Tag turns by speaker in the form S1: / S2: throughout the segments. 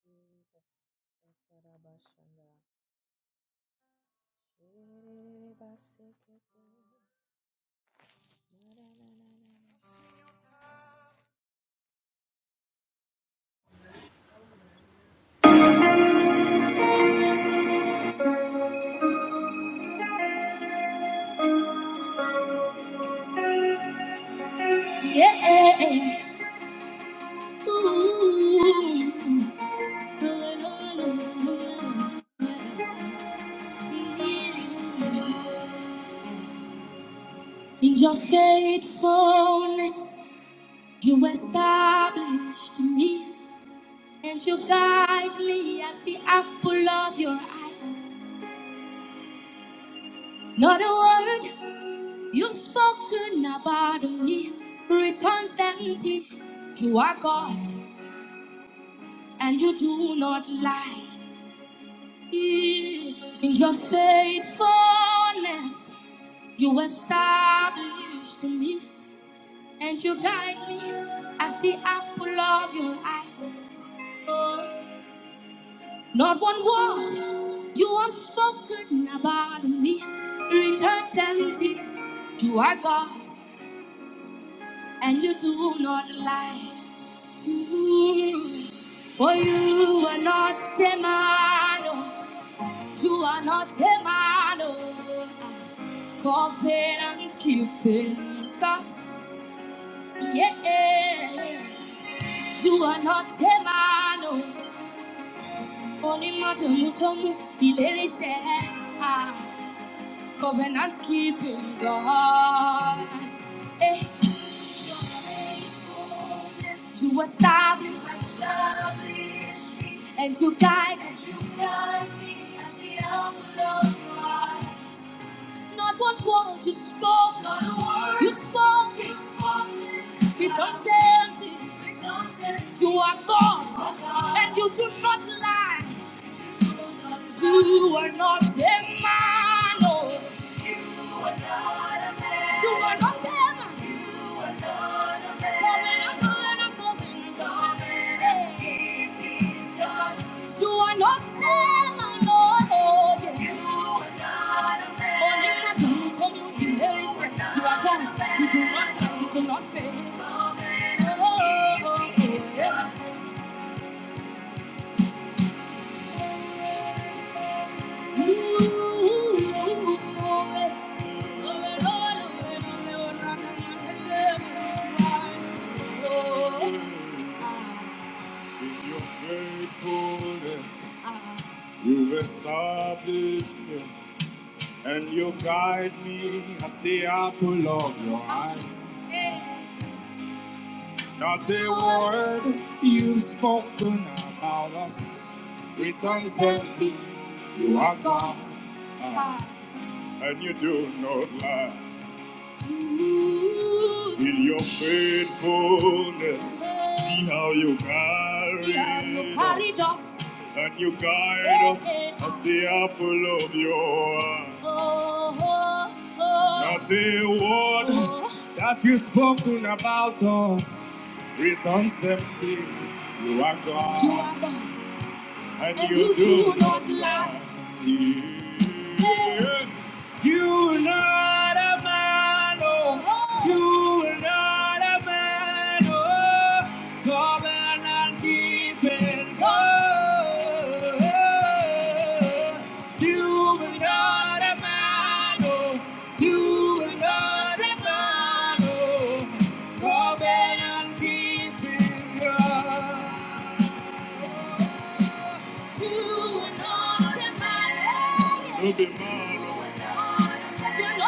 S1: Jesus. Sarabashanda. Shiribasikete. Na-na-na-na-na.
S2: Yeah. In your faithfulness, you established me and you guide me as the apple of your eyes. Not a word you've spoken about me returns empty. You are God and you do not lie. In your faithfulness, you established me and you guide me as the apple of your eye. Oh, Not one word you have spoken about me returns empty. You are God and you do not lie. Mm, For you are not a man, oh, you are not a man. oh. Coughing and keeping that. Yeah, you are not a man. oh. Only matter mutomu ilerise. Covenant keeping God. Eh. You establish and you guide me. and you guide me as the apple of your eye. Not one word you spoke. Not a word. You spoke. You spoke. Returns empty. Returns empty. You are God. You are God. And you do not lie. You do not lie. You are not a man. Oh. So I don't tell my Covenant, covenant, covenant, covenant. Hey. So I don't tell my Lord, oh yeah. Only my son come to the Mary said, You are God, you do not die, you do not fail. Oh, oh, oh, yeah. Ooh, oh, yeah. Your faithfulness, uh-huh. you've established me, and you guide me as the apple of your eyes. Yeah. Not a word you've spoken about us returns empty. You are God, uh, and you do not lie. In your faithfulness, see how you carried us. And you guide Eh, us eh. as the apple of your eye. Oh, oh, oh. Not a word Oh. that you've spoken about us returns empty. You are God. You are God. And And you you do not lie. Yeah. You're not a man, oh. Oh. You're not a man, oh. Covenant and keep it. Oh. You're not a man, oh. You're not a man, oh. Covenant and keep it. you You're not a man, oh. You are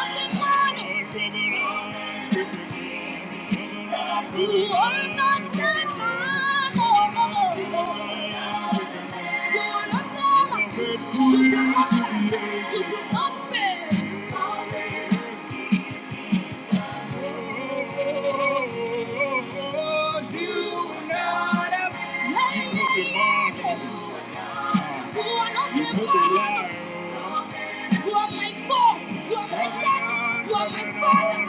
S2: not a man. You are my God. You are my daddy. You are my father.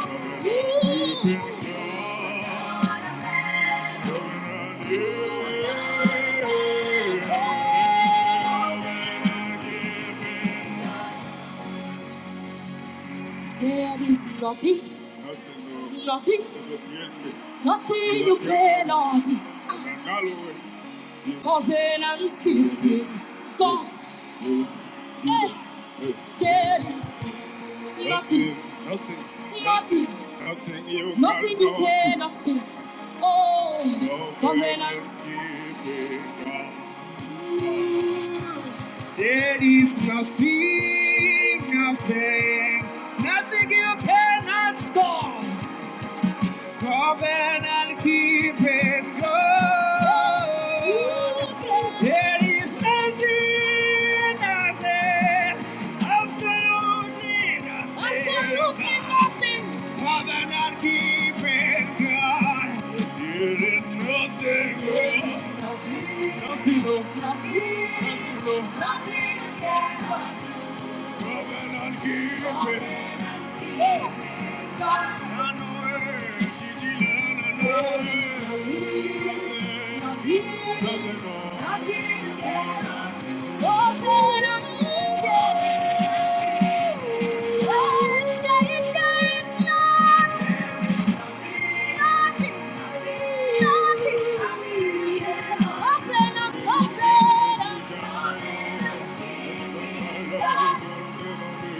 S2: There is nothing, nothing, nothing you cannot. Covenant keeping God. Eh, There is Nothing. Nothing. Nothing. Nothing you Nothing you cannot change. Oh, No covenant. keeping God. There is nothing, nothing, nothing you cannot solve. Covenant and keep it good. Yes, There is nothing, nothing, absolutely nothing. Absolutely nothing. Covenant and keep it good. There is nothing else. Nothing, nothing, nothing. Covenant keeping. I know it. Gigi Lana knows it. Covenant. You were not a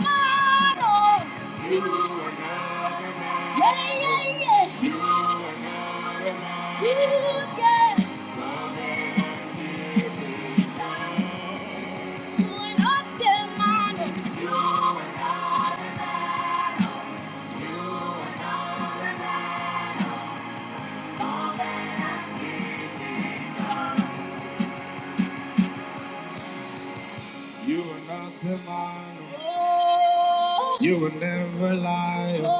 S2: man, oh, yeah, yeah, yeah. You are not demonic. You are not a Oh, You will never lie. Oh,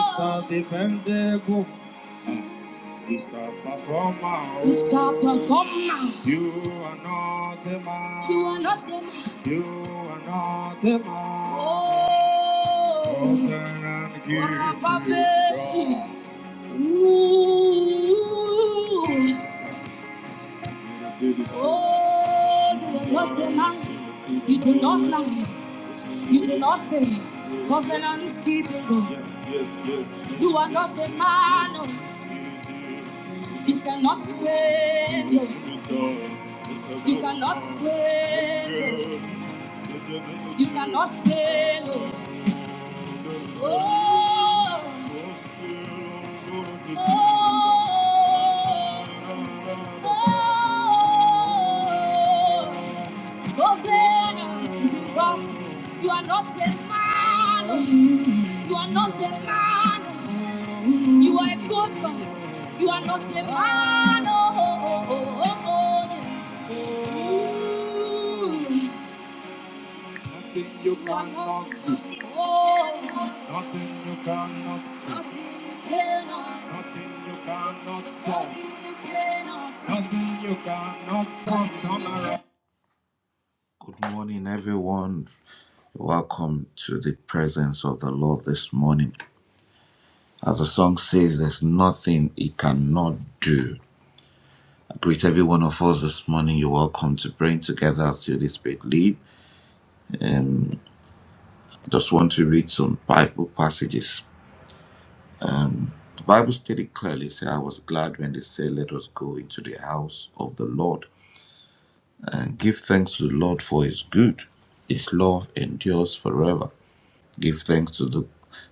S2: It's not dependable. It's not performer. Mr. Performer. You are not a You are not a You are not a Oh. Broken and guilty. Ooh. Oh, you are not a man. You do not lie. You do not fail. Covenant keeping God. Yes, yes, yes, yes. You are not a man. oh. You cannot change. oh. You cannot change. oh. You cannot fail. oh. You are not a man. You are not a man. You are a good God. You are not a man. Oh, oh, oh, oh, oh, oh. yes. Nothing you cannot do. Oh, Nothing you cannot do. nothing you cannot, solve. nothing you cannot, come around. Good morning, everyone. Welcome to the presence of the Lord this morning. As the song says, there's nothing He cannot do. I greet every one of us this morning. You're welcome to praying together as the Holy Spirit lead. Um, just want to read some Bible passages The Bible stated clearly, say, I was glad when they said, Let us go into the house of the Lord and give thanks to the Lord for his good. His love endures forever. Give thanks to the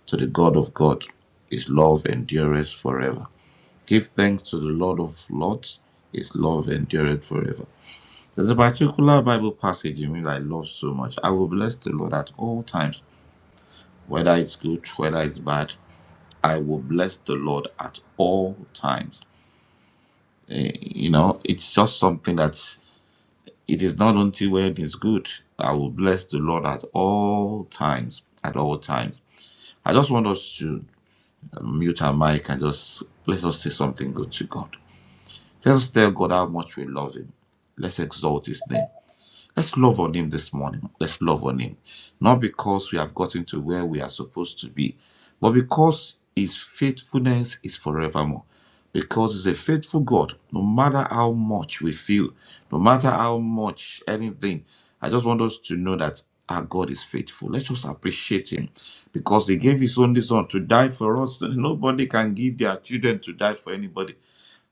S2: to the God of God. His love endures forever. Give thanks to the Lord of Lords. His love endureth forever. There's a particular Bible passage in which I love so much. I will bless the Lord at all times, whether it's good, whether it's bad. I will bless the Lord at all times. Eh, you know, it's just something that it is not until when it's good. I will bless the Lord at all times. At all times. I just want us to um, mute our mic and just let us say something good to God. Let us tell God how much we love Him. Let's exalt His name. Let's love on Him this morning. Let's love on Him. Not because we have gotten to where we are supposed to be, but because His faithfulness is forevermore. Because He's a faithful God, no matter how much we feel, no matter how much anything. I just want us to know that our God is faithful. Let's just appreciate Him because He gave His only Son to die for us. so Nobody can give their children to die for anybody.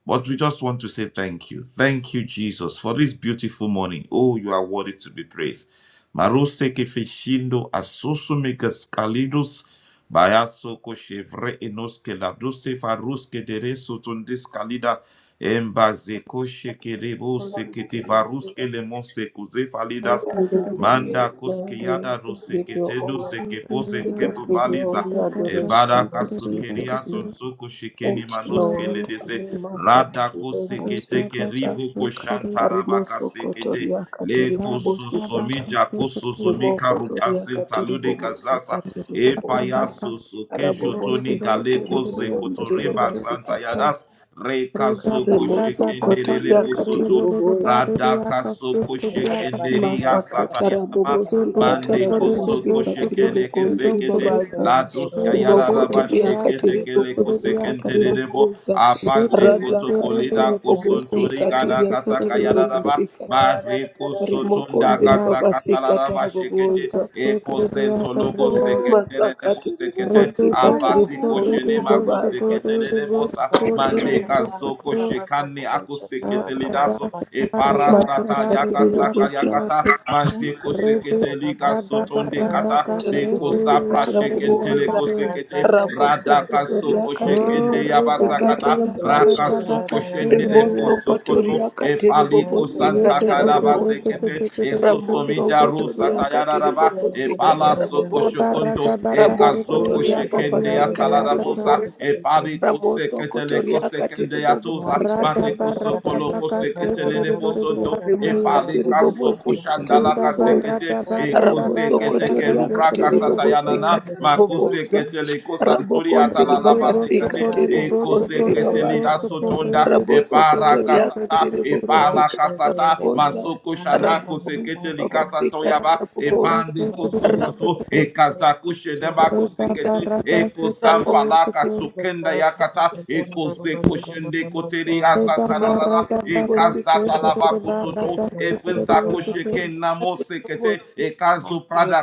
S2: But we just want to say thank you. Thank you, Jesus, for this beautiful morning. Oh, you are worthy to be praised. Marose kefeshindo asusumikas kalidus bayasoko shevre enoske ladose faruske dereso tundis kalida embazeko shekerebo
S3: Holy
S2: sekete
S3: Spirit, we
S2: varuske lemonse kuze falidas
S3: just
S4: Thank
S3: give
S4: you,
S3: you
S2: manda
S3: praise,
S2: koske
S3: Lord. We
S2: yada
S3: just give you
S2: roseketedu
S3: honor.
S2: zekepoze
S3: We
S4: Lord.
S2: ketu
S3: just give you all
S2: valiza
S3: the
S4: Sabeda baka
S2: ebara
S3: adoration, Lord
S4: sosiri
S3: Jesus.
S2: kasukeria
S3: We
S4: akatu.
S2: sonzoko shekeni
S3: thank you,
S4: Lord,
S2: manoske
S4: we
S3: Lord.
S4: are
S2: ledese
S3: Arimakati
S2: Radako
S3: ribobosi
S4: sabeda
S2: sekete ke
S4: baka
S3: kata.
S2: ribo ko
S4: sosiri.
S2: shantarabaka
S3: Harimoso
S2: sekete
S3: kotoria
S2: le
S3: katiri
S4: Sabeda
S3: bobosi
S4: baka
S3: kata.
S2: kososomija
S4: sosiri.
S2: kososomika
S3: Rimoko toria katiri
S2: rutasentaludi
S3: bobosi
S2: kazasa
S3: katiri
S2: e
S4: Sabeda
S3: bobosa.
S4: baka
S2: payasoso
S4: sosiri. Sabeda
S2: toni
S3: Arabobosi
S4: baka
S3: katiri
S2: galeko
S4: sosiri.
S3: bobondri
S2: zekotoriba
S3: babasi
S2: santa
S3: kata.
S2: yadas
S4: Rida
S2: rekazoko
S4: bara
S3: Rimoso
S4: baba
S2: shekendelele
S3: kotoria
S4: kasu kuri
S3: katiri
S4: ribu
S2: posoto
S4: ribu
S3: bobosa.
S4: dari dia
S2: radaka
S4: kasu
S2: soko
S4: kudia kasu
S2: shekenderi ya sataya
S3: Masakatara
S2: namas
S3: bobosi
S4: kudu
S2: Mande
S3: katara
S4: kuri
S2: koso
S3: bobosi
S4: ribu
S3: katiri
S4: kuri
S2: koshekene
S4: ribu
S3: bokondiri
S2: kezekete.
S4: kuri
S3: babaza
S2: La doska yara
S3: imoko
S4: ribu ribu
S2: raba
S3: teria
S2: shekete
S3: katiri
S2: kele
S3: bobosi
S4: dia
S2: kosekente
S3: katiri
S4: kasu
S2: dedebo.
S3: boboza
S4: Ye ke
S2: Apaze
S4: ke
S3: rada
S2: koto
S4: ke re de
S3: katiria
S2: kolida
S4: ke ke
S3: bobosi
S4: ke de
S2: kosontori
S4: ke
S2: gada
S3: katiria
S4: ke
S2: kataka
S3: katiri
S2: yara
S3: bobosi
S2: raba.
S3: katara
S2: Mare
S3: rimoko
S2: kosotonda
S3: ndiri
S2: kasa
S3: babasi
S2: katala
S3: katara
S2: raba shekete.
S3: boboza
S2: Eko sento logo sekente dedebo
S3: masakatiri
S2: sekete.
S3: bobosi katiri
S2: Avasi koshene
S3: bokondiri
S2: mako
S3: babaza
S2: sekete dedebo sa. Mande kazo koshekane ako sekete lidaso. E parasa sata
S1: Thank
S2: yaka
S3: masakatiri
S1: you.
S2: saka
S3: bobosi
S2: yakata
S3: katiri boboza
S2: majeko
S1: Thank
S2: sekete lika sotonde kata leko
S3: makatarabobosi
S2: zapra shekente
S3: katarabobosa
S2: leko sekete radaka
S3: rabosokotoria
S2: soko shekende
S3: katiribobosi
S2: yabasa kata raka
S3: katarabobosa
S2: soko shende repo sokoto
S3: rimosokotoria
S2: epaliko
S3: katiribobosi
S2: santa karaba
S3: katarabobosa
S2: sekete eso
S4: ke re
S2: somija
S4: de ke
S2: ro
S3: ramosokotoria
S4: ke.
S2: sata yararaba
S3: katiribobosi
S2: epala soko
S3: katarabobosa
S4: Dabarata
S2: shokonto
S4: Bakashe
S2: ekazoko
S3: ramokotoria
S2: shekende
S3: babasi
S2: yatala rabosa
S4: Griakatiariakata
S3: katiribobosa
S2: epaliko sekete leko
S3: ramosokotoria
S2: sekende yato
S3: katiribobosi
S2: Kosa, Mateko
S4: Radabarata
S2: Sokolo
S4: Bakashe
S2: Koseketele de Bosonto,
S4: Griburiakati
S2: Epaleka Soko Shandala
S3: rimakatiribobosikatiribobosa
S4: Ridabarata
S2: Kasekete,
S4: Barata Barata
S2: Ekosekete
S4: Kashe
S2: Kerubra
S4: Griakati
S2: Kasatayanana,
S3: rabosokotoriakatiribobosikatarabobosa
S2: Makoseketele Kosantori Atalala
S4: De
S2: Basekete,
S4: Bosokore de Bosokore de
S2: Ekoseketele Da
S3: rabokondiribabasikatiribokondiribabaza
S1: you.
S4: Bosokore
S2: Sotonda,
S4: de Kisukiri
S2: Epara Kasata,
S1: In
S2: Epala
S1: the name of
S2: Kasata,
S1: Jesus,
S3: rabosokotoriakatiribobosikatarabobosa
S2: Masoko
S1: thank you, thank you,
S2: Shana Koseketele Kasantoyaba,
S3: rabokondiribabasikatarabobooza
S2: Epandi Kosokoto,
S1: thank
S2: Ekazakushe
S1: you,
S2: Deba
S1: thank you.
S3: rabobosikatarabobosa
S2: Kosekete,
S3: ramokondiribabasikatarabobooza
S2: Ekosampala
S4: de
S2: yaka
S1: With
S2: sokenda yakata ekoze koshende koteri asantanada ekazata lava kosoto efinsa koshekena mosekete
S3: rimakatiribobosikatarabobosa
S2: ekazo prada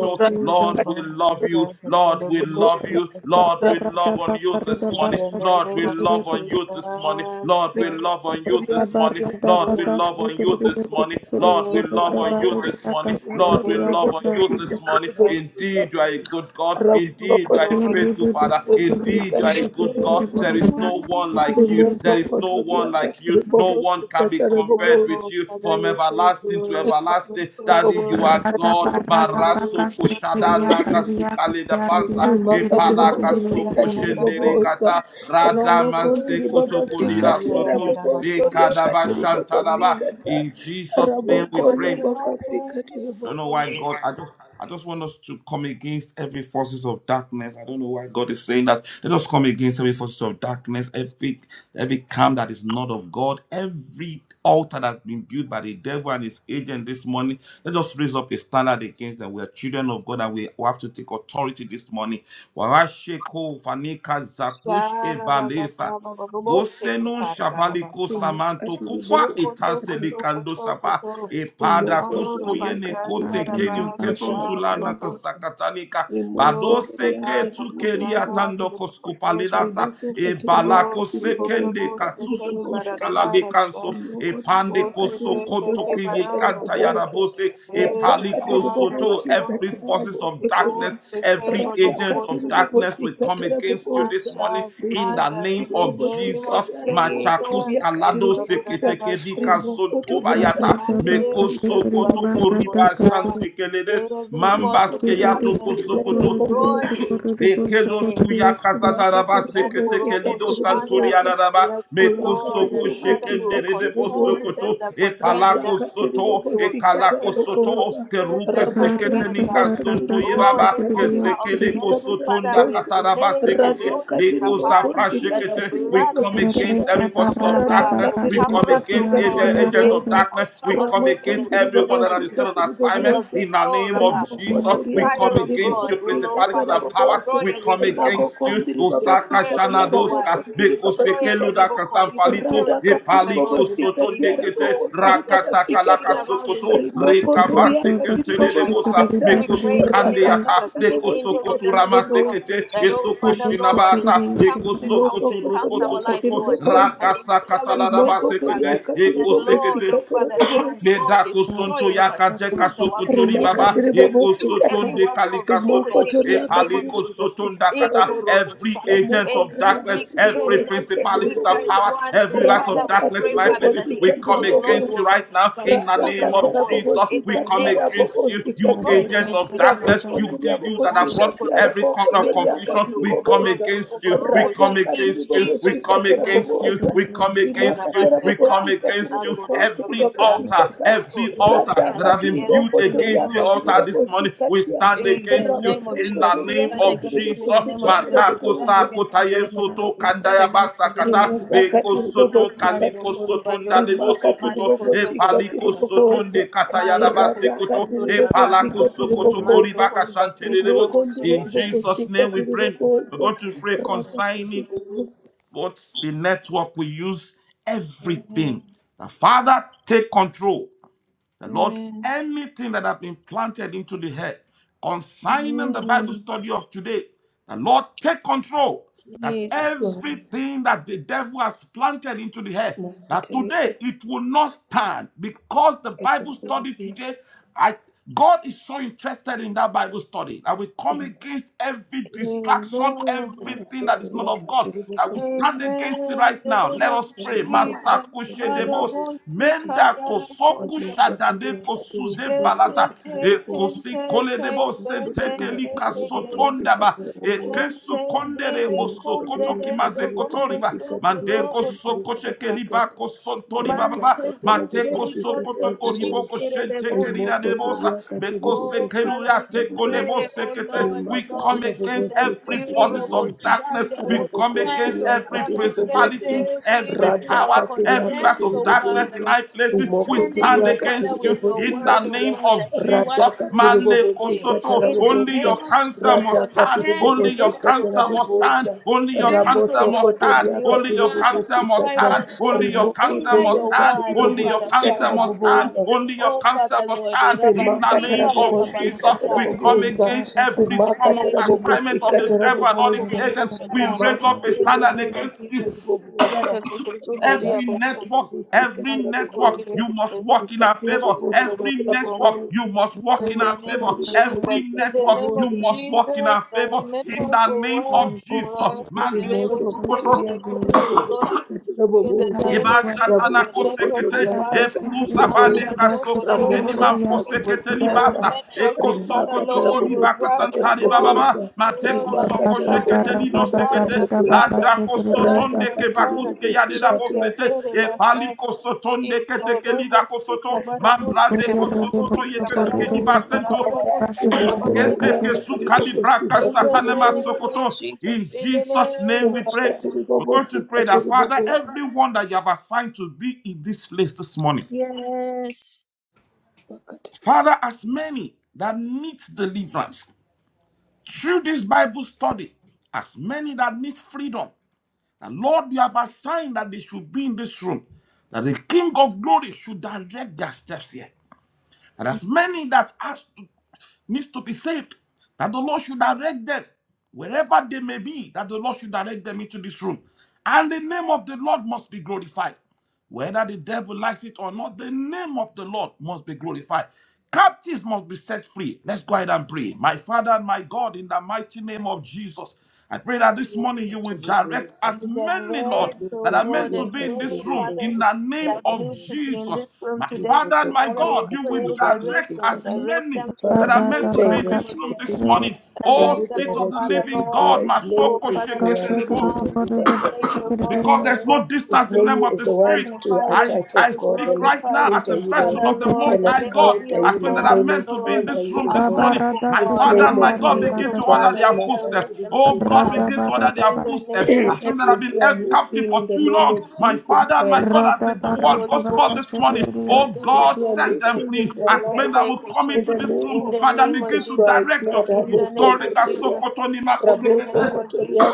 S4: Thank you, Jesus.
S2: Lord we love you Lord we love you Lord we
S3: Rabosa,
S4: Barada
S2: love on you
S4: bakarida
S2: this morning Lord we
S4: bakashikiri
S2: love on
S4: birikiti
S2: you this morning Lord
S3: Rabosa,
S2: we love on you this morning
S4: barada
S3: Rabosa,
S2: Lord we love on
S4: bakashikiri
S2: you this
S4: birikiti
S2: morning
S4: kiri
S2: Lord we
S4: burida
S2: love on you
S3: Rabosa,
S4: barida
S2: this morning Lord
S4: yakashikiri
S2: we love on
S4: yakata
S2: you this morning in Indeed, you are a good God. Indeed, you are a
S1: Your
S4: biridi
S2: faithful Father.
S4: bisikiri
S2: Indeed, you are a good
S4: bisikiri
S2: God.
S3: rabosokotoriakatiribobosikatiribobosa
S1: goodness
S2: There is
S4: burida
S2: no one
S4: kiri
S2: like
S1: you
S2: you. There
S4: birikiti
S2: is no one like you. No one can be compared
S3: rimosokotoriakatiribobosikatarabobosa
S1: Oh,
S2: with you
S1: Father,
S2: from
S1: you're so
S2: everlasting to
S1: good. You're
S2: everlasting.
S1: so
S2: Daddy, you
S1: good.
S2: are
S1: You're
S4: rada
S2: God.
S1: so
S3: rimakatiribobosikatiribobosa
S4: barada
S1: good.
S2: Maraso
S1: You're so
S4: bakashikiri
S2: koshada
S1: good.
S2: naka
S4: yakari
S2: sukale
S4: yakati
S2: da
S1: You're
S4: yaridi
S2: banta.
S1: so
S4: yasikiri
S1: good.
S3: Rimakatiri baba
S2: Epalaka
S4: buridi
S2: soko
S4: yiridi
S3: sikatiri
S1: Shakarabarabara.
S2: shendere
S3: boboza
S2: kata.
S1: You are
S2: Radaman
S1: so
S3: ramokontiri
S1: good.
S3: baba
S2: sekotokolira
S3: sikatia
S2: soto.
S1: Ayayarabasha.
S3: rabobosoria
S2: Lekadaba
S4: kashika
S3: katiri bobo
S1: Mm,
S2: shantalaba.
S3: sikata
S2: In Jesus'
S1: You
S2: name we
S1: are
S3: rabokoria
S2: pray.
S3: baba
S1: so good.
S3: sikatiri
S2: I don't know
S3: babo
S2: why God. I just I just want us to come against every forces of darkness. I don't know why God is saying that. Let us come against every forces of darkness, every every camp that is not of God, every altar that's been built by the devil and his agent this morning. Let us raise up a standard against them. We are children of God and we we have to take authority this morning. Warasheko fanika zakush ebalesa. Goseno shavaliko
S1: Sharabakabababababosekapararabasa.
S2: samanto
S3: rimakatiri
S2: kufa
S3: bobo
S2: etase
S3: sikata
S2: likando sapa
S1: Shokotokotokotokotoko.
S2: epada
S1: Oh,
S2: kusko
S3: rimokotoria
S2: yene
S1: Rabasa,
S3: katiri
S2: kote
S3: bobo
S4: barida
S2: kenyon
S1: Sarabasa,
S3: sikata
S2: keto zula na
S4: bashikiri
S3: raboboza
S1: Bababosha.
S2: kasakatanika
S1: Oh,
S2: badose
S3: rimokotoria
S1: Sakata,
S2: ketu
S3: katiri
S2: keri
S1: Sakata,
S3: boboza
S2: atando
S1: Sakata,
S2: koskupalilata e
S3: ribosokotoria
S1: Oh,
S2: balako
S1: the
S3: katiri bobo
S2: sekende
S1: portable
S3: sikatiri
S2: katusu
S1: second, da
S3: boboza
S1: da da
S2: pushkala
S1: da da da.
S2: lekanso e pande
S3: Mokotoria
S1: Oh, the
S2: koso
S3: katiri
S2: konto
S3: bobosi
S1: take
S2: kiri
S3: katara
S1: baranda.
S2: kanta
S3: bobosi
S2: yarabose, e
S3: rata
S1: Yes, the
S3: katiri
S1: card, the
S3: bobosi
S1: baton.
S2: Every
S3: katara
S2: forces of
S1: Oh,
S3: bokotoria
S2: darkness,
S1: the
S2: every
S1: table, bo
S3: rata
S1: bo
S2: agent
S1: bo.
S2: of
S3: katiri
S2: darkness
S3: bobosi
S2: will come
S3: katara
S2: against you this
S3: bobosa
S2: morning
S1: Masha,
S2: in
S3: rima
S2: the
S1: Ganda,
S2: name
S1: in
S3: katiri
S1: the
S2: of
S3: bobosi
S1: name of
S2: Jesus.
S3: katara
S2: Machakus
S1: Jesus.
S3: bokotoria
S1: So,
S3: katiri
S2: kalado
S1: Father, da
S3: bobosa
S1: da ba
S2: seketeke
S1: shi.
S2: dika
S3: rimo
S2: sonto
S3: kotoria
S2: bayata
S3: katiri
S4: Barada
S2: meko
S1: Mande,
S3: bobosi
S1: the
S4: bakashikiri
S3: katiri
S2: sokoto
S1: Father,
S4: barada
S3: bobosa
S1: the
S2: koriba
S4: kachiri
S1: Let
S2: santekeledes
S1: every
S3: rima
S4: Thank
S1: force
S2: mambas
S1: of
S3: katiri
S2: keyato
S1: darkness
S3: bobosi
S1: be
S3: katiri
S2: kosokoto
S3: bobosa
S1: destroyed in Jesus' name.
S2: Bekedos kuyakasataraba
S3: Rimakatiri bobosi
S1: Nakorobo
S2: seketekelido
S3: katiri
S1: Chanda.
S3: bobosa.
S2: santoriaraba
S1: Yes, O Lord,
S3: Rimakatiri
S1: that
S2: mekosoko
S1: Father,
S3: bobosi
S1: you will
S2: shekendere
S3: katiri
S2: de
S1: contend with
S3: bobosa.
S1: them
S2: postokoto
S1: that
S2: e
S1: contend
S3: Rada
S1: with
S2: palako
S1: us.
S3: Rimakati
S2: soto
S1: You
S2: e
S1: will fight
S3: ribobosikati
S2: kalako
S1: against
S2: soto
S1: those
S3: ribobosa.
S2: ke
S1: spirits
S2: ruke
S1: that fight
S3: Rimakati ribobosikati ribobosa. Radhakati ribobosikati ribobosa. Rabokonti
S1: against us.
S2: seketenika sonto
S3: ribobosikati
S1: Oh,
S2: yebaba
S1: any
S3: riakati
S2: ke
S1: altar of
S2: sekele
S1: the
S3: ribobosikati
S1: enemy, Father,
S2: kosotonda
S1: we
S3: ribobosa.
S2: kataraba
S1: relay
S2: sekete
S1: Kuroti
S2: le
S3: Radhakati
S1: Kapai.
S2: kosapra
S3: ribokonti
S1: That the
S2: shekete
S3: riakati
S2: we
S1: blood of
S2: come
S3: ribobosikata.
S2: against
S1: Jesus
S2: every forces of
S1: Kabaraba,
S2: darkness
S1: will
S3: Radhakati
S2: we
S1: cover
S2: come
S1: us,
S2: against
S1: oh
S3: ribobosikati
S2: every
S1: God, from
S2: agent of
S3: ribobosa
S1: every
S2: darkness
S1: altar
S2: we
S1: of
S2: come against
S1: wickedness
S3: ramokondiri
S1: in the
S2: everyone
S1: name
S2: that
S1: of
S2: has been
S3: babasika
S2: sent
S1: Jesus.
S2: on
S3: tiri
S1: And
S2: assignment
S1: the
S3: boboza
S2: in the
S1: oh,
S2: name of
S1: Rabba,
S2: of
S1: and
S2: Jesus,
S1: the
S2: we
S3: rimokotoriaka
S1: fire
S2: come
S1: of
S3: tiri
S2: against
S1: God
S2: you,
S1: will, oh
S3: bobosika
S2: principalities
S3: tara
S1: Father,
S2: and powers.
S3: boboza
S1: destroy
S2: We
S1: every
S2: come
S1: evil
S2: against
S1: altar,
S2: you,
S3: ramokondiri
S2: Osaka
S1: destroy
S3: babasika
S1: every
S3: tiara
S1: evil word,
S2: Shanadoska,
S3: bokondiri
S1: destroy
S3: babasika
S1: every
S3: ta
S2: Bekosekeluda
S1: evil call, Your
S2: Kasamfalito,
S1: spirit,
S3: radaka
S1: oh
S3: tiri
S1: Father Lord,
S2: Epaliko
S1: that
S3: bobosika
S1: may
S3: tiara
S1: be,
S2: Sotondekete,
S1: oh
S3: bokondiri
S1: God,
S3: babasika
S1: walking
S2: Rakatakalaka
S3: ta
S1: around in
S2: Sokoto,
S1: this place, no
S3: rimokotoriaka tiri
S2: Rekabasekentele
S1: control, my Father.
S3: bobosika
S2: Debosa,
S3: ta
S1: We pray in the name of
S3: radaka
S2: Mekosukandeata,
S1: Jesus
S3: tiri
S1: that the angel
S3: bobosika
S1: of
S2: Dekosokotu
S1: the
S3: tiri
S1: living God,
S3: boboza
S2: Ramasekete,
S1: that oh
S2: Esoko
S1: Father Lord, is
S2: Shinabata,
S1: encamps this house,
S2: Ekosokotu
S1: encamps our
S3: rimosokotoriaka
S1: life,
S3: tiri
S2: Rukosokoto,
S1: Lord, and
S3: boboza
S1: they
S2: Ragasa
S1: excel in strength,
S3: rimoko
S1: oh Father.
S2: Katalabasekete,
S3: toriaka
S1: And
S3: tiri
S1: that Lord,
S3: bobosika
S1: oh
S2: Ekosekete.
S3: tara
S1: Father, they
S3: boboza.
S1: oh God
S2: Medako
S1: destroy
S2: sonto
S1: and
S2: yakaje
S1: pursue the works of
S2: kasokotori
S1: the
S3: Rimaka
S2: baba
S1: enemy.
S3: tiri
S1: They
S2: eko
S1: pursue
S2: soton
S3: bobosikata,
S1: every
S2: de
S1: work of
S2: kalika
S3: rimoko
S2: soto
S1: iniquity in
S2: e
S1: the
S3: toriaka
S1: name
S3: tiri
S1: of
S2: paliko
S1: Jesus.
S2: soton
S3: bobosikata,
S2: dakata
S3: rimo-
S2: every
S1: Ikorobosaya.
S2: agent
S3: ramoko
S2: of
S1: Any
S3: toriaka
S2: darkness
S3: tiri
S2: every
S1: wickedness
S3: bobosika
S1: and
S3: tiri
S2: principalities and
S1: wicked
S3: bobosa,
S2: powers
S1: ones, oh
S2: every lies of
S1: Father, we
S3: rataka
S2: darkness
S1: pray,
S2: in
S3: tiri
S2: high
S1: Father,
S2: places
S1: that the
S3: bobosika
S2: we
S1: angel
S3: tiri
S2: come
S1: of the Lord
S2: against you
S1: will
S3: bobosa,
S2: right now in the
S1: pursue
S2: name
S1: them,
S3: ratakata
S1: oh
S2: of
S1: God
S2: Jesus
S1: in
S2: we
S3: rabobosika
S1: the
S2: come
S1: name of
S3: tara
S1: Jesus
S2: against
S1: and
S2: you
S3: bobosika
S2: you
S1: destroy them
S2: agent
S1: in
S2: of
S1: the name of
S2: darkness
S3: raboko
S2: you
S1: Jesus.
S2: you that have
S3: ndiriabobosika
S2: brought
S1: Moshokoto,
S2: every
S3: tiaraboko
S2: kind of
S3: torianga
S2: confusion
S1: mekokoto,
S2: we come
S3: tiribobosa
S1: koboroto,
S2: against you we
S1: koborobo,
S2: come
S1: she-
S3: ratanga
S1: In
S2: against you we
S1: Jesus'
S3: tiribobosika
S1: mighty
S2: come
S1: name.
S2: against you
S3: terabobosa
S2: we come
S1: Eh,
S2: against
S3: rimaka
S2: you. We come
S1: rabashada,
S3: terabobosika
S2: against you.
S3: tiriboko
S1: lakorosa,
S2: Every
S1: karia.
S2: altar,
S3: ndiribabasikata
S1: Oko,
S2: every
S1: Yes,
S2: altar
S1: yes,
S2: that
S3: ratanga
S2: have been
S1: yes.
S3: tiriboko
S2: built
S1: In the
S2: against
S1: name
S3: torianga
S2: the
S1: of
S2: altar
S1: Jesus.
S2: this morning,
S3: tiribobosika
S2: we
S3: tia
S2: stand
S1: In the
S2: against you
S1: name of
S2: in
S3: rabosoko
S2: the
S1: Jesus, we
S2: name
S3: terianga
S1: stand
S2: of
S1: against you.
S2: Jesus.
S1: In the name
S3: tiribobosika
S1: of Jesus, we
S2: Matako
S1: stand
S3: terabobosa
S1: against
S2: sakota
S1: you. In the name of Jesus,
S2: yesoto
S1: we stand
S2: kandaya
S1: against you. In the name
S2: basakata
S1: of Jesus.
S2: leko
S3: rimasakati
S2: soto
S3: ribobosikata
S2: kaliko
S1: Mazoko
S2: soto
S1: ribadot,
S2: ndalebo
S3: rimakati
S2: sokoto e
S1: marikoto
S3: ribobosikati
S1: koto
S2: paliko
S1: ribato,
S2: soto
S3: riboboza
S2: nde katayana
S1: marikoto
S2: basekoto
S3: radhakati
S2: e
S1: koto
S2: palako
S3: ribobosikati
S2: sokoto
S3: riboboza
S2: koribaka
S1: Masukuri basuku
S2: shantelebo.
S1: robo
S2: In
S3: rimokondria
S1: shekete.
S2: Jesus' name we
S3: bobosikati
S2: pray. We're
S3: riboboza
S2: going to pray
S3: radhakati
S2: consigning
S3: riboboza
S2: what the network we use,
S1: Amen.
S2: everything. The Father, take control. The Lord,
S1: Amen.
S2: anything that has been planted into the head, consigning the Bible
S1: Amen.
S2: study of today, the Lord, take control. That
S1: Jesus.
S2: everything that the devil has planted into the head, that
S3: makoteria
S2: today it will not stand because the Bible study today
S3: ribobosikati
S2: I God is so interested in that Bible study that we come against every distraction,
S1: Amen.
S2: everything that is not
S3: riboboteria
S2: of God, that we stand
S3: ribobosikati
S2: against it
S1: Amen. In
S2: right
S1: the
S2: now.
S1: name
S2: Let
S1: of
S2: us pray.
S1: Jesus.
S3: ribobosikati
S2: Masakushe demos,
S1: Marabosi
S3: ribobosikati
S2: menda kosoku
S1: kataraposa.
S2: shadade
S3: ramokotoria kati
S2: kosude
S1: Shete
S2: balata.
S3: ribobosikati
S1: te
S3: riboboza
S2: Ekosi
S1: tente
S2: kole
S1: kei
S2: debo
S1: bende
S2: senteke
S3: Kotoria
S2: lika
S3: katiri
S1: seke de.
S3: bobosi
S2: sotonda ba.
S3: katiri bobosi
S1: Shente
S2: Ekesu konde wo
S1: dele
S3: rimo
S1: kum
S2: sokoto
S3: kotoria
S1: dedem
S2: kimaze
S1: do
S3: katiri
S2: kotori
S1: gondo
S3: bobosi
S2: ba.
S1: soko
S3: katiri
S2: Mandeko
S1: robo
S3: bobosi
S2: sokoche
S3: bobosi
S1: tosika.
S2: keliba
S3: kata
S2: kosontori ba ba
S3: rata
S2: ba.
S1: Mante
S3: katiri
S2: Mateko
S1: zutere
S3: bobosi
S1: konde
S3: katiri
S2: sokoto koribo
S3: bobosi
S1: shikere de
S2: koshenteke
S3: rimo
S2: lira
S1: bolsa.
S2: debosa.
S3: kotoria katiri
S2: Meko
S1: Oh,
S3: bobosi
S2: sekeru
S1: Father,
S2: ya
S1: we
S3: katiri
S2: teko
S3: bobosi
S1: pray, oh
S2: sekete.
S1: Lord
S3: rima
S2: We
S1: God,
S2: come
S3: katiri
S2: against
S1: that
S3: bobosi
S2: every
S1: you,
S3: katiri
S2: forces
S1: Robo
S2: of
S3: bobosi
S2: darkness.
S1: Chanda,
S2: We
S1: will
S3: rabo
S2: come
S1: stand,
S2: against
S3: kotoria
S1: oh
S2: every
S3: katiri
S1: Father, against
S3: bobosi
S2: principality,
S1: every
S2: every
S3: rada
S1: spirit that
S2: powers,
S3: katiri
S2: every ruler
S1: contends,
S3: katiri
S2: of
S1: oh
S2: darkness
S1: Father.
S2: in
S3: bobosi
S2: high high places. We
S1: Contending,
S2: stand
S3: rimokotoria
S1: oh Father,
S2: against
S1: with
S2: you
S1: your
S2: in the
S1: word, oh
S2: name
S3: katiribobosikatia
S1: God, that
S2: of
S1: you
S2: Jesus.
S1: want to release
S2: Male
S1: today.
S2: kosoto.
S1: In the
S2: Only
S3: radakatiribobosikatarabobooza
S1: name
S2: your
S1: of
S2: cancer
S1: Jesus,
S2: must stand.
S1: contend
S2: Only your
S1: against, oh
S2: cancer must
S1: God.
S2: stand.
S3: radakatiribobosikatarabobooza
S2: Only your
S1: Spirit, of
S2: cancer must
S1: God, that
S2: stand.
S3: rabosokotoria bobosi rimokotoria bobosa. Rada katiri bobosi katara bobosa. Raboso kotoria
S1: may, oh
S2: Only
S3: katiri
S2: your
S1: Father,
S2: cancer
S3: bobosi
S2: must
S1: try,
S3: kata.
S1: Lord
S2: stand.
S1: God,
S2: Only your
S1: to
S3: Rimoko
S2: cancer
S1: hinder
S2: must
S3: toria
S1: your
S2: stand.
S3: katiri
S1: word, oh
S2: Only your
S1: Father,
S3: bobosi
S1: from
S2: cancer
S3: katara
S1: coming
S2: must
S1: to
S2: stand.
S1: pass.
S3: bobosa.
S2: Only your
S1: Oh
S2: cancer
S1: Father,
S2: must
S1: Lord, eh,
S2: stand.
S1: Rabba
S2: In the
S3: Rimaka
S1: Sika
S2: name of
S1: Baba
S2: Jesus,
S3: tarabobosika
S1: Bashata,
S2: we come
S3: tarabobosa.
S2: against every
S1: we
S3: Rimaka
S2: form of
S1: praise you, take it
S2: assignment
S3: tarabobosika
S2: of
S1: all,
S2: the
S1: Lord, oh,
S2: devil and
S1: to
S2: all
S1: come,
S2: his
S3: tarabobosa.
S1: oh,
S2: agents. We
S1: Shata.
S2: raise
S3: Rimaka
S2: up a
S1: in the
S2: standard
S1: name of
S2: against
S3: tarabobosika
S2: you
S1: Jesus.
S4: you.
S3: tarabobosa.
S1: Zata tukuzuko, Ria
S2: Every
S3: Radaka
S1: Boshanta,
S2: network,
S3: tarabobosika
S2: every
S1: Masuko,
S2: network,
S1: Ria
S3: tarabobosa.
S2: you must
S1: Kete,
S2: work in
S3: Rika
S2: our favor.
S1: Masuko,
S3: tarabobosika
S1: Ria
S2: Every
S1: Kete.
S2: network,
S3: tarabobosa.
S2: you must work
S4: Rada
S1: In
S2: in
S1: the
S2: our
S3: Rimaka
S1: name
S2: favor.
S1: of
S2: Every
S1: Jesus,
S3: tarabobosika
S1: in the
S2: network,
S1: name
S2: you
S1: of
S3: tarabobosa.
S2: must work in
S1: Jesus,
S2: our
S1: the
S2: favor. In
S1: network
S2: the
S1: will
S2: name
S1: work
S2: of Jesus.
S1: for In the name of
S3: Rimoso
S1: Jesus, for
S3: kotoria
S1: the
S3: katiri
S1: glory of the Lord.
S3: bobosi katira
S1: In the
S3: bobosa.
S1: name
S2: Eba
S1: of Jesus,
S2: shatana
S1: the
S3: Ramoso
S1: network, oh
S3: kotoria
S2: kosekete, e
S1: Father,
S3: Katiri
S2: flusa bane
S3: bobosa.
S1: Mashato
S2: kaso
S1: Koto
S2: kosheni
S3: Ramoso
S1: Robo,
S2: man
S3: kotoria
S2: kosekete
S3: bobosi
S1: the
S3: kata.
S2: libata, e
S1: network, oh
S2: koso
S3: Rima
S1: Father,
S2: koto
S3: katara
S1: Lord, will
S2: koliba
S3: bobosi
S1: work, oh
S3: katara
S2: kasantare
S1: God,
S2: bababa,
S3: bobosa.
S2: mate
S1: Lord,
S3: Rima
S2: koso
S3: katara
S1: Abasanda,
S2: koshekete
S3: bobosi
S2: lido
S3: katara
S2: sekete,
S1: Manda
S2: la
S3: bobosa.
S1: Kata,
S2: da koso
S3: Rata
S2: tonde
S1: Master
S2: ke
S3: katiri
S1: Kara,
S2: bakuske ya de
S3: bobosi
S2: la
S1: Sheke
S3: katara.
S2: bosete,
S1: Tere
S2: e fali
S1: Basa,
S2: koso tonde kete
S1: Iko
S2: ke
S1: Robo,
S2: lida
S1: Sika
S2: kosoto, man
S1: Barabo, Sika
S2: blade
S3: Katiri
S2: koso
S1: Barabo,
S2: koto
S3: bobosi
S1: Sika
S3: katara
S2: yekete ke
S3: bobosa.
S2: libasento,
S3: Rimoko toria
S2: Etekesu
S3: katiri bobosi
S2: kalibraka
S1: in
S3: katiri
S1: the
S2: satanema
S3: bobosa.
S1: name of
S2: sokoto. In
S1: Jesus, in the
S2: Jesus'
S1: name
S2: name we
S1: of
S3: Rima
S2: pray.
S1: Jesus.
S3: katiri
S2: We're going to
S3: bobosi
S2: pray that,
S3: katiri
S2: Father,
S3: bobosa.
S2: everyone that you have assigned to be in this place this morning,
S1: Yes,
S3: Wakati
S2: Father, as many that need deliverance through this Bible study, as many that need freedom, and Lord, you have assigned that they should be in this room, that the King of glory should direct their steps here. And as many that has to, needs to be saved, that the Lord should direct them wherever they may be, that the Lord should direct them into this room. And the name of the Lord must be glorified. Whether the devil likes it or not, the name of the Lord must be glorified. Captives must be set free. Let's go ahead and pray. My Father and my God, in the mighty name of Jesus, I pray that
S1: Father,
S2: this
S1: we
S2: morning you will direct
S3: Katibubuza,
S2: as
S1: and you
S2: many, Lord,
S1: direct, oh
S2: that are
S1: God,
S2: meant
S3: Rabukoteria
S1: and
S2: to be in
S1: many
S2: this room,
S1: fathers
S2: in
S3: Katibubuza,
S2: the name
S1: that
S2: of
S1: need to
S3: Katibubuza,
S1: be in
S2: Jesus.
S1: this room
S2: My
S1: today.
S2: Father and my
S1: Father,
S3: Ibukoteria
S1: we
S2: God, you
S1: pray,
S2: will
S1: direct
S3: Katibubuza,
S2: direct
S1: them,
S2: as
S3: Kata.
S1: direct
S2: many
S1: them to
S2: that
S3: Father,
S2: are
S1: this
S3: may
S4: barra
S3: you
S1: place
S4: da
S2: meant to
S1: in
S2: be
S1: the
S2: in
S1: name
S2: this
S3: direct
S1: of
S2: room
S3: your
S2: this
S3: people.
S2: morning.
S3: May
S1: direct
S2: Oh,
S3: you
S1: them,
S2: Spirit
S1: oh
S2: of the
S3: direct your
S1: Father
S2: living
S3: people
S1: Lord,
S2: God,
S3: as
S2: my
S3: many
S1: oh
S3: as
S1: Father
S3: you
S1: Lord, to
S3: want to be
S2: soul
S1: come to this
S3: delivered, that they
S1: place,
S3: will be
S1: oh God,
S2: because
S1: to
S3: delivered.
S2: there's
S1: worship
S2: no
S1: you,
S3: As
S2: distance in the realm
S3: many
S2: of
S3: as
S2: the
S1: to
S3: they want
S2: spirit.
S3: to
S1: magnify you,
S2: I,
S3: attach
S2: I
S3: of
S1: to
S3: God,
S2: speak
S3: they'll
S2: right
S1: glorify
S2: now
S1: you.
S2: as
S3: encounter
S2: a
S3: you,
S2: vessel
S3: Lord.
S1: Father
S2: of the Most
S1: Lord,
S3: They'll
S1: that
S2: High
S1: there will
S2: God,
S1: be,
S3: encounter
S1: oh
S3: you,
S2: as men that
S3: Lord.
S2: are
S1: God,
S3: They'll
S2: meant to be in
S1: Lord,
S3: encounter
S2: this
S3: you,
S2: room
S3: O
S1: a
S2: this
S3: God.
S1: move,
S2: morning.
S1: oh
S2: My
S3: In the
S1: God,
S2: Father
S1: that
S3: name
S2: and
S1: your
S2: my
S3: of
S2: God
S1: spirit,
S2: begin
S1: oh
S3: Jesus
S2: to order
S1: Father,
S3: Christ,
S2: their
S1: will
S3: Makati
S2: footsteps.
S1: direct them to
S2: Oh
S3: Ribabusi
S1: this
S2: God,
S1: house
S2: begin to
S3: Kata.
S2: order their
S1: in the
S2: footsteps.
S1: name
S2: As
S4: barra
S2: men
S3: Let
S2: that
S3: me
S2: have been
S3: do a
S2: held
S3: new
S2: captive
S3: thing
S2: for
S3: in the
S2: too
S3: name
S2: long,
S3: of
S2: my
S3: Jesus
S2: Father and my
S3: Christ.
S2: God, as
S4: Rada
S2: the
S4: barra
S2: word
S1: Holy
S2: goes
S1: Ghost,
S2: forth
S4: barra
S2: this morning,
S1: take
S3: Yes,
S4: shikriya
S2: oh
S3: Lord,
S1: it, take
S3: we
S1: it,
S2: God,
S1: take
S3: do a
S1: it,
S2: set
S3: new
S2: them
S1: take it,
S3: thing in
S2: free.
S3: their
S2: As men
S3: life.
S2: that will come
S3: In
S2: into
S3: the
S2: this
S3: name
S2: room,
S1: in
S3: of
S1: the
S2: Father,
S1: name of
S2: begin
S3: Jesus
S2: to
S1: Jesus,
S3: Christ,
S2: direct
S3: na
S2: your
S1: in
S2: people.
S3: rabo
S1: the name
S2: God,
S1: of
S2: let us so
S1: Jesus,
S3: sokotoria,
S2: continue, Marco,
S1: in
S2: take
S1: the
S3: rabo
S1: name of Jesus.
S3: sokotoria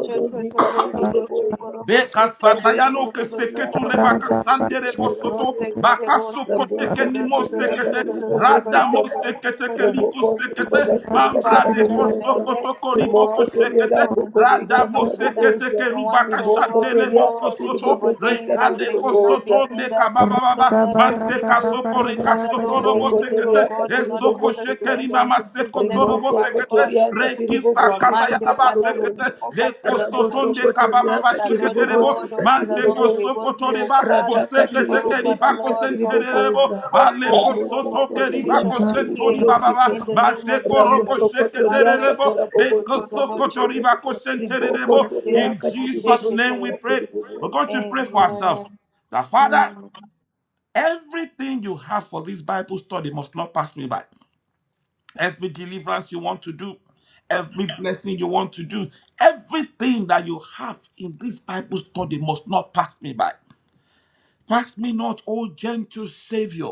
S1: Shut
S3: katiriboboza,
S2: Beka
S3: rabo
S2: satayano ke
S3: sokotoria
S2: seketu rebaka
S4: rada barra
S3: katiribobozi
S2: sandere
S4: shikriya
S2: bosoto
S3: katiriboboza,
S2: bakaso
S1: the
S3: rabo
S2: kosheke ni mo
S3: sokotoria
S2: sekete
S3: katiribobozi
S2: rada mo
S3: kata,
S2: sekete ke
S1: door,
S3: rabo
S2: liku sekete
S1: we
S3: kontiribobozi
S1: pray,
S2: mambra de
S4: shikriya
S1: Father,
S2: koso
S3: katiriboboza,
S1: direct,
S2: koto
S1: oh
S2: koribo
S1: God,
S3: rimoko
S1: your
S3: toria
S2: koshekete
S1: people into the
S3: rabobozi
S2: rada
S1: room, oh
S2: mo
S1: Father.
S2: sekete
S3: katiriboboza,
S2: ke
S1: The ones,
S2: rubaka
S1: oh
S3: rimoko
S1: God,
S2: shantele bo
S3: toria
S1: Lord, that you
S2: kosoto
S1: have
S3: katiribobozi
S1: ordained,
S2: reka
S1: Lord,
S2: de
S1: they will not be
S3: katiriboboza.
S2: kosoto ne
S1: hindered.
S2: kababa
S1: No
S2: baba
S4: rada
S1: network
S4: barra
S2: mante
S4: da
S1: issues.
S2: kasoko reka
S4: bakariya
S1: Father,
S2: soto
S1: Lord, the
S2: robo
S3: Rimoko
S4: shikriya
S1: enemy, oh
S2: sekete
S3: toria
S1: God, will
S3: katiri
S1: not
S2: eso
S3: bobo
S1: cause us to
S2: kosheke ni
S1: enter
S3: sikata.
S2: mama
S1: into business, oh
S2: Torobo
S3: Riboso
S1: Father God.
S2: sekete,
S3: kotoria katiri bobo
S2: rekisa
S1: Our
S2: kata
S1: mind,
S3: sikata
S1: oh
S2: yaraba
S1: Father, will
S2: sekete,
S1: be
S3: raboboza.
S1: focused in
S2: leko
S1: the name of
S3: Raboso
S2: sotonde
S1: Jesus.
S3: kotoria
S2: kabababa
S1: That
S3: katiri
S1: Lord
S2: sekete
S3: bobo
S2: rebo,
S1: God, oh
S3: sikatiri
S1: Father,
S2: mante
S1: Lord, we
S2: koso
S3: boboza.
S1: will be, oh
S2: kotoreba,
S3: Rata
S1: Father,
S3: katiri
S2: kosekete
S1: oh
S3: bobo
S1: Father,
S2: keriba
S1: Lord,
S3: sikatiri
S1: go but speak
S2: kosenterebo,
S3: boboza.
S1: about
S2: bale
S1: focus, oh
S3: Raboso
S1: God,
S2: kosoto keriba
S3: kotoria
S1: position to
S3: katiri
S1: hear
S2: kosentori
S3: bobo
S1: you
S2: bababa,
S1: in the
S3: sikata.
S1: name
S2: mate
S1: of
S4: gakriya
S1: Jesus.
S2: koroko
S3: Raboso
S2: sekete
S1: Master,
S3: kotoria
S1: so,
S2: rebo,
S1: so,
S3: katara
S1: so,
S3: bobo
S2: beko
S1: so, so, so,
S3: sikatiri
S1: check
S3: bobo.
S1: it,
S2: sokotoriba
S1: okay.
S3: Riboko
S2: kosenterebo.
S1: Message,
S3: toria
S2: In
S3: katiri
S1: message,
S2: Jesus'
S3: bobo
S2: name
S1: okay.
S2: we pray.
S3: sikatiri
S2: We're going
S3: boboza.
S2: to pray for
S1: Amen.
S2: ourselves. That Father,
S1: Mm.
S2: everything you have for this Bible study must not pass me by every deliverance you want to do, every blessing you want to do, everything that you have in this Bible study must not pass me by. Pass me not, O gentle Savior.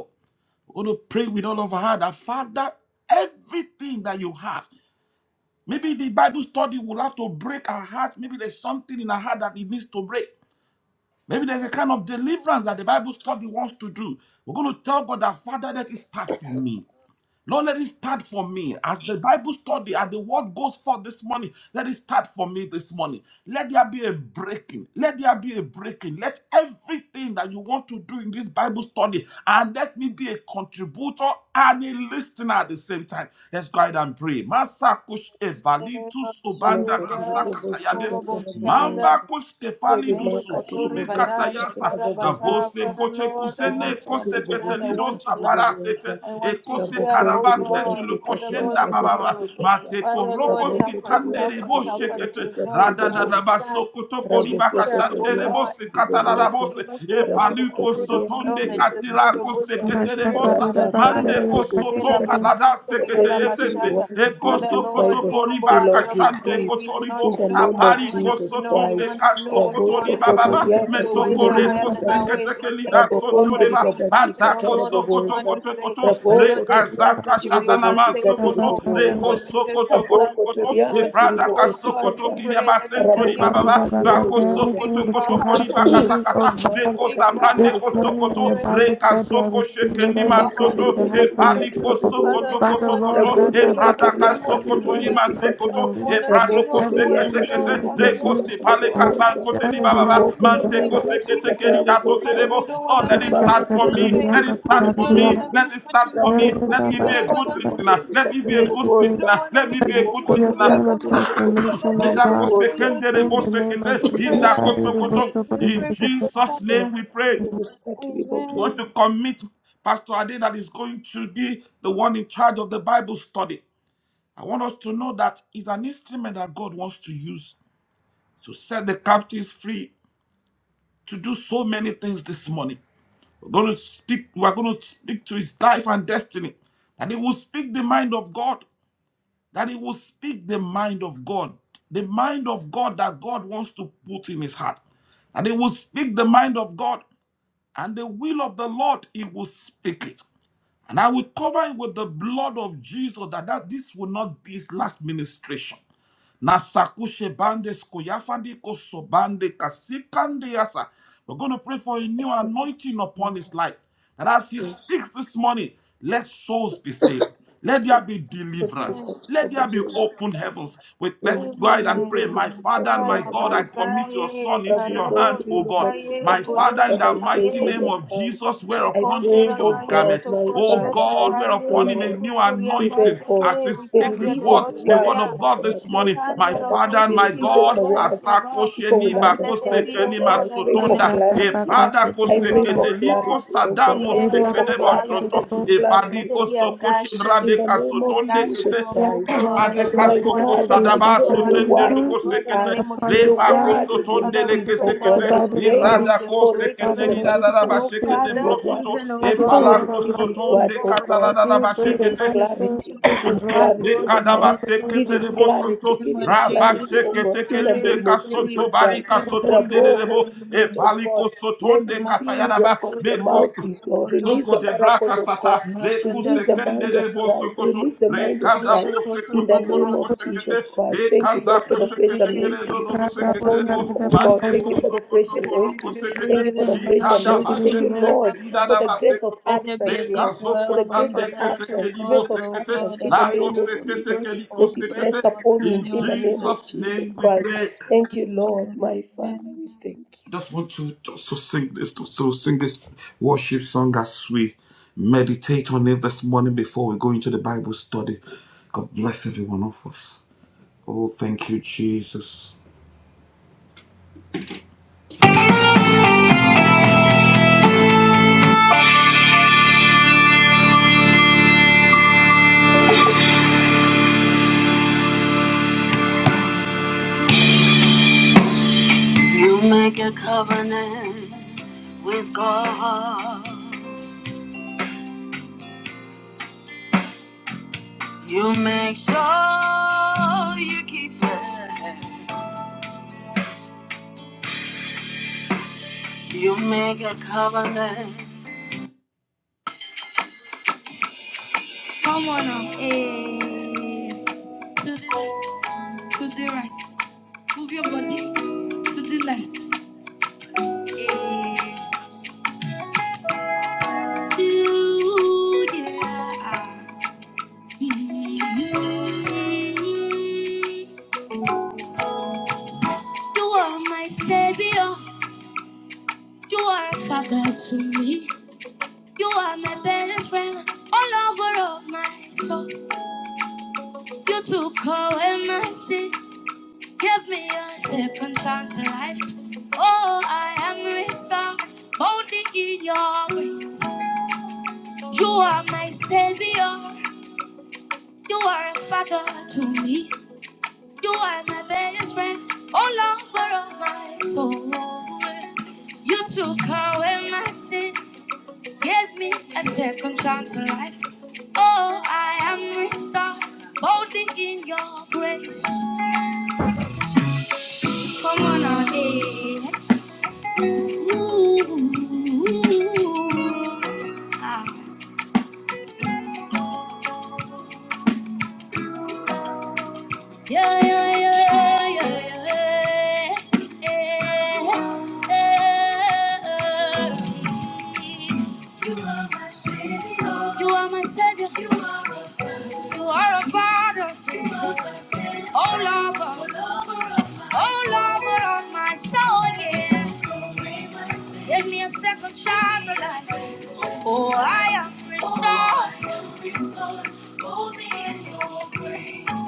S2: We're going to pray with all of our heart that Father, everything that you have. Maybe the Bible study will have to break our heart. Maybe there's something in our heart that it needs to break. Maybe there's a kind of deliverance that the Bible study wants to do. We're going to tell God that Father, let it start from me. Lord, let it start for me as the Bible study, as the word goes forth this morning. Let it start for me this morning. Let there be a breaking. Let there be a breaking. Let everything that you want to do in this Bible study, and let me be a contributor and a listener at the same time. Let's go ahead and pray. Masakush
S1: In the name of
S2: evalitus obanda
S3: Makatiri
S1: Jesus,
S3: bobo
S2: kasakatayades.
S3: sikata
S1: Korobo Chanda,
S2: Mamba
S3: raboboza.
S2: kuskefali du
S1: Rebende
S3: rimakatiri
S1: Kotori
S2: suzumi
S1: Bada
S3: bobosikatira
S2: katayasa
S1: Shatara Bata.
S2: avose
S3: bobosikata
S1: Father
S2: koche
S1: Lord, I
S2: kusene
S1: want to
S2: kose
S3: rimakatiri
S1: understand, I
S2: petelido
S1: want to
S3: bobosikatiri
S1: learn.
S2: sapara
S3: boboza
S2: sete
S1: I
S2: e
S1: want to
S2: kose
S1: hear, oh
S2: karaba
S3: rabokondiri
S2: setu
S1: God,
S2: le
S1: Father
S3: bobosikata
S1: Lord,
S2: koshenda
S1: from you,
S2: bababa
S1: Lord.
S3: rabobosikata
S2: mate
S1: Father Lord,
S2: koroko
S1: help us,
S3: ramosokoria
S2: sitande
S1: help us,
S2: rebo
S3: katiri
S1: help us
S2: shekete
S1: to
S3: bobosikatiri
S1: know,
S2: rada
S1: to
S2: da da
S3: boboza
S1: understand,
S2: baso kotoko
S1: to
S2: riba
S1: hear,
S2: kashante
S1: oh
S3: rabosokotoria
S2: rebo
S1: God.
S2: se katala
S1: Lord,
S2: rabo
S3: katiribobozo
S2: se
S1: give us,
S2: e
S1: oh God, the
S2: paluko
S1: spirit of
S3: rabokotoria
S2: sotonde
S1: knowledge, the
S2: katira
S1: spirit of
S2: kose
S3: katiribobosikata
S1: wisdom, the
S2: kete
S4: bashta
S1: spirit
S2: rebo
S1: of
S2: sa
S4: karida
S3: radakata
S1: understanding.
S2: mande
S4: bakariya
S2: kosoto
S1: Father,
S3: rabobosikata
S2: kala
S4: shikriya
S2: Ara
S3: that
S2: seketeyete
S3: everything you
S2: se.
S3: want to do
S2: Eko
S3: in
S1: Father
S3: this
S1: Lord,
S3: bible
S1: we humble
S3: study lord
S1: ourselves
S3: you do
S1: before
S2: kashande
S1: you.
S3: it
S1: We do not
S3: in
S2: kotoribo.
S3: the
S1: know
S3: name
S1: what
S3: of
S1: you
S2: Apari
S1: want us
S3: jesus
S1: to know. We
S2: kosotole
S3: christ
S1: want to know what you
S2: kasokotori
S1: want us to know.
S2: baba
S3: rabosokotoria
S4: karida
S1: Your ways are
S2: Metokore
S4: shikriya
S1: higher than our
S3: katiribobosikata
S4: rada
S1: ways. There are
S2: koseketekeli
S1: things,
S2: da
S1: oh God,
S3: Rabokondi
S1: that we
S2: sontoreba.
S1: may
S3: ribabasika
S1: imagine,
S2: Bata
S1: oh Lord, that you
S2: kosokoto
S1: want
S3: tarabobosa.
S1: to
S2: koto
S1: say.
S2: koto.
S1: But
S3: Raboko
S1: Lord, there's things
S3: toriaka
S2: Rekazaka
S1: that you may want to
S2: shatanama
S1: say
S3: tiribobosika
S1: even
S4: barra
S2: sokoto.
S1: more. Father
S4: barra
S3: tiribobosa.
S2: Reko
S1: Lord, we just
S2: sokoto
S1: humble
S2: koto
S3: Raboko
S1: ourselves,
S2: koto.
S3: toriaka
S1: Lord.
S2: Eprada
S1: Oh God,
S3: tiribobosika
S1: we
S2: kasokoto
S3: ta.
S1: pray
S2: kireba
S1: that you
S2: sentori
S1: speak to
S4: Because
S3: Rabobosika
S2: bababa.
S1: us, Lord.
S2: Bako
S3: tiribobosa.
S1: Speak
S4: Everything
S2: sokoto
S1: to
S4: that
S1: our
S4: you
S2: koto
S1: hearts,
S4: have for
S1: Holy
S2: koriba
S4: me,
S1: Spirit.
S4: oh
S2: kasakata.
S4: God,
S2: Leko
S3: Masaka
S1: Speak to our
S4: this
S2: saprande
S1: hearts,
S2: ko
S3: tiribobosika
S1: Holy
S4: morning
S3: ta.
S4: in the
S1: Spirit.
S4: Bible study, I
S2: Rekazoko
S4: receive
S1: Speak
S4: it,
S1: to
S2: shekenima
S1: our
S4: everything
S1: hearts,
S4: that
S3: Makatiri
S2: soto.
S4: you
S1: Holy
S4: have
S2: E
S4: for
S3: bobosi
S4: your
S1: Spirit.
S2: pali
S3: katara
S2: ko
S4: people.
S1: Father,
S3: bobosi.
S1: you
S4: Father
S2: koto
S1: want us
S4: Lord,
S2: koto.
S1: to
S2: E
S3: Raboso
S1: hear, Lord,
S2: prada
S3: kotoria
S2: ka
S4: Radabakata,
S1: we want
S4: every
S3: katiri
S1: to
S4: word
S1: hear.
S4: that
S2: yima
S3: bobosi
S4: you want to
S3: kata.
S1: As
S2: sekoto.
S1: you
S2: E
S4: release,
S1: want us to
S2: prado ko
S3: Ramoko
S1: know, we want
S3: toria
S4: everything
S1: to
S4: that you
S1: know.
S3: katiri
S2: kete.
S4: want to
S1: Father,
S3: bobosi
S2: Reko
S1: Lord,
S4: do,
S2: si
S3: katara
S1: speak to
S4: and
S1: our
S2: katan
S3: bobosa.
S1: hearts,
S2: kote
S1: O
S4: God
S2: li
S4: in
S1: Lord,
S4: the
S2: baba.
S4: name of
S3: Rimoko
S1: in the
S4: Jesus,
S2: Mante
S3: tara
S1: name
S2: ko
S4: Father,
S1: of
S3: babasi
S1: Jesus.
S2: keri
S3: katara
S2: dato
S1: Father,
S3: bobosa.
S1: we
S2: serebo.
S1: don't want
S2: Lord,
S1: to
S2: let
S1: miss
S2: it
S3: Rimaka
S1: what
S2: start for
S1: you
S3: tiri
S1: are
S2: me.
S1: saying.
S2: Let
S3: bobosi
S2: it
S4: Radabakata,
S2: start
S1: We
S3: katara
S2: for
S1: don't want
S2: me.
S4: Radabakata,
S1: to
S3: bobosa.
S2: Let
S1: miss
S2: it
S1: what you
S2: start
S1: are
S2: for me.
S1: saying.
S3: Raboko
S2: Let me
S1: We
S2: be
S3: toria
S2: a
S1: don't want
S2: good
S1: to
S3: katiri
S1: miss
S2: listener.
S1: what
S3: bobosi
S1: you
S2: Let me
S1: are
S2: be
S3: katara
S2: a
S1: saying.
S2: good
S1: We
S4: Radabakata,
S3: bobosa.
S1: don't
S2: listener.
S1: want to
S2: Let me
S1: miss
S2: be a
S1: what
S2: good
S1: you
S3: Rimoko
S1: are
S4: be a
S2: listener.
S3: toria
S1: doing,
S4: time
S1: O
S4: of
S3: katiri
S1: Lord.
S3: bobosi
S1: Father,
S4: transformation, oh
S1: Lord,
S3: katiri
S4: God.
S1: whatever you
S3: bobosa.
S1: are
S4: In the
S1: doing,
S4: name of
S2: Medakosekenderebosekete,
S1: we
S4: Jesus,
S1: pray understanding.
S2: indakosokoto.
S1: We
S2: In
S1: pray for
S4: Father,
S2: Jesus'
S1: understanding.
S2: name
S3: Rimaka
S2: we pray.
S3: tiri bobosi katiri
S2: We're going
S1: Amen.
S2: to
S3: bobosa.
S2: commit Pastor Ade that is going to be the one in charge of the Bible study. I want us to know that it's an instrument that God wants to use to set the captives free, to do so many things this morning. We're going to speak, we're going to speak to his life and destiny. And he will speak the mind of God that he will speak the mind of God, the mind of God that God wants to put in his heart. And he will speak the mind of God and the will of the Lord, he will speak it. And I will cover it with the blood of Jesus that, that this will not be his last ministration. Na bande skuyafandi kosobande kasikande yasa. We're going to pray for a new anointing upon his life. And as he
S3: Yes.
S2: speaks this morning, let souls be saved. Let there be deliverance.
S1: Amen.
S3: kusikata
S2: Let there be
S3: bobozi
S2: open heavens. With let's go ahead
S3: imakatiri
S2: and
S1: Amen.
S2: pray. My Father
S3: bobosikata
S2: and my God, I
S3: bobozi
S2: commit your
S1: Alabakaye,
S2: Son into your
S1: Karabo,
S2: hands,
S3: rabokondri
S2: O God.
S1: Sikaye,
S2: My
S3: bobasikata
S2: Father, in
S3: Father,
S2: the
S3: I pray
S2: mighty
S3: for
S1: Godoshakaye,
S2: name
S3: your
S2: of
S3: son.
S2: Jesus, wear
S3: I
S2: upon
S3: pray,
S2: him
S3: oh
S2: your
S1: Sokondaragaye,
S3: God,
S2: garment.
S3: my
S2: O
S1: Sokoshia
S3: Father, my
S2: God, wear
S1: Takaye,
S2: upon him a
S3: Lord,
S2: new
S3: even
S2: anointing
S3: for
S2: as
S1: Kuriambasake,
S2: he
S3: the
S2: speaks his
S1: Rikandia
S2: is
S3: release of
S2: what
S3: the
S2: the word
S3: words,
S1: Dodosikia,
S2: of
S3: oh
S2: God
S3: God,
S2: this
S3: my
S2: morning. My
S1: Rikandia
S3: Father, that
S2: Father
S3: as
S2: and
S3: he
S2: my
S1: Rakosikia,
S3: releases
S2: God,
S3: the words,
S1: Dabotiaba.
S3: people
S2: Asakosheni
S3: will
S1: Father, let there
S3: understand,
S1: be,
S3: oh
S1: O
S2: Bakosekeni
S3: God. I
S1: God,
S3: pray
S4: Yes,
S1: and
S3: for
S1: a
S2: Masotonda, E
S3: clarity.
S1: deeper, a
S2: Prada
S3: I
S1: deeper,
S3: pray for
S1: O
S2: Koseketeliko
S1: God,
S3: clarity, oh God.
S2: Sadamo
S3: I pray
S1: well,
S3: for
S1: O
S2: Sekedebo
S1: Father,
S3: clarity.
S2: Shonto,
S3: There'll be
S2: E
S3: clarity,
S1: let there
S2: Fadiko
S3: oh
S1: be a
S3: God
S2: Sokoshin
S1: gushing,
S3: in the
S2: Radeka
S3: name
S1: and
S3: of
S2: Sotonde
S1: that she
S2: Kete,
S3: Jesus
S1: oh go-
S4: Lord
S1: God,
S3: Christ.
S1: your
S3: That
S2: Madeka
S1: living
S3: my
S4: Almighty,
S2: zoko
S4: let there
S1: waters,
S3: Father,
S4: be a
S1: let
S3: my
S1: it
S4: fresh
S1: flow
S3: God,
S1: out
S3: your
S1: of
S2: sotende
S3: word
S1: him, oh
S2: roko
S4: anointing
S3: will be
S1: God, in the
S2: sekete
S3: heard,
S1: name of
S4: upon the
S3: your
S1: Jesus.
S2: lepa ko
S3: word
S4: ground.
S3: will be
S1: Father,
S4: If
S1: we
S4: you
S3: received,
S2: leke
S3: oh
S4: take
S1: pray,
S4: the
S1: Lord,
S3: God.
S2: sekete
S1: that
S3: I
S4: Bible
S1: today there
S3: pray
S4: study,
S1: will
S2: irada
S1: be a
S2: ko
S3: for
S4: Father,
S2: sekete
S1: breakthrough.
S3: reception,
S4: may
S3: that
S4: you
S3: people will
S4: speak
S1: Oh
S4: to
S3: receive
S2: sekete
S4: him.
S3: your
S1: Father,
S2: brosoto
S3: word.
S1: even, oh
S2: e
S4: Father,
S3: People
S1: God,
S3: will
S4: Lord
S1: and,
S3: receive
S4: Almighty,
S3: this
S1: oh
S3: word,
S2: sotonde
S3: oh
S1: God, you
S2: katala
S3: God.
S4: you
S1: want
S4: bring
S3: Give
S1: him
S4: the
S3: him
S1: to
S2: sekete
S4: mighty
S1: enter
S4: things
S3: clarity,
S1: into
S3: give
S4: which
S3: him
S4: is life.
S3: clarity,
S1: God in
S3: oh
S4: and
S2: Lekadaba
S3: God.
S4: the
S1: ministry.
S4: things
S3: Give
S2: sekete
S3: him
S2: rebo
S4: that
S1: In
S3: clarity,
S2: sonto.
S1: the name
S3: give
S1: of
S3: him
S2: Raba
S1: Jesus,
S3: clarity, oh
S1: we
S3: God,
S2: shekete
S3: in the
S1: pray,
S2: kelude
S3: name
S1: we
S3: of
S1: pray, we
S2: kasonto
S3: Jesus
S1: pray,
S2: barika
S3: Christ.
S1: Karibu,
S4: you do.
S2: sotonde
S3: Rabo,
S1: Karibu,
S2: rebo.
S3: Holy
S2: E
S3: Spirit
S1: Karibu,
S3: of God,
S2: paliko
S3: let
S2: sotonde
S3: him be
S1: Matu,
S3: your,
S2: katayanaba.
S1: Kutu,
S3: your
S1: Kutu, Kutu,
S2: Meko
S3: mouthpiece, Lord.
S1: Kutu,
S3: Release
S2: Loko
S3: the
S2: de braka
S3: oracles of
S2: sata,
S3: God.
S2: le
S1: Mashata,
S3: Release the
S1: Kata,
S2: kusekende
S1: Kata,
S3: mind
S2: de
S3: of
S1: Kata, Kata,
S3: Christ.
S2: bosokoto,
S3: Release the
S2: le
S3: mind of
S2: kanda
S1: Koshu,
S3: Christ
S1: Kutu,
S3: in
S2: bosokoto
S3: the
S1: Kutu,
S3: name
S2: koroko
S3: of
S1: Kutu, Kutu,
S2: sekete,
S3: Jesus Christ.
S2: le
S3: Thank you,
S2: kanza
S3: Lord, for
S1: Let
S3: the fresh
S2: kosekete kere no
S3: anointing
S2: no no
S4: Rada
S2: sekete
S3: upon him,
S2: bo,
S4: basarda
S3: oh God.
S2: mande
S3: Thank you
S4: bakadu,
S3: for the
S2: bosokoto
S3: fresh
S2: koroko
S3: anointing. Thank
S2: sekete,
S3: you for the
S2: le
S4: daba
S3: fresh
S2: kanda
S3: anointing. Thank you,
S2: bashete
S4: shikiribori.
S3: Lord,
S2: kere da
S3: for the grace of
S2: basekoto,
S1: there be a
S2: le
S3: utterance,
S1: deep
S3: Lord.
S2: kanzo
S3: For
S1: well,
S3: the
S1: oh
S3: grace
S2: koshande
S3: of
S1: Father, that
S2: kete
S1: oh
S3: utterance,
S2: kere bo
S3: grace
S1: God,
S3: of
S1: oh
S2: sekete,
S3: utterance
S1: God,
S3: in
S1: that
S3: the
S2: la do
S3: name
S1: breaks
S3: of
S2: sekete
S1: breaks
S3: Jesus.
S2: kere ko
S1: forth,
S3: Let it
S1: breaks
S2: sekete.
S3: rest
S1: forth
S3: upon
S1: in the
S3: him
S2: In
S1: name
S3: in
S1: of
S3: the name
S1: Jesus.
S3: of
S2: Jesus' name
S3: Jesus
S2: we
S3: Christ.
S2: pray.
S3: Thank you, Lord,
S1: Amen.
S3: my Father.
S1: Amen.
S3: We thank
S2: I
S3: you.
S2: just want to just to sing this just to sing this worship song as we meditate on it this morning before we go into the Bible study. God bless every one of us. Oh, thank you, Jesus. You make you make a covenant. Come on up. Hey. To the to the right. Move your body to the left. Hey. To the right. You are my savior. You are a father to me. You are my best friend, all over all my soul. You took away my sin, gave me a second chance at life. Oh, I am restored, only in your grace. You are my savior. You are a father to me. You are my best friend, all over all my soul. You took away my sin. Give me a second chance for life. Oh, I am restored, boldly in your grace. Ooh, yeah, yeah, yeah, yeah, yeah, yeah. yeah. You are my savior. You are a father. Oh, lover, oh, lover of my soul. Yeah, give me a second chance for life. Oh, I am restored. Oh, I am restored. Hold me in your grace.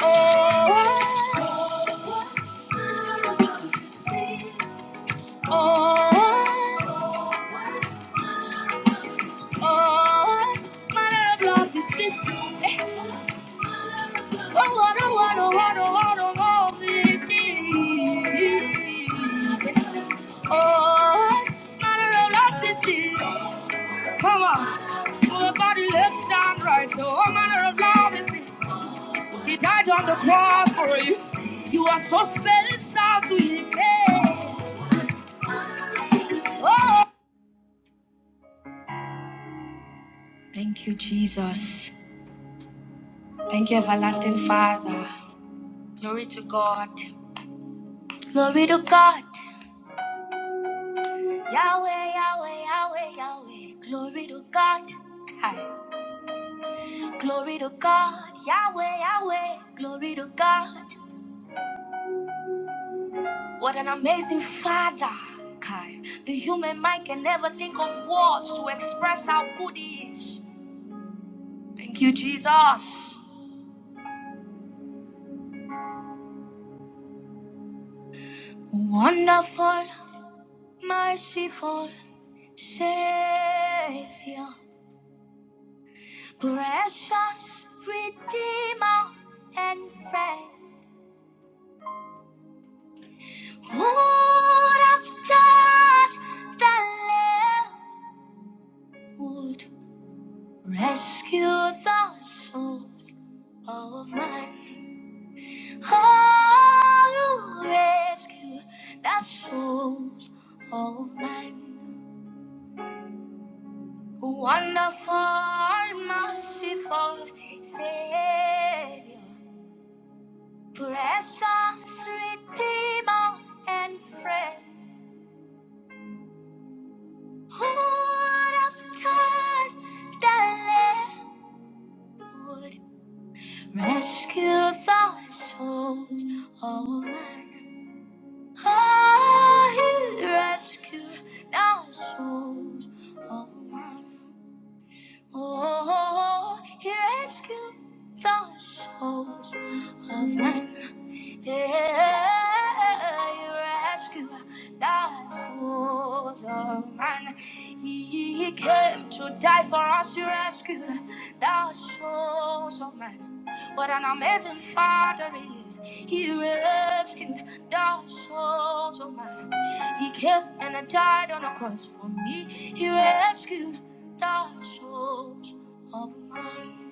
S2: Oh, oh, oh, oh, my love is this. Oh, I don't, oh, oh, oh, oh, oh, oh, oh, it is. Oh, my love is this. Come on. Nobody left and right. So all manner of love is this. He died on the cross for you. You are so special to him. Hey. Oh. Thank you, Jesus. Thank you, everlasting Father. Glory to God. Glory to God. Yahweh, Yahweh, Yahweh, Yahweh. Glory to God. Hi. Glory to God. Yahweh, Yahweh. Glory to God. What an amazing father, Kai. The human mind can never think of words to express how good he is. Thank you, Jesus. Wonderful, merciful Savior, precious Redeemer and friend. Would have done the Lamb would rescue the souls of man. I'll rescue the souls of men. Wonderful, merciful Savior, precious Redeemer and friend. Who would have turned the Lamb would rescue the souls of men? I rescue now souls of man. Oh, he rescued the souls of men. Hey, rescue that souls of mine. He, he came to die for us. He rescued that souls of mine. What an amazing Father he is. He rescued that souls of mine. He came and died on a cross for me. He rescued that souls of mine.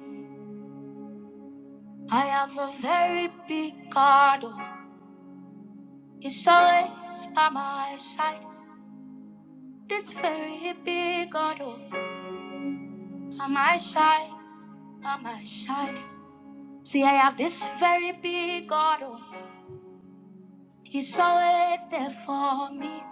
S2: I have a very big God. Oh, It's always by my side. This very big auto on my side, on my side. See, I have this very big auto. He's always there for me.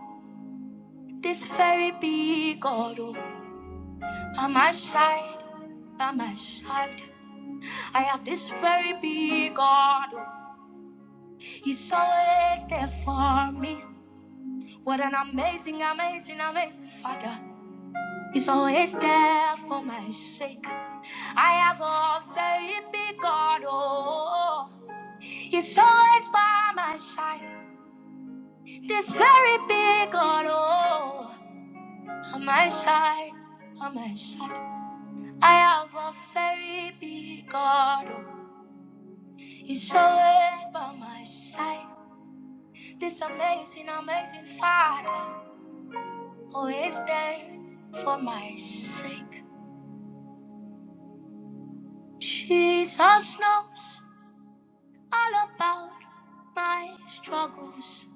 S2: This very big auto on my side, on my side. I have a very big auto. He's always by my side. This amazing, amazing father always there for my sake. Jesus knows all about my struggles.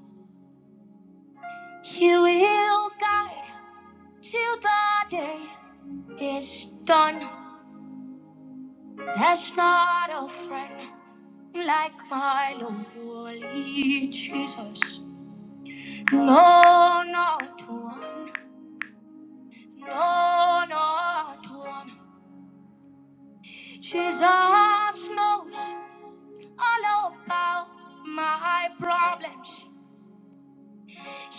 S2: He will guide till the day is done. There's not a friend like my lowly Jesus. No, not one. No, not one. Jesus knows all about my problems.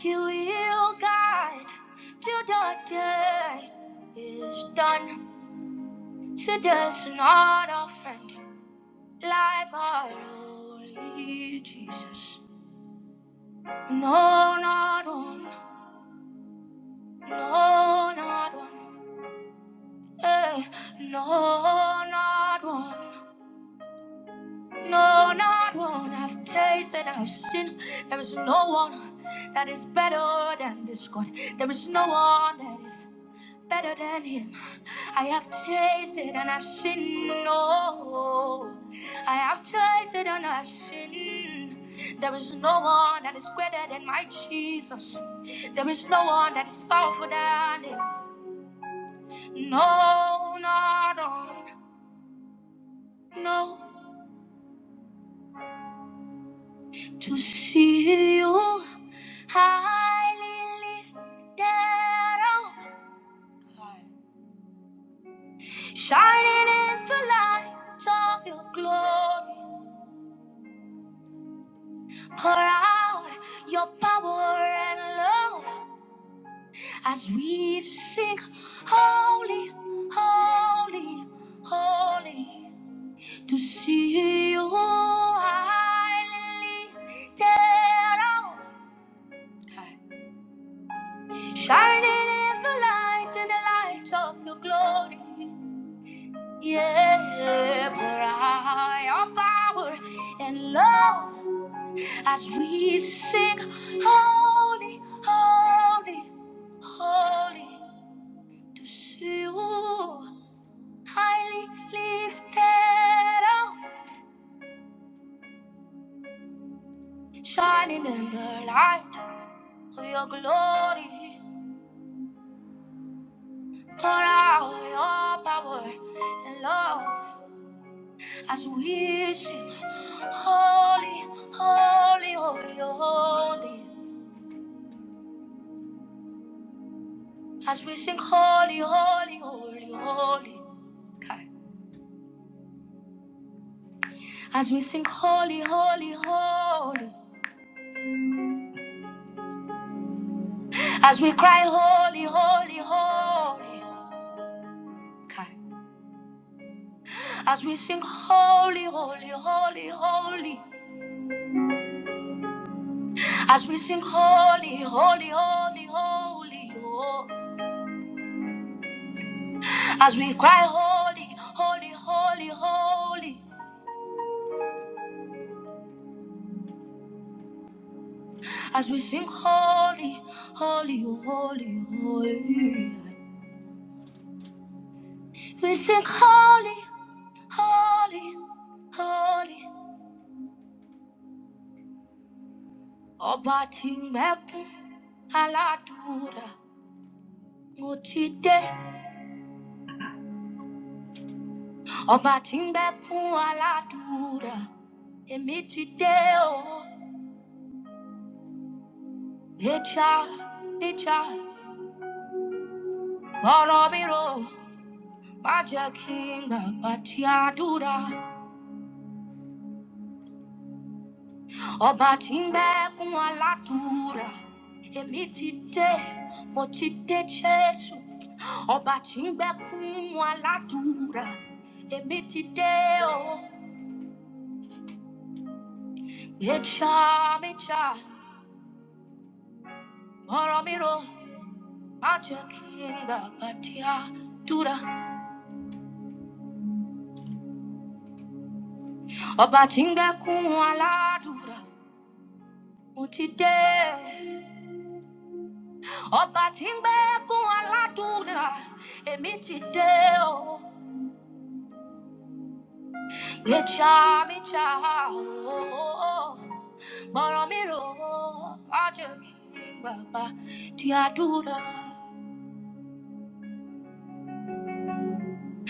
S2: You will guide till the day is done. There is not a friend, like our holy Jesus. No, not one. No, not one. Hey, no, not one. No, not one. I've tasted, I've seen. There is no one that is better than this God. There is no one that is better than him. I have tasted and I've seen, no. I have tasted and I've seen. There is no one that is greater than my Jesus. There is no one that is powerful than him. No, not on, no. To see you highly lifted up, shining in the light of your glory. Pour out your power and love as we sing, Holy, Holy, Holy. To see you highly lifted up, shining in the light and the light of your glory. Yeah, pour out your power and love as we sing, Holy, Holy. Holy to you, highly lifted up, shining in the light of your glory. Pour out your power and love as we sing, Holy, holy, holy, holy. As we sing, Holy, holy, holy, holy. Okay. As we sing, Holy, holy, holy. As we cry, Holy, holy, holy. Okay. As we sing holy, holy, holy, holy. As we sing holy, holy, holy, holy. Oh. As we cry holy, holy, holy, holy. As we sing holy, holy, holy, holy. We sing holy, holy, holy. Ọba tí ń gbẹ́kún aládùúrà. Mo ti dé. Ọba tí ń gbẹ́kún aládùúrà. Èmi ti dé o. Echa, echa, borobiro, baja kinga, batia dura, oba timbe kuma latura. Emitite, mochite chesu, oba timbe kuma latura. Emitite o, echa, echa, borobiro, baja kinga, batia dura, oba timbe kuma latura. Mochite. Obatimbe kualadura emitideo mecha mecha oh boromiro ajaki baba tiadura.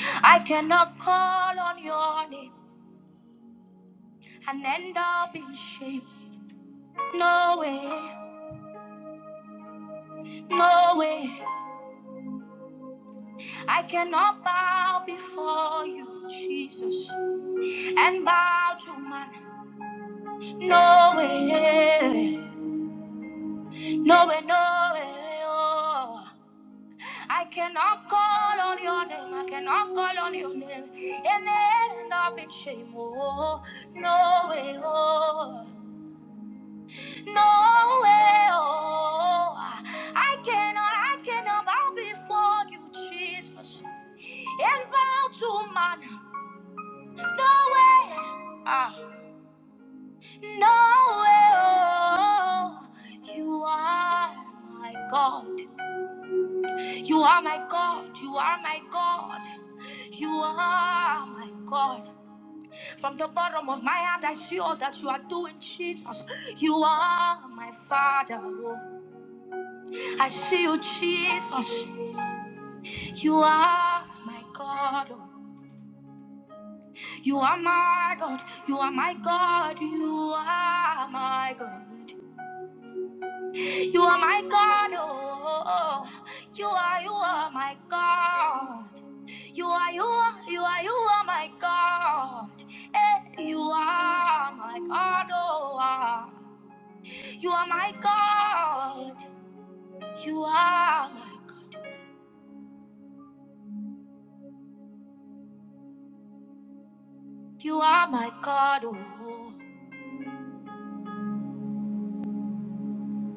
S2: I cannot call on your name and end up in shame. No way, no way. I cannot bow before you, Jesus, and bow to man. No way. No way, no way, oh. I cannot call on your name. I cannot call on your name. And end up in shame, oh. No way, oh. No way, oh. I cannot, I cannot bow before you, Jesus. And bow to man. No way, ah. No way, oh. You are my God. You are my God, you are my God, you are my God. From the bottom of my heart, I see all that you are doing, Jesus. You are my Father. oh. I see you, Jesus. You are my God. oh. You are my God. You are my God. You are my God. You are my God. Oh, you are, you are my God. You are, you are, you are, you are my God. Eh, you are my God, oh, ah. you are my God. You are my God. You are my God, oh.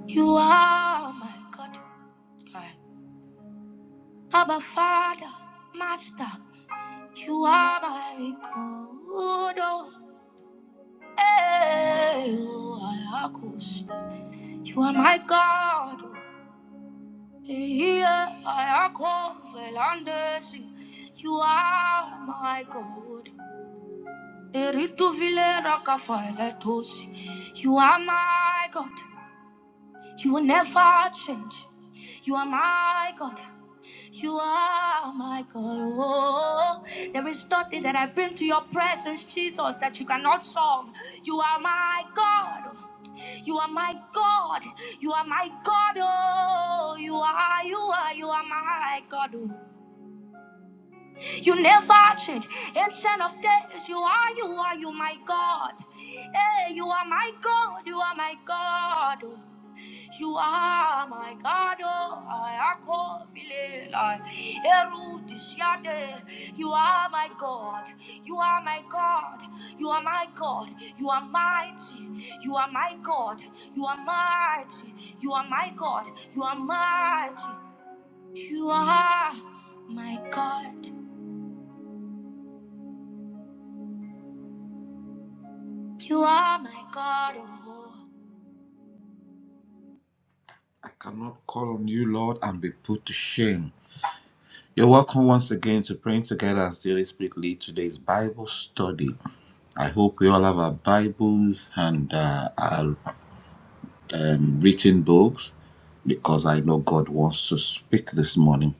S2: You are my God. Aye. Abba, Father, Master, you are my God. Oh. Eh, you are You are my God. oh. Here I come, Velandesi. You are my God. Erito Vile Rockefeller Tosi. You are my God. You will never change. You are my God. You are my God. Oh, there is nothing that I bring to your presence, Jesus, that you cannot solve. You are my God. You are my God. You are my God. Oh, you are, you are, you are my God. Oh. You never change. Ancient of days, you are, you are, you my God. Hey, you are my God, you are my God. You are my God. Oh, I call You are my God. You are my God. You are my God. You are mighty. You are my God. You are mighty. You are my God. You are mighty. You are my God. You are my God, oh. I cannot call on you, Lord, and be put to shame. You're welcome once again to praying together as the Holy Spirit leads today's Bible study. I hope we all have our Bibles and uh, our written books because I know God wants to speak this morning.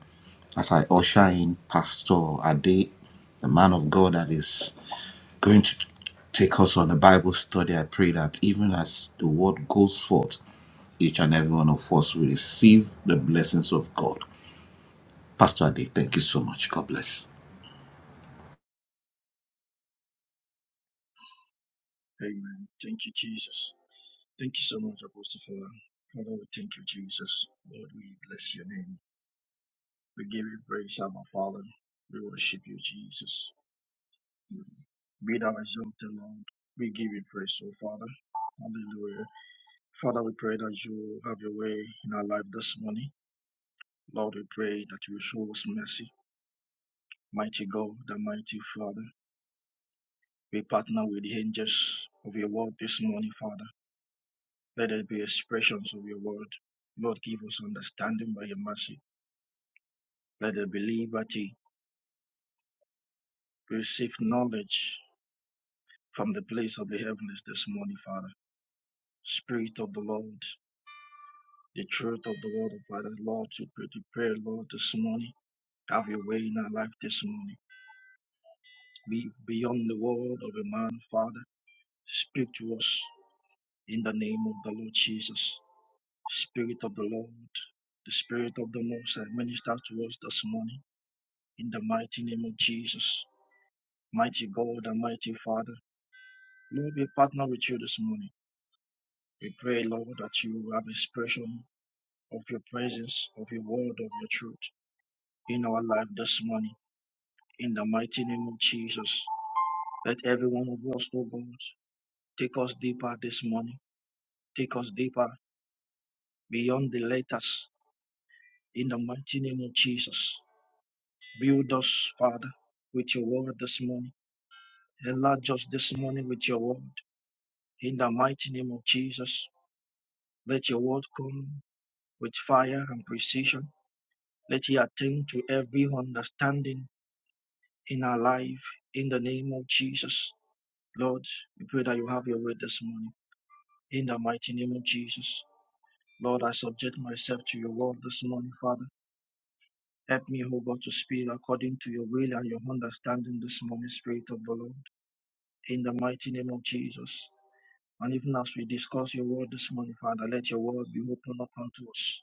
S2: As I usher in Pastor Ade, the man of God that is going to take us on a Bible study. I pray that even as the word goes forth, each and every one of us will receive the blessings of God. Pastor Ade, thank you so much. God bless.
S5: Amen. Thank you, Jesus. Thank you so much, Apostle Father. Father, we thank you, Jesus. Lord, we bless your name. We give you praise, our Father. We worship you, Jesus. Be thou exalted, Lord. We give you praise, O Father. Hallelujah. Father, we pray that you have your way in our life this morning. Lord, we pray that you show us mercy. Mighty God, the mighty Father. We partner with the angels of your word this morning, Father. Let there be expressions of your word. Lord, give us understanding by your mercy. Let there be liberty. We receive knowledge from the place of the heavens this morning, Father. Spirit of the Lord, the truth of the word of Father. Lord, to pray to prayer, Lord, this morning. Have your way in our life this morning. Be beyond the word of a man, Father. Speak to us in the name of the Lord Jesus. Spirit of the Lord, the Spirit of the Most High, minister to us this morning in the mighty name of Jesus. Mighty God and mighty Father, Lord, we partner with you this morning. We pray, Lord, that you have expression of your presence, of your word, of your truth in our life this morning. In the mighty name of Jesus, let every one of us, oh God, take us deeper this morning. Take us deeper beyond the letters. In the mighty name of Jesus, build us, Father, with your word this morning. Enlarge us this morning with your word. In the mighty name of Jesus, Let your word come with fire and precision. Let it attend to every understanding in our life in the name of Jesus. Lord, we pray that you have your word this morning in the mighty name of Jesus. Lord, I subject myself to your word this morning, Father. Help me, O God, to speak according to your will and your understanding this morning, Spirit of the Lord, in the mighty name of Jesus. And even as we discuss your word this morning, Father, let your word be opened up unto us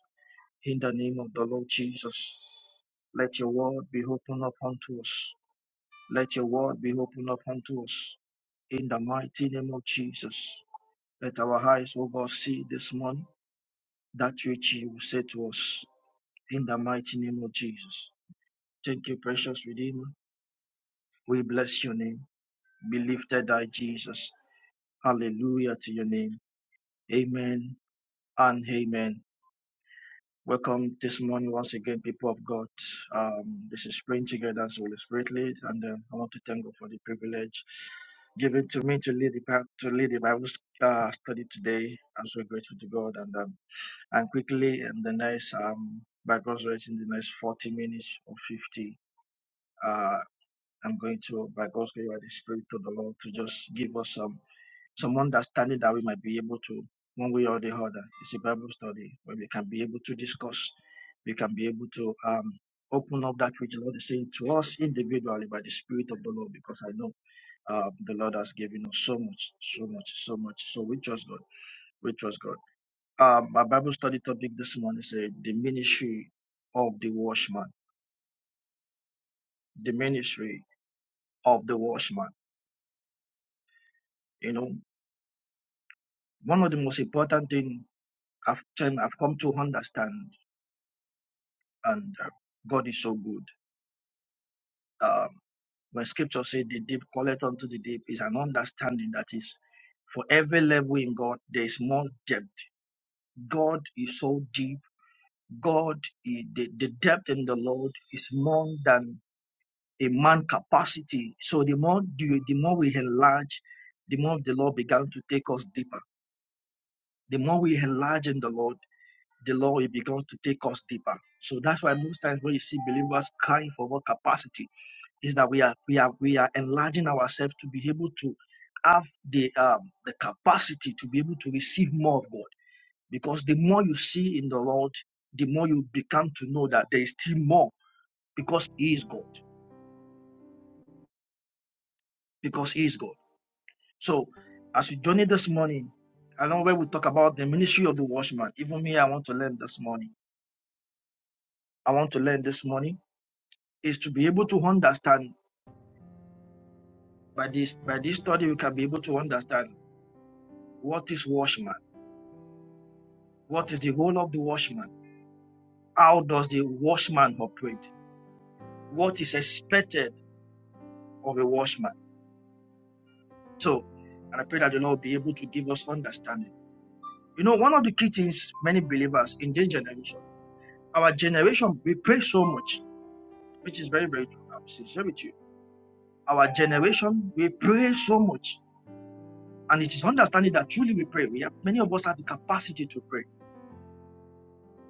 S5: In the name of the Lord Jesus, let your word be opened up unto us. Let your word be opened up unto us. In the mighty name of Jesus, let our eyes, O God, see this morning that which you will say to us. In the mighty name of Jesus. Thank you, precious Redeemer. We bless your name. Be lifted, thy Jesus. Hallelujah to your name. Amen and amen. Welcome this morning once again, people of God. Um, this is praying together as Holy Spirit lead, and uh, I want to thank God for the privilege given to me to lead the Bi- to lead the Bible uh, study today. I'm so grateful to God, and um, and quickly in the next um by God's grace in the next 40 minutes or 50, uh, I'm going to by God's grace by the Spirit of the Lord to just give us some some understanding that we might be able to, one way or the other. It's a Bible study where we can be able to discuss, we can be able to um, open up that which the Lord is saying to us individually by the Spirit of the Lord, because I know um, the Lord has given us so much, so much, so much. So we trust God, we trust God. Um, my Bible study topic this morning is uh, the ministry of the washman, the ministry of the washman. You know, one of the most important thing I've, I've come to understand and uh, God is so good. Um, when scripture says the deep calleth unto the deep is an understanding that is for every level in God, there is more depth. God is so deep. God, is, the, the depth in the Lord is more than a man capacity. So the more do, the more we enlarge, the more the Lord began to take us deeper. The more we enlarge in the Lord, the Lord will begin to take us deeper. So that's why most times when you see believers crying for more capacity, is that we are we are we are enlarging ourselves to be able to have the um, the capacity to be able to receive more of God. Because the more you see in the Lord, the more you become to know that there is still more because He is God. Because He is God. So as we journey this morning, I know where we talk about the ministry of the watchman. Even me, I want to learn this morning. I want to learn this morning is to be able to understand by this by this study we can be able to understand what is watchman, what is the role of the watchman How does the watchman operate? What is expected of a watchman? So, and I pray that the Lord be able to give us understanding. You know, one of the key things many believers in this generation, our generation, we pray so much, which is very, very true. I'm sincere with you. Our generation, we pray so much. And it is understanding that truly we pray. We have many of us have the capacity to pray,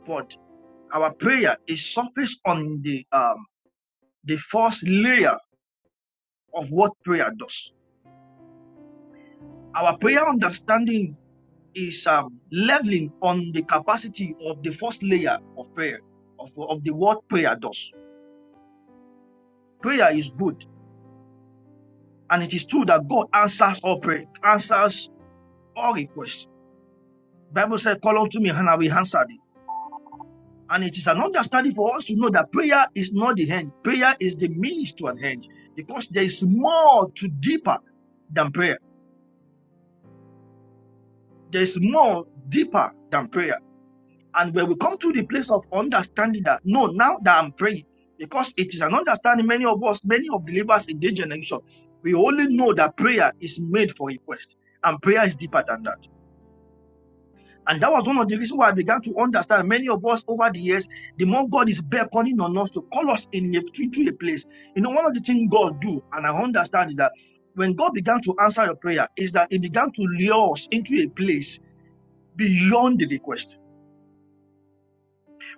S5: but our prayer is surfaced on the um the first layer of what prayer does. Our prayer understanding is um, leveling on the capacity of the first layer of prayer, of, of the what prayer does. Prayer is good, and it is true that God answers all prayer, answers all requests. Bible said, Call unto me, and I will answer thee. And it is an understanding for us to know that prayer is not the end. Prayer is the means to an end, because there is more to deeper than prayer. There is more deeper than prayer. And when we come to the place of understanding that, no, now that I'm praying, because it is an understanding many of us, many of believers in this generation, we only know that prayer is made for request. And prayer is deeper than that. And that was one of the reasons why I began to understand many of us over the years, the more God is beckoning on us to call us in a, into a place. You know, one of the things God do, and I understand is that when God began to answer your prayer, is that He began to lure us into a place beyond the request.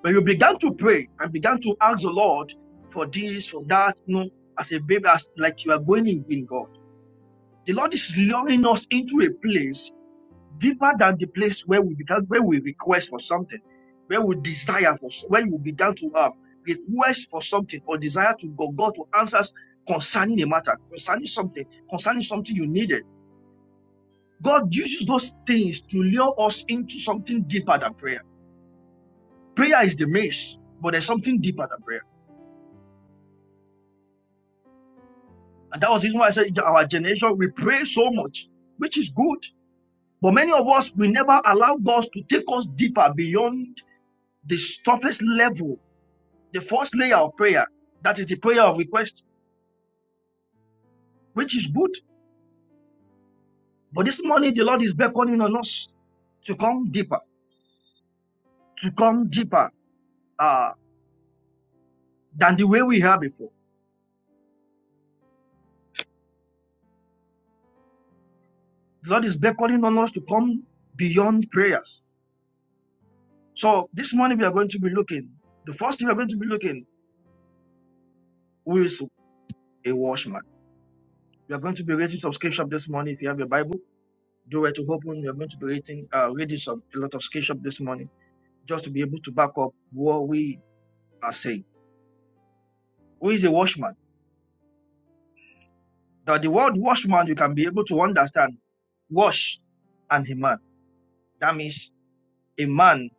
S5: When you began to pray and began to ask the Lord for this, for that, you know, as a baby, as like you are going in with God, the Lord is luring us into a place deeper than the place where we began, where we request for something, where we desire for, where we began to have request for something or desire to go, God to answer concerning a matter, concerning something, concerning something you needed. God uses those things to lure us into something deeper than prayer. Prayer is the maze, but there's something deeper than prayer. And that was the reason why I said our generation, we pray so much, which is good. But many of us, we never allow God to take us deeper beyond the toughest level, the first layer of prayer. That is the prayer of request, which is good. But this morning, the Lord is beckoning on us to come deeper, to come deeper uh, than the way we are before. The Lord is beckoning on us to come beyond prayers. So this morning, we are going to be looking. The first thing we are going to be looking who is a watchman. We are going to be reading some scripture this morning. If you have your Bible, do it to open. We are going to be reading, uh, reading some a lot of scripture this morning, just to be able to back up what we are saying. Who is a watchman? Now, the word watchman, you can be able to understand wash and a man. That means a man.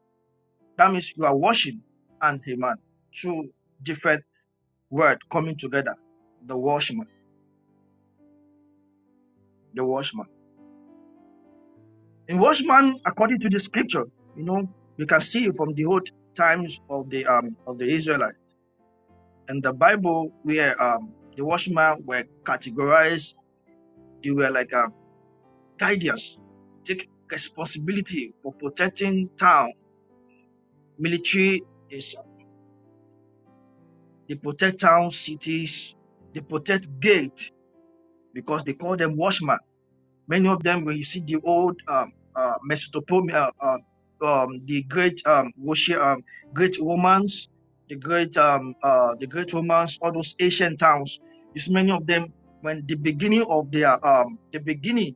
S5: That means you are washing and a man. Two different words coming together. The washman, the washman. In washman, according to the scripture, you know, you can see from the old times of the um of the Israelites in the Bible where um, the watchmen were categorized, they were like uh, guardians. They take responsibility for protecting town. Military is they protect town, cities, they protect gate because they call them watchmen. Many of them, when you see the old um, uh, Mesopotamia, um, um, the great um, worship, um, great Romans, the great um, uh, the great Romans, all those ancient towns, you see many of them when the beginning of their um, the beginning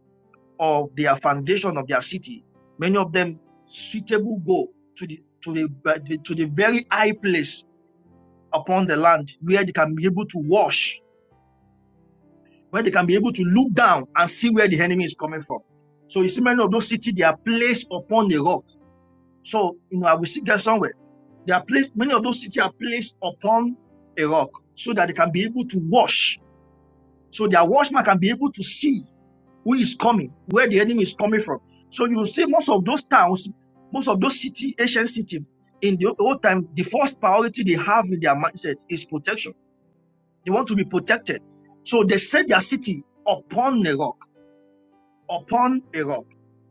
S5: of their foundation of their city, many of them suitable go to the to the to the very high place upon the land where they can be able to wash where they can be able to look down and see where the enemy is coming from. So you see, many of those cities they are placed upon the rock. So you know, I will see that somewhere. They are placed. Many of those cities are placed upon a rock so that they can be able to watch. So their watchman can be able to see who is coming, where the enemy is coming from. So you will see most of those towns, most of those city, ancient cities in the old time, the first priority they have in their mindset is protection. They want to be protected. So they set their city upon the rock. upon a rock.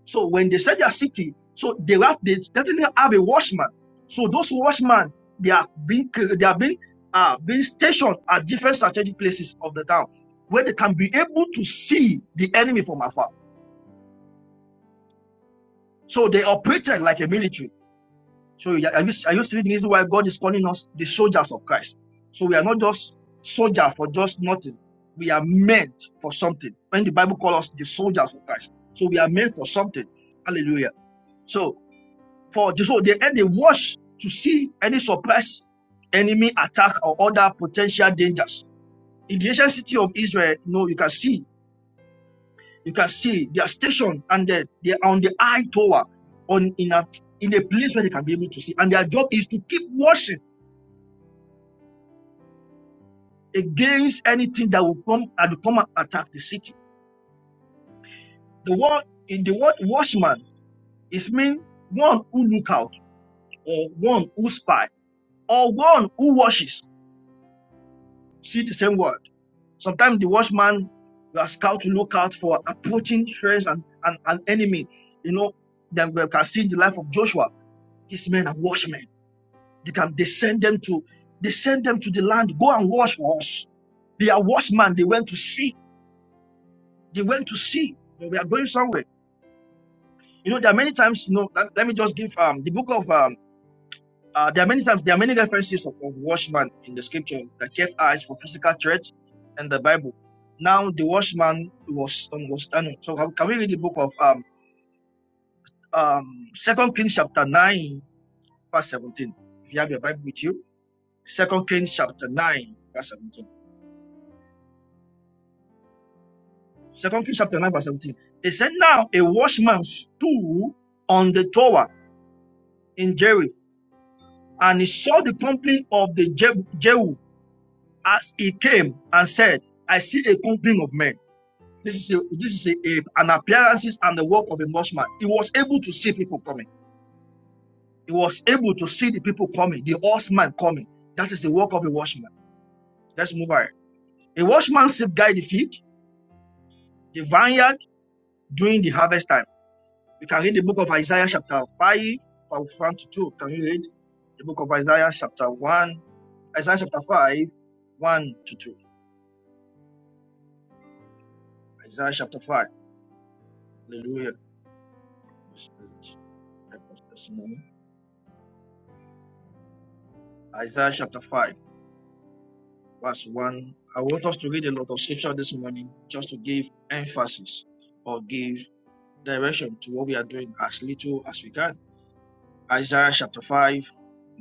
S5: So when they said their city, so they have they definitely have a watchman. So those watchmen they are being cre- they are being uh being stationed at different strategic places of the town where they can be able to see the enemy from afar. So they operated like a military. So are you are you seeing the reason why God is calling us the soldiers of Christ? So we are not just soldier for just nothing. We are meant for something. When the Bible calls us the soldiers of Christ, so we are meant for something. Hallelujah. So For so they and they watch to see any suppress enemy attack or other potential dangers. In the ancient city of Israel, you know, you can see, you can see they are stationed and they, they are on the eye tower on in a in a place where they can be able to see. And their job is to keep watching against anything that will come and come and attack the city. The word in the word watchman is mean one who look out or one who spy or one who watches. See the same word. Sometimes the watchman, you are scout to look out for approaching friends and an an enemy. You know, then we can see in the life of Joshua, his men are watchmen. They can they send them to they send them to the land. Go and watch for us. They are watchmen. They went to see. They went to see. They were going somewhere. You know, there are many times. You know, let, let me just give um the book of um Uh, there are many times there are many references of, of watchman in the scripture that kept eyes for physical threats in the Bible. Now the watchman was um, was standing. So can can we read the book of um um Second Kings chapter nine verse seventeen? If you have your Bible with you, Second Kings chapter nine verse seventeen. Second Kings chapter nine verse seventeen. It said, "Now a watchman stood on the tower in Jerry, and he saw the company of the Jehu as he came, and said, I see a company of men." This is a, this is a, a- an appearances and the work of a watchman. He was able to see people coming. He was able to see the people coming, the horseman coming. That is the work of a watchman. Let's move on. A watchman safeguard the field, the vineyard during the harvest time. We can read the book of Isaiah chapter five from one to two. Can you read the book of Isaiah chapter one, Isaiah chapter five, one to two. Isaiah chapter five. Hallelujah. Holy Spirit, help us this is the testimony. Isaiah chapter five. verse 1. I want us to read a lot of scripture this morning just to give emphasis or give direction to what we are doing as little as we can. Isaiah chapter 5,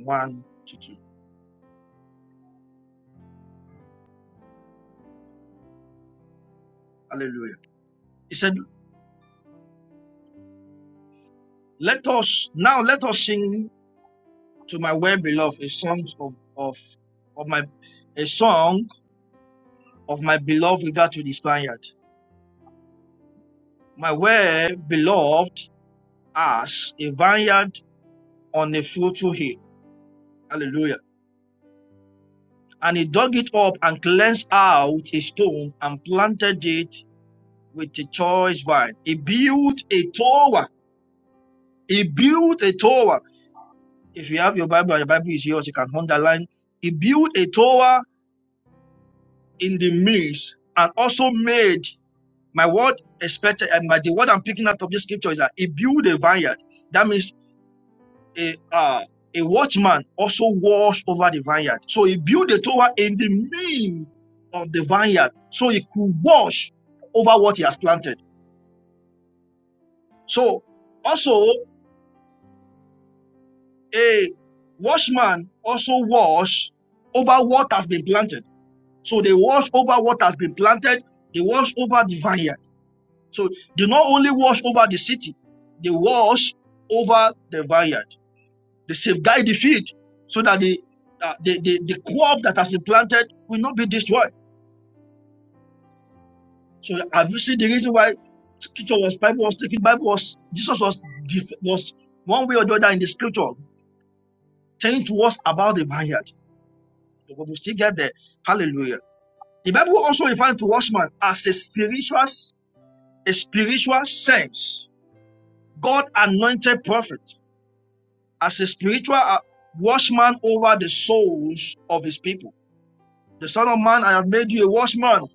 S5: 1 to 2. Hallelujah. He said, Let us now let us sing to my well beloved a song of, of, of my a song of my beloved regard to this vineyard. My well beloved as a vineyard on a fruitful hill. Hallelujah. And he dug it up and cleansed out a stone and planted it with a choice vine. He built a tower. He built a tower. If you have your Bible, your Bible is yours, you can underline. He built a tower in the midst and also made my word expected and my the word I'm picking out of this scripture is that he built a vineyard. That means a uh, a watchman also watched over the vineyard. So he built a tower in the name of the vineyard, so he could watch over what he has planted. So also a watchman also watch over what has been planted. So they watch over what has been planted. They watch over the vineyard. So they not only watch over the city, they watch over the vineyard. They safeguard the field so that the, uh, the, the, the crop that has been planted will not be destroyed. So have you seen the reason why scripture was Bible was taken, Bible was Jesus was was one way or the other in the scripture telling to us about the vineyard. But we still get there. Hallelujah. The Bible also refers to watchman as a spiritual, a spiritual sense. God anointed prophet as a spiritual uh, watchman over the souls of his people. The Son of Man, I have made you a watchman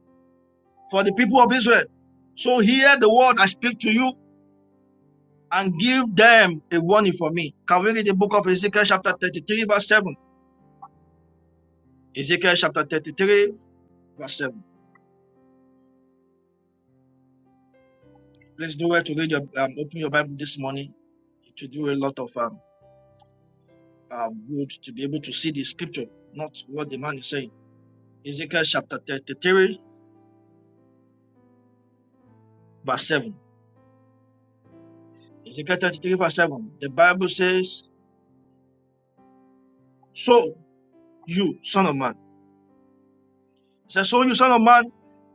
S5: for the people of Israel. So hear the word I speak to you and give them a warning for me. Can we read the book of Ezekiel chapter 33 verse 7? Ezekiel chapter 33 verse 7. Please do well to read your, um, open your Bible this morning to do a lot of um, um, good to be able to see the scripture, not what the man is saying. Ezekiel chapter 33 verse 7. Ezekiel 33 verse 7. The Bible says, So you, son of man, He said, So you son of man,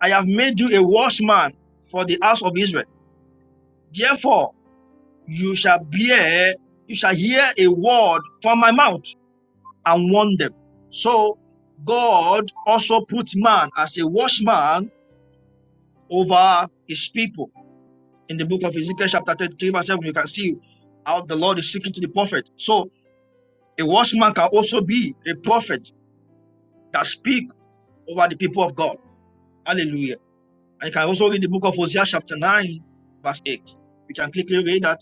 S5: I have made you a watchman for the house of Israel. Therefore, you shall bear, you shall hear a word from my mouth and warn them. So God also put man as a watchman over his people. In the book of Ezekiel, chapter 33, verse 7, you can see how the Lord is speaking to the prophet. So a watchman can also be a prophet that speak over the people of God. Hallelujah. I can also read the book of Hosea chapter 9, verse 8. You can quickly read that,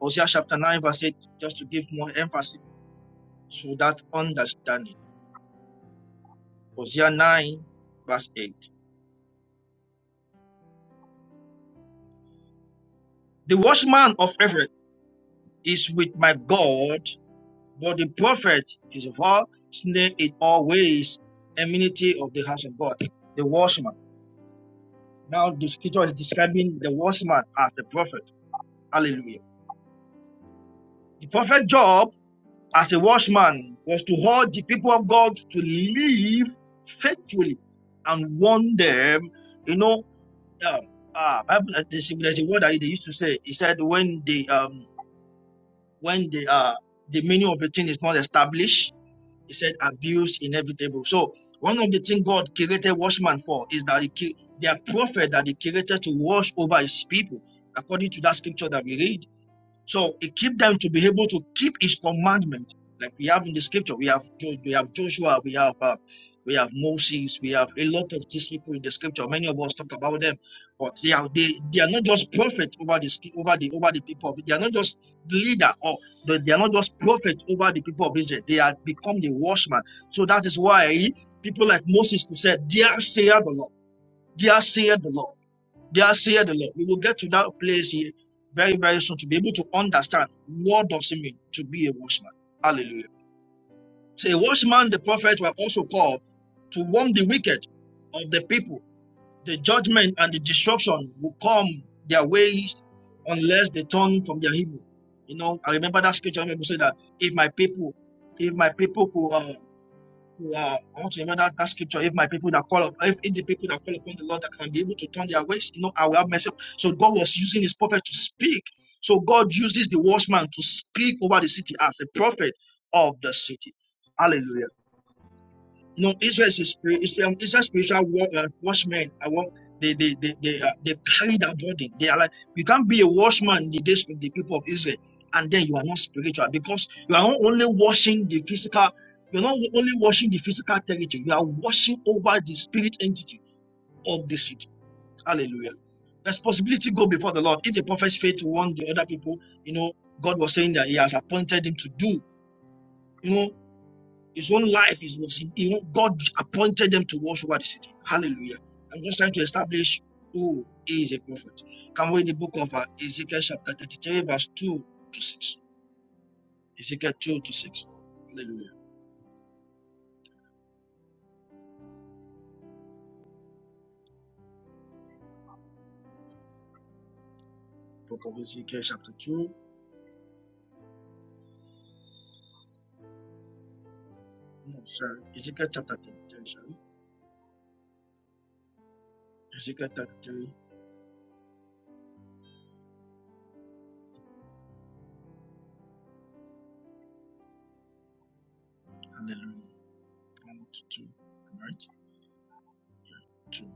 S5: Hosea chapter 9, verse 8, just to give more emphasis to that understanding. Hosea 9, verse 8. The watchman of Everett is with my God, but the prophet is of all snare in all ways, enmity of the house of God. The watchman. Now the scripture is describing the watchman as the prophet. Hallelujah. The prophet Job as a watchman was to hold the people of God to live faithfully and warn them. You know, um, uh, Bible- uh, there's, a- there's a word that they used to say. He said when the um when the uh the meaning of a thing is not established, he said abuse inevitable. So one of the things God created watchman for is that he, cre- they are prophet that he created to watch over his people, according to that scripture that we read. So he keep them to be able to keep his commandment. Like we have in the scripture, we have Jo- we have Joshua, we have uh, we have Moses, we have a lot of these people in the scripture. Many of us talk about them, but they are they, they are not just prophets over the sk- over the over the people. of- They are not just leader or they they are not just prophets over the people of Israel. They are become the watchman. So that is why people like Moses who said, "Dear saith the Lord, dear saith the Lord." They are saying the Lord. We will get to that place here very, very soon to be able to understand what does it mean to be a watchman. Hallelujah. So a watchman, the prophet, were also called to warn the wicked of the people. The judgment and the destruction will come their ways unless they turn from their evil. You know, I remember that scripture when people say that if my people, if my people could uh, yeah, I want to remember that, that scripture. If my people that call up, if, if the people that call upon the Lord that can be able to turn their ways, you know, I will have mercy. So God was using his prophet to speak. So God uses the watchman to speak over the city as a prophet of the city. Hallelujah. No, Israel is a spirit. Israel, Israel spiritual war, uh, watchmen. I want they they they they, uh, they carry that burden. They are like you can't be a watchman in the days of the people of Israel, and then you are not spiritual because you are not only washing the physical. You're not only washing the physical territory. You are washing over the spirit entity of the city. Hallelujah. Responsibility go before the Lord. If the prophets fail to warn the other people, you know God was saying that He has appointed him to do. You know his own life is was he God appointed them to watch over the city. Hallelujah. I'm just trying to establish who is a prophet. Can we in the book of uh, Ezekiel chapter 33, verse 2 to 6. Ezekiel 2 to 6. Hallelujah. Book of Ezekiel chapter 2. No, sorry. Ezekiel chapter 33, sorry. Ezekiel 33. Hallelujah. 1 to 2. All right. 2.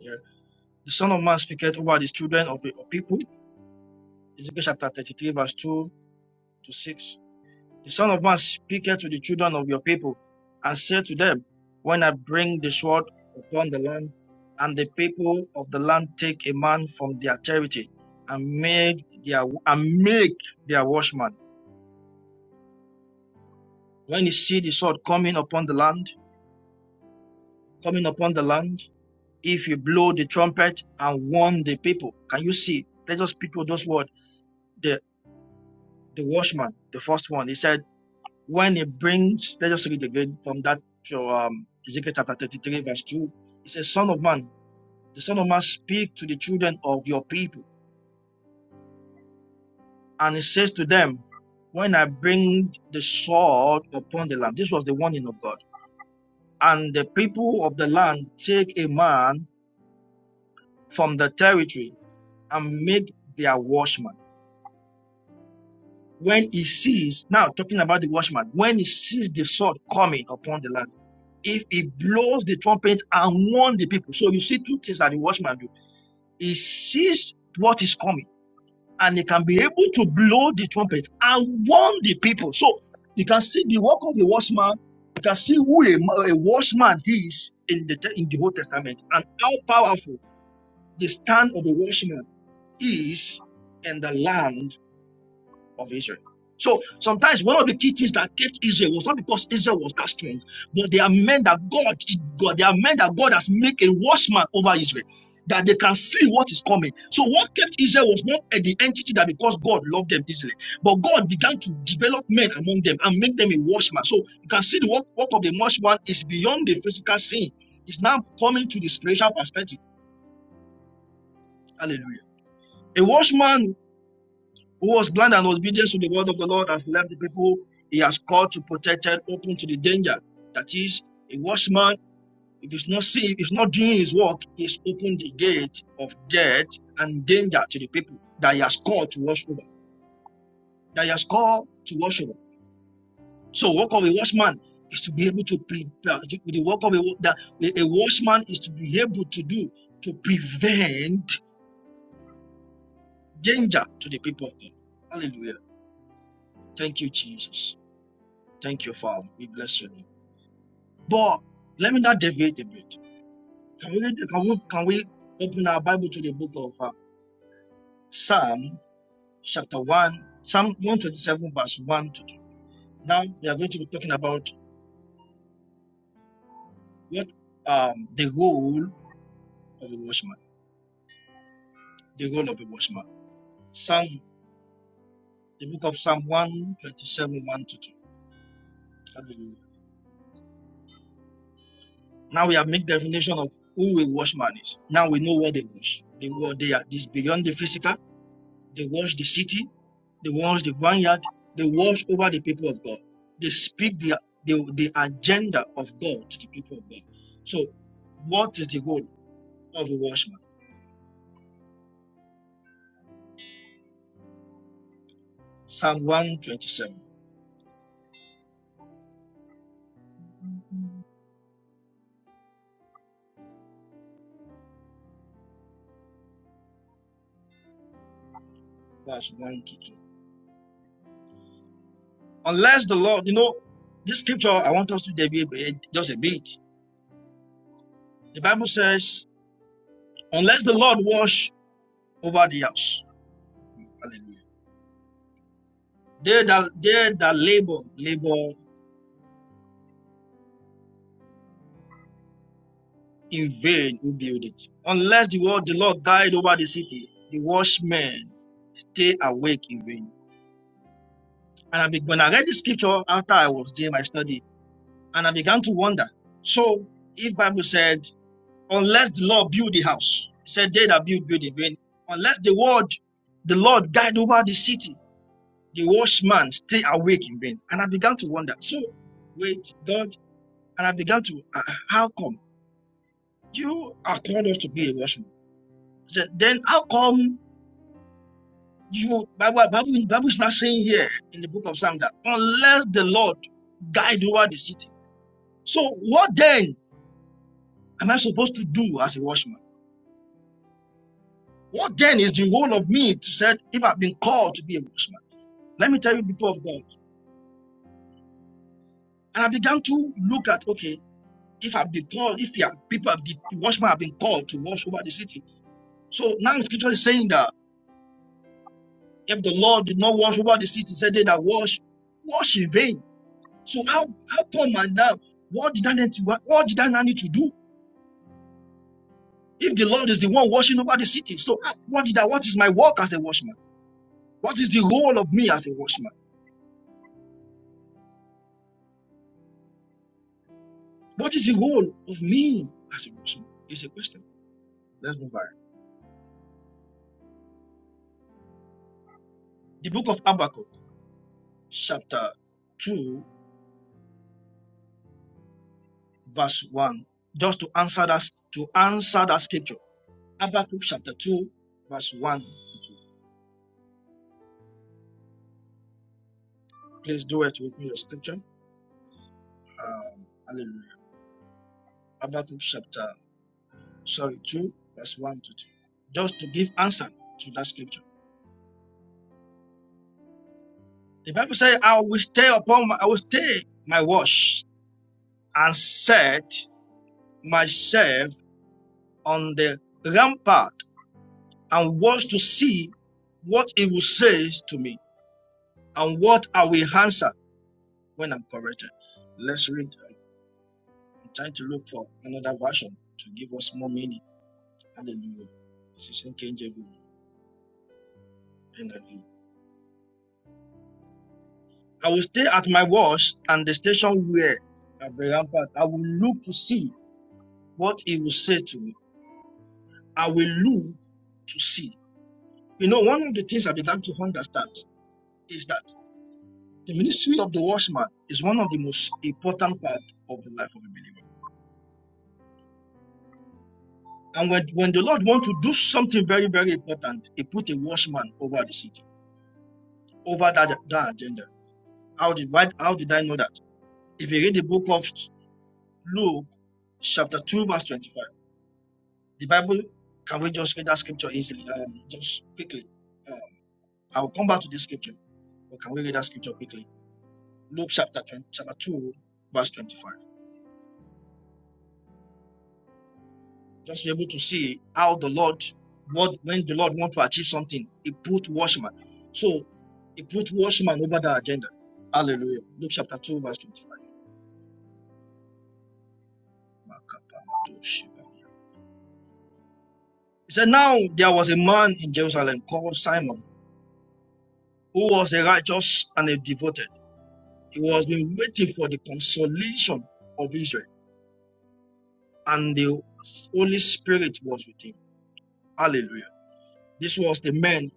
S5: Yeah. The Son of Man speaketh over the children of the of people. Ezekiel chapter 33, verse 2 to 6. The Son of Man speaketh to the children of your people, and said to them, When I bring the sword upon the land, and the people of the land take a man from their territory, and make their and make their watchman. When you see the sword coming upon the land, coming upon the land, if you blow the trumpet and warn the people, can you see? Let us speak with those words. The the watchman, the first one, he said. when it brings, let us read again from that to um, Ezekiel chapter 33, verse 2. It says, Son of man, the Son of man speak to the children of your people, and he says to them, When I bring the sword upon the land, this was the warning of God, and the people of the land take a man from the territory and make their watchman. When he sees, now talking about the watchman, when he sees the sword coming upon the land, If he blows the trumpet and warn the people. So you see two things that the watchman do. He sees what is coming and he can be able to blow the trumpet and warn the people. So you can see the work of the watchman. You can see who a, ma- a watchman is in the te- in the Old Testament and how powerful the stand of the watchman is in the land of Israel. So sometimes one of the key things that kept Israel was not because Israel was that strong, but they are men that God, God, they are men that God has made a watchman over Israel, that they can see what is coming. So what kept Israel was not uh, the entity that because God loved them easily, but God began to develop men among them and make them a watchman. So you can see the work, work of the watchman is beyond the physical scene. It's now coming to the spiritual perspective. Hallelujah. A watchman who was blind and was obedient to the word of the Lord has left the people he has called to protected open to the danger. That is, a watchman, if he's not safe, if not doing his work, he's opened the gate of death and danger to the people that he has called to watch over. That he has called to watch over. So, work of a watchman is to be able to prepare. The work of a, that a a watchman is to be able to do to prevent danger to the people. Hallelujah. Thank you, Jesus. Thank you, Father. We bless you. But let me not deviate a bit. Can we, read- can we, can we open our Bible to the book of uh, Psalm, chapter 1, Psalm 127, verse 1 to 2. Now we are going to be talking about what um, the role of a watchman, the role of a watchman. Psalm, the book of Psalm 127, 1 to 2. Hallelujah. Now we have made definition of who a watchman is. Now we know what they watch. They, what they are. This beyond the physical They watch the city. They watch the vineyard. They watch over the people of God. They speak the, the, the agenda of God to the people of God. So, what is the role of the watchman? Psalm 127, verse 1 to 2. Unless the Lord, you know, this scripture, I want us to deviate just a bit. The Bible says, unless the Lord watch over the house. Hallelujah. They that, they that labor, labor In vain you build it. Unless the word the Lord died over the city, the watchmen stay awake in vain. And I be, when I read the scripture after I was doing my study, and I began to wonder. So if Bible said, unless the Lord build the house, it said they that build build in vain. Unless the word the Lord died over the city, the watchman stay awake in vain. And I began to wonder. So wait, God, and I began to uh, how come you are called us to be a watchman? I said, then how come You, Bible, Bible, Bible is not saying here in the book of Psalm that unless the Lord guide over the city. So what then am I supposed to do as a watchman? What then is the role of me to said if I've been called to be a watchman? Let me tell you people of God. And I began to look at okay, if I've been called, if you are, people have been, the watchmen have been called to watch over the city. So now the scripture is saying that if the Lord did not watch over the city, said they that watch, watch in vain. So how how come and now? What did I need to, what, what did I now need to do? If the Lord is the one washing over the city, so how- what did I? What is my work as a watchman? What is the role of me as a watchman? What is the role of me as a watchman? It's a question. Let's move on. The book of Habakkuk, chapter two, verse one. Just to answer that to answer that scripture, Habakkuk chapter two, verse one. Please do it with me, your scripture. Um, hallelujah. Habakkuk chapter sorry, 2, verse 1 to 2, just to give answer to that scripture. The Bible says, I will stay upon my, I will stay my watch and set myself on the rampart and watch to see what it will say to me and what I will answer when I'm corrected. Let's read. I'm trying to look for another version to give us more meaning. Hallelujah. This is NKJV, NIV. I will stay at my watch and the station where at the rampart. I will look to see what he will say to me. I will look to see. You know, one of the things I began to understand is that the ministry of the watchman is one of the most important part of the life of a believer. And when, when the Lord wants to do something very, very important, He put a watchman over the city, over that, that agenda. How did, why, how did I know that? If you read the book of Luke, chapter 2, verse 25, The Bible, can we just read that scripture easily? Um, just quickly. Uh, I'll come back to this scripture, but can we read that scripture quickly? Luke chapter 20, chapter 2, verse 25. Just be able to see how the Lord, what when the Lord want to achieve something, he put watchman. So he put watchman over the agenda. Hallelujah. Luke chapter 2, verse 25. He said, Now there was a man in Jerusalem called Simon, who was a righteous and a devoted. He was been waiting for the consolation of Israel, and the Holy Spirit was with him. Hallelujah. This was the man.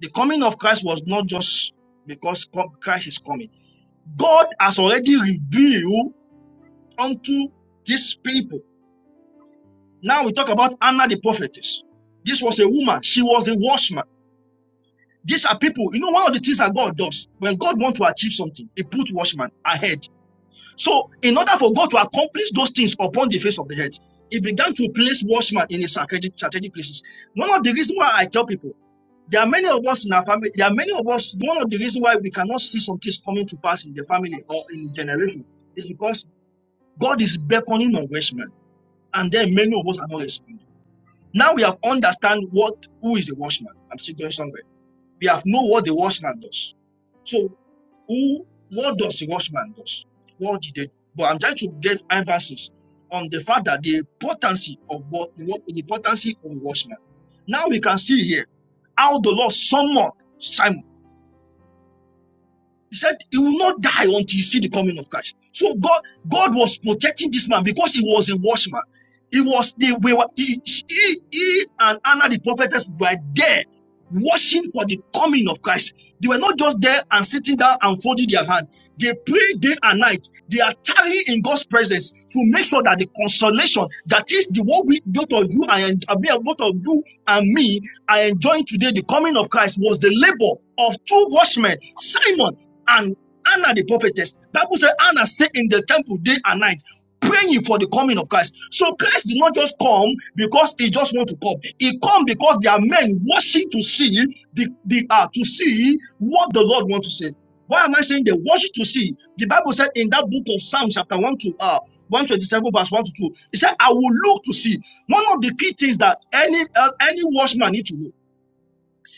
S5: The coming of Christ was not just because co- Christ is coming. God has already revealed unto these people. Now we talk about Anna the prophetess. This was a woman. She was a watchman. These are people. You know, one of the things that God does when God wants to achieve something, He put watchman ahead. So, in order for God to accomplish those things upon the face of the earth, he began to place watchmen in his strategic, strategic places. One of the reasons why I tell people, there are many of us in our family, there are many of us, one of the reasons why we cannot see some things coming to pass in the family or in the generation is because God is beckoning on watchmen, and then many of us are not responding. Now we have understand what who is the watchman. I'm still going somewhere. We have know what the watchman does. So who, what does the watchman does? What did they do? But I'm trying to give emphasis on the fact that the potency of what, what the potency of the watchman. Now we can see here how the Lord summoned Simon. He said he will not die until he see the coming of Christ. So God, God was protecting this man because he was a watchman. He was the we were he, he, he and Anna the prophetess were there watching for the coming of Christ. They were not just there and sitting down and folding their hand. They pray day and night. They are tarrying in God's presence to make sure that the consolation that is the what we both of you and I mean, both of you and me are enjoying today, the coming of Christ was the labor of two watchmen, Simon and Anna the prophetess. Bible said Anna stayed in the temple day and night, praying for the coming of Christ. So Christ did not just come because he just wanted to come. He come because there are men watching to see the, the uh, to see what the Lord wants to say. Why am I saying they watch to see? The Bible said in that book of Psalms, chapter 1 to uh 127 verse 1 to 2 it said i will look to see one of the key things that any uh, any watchman need to know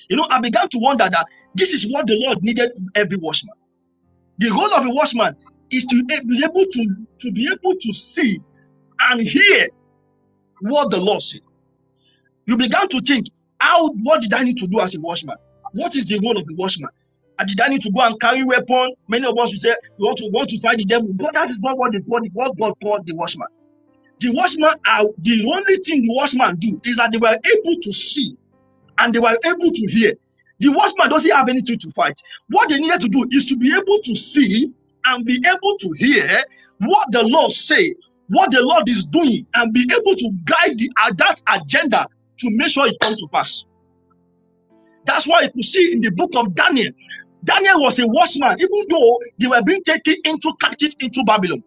S5: you know i began to wonder that this is what the lord needed every watchman the role of a watchman is to be able to to be able to see and hear what the Lord said. You began to think, how what did I need to do as a watchman? What is the role of the watchman? Uh, did I need to go and carry weapon? Many of us will say, you want to want to fight the devil. God, that is not what, the, what God called the watchman. The watchman are the only thing the watchman do is that they were able to see and they were able to hear. The watchman doesn't have anything to fight. What they needed to do is to be able to see and be able to hear what the Lord say, what the Lord is doing, and be able to guide the, uh, that agenda to make sure it comes to pass. That's why you could see in the book of Daniel. Daniel was a watchman, even though they were being taken into captive into Babylon.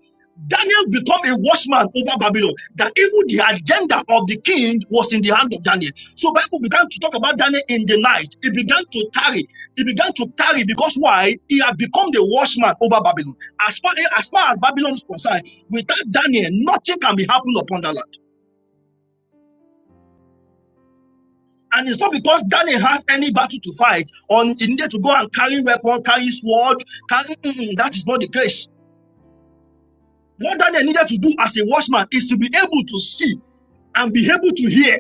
S5: Daniel became a watchman over Babylon. That even the agenda of the king was in the hand of Daniel. So Bible began to talk about Daniel in the night. He began to tarry. He began to tarry because why? He had become the watchman over Babylon. As far as, as, far as Babylon is concerned, without Daniel, nothing can be happened upon that land. And it's not because Ghana have any battle to fight or he need to go and carry weapon, carry sword. Carry, Mm-mm, that is not the case. What Daniel needed to do as a watchman is to be able to see and be able to hear.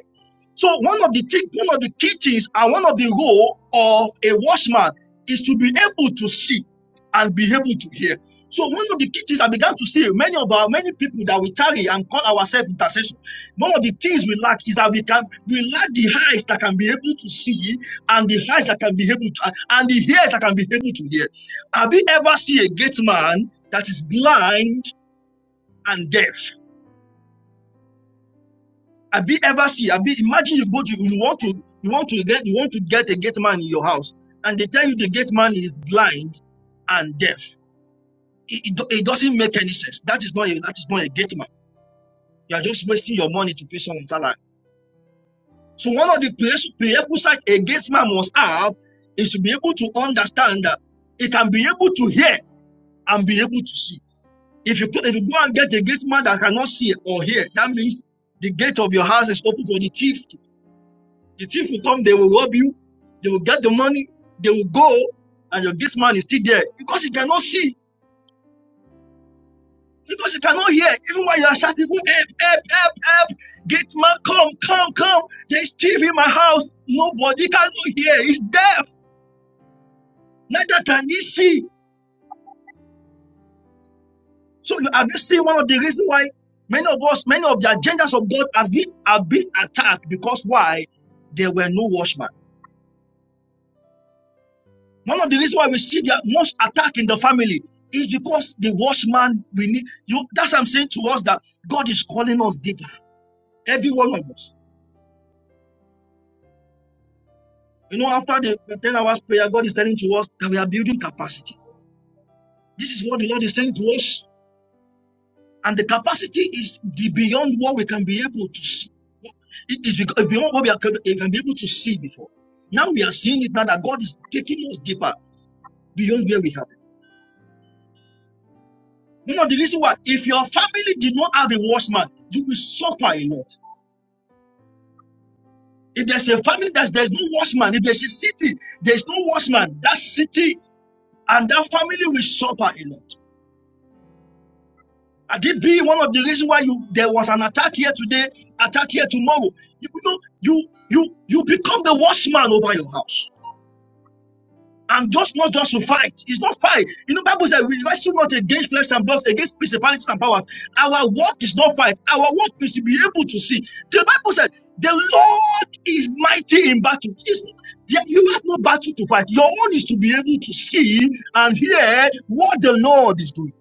S5: So one of the thing, one of the key things and one of the role of a watchman is to be able to see and be able to hear. So one of the key things I began to see many of our many people that we carry and call ourselves intercession. One of the things we lack is that we can we lack the eyes that can be able to see and the eyes that can be able to and the ears that can be able to hear. Have you ever seen a gate man that is blind and death. Have you ever see? Have you imagine you go to you want to you want to get you want to get a gate man in your house, and they tell you the gate man is blind and deaf. It, it, do- it doesn't make any sense. That is not a, that is not a gate man. You are just wasting your money to pay someone's salary. So one of the pres- prerequisites a gate man must have is to be able to understand that he can be able to hear and be able to see. If you, if you go and get a gate man that cannot see or hear, that means the gate of your house is open for the thief The thief will come, they will rob you, they will get the money, they will go, and your gate man is still there because he cannot see, because he cannot hear. Even while you are shouting, help, help, help, help, gate man, come, come, come. There's thief in my house. Nobody cannot hear. He's deaf. Neither can he see. So have you seen one of the reasons why many of us, many of the agendas of God has been have been attacked because why? There were no watchmen. One of the reasons why we see the most attack in the family is because the watchman we need you. That's what I'm saying to us that God is calling us deeper, every one of us. You know, after the the 10 hours prayer, God is telling to us that we are building capacity. This is what the Lord is saying to us, and the capacity is the beyond what we can be able to see. It is beyond what we are we can be able to see before. Now we are seeing it now that God is taking us deeper beyond where we have. No, no, the reason why, if your family did not have a watchman, you will suffer a lot. If there's a family that there's no watchman, if there's a city, there's no watchman, that city and that family will suffer a lot. And it be one of the reasons why you there was an attack here today, attack here tomorrow. You know, you you you become the watchman over your house. and just not just to fight. It's not fight. You know, Bible says we wrestle not against flesh and blood, against principalities and powers. Our work is not fight. Our work is to be able to see. The Bible said the Lord is mighty in battle. It's- there- you have no battle to fight. Your own is to be able to see and hear what the Lord is doing.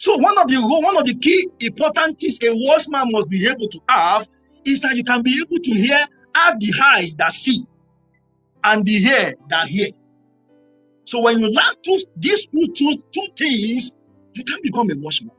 S5: So one of the one of the key important things a wise man must be able to have is that you can be able to hear, have the eyes that see and the ear that hear. So when you learn two, these two, two, two things, you can become a watchman.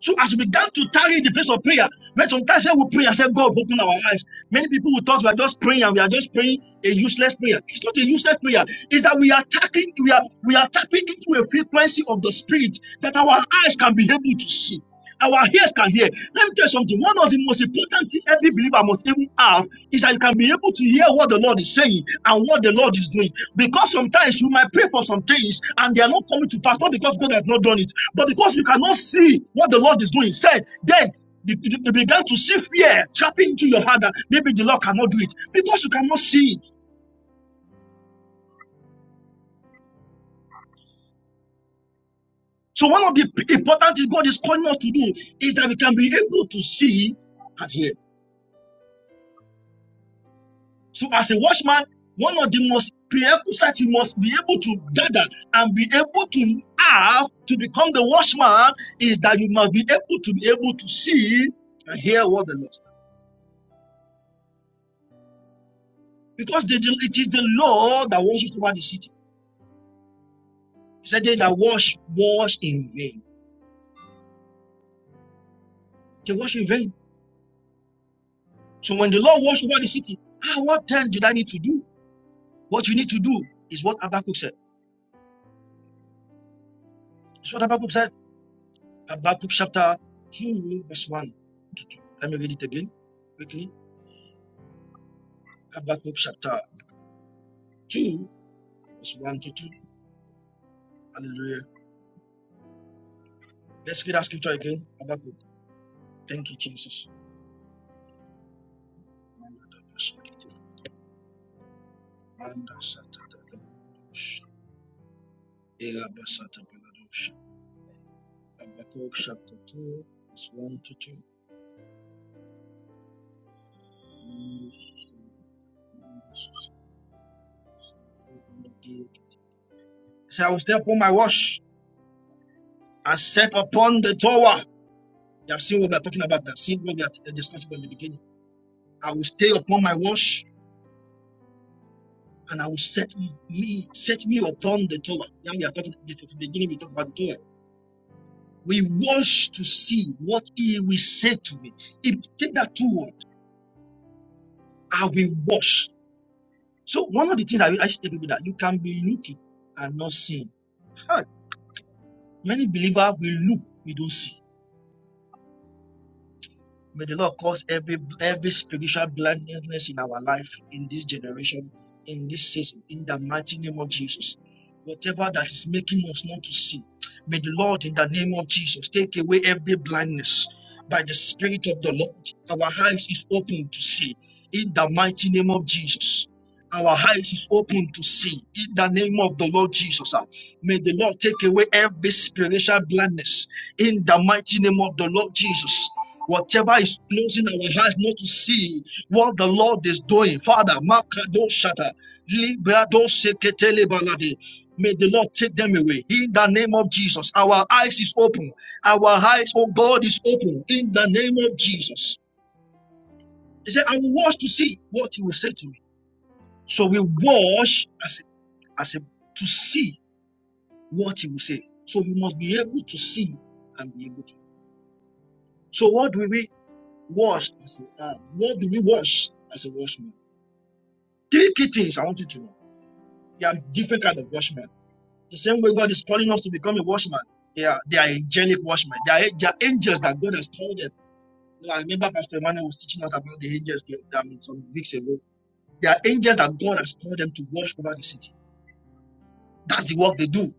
S5: So as we began to tarry the place of prayer, when sometimes we pray and say, God, open our eyes, many people will thought we are just praying and we are just praying a useless prayer. It's not a useless prayer. It's that we are tapping, we are, we are tapping into a frequency of the spirit that our eyes can be able to see. Our ears can hear. Let me tell you something. One of the most important things every believer must even have is that you can be able to hear what the Lord is saying and what the Lord is doing. Because sometimes you might pray for some things and they are not coming to pass, not because God has not done it, but because you cannot see what the Lord is doing. Said then you you- began to see fear trapping into your heart that maybe the Lord cannot do it because you cannot see it. So one of the p- important things God is calling us to do is that we can be able to see and hear. So, as a watchman, one of the most prerequisites you must be able to gather and be able to have to become the watchman is that you must be able to be able to see and hear what the Lord says. Because the, the- it is the law that washes over the city. He said, They that wash, wash in vain. They wash in vain. So, when the Lord washed over the city, ah, what then did I need to do? What you need to do is what Habakkuk said. It's what Habakkuk said. Habakkuk chapter 2, verse 1 to 2. Let me read it again quickly. Habakkuk chapter 2, verse 1 to 2. Hallelujah. Let's read that scripture again. Habakkuk. Thank you, Jesus. Habakkuk chapter 2, verse 1 to 2. So I will stay upon my watch and set upon the tower. You have seen what we are talking about. You have seen what we are discussing in the beginning. I will stay upon my watch and I will set me set me upon the Torah. Now we are talking at the beginning. We talk about the Torah. We wash to see what he will say to me. If take that two words, I will wash. So one of the things I will actually tell people that you can be looking and not seeing. Ah, Many believers will look, we don't see. May the Lord cause every every spiritual blindness in our life, in this generation, in this season, in the mighty name of Jesus. Whatever that is making us not to see, may the Lord, in the name of Jesus, take away every blindness by the Spirit of the Lord. Our eyes is open to see, in the mighty name of Jesus. Our eyes is open to see, in the name of the Lord Jesus. Ah, May the Lord take away every spiritual blindness, in the mighty name of the Lord Jesus. Whatever is closing our eyes not to see what the Lord is doing, Father, Makado Shata, Librado Seketele Balade. May the Lord take them away in the name of Jesus. Our eyes is open. Our eyes, oh God, is open in the name of Jesus. He said, I will watch to see what He will say to me. So we watch as a, as a, to see what He will say. So we must be able to see and be able to. So what do we? Wash. I said, uh, what do we wash as a washman? Three key things I want you to know. There are different kind of washmen. The same way God is calling us to become a washman. They are, they are angelic washmen. They are, they are angels that God has called them. You know, I remember Pastor Emmanuel was teaching us about the angels the- I mean, some weeks ago. They are angels that God has called them to wash over the city. That's the work they do.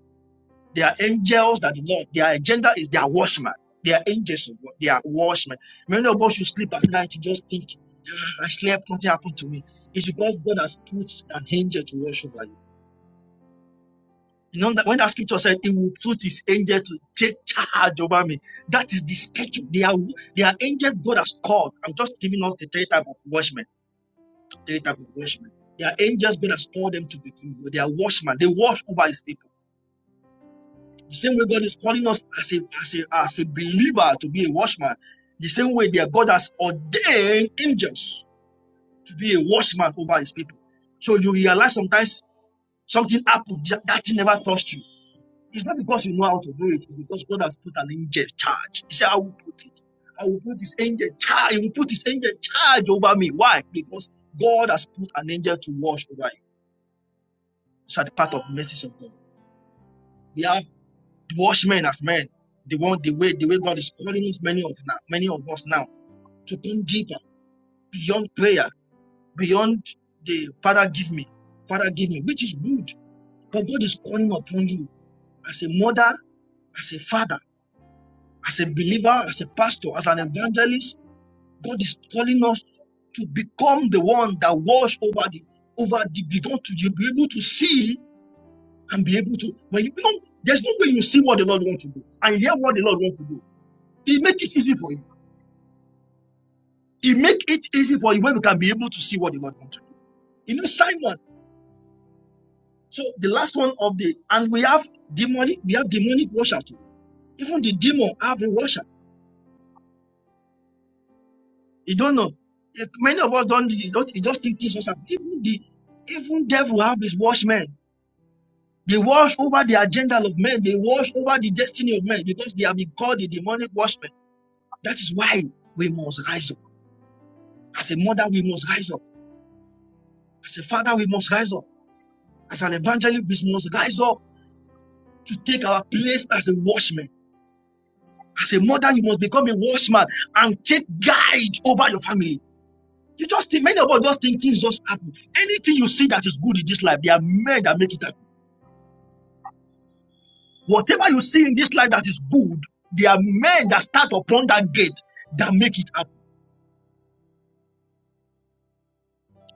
S5: They are angels that the Lord, their agenda is they are washmen. They are angels of God. They are watchmen. Many of us should sleep at night to just think. Actually, slept, nothing happened to me. It's because God has put an angel to watch over you. You know that when that scripture said he will put his angel to take charge over me, that is the statue. They are they are angels God has called. I'm just giving us the three type of watchmen, three type of watchmen. They are angels God has called them to be. They are watchmen. They watch over his people. The same way God is calling us as a as a as a believer to be a watchman. The same way their God has ordained angels to be a watchman over his people. So you realize sometimes Something happened that thing never touched you. It's not because you know how to do it, it's because God has put an angel charge. He said, I will put it. I will put his angel charge. He will put his angel charge over me. Why? Because God has put an angel to watch over you. It's at the part of the message of God. We have watchmen as men. They want the way the way God is calling us many of now, many of us now to think deeper, beyond prayer, beyond the Father give me, Father give me, which is good. But God is calling upon you as a mother, as a father As a believer, as a pastor, as an evangelist, God is calling us to become the one that watch over the over the begun to you be able to see and be able to when you become there's no way you see what the Lord wants to do and hear what the Lord wants to do. He make it easy for you. He make it easy for you when you can be able to see what the Lord wants to do. You know, Simon. So the last one of the and we have demonic, we have demonic worship too. Even the demon have a worship. You don't know. Eh, Many of us don't. You don't- you just think this was happening. Even the even devil have his watchmen. They watch over the agenda of men. They watch over the destiny of men because they have been called the demonic watchmen. That is why we must rise up. As a mother, we must rise up. As a father, we must rise up. As an evangelist, we must rise up to take our place as a watchman. As a mother, you must become a watchman and take guide over your family. You just think many of us just think things just happen. Anything you see that is good in this life, there are men that make it happen. Whatever you see in this life that is good, there are men that start upon that gate that make it happen.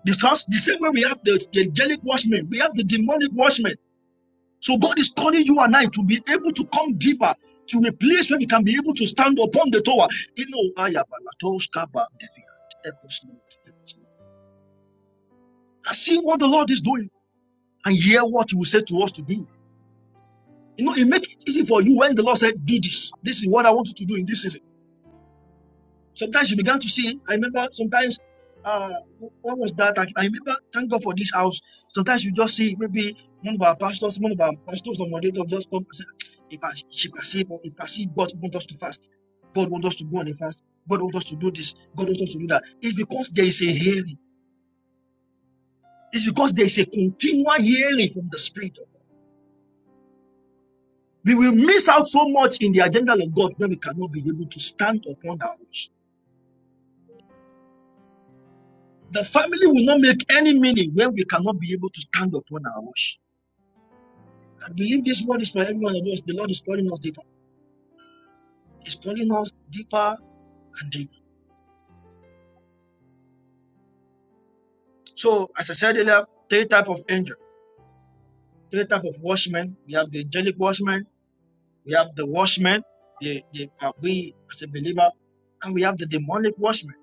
S5: Because the same way we have the, the angelic watchmen, we have the demonic watchmen. So God is calling you and I to be able to come deeper to a place where we can be able to stand upon the tower. You know, I have a lot of stuff, but help us, Lord, help us, Lord. and see what the Lord is doing and hear what He will say to us to do. You know, it makes it easy for you when the Lord said, Do this. This is what I want you to do in this season. Sometimes you began to see, I remember sometimes, uh, what was that? I, I remember, thank God for this house. Sometimes you just see maybe one of our pastors, one of our pastors or moderators just come and say, if I, she can see, but if I see God wants us to fast. God wants us to go on a fast. God wants us to do this. God wants us to do that. It's because there is a hearing. It's because there is a continual hearing from the Spirit We will miss out so much in the agenda of God when we cannot be able to stand upon our watch. The family will not make any meaning when we cannot be able to stand upon our watch. I believe this word is for everyone of us. The Lord is calling us deeper. He's calling us deeper and deeper. So, as I said earlier, three type of angel, three type of watchmen. We have the angelic watchman, we have the watchman, the, the uh, we as a believer, and we have the demonic watchman.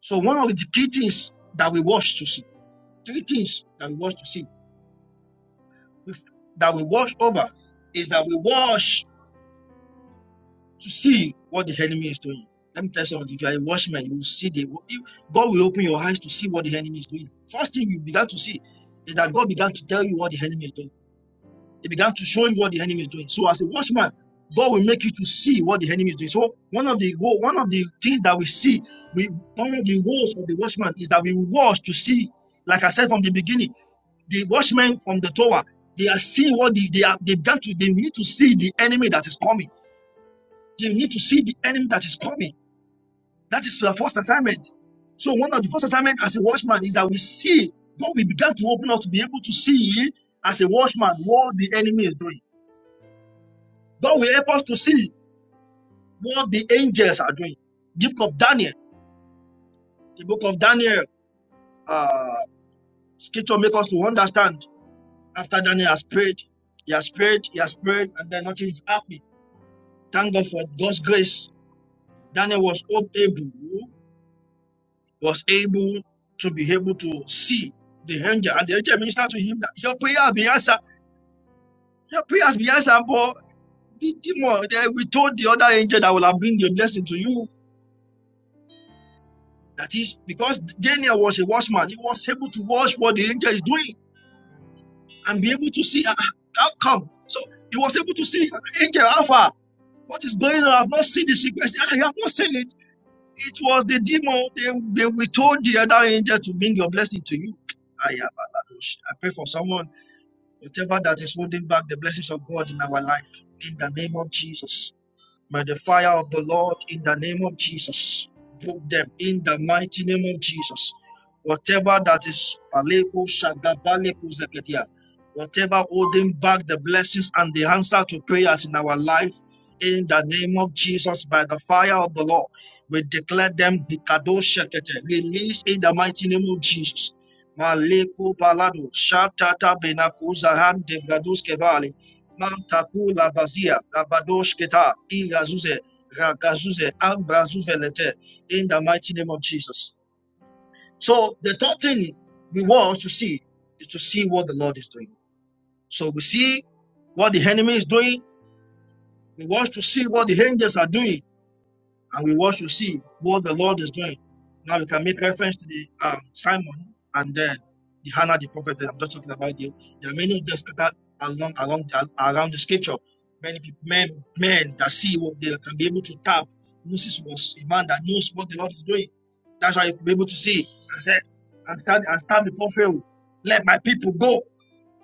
S5: So, one of the key things that we watch to see, three things that we watch to see that we watch over is that we watch to see what the enemy is doing. Let me tell you something. If you are a watchman, you will see the God will open your eyes to see what the enemy is doing. First thing you began to see is that God began to tell you what the enemy is doing. He began to show him what the enemy is doing. So as a watchman, God will make you to see what the enemy is doing. So one of the one of the things that we see, we one of the roles of the watchman is that we watch to see, like I said from the beginning, the watchmen from the tower, they are seeing what the, they are they began to they need to see the enemy that is coming. They need to see the enemy that is coming. That is the first assignment. So one of the first assignment as a watchman is that we see God we began to open up to be able to see as a watchman what the enemy is doing. God will help us to see what the angels are doing. The book of Daniel, the book of Daniel, uh, scripture make us to understand. After Daniel has prayed, he has prayed, he has prayed, and then nothing is happening. Thank God for God's grace. Daniel was able, was able to be able to see the angel, and the angel ministered to him that your prayer has been answered. Your prayer has been answered, but the demon, eh, we told the other angel that will have bring the blessing to you. That is because Daniel was a watchman, he was able to watch what the angel is doing and be able to see "Ah, ah, how come. So he was able to see uh, angel Alpha. What is going on? I've not seen the sequence. I have not seen it. It was the demon. They, they we told the other angel to bring your blessing to you. I have. Baladosh. I pray for someone, whatever that is holding back the blessings of God in our life, in the name of Jesus. By the fire of the Lord, in the name of Jesus, broke them in the mighty name of Jesus. Whatever that is, paleko, shagabaleko, zeketia, whatever holding back the blessings and the answer to prayers in our life, in the name of Jesus, by the fire of the Lord, we declare them hikadosh shekete, release in the mighty name of Jesus. Maleko balado, shatata benako zahan de gadus kevale, Mantakula Bazia, Labadoshketa, Igazuze, Ragazuze, Ambrazuvelete, in the mighty name of Jesus. So the third thing we want to see is to see what the Lord is doing. So we see what the enemy is doing. We want to see what the angels are doing and we want to see what the Lord is doing. Now we can make reference to the um, Simon and then the Hannah the prophet that I'm just talking about. There, there are many of them scattered along along the, around the scripture. Many peop- men men that see what they can be able to tap. Moses was a man that knows what the Lord is doing. That's why he could be able to see and said and stand and stand before Pharaoh. Let my people go.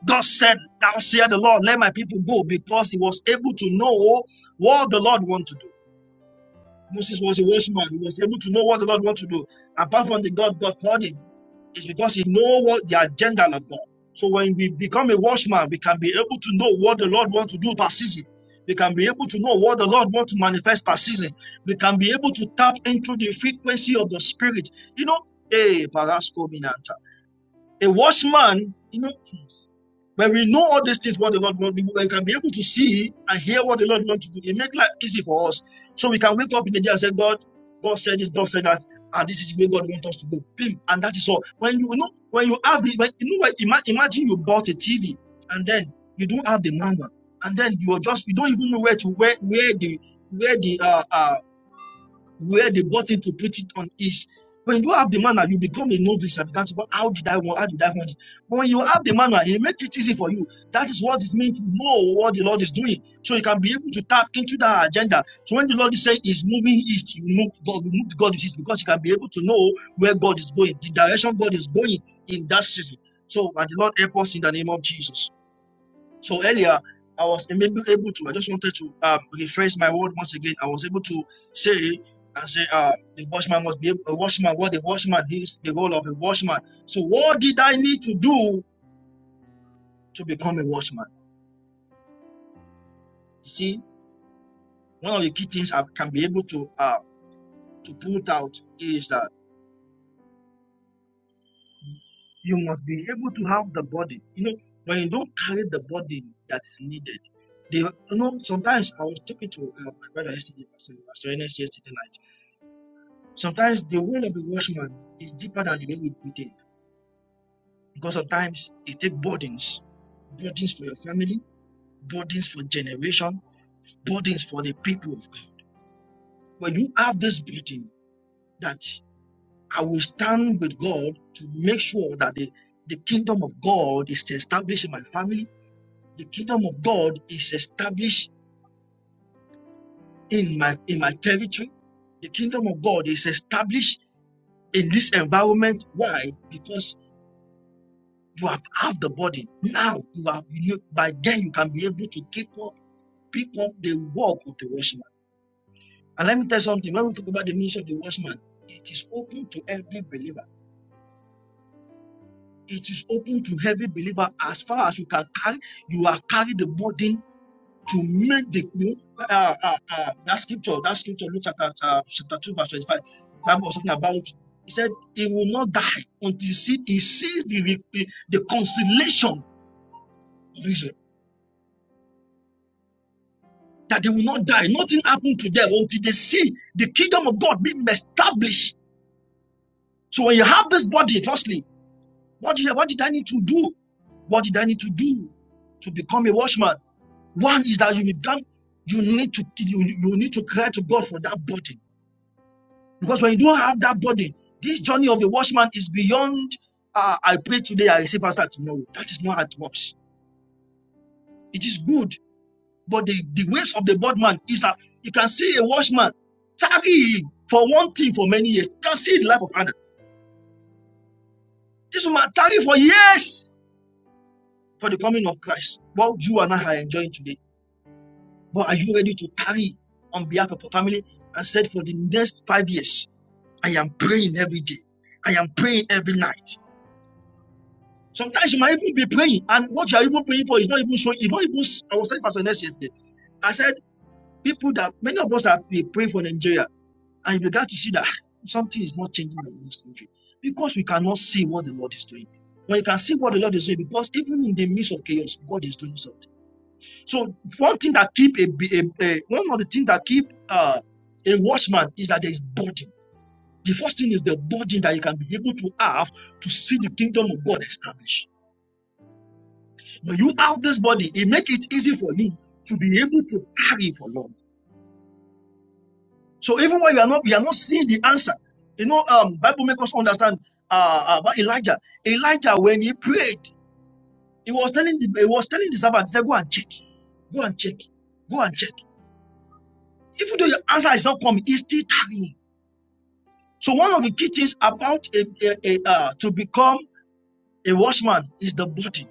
S5: God said, Thou said the Lord, let my people go, because he was able to know what the Lord wanted to do. Moses was a watchman. He was able to know what the Lord wants to do. Apart from the God God told him, it's because he know what the agenda of God. So when we become a watchman, we can be able to know what the Lord wants to do per season. We can be able to know what the Lord wants to manifest per season. We can be able to tap into the frequency of the Spirit. You know, hey, Parasco Minanta. A watchman, you know. When we know all these things, what the Lord wants, we can be able to see and hear what the Lord wants to do. It makes life easy for us. So we can wake up in the day and say, God, God said this, God said that, and this is where God wants us to go. And that is all. When you, you know, when you have the, when, you know, when, imagine you bought a TV and then you don't have the manual, and then you are just, you don't even know where to where where the where the uh, uh, where they bought it to put it on is when you have the manner, you become a novice and begin to go, how did I want, how did I want it? But when you have the manner, it makes it easy for you. That is what is meant to know what the Lord is doing. So you can be able to tap into that agenda. So when the Lord is saying he's moving east, you move God, you move God is east because you can be able to know where God is going, the direction God is going in that season. So may the Lord help us in the name of Jesus. So earlier, I was maybe able to, I just wanted to uh, rephrase my word once again. I was able to say and say, uh, the watchman must be a watchman. What the watchman is the role of a watchman. So what did I need to do to become a watchman? You see, one of the key things I can be able to uh, to put out is that you must be able to have the body. You know, when you don't carry the body that is needed, they, you know, sometimes I was talking to uh, my brother yesterday, so I was yesterday night Sometimes the wound of a watchman is deeper than the way we we think. Because sometimes it takes burdens, burdens for your family, burdens for generation, burdens for the people of God. When you have this burden that I will stand with God to make sure that the, the kingdom of God is established in my family, the kingdom of God is established in my in my territory, the kingdom of God is established in this environment. Why? Because. You have half the body. Now you are you, by then you can be able to keep up, pick up the work of the watchman. And let me tell you something. When we talk about the ministry of the watchman, it is open to every believer. It is open to every believer as far as you can carry. You are carry the burden to make the you know, uh, uh, uh, that scripture. That scripture, Luke chapter uh, chapter two verse twenty-five. Bible was talking about. He said he will not die until he sees the the, the conciliation that they will not die. Nothing happened to them until they see the kingdom of God being established. So when you have this body, firstly, what did, what did I need to do? What did I need to do to become a watchman? One is that you become, you need to you, you need to cry to God for that body. Because when you don't have that body, this journey of a watchman is beyond uh, I pray today, I receive answer tomorrow. That is not how it works. It is good But the, the ways of the bad man is that you can see a watchman tarry for one thing for many years. You can see the life of Anna. This woman tarry for years for the coming of Christ. What you and I are enjoying today. But are you ready to tarry on behalf of your family? I said for the next five years, I am praying every day. I am praying every night. Sometimes you might even be praying, and what you are even praying for is not even showing. It's not even. I was telling Pastor Ness yesterday. I said people that many of us have been praying for Nigeria. And you began to see that something is not changing in this country because we cannot see what the Lord is doing. But you can see what the Lord is doing because even in the midst of chaos, God is doing something. So one thing that keep a, a, a- one of the things that keep uh, a watchman is that there is burden. The first thing is the burden that you can be able to have to see the kingdom of God established. When you have this body, it makes it easy for you to be able to carry for long. So even when you are not you are not seeing the answer, you know, um, Bible makes us understand uh, uh, about Elijah. Elijah, when he prayed, he was telling the he was telling the servant, he said, go and check, go and check, go and check. Even though your answer is not coming, it's still tarrying. So one of the key things about a, a, a, uh, to become a watchman is the body.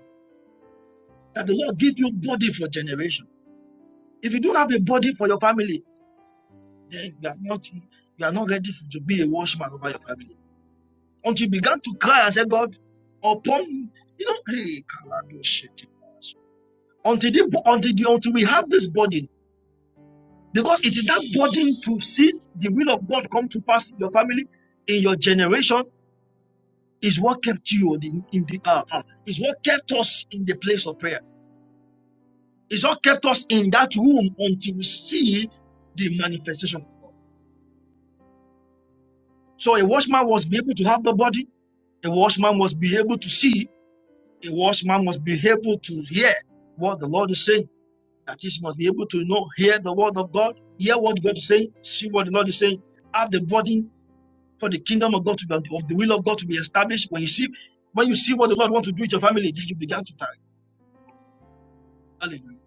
S5: That the Lord give you body for generation. If you don't have a body for your family, then you are not you are not ready to be a watchman over your family. until he began to cry and said, God, upon you know, hey, Kalado until the, until the, until we have this burden, because it is that burden to see the will of God come to pass in your family, in your generation, is what kept you on in the uh, uh, is what kept us in the place of prayer. Is what kept us in that room until we see the manifestation. So a watchman must be able to have the body. A watchman must be able to see. A watchman must be able to hear what the Lord is saying. That is, must be able to know, hear the word of God, hear what God is saying, see what the Lord is saying, have the body for the kingdom of God to be, of the will of God to be established. When you see, when you see what the Lord wants to do with your family, then you begin to tarry. Hallelujah.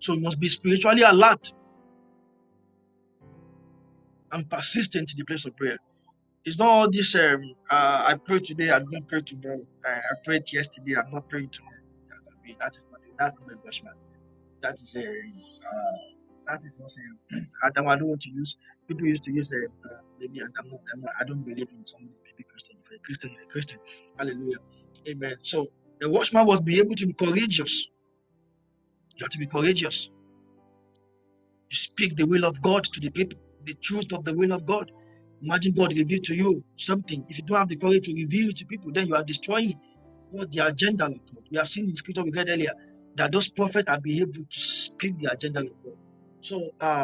S5: So you must be spiritually alert and persistent in the place of prayer. It's not all this, um, uh, I pray today, I'm not praying tomorrow. Uh, I prayed yesterday, I'm not praying tomorrow. I mean, that is not, that's not a judgment. That is a, uh, That is not saying Adam. I don't want to use people used to use uh, uh, maybe not. I'm Not, I'm not, I don't believe in somebody baby Christian. If you're a Christian, you're a Christian. Hallelujah. Amen. So the watchman must be able to be courageous. You have to be courageous. You speak the will of God to the people, the truth of the will of God. Imagine God reveal to you something. If you don't have the courage to reveal it to people, then you are destroying what the agenda of God. We have seen in scripture we read earlier that those prophets have been able to speak the agenda of God. So uh.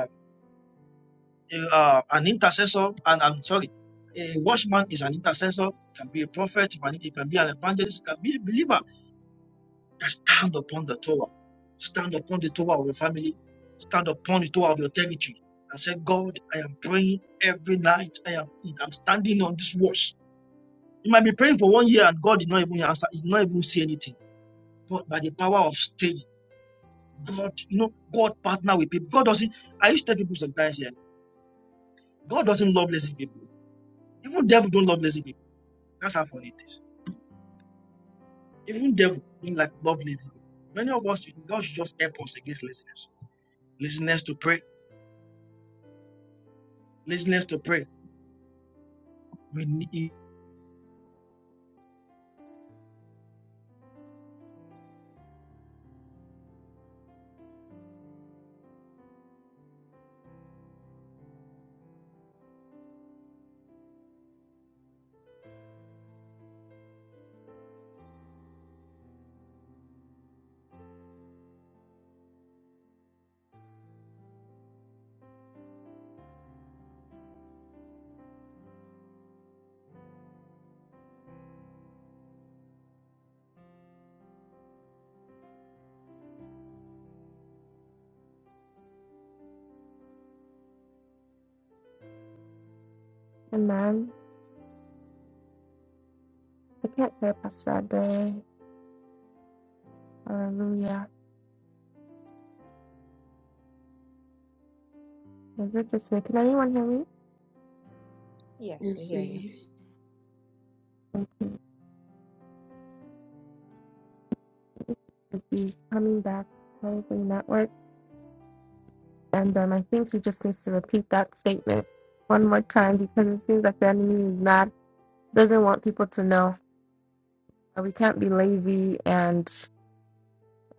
S5: A, uh, an intercessor, and I'm sorry, a watchman is an intercessor, can be a prophet, can he can be an evangelist, he can be a believer that stand upon the Torah, stand upon the Torah of your family, stand upon the Torah of your territory, and say, God, I am praying every night. I am I'm standing on this watch. You might be praying for one year and God did not even answer, he did not even see anything. But by the power of staying, God, you know, God partner with people. God doesn't. I used to tell people sometimes here, God doesn't love lazy people. Even devil don't love lazy people. That's how funny it is. Even devil don't like love lazy Many of us, God should just help us against laziness. Laziness to pray. Laziness to pray. We need.
S4: Amen. I can't hear Pastor Ade. Hallelujah. Is it this way? Can anyone hear me?
S1: Yes, I
S3: Yes,
S1: hear
S3: we
S1: you.
S3: hear you.
S4: would be coming back probably network. And um, I think he just needs to repeat that statement one more time because it seems like the enemy is not doesn't want people to know. Uh, We can't be lazy and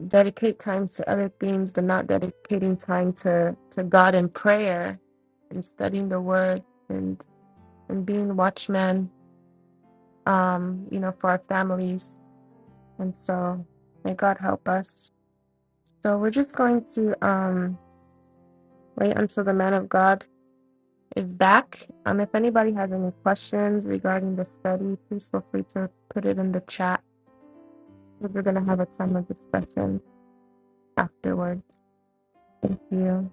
S4: dedicate time to other things, but not dedicating time to to God and prayer and studying the Word and and being watchmen, um, you know, for our families. And so may God help us. So we're just going to um, wait until the man of God is back. Um, if anybody has any questions regarding the study, please feel free to put it in the chat. We're going to have a time of discussion afterwards. Thank you.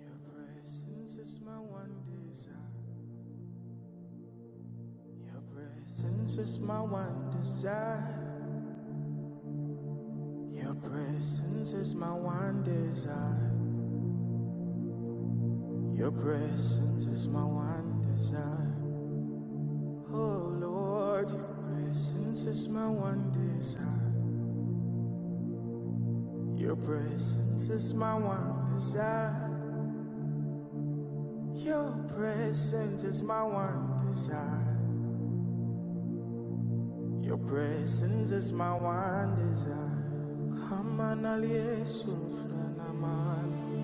S6: Your presence is my one desire. Your presence is my one desire. Your presence is my one desire. Your presence is my one desire. Oh Lord, your presence is my one desire. Your presence is my one desire. Your presence is my one desire. Your presence is my one desire. Come on, alieso, franaman.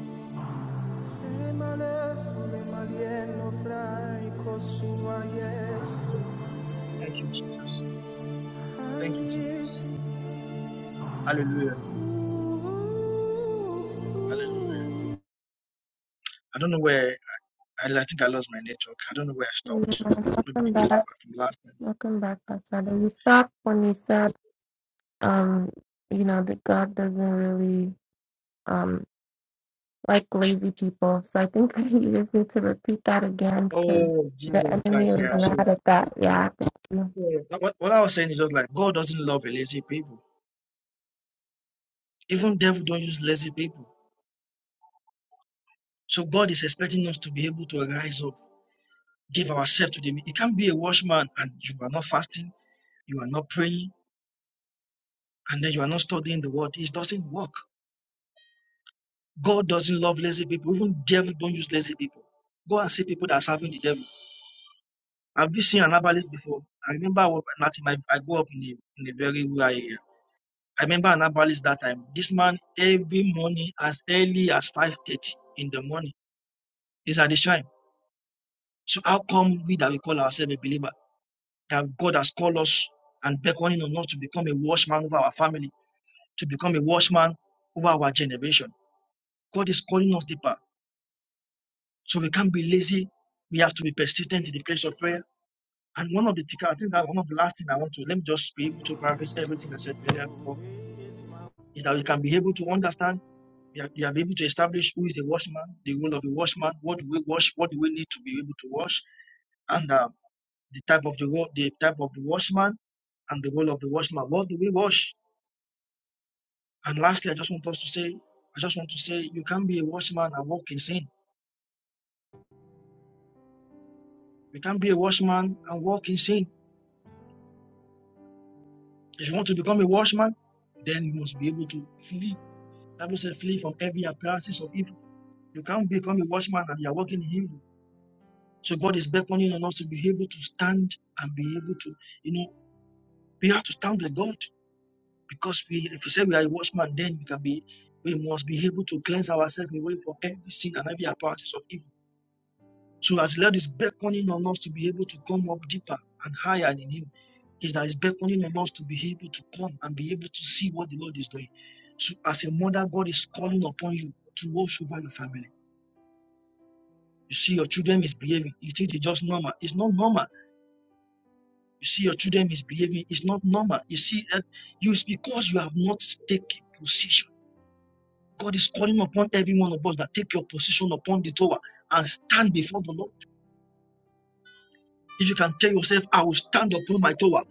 S6: Emaleso, emalieno, fraico, sua, yes.
S5: Hallelujah. Thank you, Jesus.
S6: I
S5: Thank you,
S6: need
S5: Jesus.
S6: you.
S5: Hallelujah. Hallelujah. I don't know where. I, I think I lost my network. I don't know where I
S4: Yeah,
S5: stopped. Maybe
S4: welcome
S5: it came
S4: back.
S5: from last time.
S4: Welcome back, Pastor. We stopped when we said, um, you know, that God doesn't really um, like lazy people. So I think you just need to repeat that again because
S5: Oh,
S4: the
S5: Jesus
S4: enemy
S5: Christ.
S4: was
S5: Yeah. So
S4: mad at that.
S5: yeah.
S4: Yeah, thank you.
S5: So what, what I was saying is just like God doesn't love a lazy people. Even devil don't use lazy people. So God is expecting us to be able to rise up give ourselves to them. You can't be a watchman and you are not fasting, you are not praying, and then you are not studying the word. It doesn't work. God doesn't love lazy people. Even devil don't use lazy people. Go and see people that are serving the devil. Have you seen an before? I remember I was Martin, I, I grew up in a, in a very rural area. I remember an that time. This man every morning as early as 5.30 in the morning is at the shrine. So how come we that we call ourselves a believer, that God has called us and beckoning on us to become a watchman over our family, to become a watchman over our generation. God is calling us deeper. So we can't be lazy. We have to be persistent in the place of prayer. And one of the tick- I think that one of the last thing I want to let me just be able to paraphrase everything I
S6: Your
S5: said earlier before
S6: glory is my
S5: is that we can be able to understand, we are, we are able to establish who is the watchman, the role of the watchman, what do we wash, what do we need to be able to wash, and uh, the type of the wa- the type of the watchman and the role of the watchman. What do we wash? And lastly, I just want us to say, I just want to say, you can't be a watchman and walk in sin You can't be a watchman and walk in sin. If you want to become a watchman, then you must be able to flee. The Bible says, flee from every appearances of evil. You can't become a watchman and you're walking in evil. So God is beckoning on us to be able to stand and be able to, you know, we have to stand with God because we, if we say we are a watchman, then we can be, we must be able to cleanse ourselves away from every sin and every appearances of evil. So as the Lord is beckoning on us to be able to come up deeper and higher in Him, is that He's beckoning on us to be able to come and be able to see what the Lord is doing. So as a mother, God is calling upon you to watch over your family. You see your children misbehaving. You think it's just normal. It's not normal. You see your children misbehaving. It's not normal. You see, eh, you it's because you have not taken position. God is calling upon every one of us that take your position upon the tower and stand before the Lord. If you can tell yourself, I will stand upon my tower.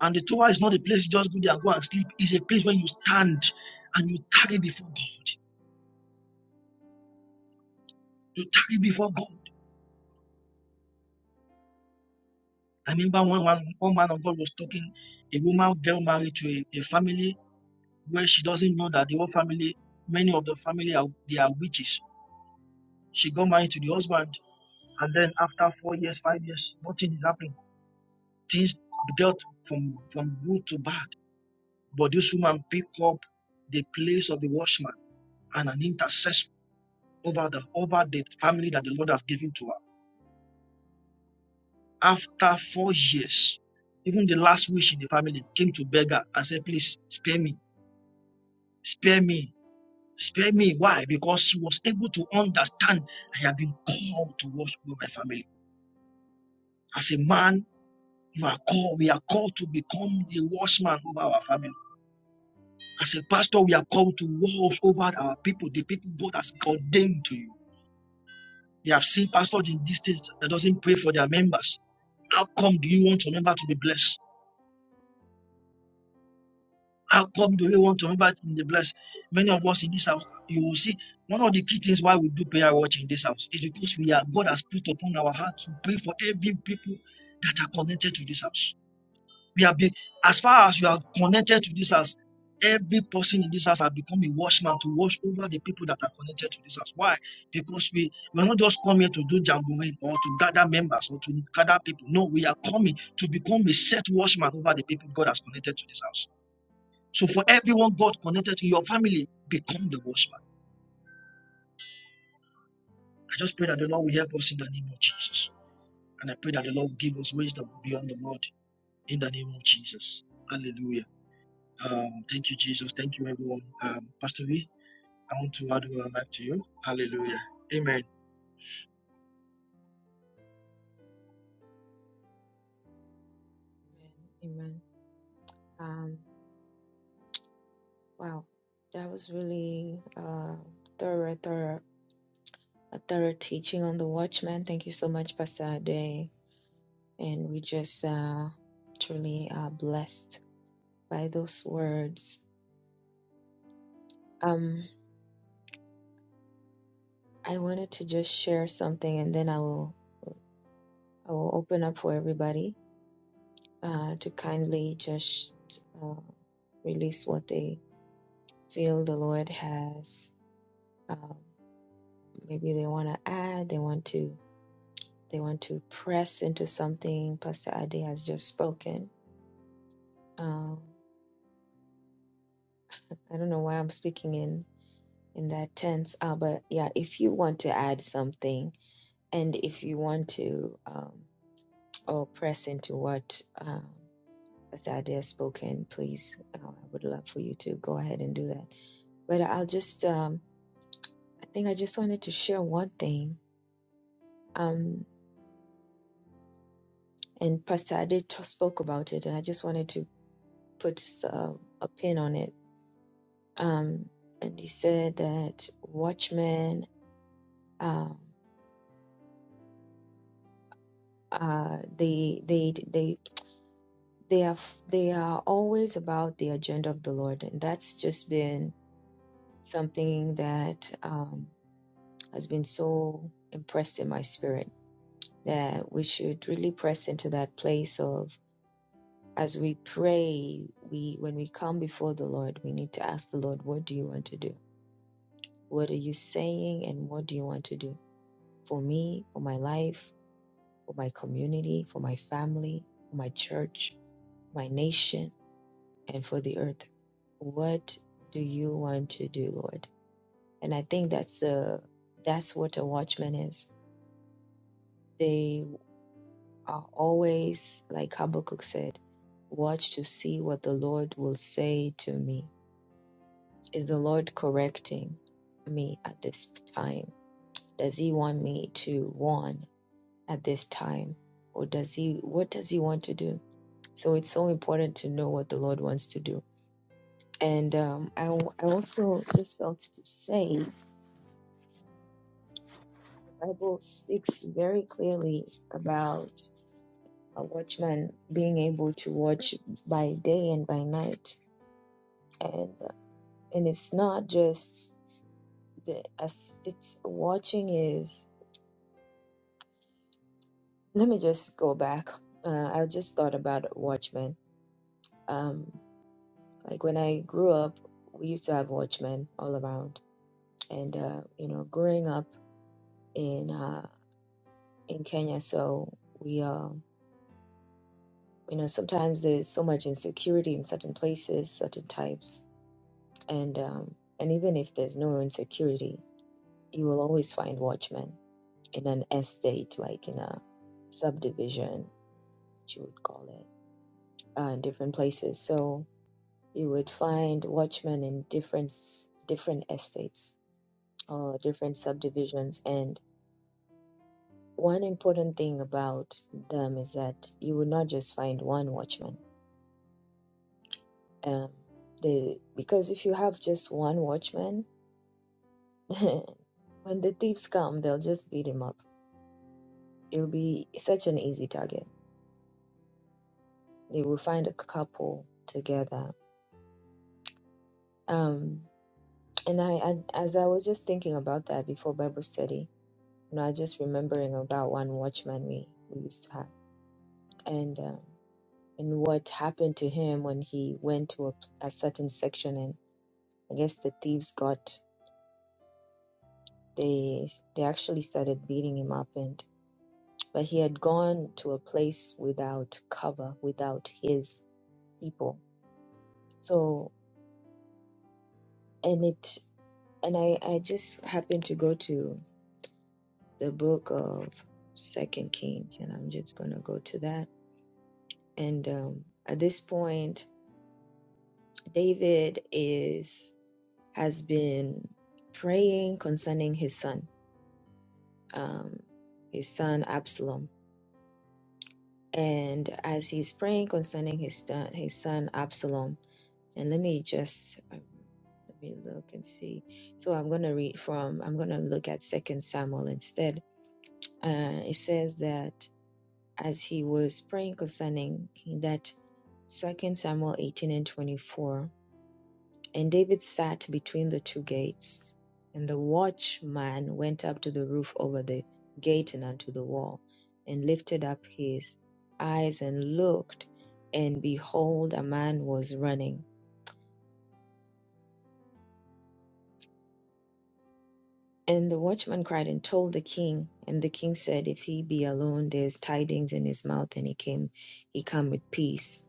S5: And the Torah is not a place just go there and go and sleep. It's a place where you stand and you tarry before God. You tarry before God. I remember one, one, one man of God was talking, a woman girl married to a, a family where she doesn't know that the whole family, many of the family are they are witches. She got married to the husband, and then after four years, five years, nothing is happening. Things got from from good to bad. But this woman picked up the place of the watchman and an intercessor over the over the family that the Lord has given to her. After four years, even the last wish in the family came to beg her and said, Please spare me, spare me, spare me. Why? Because she was able to understand I have been called to watch over my family. As a man, you are called, we are called to become the watchman over our family. As a pastor, we are called to watch over our people, the people God has ordained to you. They have seen pastors in this state that doesn't pray for their members. How come do you want your member to be blessed? How come do you want your member to be blessed? Many of us in this house, you will see one of the key things why we do prayer watch in this house is because we are God has put upon our heart to pray for every people that are connected to this house. We have been, as far as you are connected to this house, every person in this house has become a watchman to watch over the people that are connected to this house. Why? Because we we're not just coming to do jamboree or to gather members or to gather people. No, we are coming to become a set watchman over the people God has connected to this house. So for everyone God connected to your family, become the watchman. I just pray that the Lord will help us in the name of Jesus. And I pray that the Lord will give us wisdom beyond the world in the name of Jesus. Hallelujah. Um, thank you, Jesus. Thank you, everyone. Um, Pastor V, I want to add my mic to you. Hallelujah. Amen.
S1: Amen. Amen. Um, wow, that was really uh thorough, thorough, a thorough teaching on the Watchman. Thank you so much, Pastor Ade. And we just uh truly are blessed by those words. Um, I wanted to just share something, and then I will I will open up for everybody uh, to kindly just uh, release what they feel the Lord has. Um, maybe they want to add, they want to they want to press into something Pastor Ade has just spoken. Um, I don't know why I'm speaking in in that tense, uh, but yeah, if you want to add something, and if you want to. um, or press into what um, Pastor Ade has spoken, please, uh, I would love for you to go ahead and do that. But I'll just, um, I think I just wanted to share one thing. Um, and Pastor Ade t- spoke about it, and I just wanted to put uh, a pin on it. Um, and he said that watchmen, um, uh, they, they, they, they are, they are always about the agenda of the Lord, and that's just been something that. um, has been so impressed in my spirit that we should really press into that place of as we pray we when we come before the lord we need to ask the lord what do you want to do what are you saying and what do you want to do for me for my life for my community for my family for my church my nation and for the earth what do you want to do lord and i think that's uh that's what a watchman is They are always, like Habakkuk said, watch to see what the Lord will say to me. Is the Lord correcting me at this time? Does he want me to warn at this time? Or does he, what does he want to do? So it's so important to know what the Lord wants to do. And um, I, I also just felt to say the Bible speaks very clearly about a watchman being able to watch by day and by night and and it's not just the as it's watching is let me just go back uh, i just thought about watchmen um like when i grew up we used to have watchmen all around and uh you know growing up in uh in kenya so we uh you know sometimes there's so much insecurity in certain places certain types and um and even if there's no insecurity you will always find watchmen in an estate like in a subdivision you would call it, uh, in different places. So you would find watchmen in different s- different estates or different subdivisions. And one important thing about them is that you would not just find one watchman. Um, they because if you have just one watchman, when the thieves come, they'll just beat him up. It'll be such an easy target. They will find a couple together. Um, and I, I, as I was just thinking about that before Bible study, You know, I just remembering about one watchman we, we used to have and um, and what happened to him when he went to a, a certain section and I guess the thieves got they they actually started beating him up and but he had gone to a place without cover without his people so and it and I I just happened to go to the book of Second Kings and I'm just gonna go to that and um, at this point David is has been praying concerning his son, um, his son Absalom, and as he's praying concerning his son, his son Absalom, and let me just um, let me look and see. So I'm going to read from I'm going to look at Second Samuel instead. Uh, it says that as he was praying concerning that Second Samuel 18 and 24 And David sat between the two gates. And the watchman went up to the roof over the gate and unto the wall, and lifted up his eyes and looked, and behold, a man was running. And the watchman cried and told the king. And the king said, If he be alone, there is tidings in his mouth, and he came, he come with peace.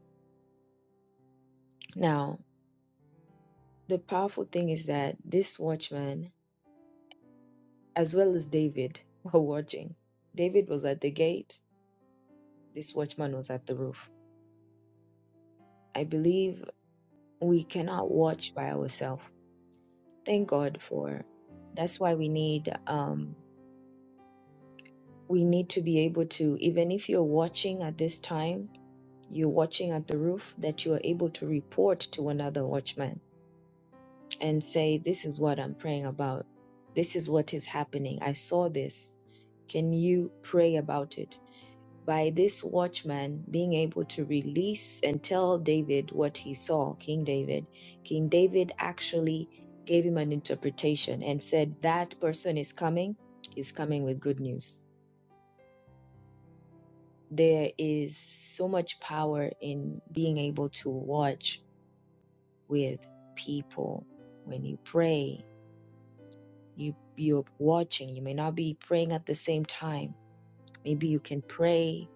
S1: Now, the powerful thing is that this watchman, as well as David, were watching. David was at the gate This watchman was at the roof. I believe we cannot watch by ourselves. Thank God for that's why we need um we need to be able to even if you're watching at this time, you're watching at the roof that you are able to report to another watchman and say this is what I'm praying about. This is what is happening. I saw this. Can you pray about it? by this watchman being able to release and tell David what he saw, King David, King David actually gave him an interpretation and said, That person is coming, is coming with good news. There is so much power in being able to watch with people. When you pray, you you're watching. You may not be praying at the same time. Maybe you can pray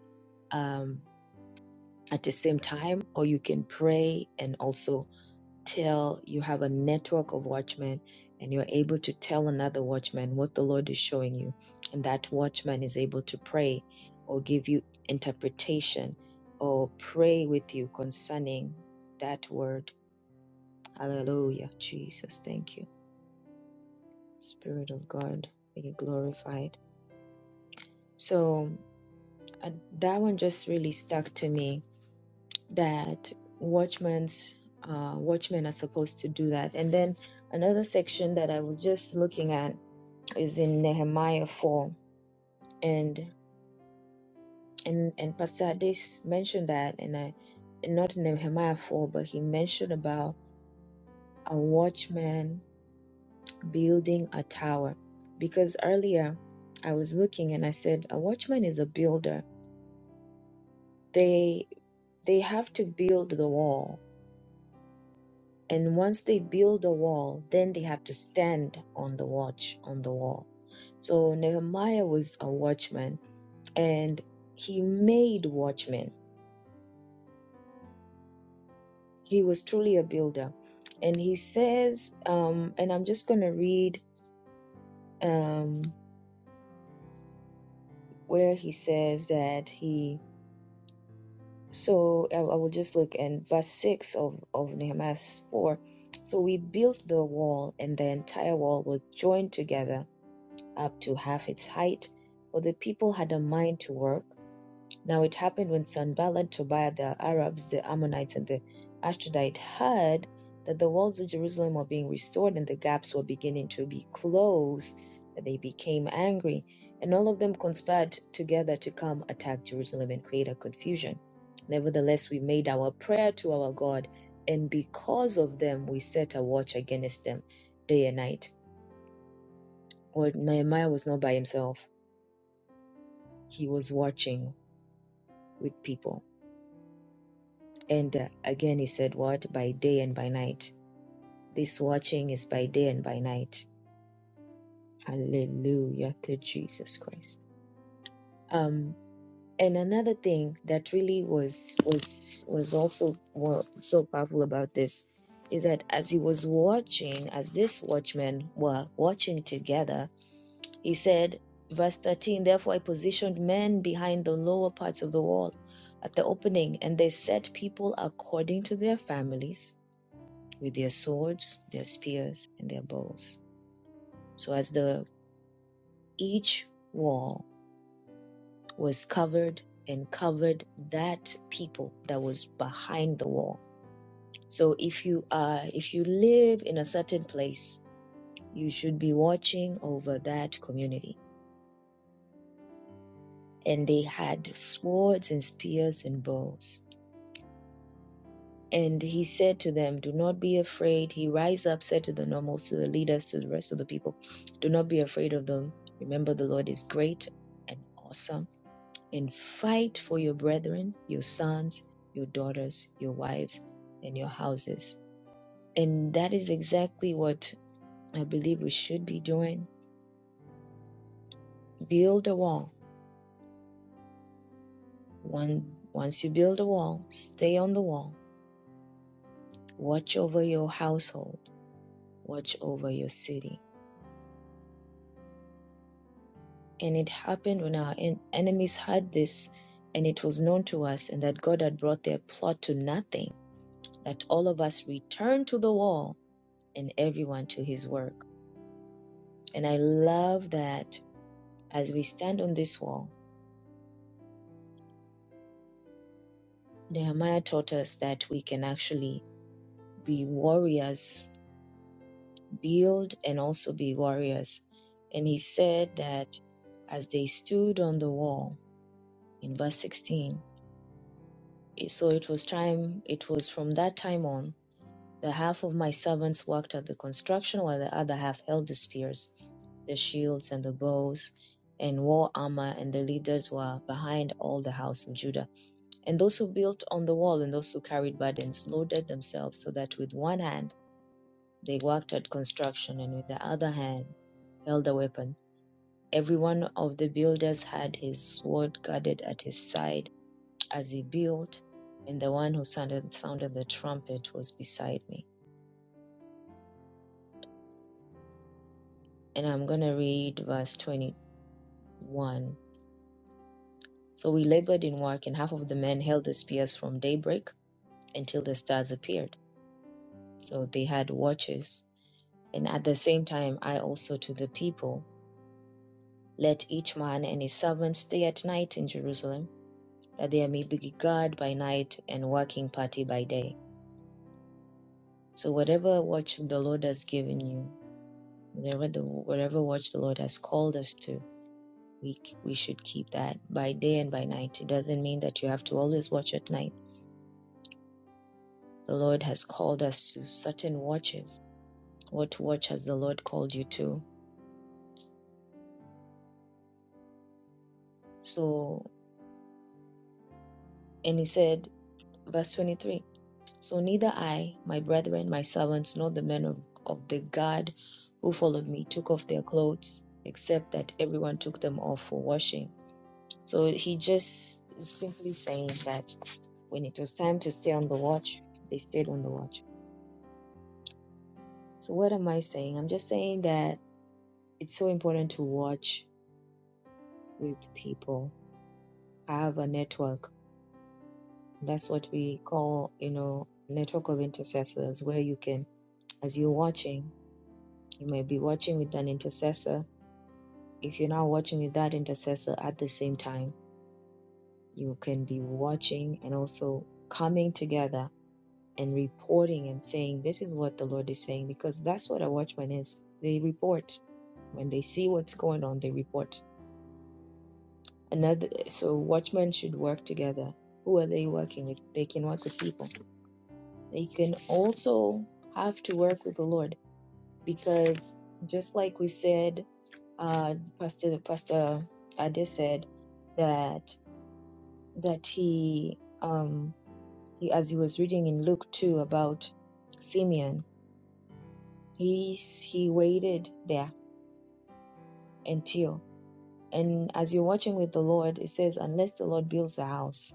S1: um, at the same time, or you can pray and also till you have a network of watchmen and you're able to tell another watchman what the Lord is showing you. And that watchman is able to pray or give you interpretation or pray with you concerning that word. Hallelujah. Jesus, thank you. Spirit of God, be glorified. So uh, that one just really stuck to me that watchmen's uh, watchmen are supposed to do that. And then another section that I was just looking at is in Nehemiah 4. And and and Pastor Adis mentioned that and I not in Nehemiah 4, but he mentioned about a watchman building a tower. Because earlier I was looking and I said a watchman is a builder. They they have to build the wall. And once they build the wall, then they have to stand on the watch on the wall. So Nehemiah was a watchman and he made watchmen he was truly a builder. And he says, um, and I'm just going to read um, where he says that he, so I, I will just look in verse 6 of, of Nehemiah 4. So we built the wall, and the entire wall was joined together up to half its height, for the people had a mind to work Now it happened when Sanballat, Tobiah the Arabs, the Ammonites, and the Ashdodite heard that the walls of Jerusalem were being restored and the gaps were beginning to be closed, that they became angry, and all of them conspired together to come attack Jerusalem and create a confusion. Nevertheless, we made our prayer to our God, and because of them, we set a watch against them day and night. Or Nehemiah was not by himself, he was watching with people And uh, again, he said, What? By day and by night. This watching is by day and by night. Hallelujah to Jesus Christ. Um, and another thing that really was was was also wa- so powerful about this is that as he was watching, as this watchmen were watching together, he said, verse 13, Therefore I positioned men behind the lower parts of the wall at the opening, and they set people according to their families with their swords, their spears, and their bows. So as the each wall was covered and covered that people that was behind the wall. So if you are if you live in a certain place, you should be watching over that community. And they had swords and spears and bows. And he said to them, Do not be afraid. He rise up, said to the normals, to the leaders, to the rest of the people, Do not be afraid of them. Remember, the Lord is great and awesome. And fight for your brethren, your sons, your daughters, your wives, and your houses. And that is exactly what I believe we should be doing. Build a wall. One, once you build a wall, stay on the wall. Watch over your household. Watch over your city And it happened when our en- enemies heard this, and it was known to us, and that God had brought their plot to nothing, that all of us returned to the wall and everyone to his work. And I love that as we stand on this wall, Nehemiah taught us that we can actually be warriors, build and also be warriors. And he said that as they stood on the wall in verse 16, it- so it was time, it was from that time on The half of my servants worked at the construction, while the other half held the spears, the shields, and the bows, and wore armor, and the leaders were behind all the house of Judah. And those who built on the wall and those who carried burdens loaded themselves, so that with one hand they worked at construction, and with the other hand held a weapon. Every one of the builders had his sword guarded at his side as he built, and the one who sounded, sounded the trumpet was beside me. and I'm going to read verse 21. So we labored in work, and half of the men held the spears from daybreak until the stars appeared. So they had watches. And at the same time, I also to the people, let each man and his servant stay at night in Jerusalem, that there may be guard by night and working party by day. So whatever watch the Lord has given you, whatever the whatever watch the Lord has called us to, we k- we should keep that by day and by night. It doesn't mean that you have to always watch at night. The Lord has called us to certain watches. What watch has the Lord called you to? So, and he said, verse 23 So neither I, my brethren, my servants, nor the men of, of the guard who followed me took off their clothes, except that everyone took them off for washing. So he just is simply saying that when it was time to stay on the watch, they stayed on the watch So what am I saying? I'm just saying that it's so important to watch with people, have a network. That's what we call, you know, network of intercessors, where you can, as you're watching, you may be watching with an intercessor. If you're not watching with that intercessor at the same time, you can be watching and also coming together and reporting and saying, this is what the Lord is saying, because that's what a watchman is. They report. When they see what's going on, they report Another, so watchmen should work together. Who are they working with? They can work with people. They can also have to work with the Lord because just like we said, uh, Pastor Pastor Ade said that that he um he as he was reading in Luke two about Simeon, he he waited there until and as you're watching with the Lord, it says unless the Lord builds the house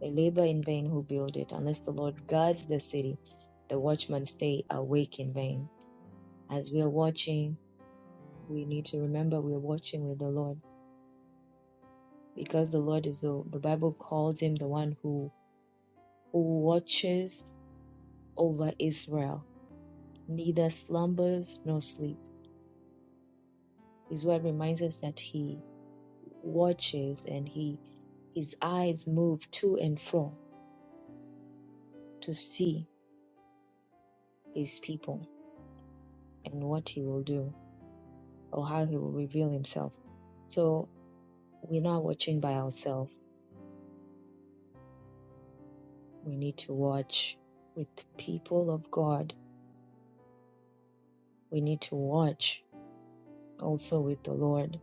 S1: They labor in vain who build it. Unless the Lord guards the city, the watchmen stay awake in vain. As we are watching, we need to remember we are watching with the Lord because the Lord is the, the Bible calls him the one who, who watches over Israel, neither slumbers nor sleep. His word reminds us that he watches and he his eyes move to and fro to see his people and what he will do or how he will reveal himself. So we're not watching by ourselves. We need to watch with people of God. We need to watch also with the Lord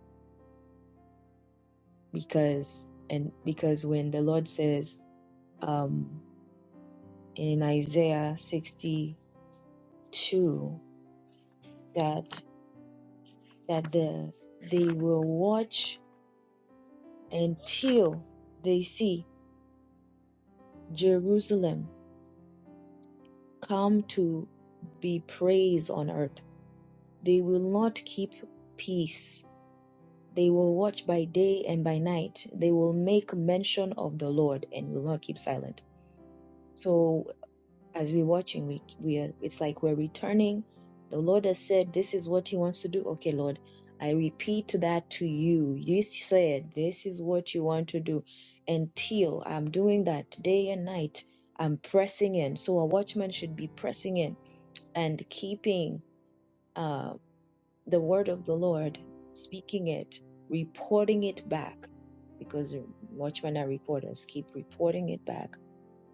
S1: because and because when the Lord says um, in Isaiah 62 that that the they will watch until they see Jerusalem come to be praised on earth. They will not keep peace They will watch by day and by night. They will make mention of the Lord and will not keep silent. So as we're watching, we we are it's like we're returning. The Lord has said this is what He wants to do. Okay, Lord, I repeat that to you. You said this is what you want to do. Until I'm doing that day and night, I'm pressing in. So a watchman should be pressing in and keeping. um, the word of the Lord, speaking it, reporting it back, because watchmen are reporters, keep reporting it back,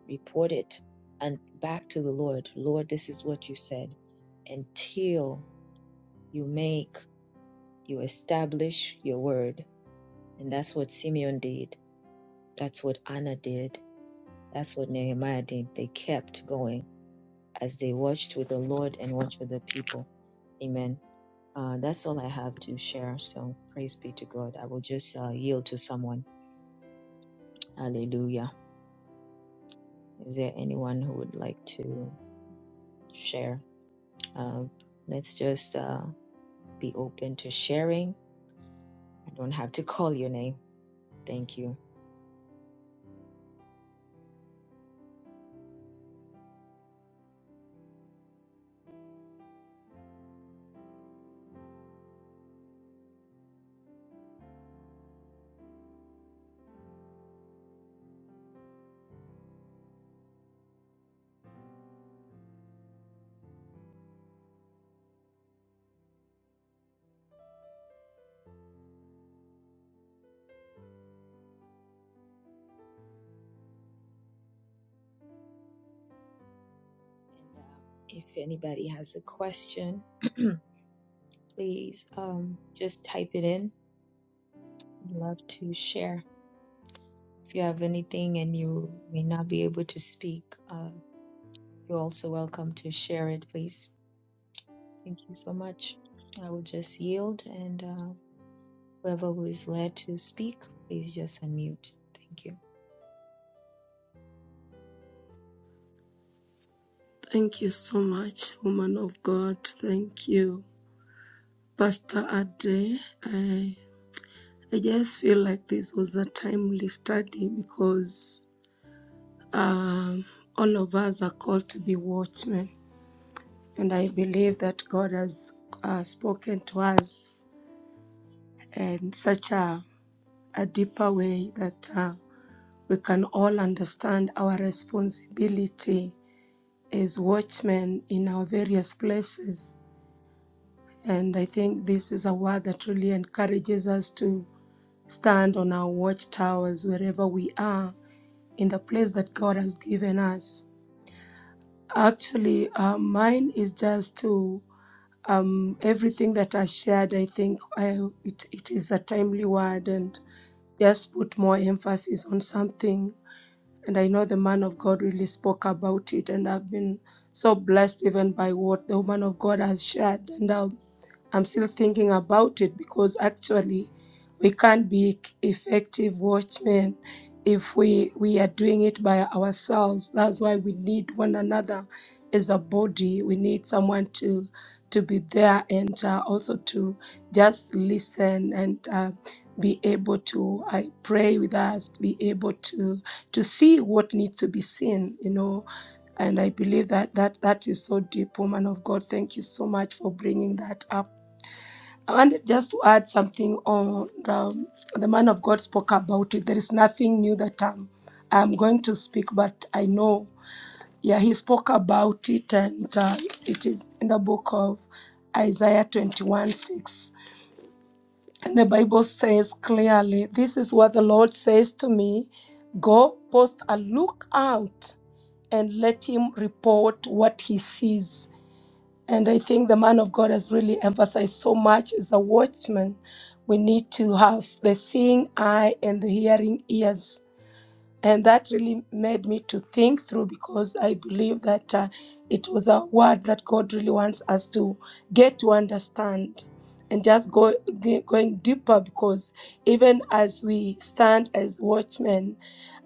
S1: report it and back to the Lord. Lord, this is what you said until you make, you establish your word. And that's what Simeon did. That's what Anna did. That's what Nehemiah did. They kept going as they watched with the Lord and watched with the people. Amen. Uh, that's all I have to share. So praise be to God. I will just uh, yield to someone. Hallelujah. Is there anyone who would like to share? Uh, let's just uh, be open to sharing. I don't have to call your name. Thank you. And uh, if anybody has a question, please um, just type it in. I'd love to share. If you have anything and you may not be able to speak, uh, you're also welcome to share it, please. Thank you so much. I will just yield, and uh, whoever who is led to speak, please just unmute. Thank you.
S3: Thank you so much, woman of God. Thank you, Pastor Ade. I, I just feel like this was a timely study because um, all of us are called to be watchmen. And I believe that God has uh, spoken to us in such a, a deeper way that uh, we can all understand our responsibility as watchmen in our various places And I think this is a word that really encourages us to stand on our watchtowers wherever we are in the place that God has given us. Actually, uh, mine is just to um, everything that I shared. I think I, it, it is a timely word and just put more emphasis on something. And I know the man of God really spoke about it, and I've been so blessed even by what the woman of God has shared. And um I'm still thinking about it because actually we can't be effective watchmen if we, we are doing it by ourselves. That's why we need one another as a body. We need someone to to be there and uh, also to just listen and uh, be able to I pray with us, be able to to see what needs to be seen, you know and I believe that that that is so deep, woman of God. Thank you so much for bringing that up I wanted just to add something on the the man of God spoke about it. There is nothing new that I'm, I'm going to speak, but I know. Yeah, he spoke about it, and uh, it is in the book of Isaiah 21 6. And the Bible says clearly, This is what the Lord says to me Go, post a lookout, and let him report what he sees and I think the man of God has really emphasized so much as a watchman, we need to have the seeing eye and the hearing ears. And that really made me to think through because I believe that uh, it was a word that God really wants us to get to understand and just go, ge- going deeper because even as we stand as watchmen,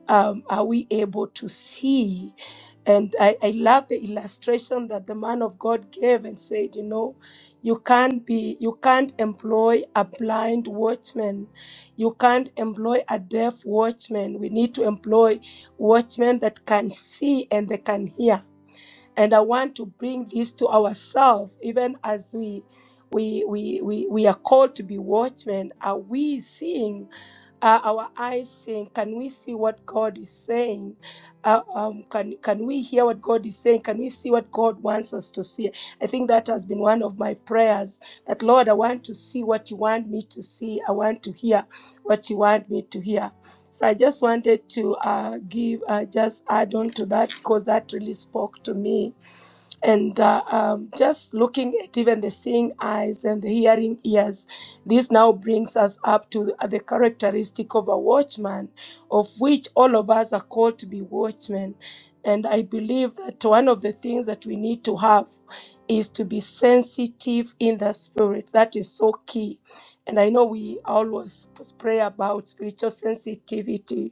S3: um, are we able to see? And I, I love the illustration that the man of God gave and said, you know, you can't be, you can't employ a blind watchman. You can't employ a deaf watchman. We need to employ watchmen that can see and they can hear and i want to bring this to ourselves even as we we we we, we are called to be watchmen are we seeing uh, our eyes seeing can we see what god is saying uh, um, can can we hear what god is saying can we see what god wants us to see i think that has been one of my prayers that lord i want to see what you want me to see i want to hear what you want me to hear so i just wanted to uh, give uh, just add on to that because that really spoke to me and uh, um, just looking at even the seeing eyes and the hearing ears this now brings us up to the characteristic of a watchman of which all of us are called to be watchmen and i believe that one of the things that we need to have is to be sensitive in the spirit that is so key and i know we always pray about spiritual sensitivity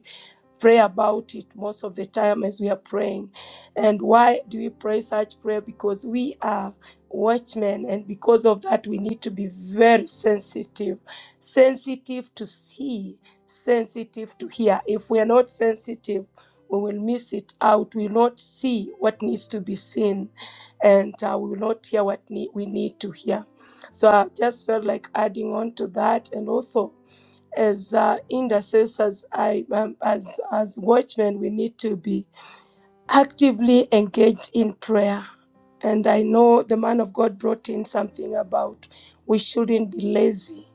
S3: pray about it most of the time as we are praying. And why do we pray such prayer? Because we are watchmen, and because of that, we need to be very sensitive, sensitive to see, sensitive to hear. If we are not sensitive, we will miss it out. We will not see what needs to be seen, and uh, we will not hear what ne- we need to hear. So I just felt like adding on to that, and also as uh, intercessors, I, um, as as watchmen, we need to be actively engaged in prayer. And I know the man of God brought in something about we shouldn't be lazy.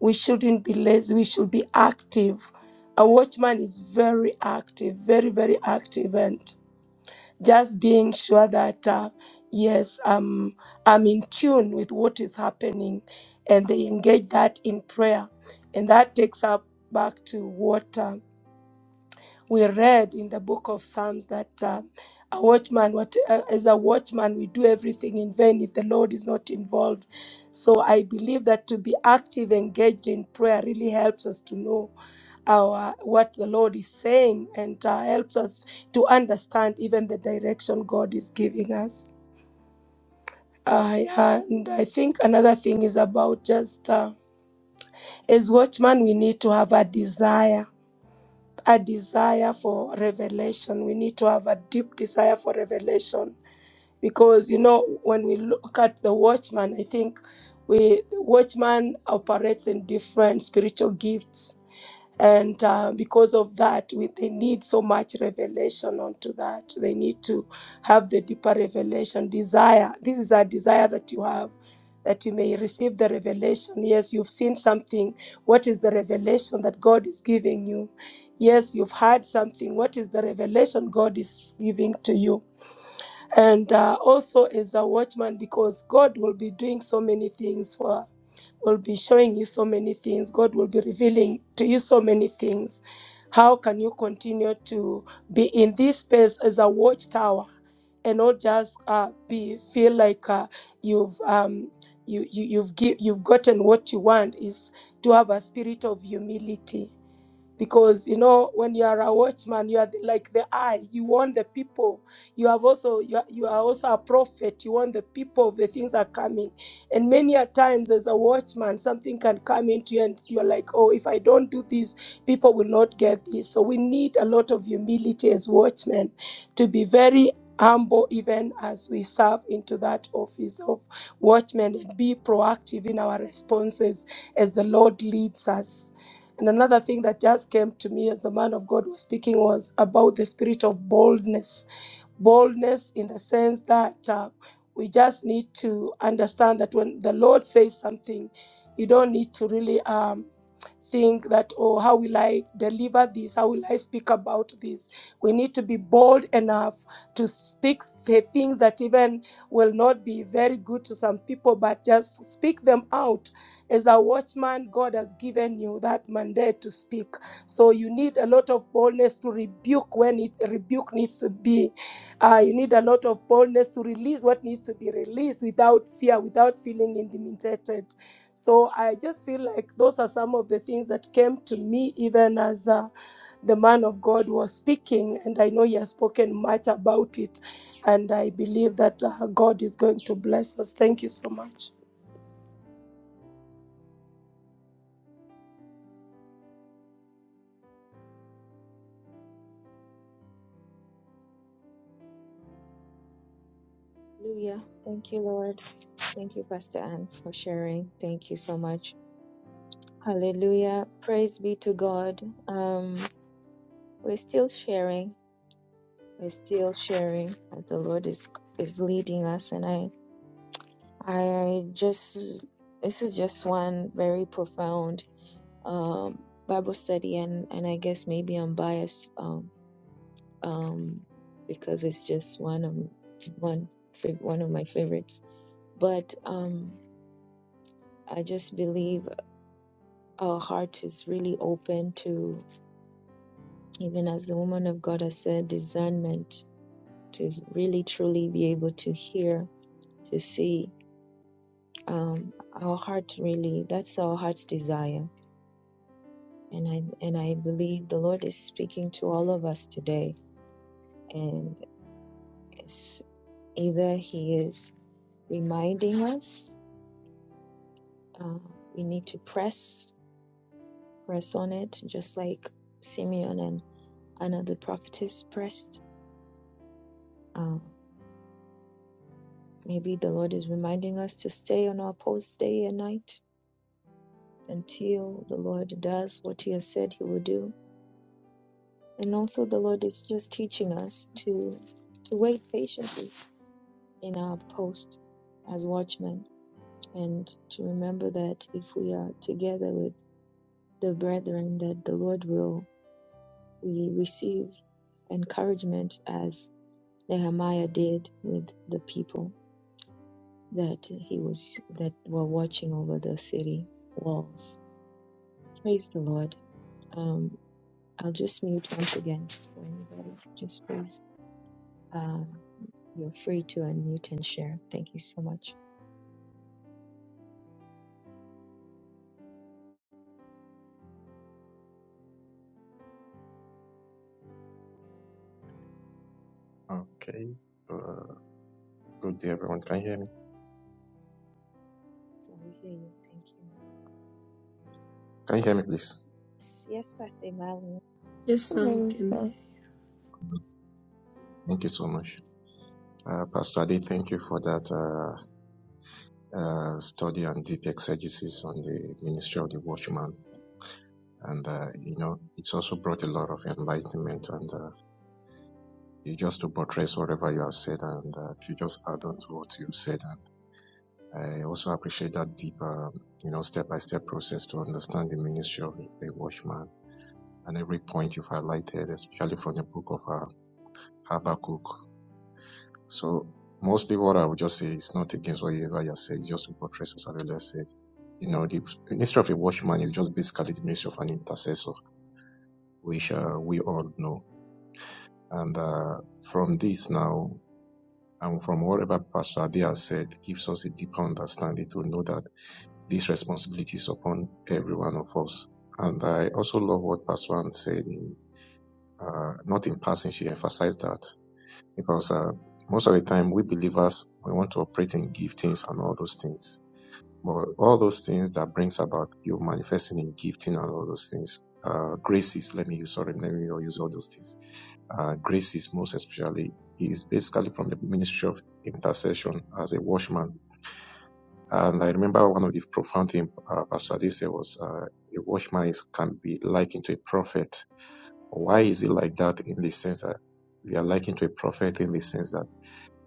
S3: We shouldn't be lazy. We should be active. A watchman is very active, very very active, and just being sure that uh, yes am i'm in tune with what is happening and they engage that in prayer and that takes up back to what. uh, we read in the book of Psalms that um, a watchman, what, uh, as a watchman, we do everything in vain if the Lord is not involved. So I believe that to be active, engaged in prayer really helps us to know our what the Lord is saying and uh, helps us to understand even the direction God is giving us. I- and I think another thing is about just uh, as watchmen, we need to have a desire a desire for revelation. We need to have a deep desire for revelation because you know when we look at the watchman, I think we the watchman operates in different spiritual gifts and uh, because of that we, they need so much revelation onto that they need to have the deeper revelation desire this is a desire that you have that you may receive the revelation yes you've seen something what is the revelation that god is giving you yes you've heard something what is the revelation god is giving to you and uh, also as a watchman because god will be doing so many things for will be showing you so many things. God will be revealing to you so many things. How can you continue to be in this space as a watchtower and not just uh, be feel like uh, you've um, you, you you've give, you've gotten what you want? Is to have a spirit of humility because you know when you are a watchman you are the, like the eye you want the people you have also you are, you are also a prophet you want the people of the things that are coming and many a times as a watchman something can come into you and you're like oh if i don't do this people will not get this so we need a lot of humility as watchmen to be very humble even as we serve into that office of watchmen and be proactive in our responses as the lord leads us and another thing that just came to me as the man of God was speaking was about the spirit of boldness. Boldness in the sense that uh, we just need to understand that when the Lord says something, you don't need to really. Um, think that, oh, how will I deliver this? How will I speak about this? We need to be bold enough to speak the things that even will not be very good to some people, but just speak them out. As a watchman, God has given you that mandate to speak. So you need a lot of boldness to rebuke when it rebuke needs to be. Uh, you need a lot of boldness to release what needs to be released without fear, without feeling intimidated. So I just feel like those are some of the things that came to me even as uh, the man of God was speaking, and I know he has spoken much about it, and I believe that uh, God is going to bless us. Thank you so much.
S1: Hallelujah. Thank you, Lord. Thank you, Pastor Anne, for sharing. Thank you so much. Hallelujah. Praise be to God. Um, we're still sharing. We're still sharing as the Lord is is leading us, and I I just this is just one very profound um Bible study, and and I guess maybe I'm biased Um. um, because it's just one of one fa- one of my favorites. But um, I just believe our heart is really open to, even as the woman of God has said, discernment to really truly be able to hear, to see. Um, our heart really, that's our heart's desire. And I and I believe the Lord is speaking to all of us today, and it's either He is reminding us Uh, we need to press, press on it, just like Simeon and Anna the prophetess pressed. Uh, maybe the Lord is reminding us to stay on our post day and night until the Lord does what He has said He will do. And also, the Lord is just teaching us to to wait patiently in our post as watchmen, and to remember that if we are together with the brethren, that the Lord will we receive encouragement as Nehemiah did with the people that he was that were watching over the city walls. Praise the Lord. Um, I'll just mute once again for anybody. Just please, uh, you're free to unmute and share. Thank you so much.
S7: Okay. Uh, good day, everyone. Can you hear me?
S1: So we hear you. Thank you.
S7: Can you hear me, please?
S1: Yes, yes Pastor Emmanuel.
S3: Yes, sir, we
S4: Amen.
S3: can
S7: Thank you so much. Uh, Pastor Ade, thank you for that uh, uh, study and deep exegesis on the ministry of the watchman. And, uh, you know, it's also brought a lot of enlightenment. And uh, you just to buttress whatever you have said, and uh, if you just add on to what you've said. And I also appreciate that deep, um, you know, step by step process to understand the ministry of the watchman and every point you've highlighted, especially from the book of uh, Habakkuk. So mostly what I would just say is not against whatever you ever said, it's just to portray as I've earlier said. You know, the ministry of a watchman is just basically the ministry of an intercessor, which uh, we all know. And uh, from this now, and from whatever Pastor Ade has said, gives us a deeper understanding to know that this responsibility is upon every one of us. And I also love what Pastor Ann said in, uh, not in passing, she emphasized that because uh, most of the time we believers we want to operate in giftings and all those things but all those things that brings about you manifesting in gifting and all those things uh graces let me use sorry let me not use all those things uh graces most especially is basically from the ministry of intercession as a watchman and i remember one of the profound thing uh, pastor Ade said was uh, a watchman is, can be likened to a prophet why is it like that in the sense that they are likened to a prophet in the sense that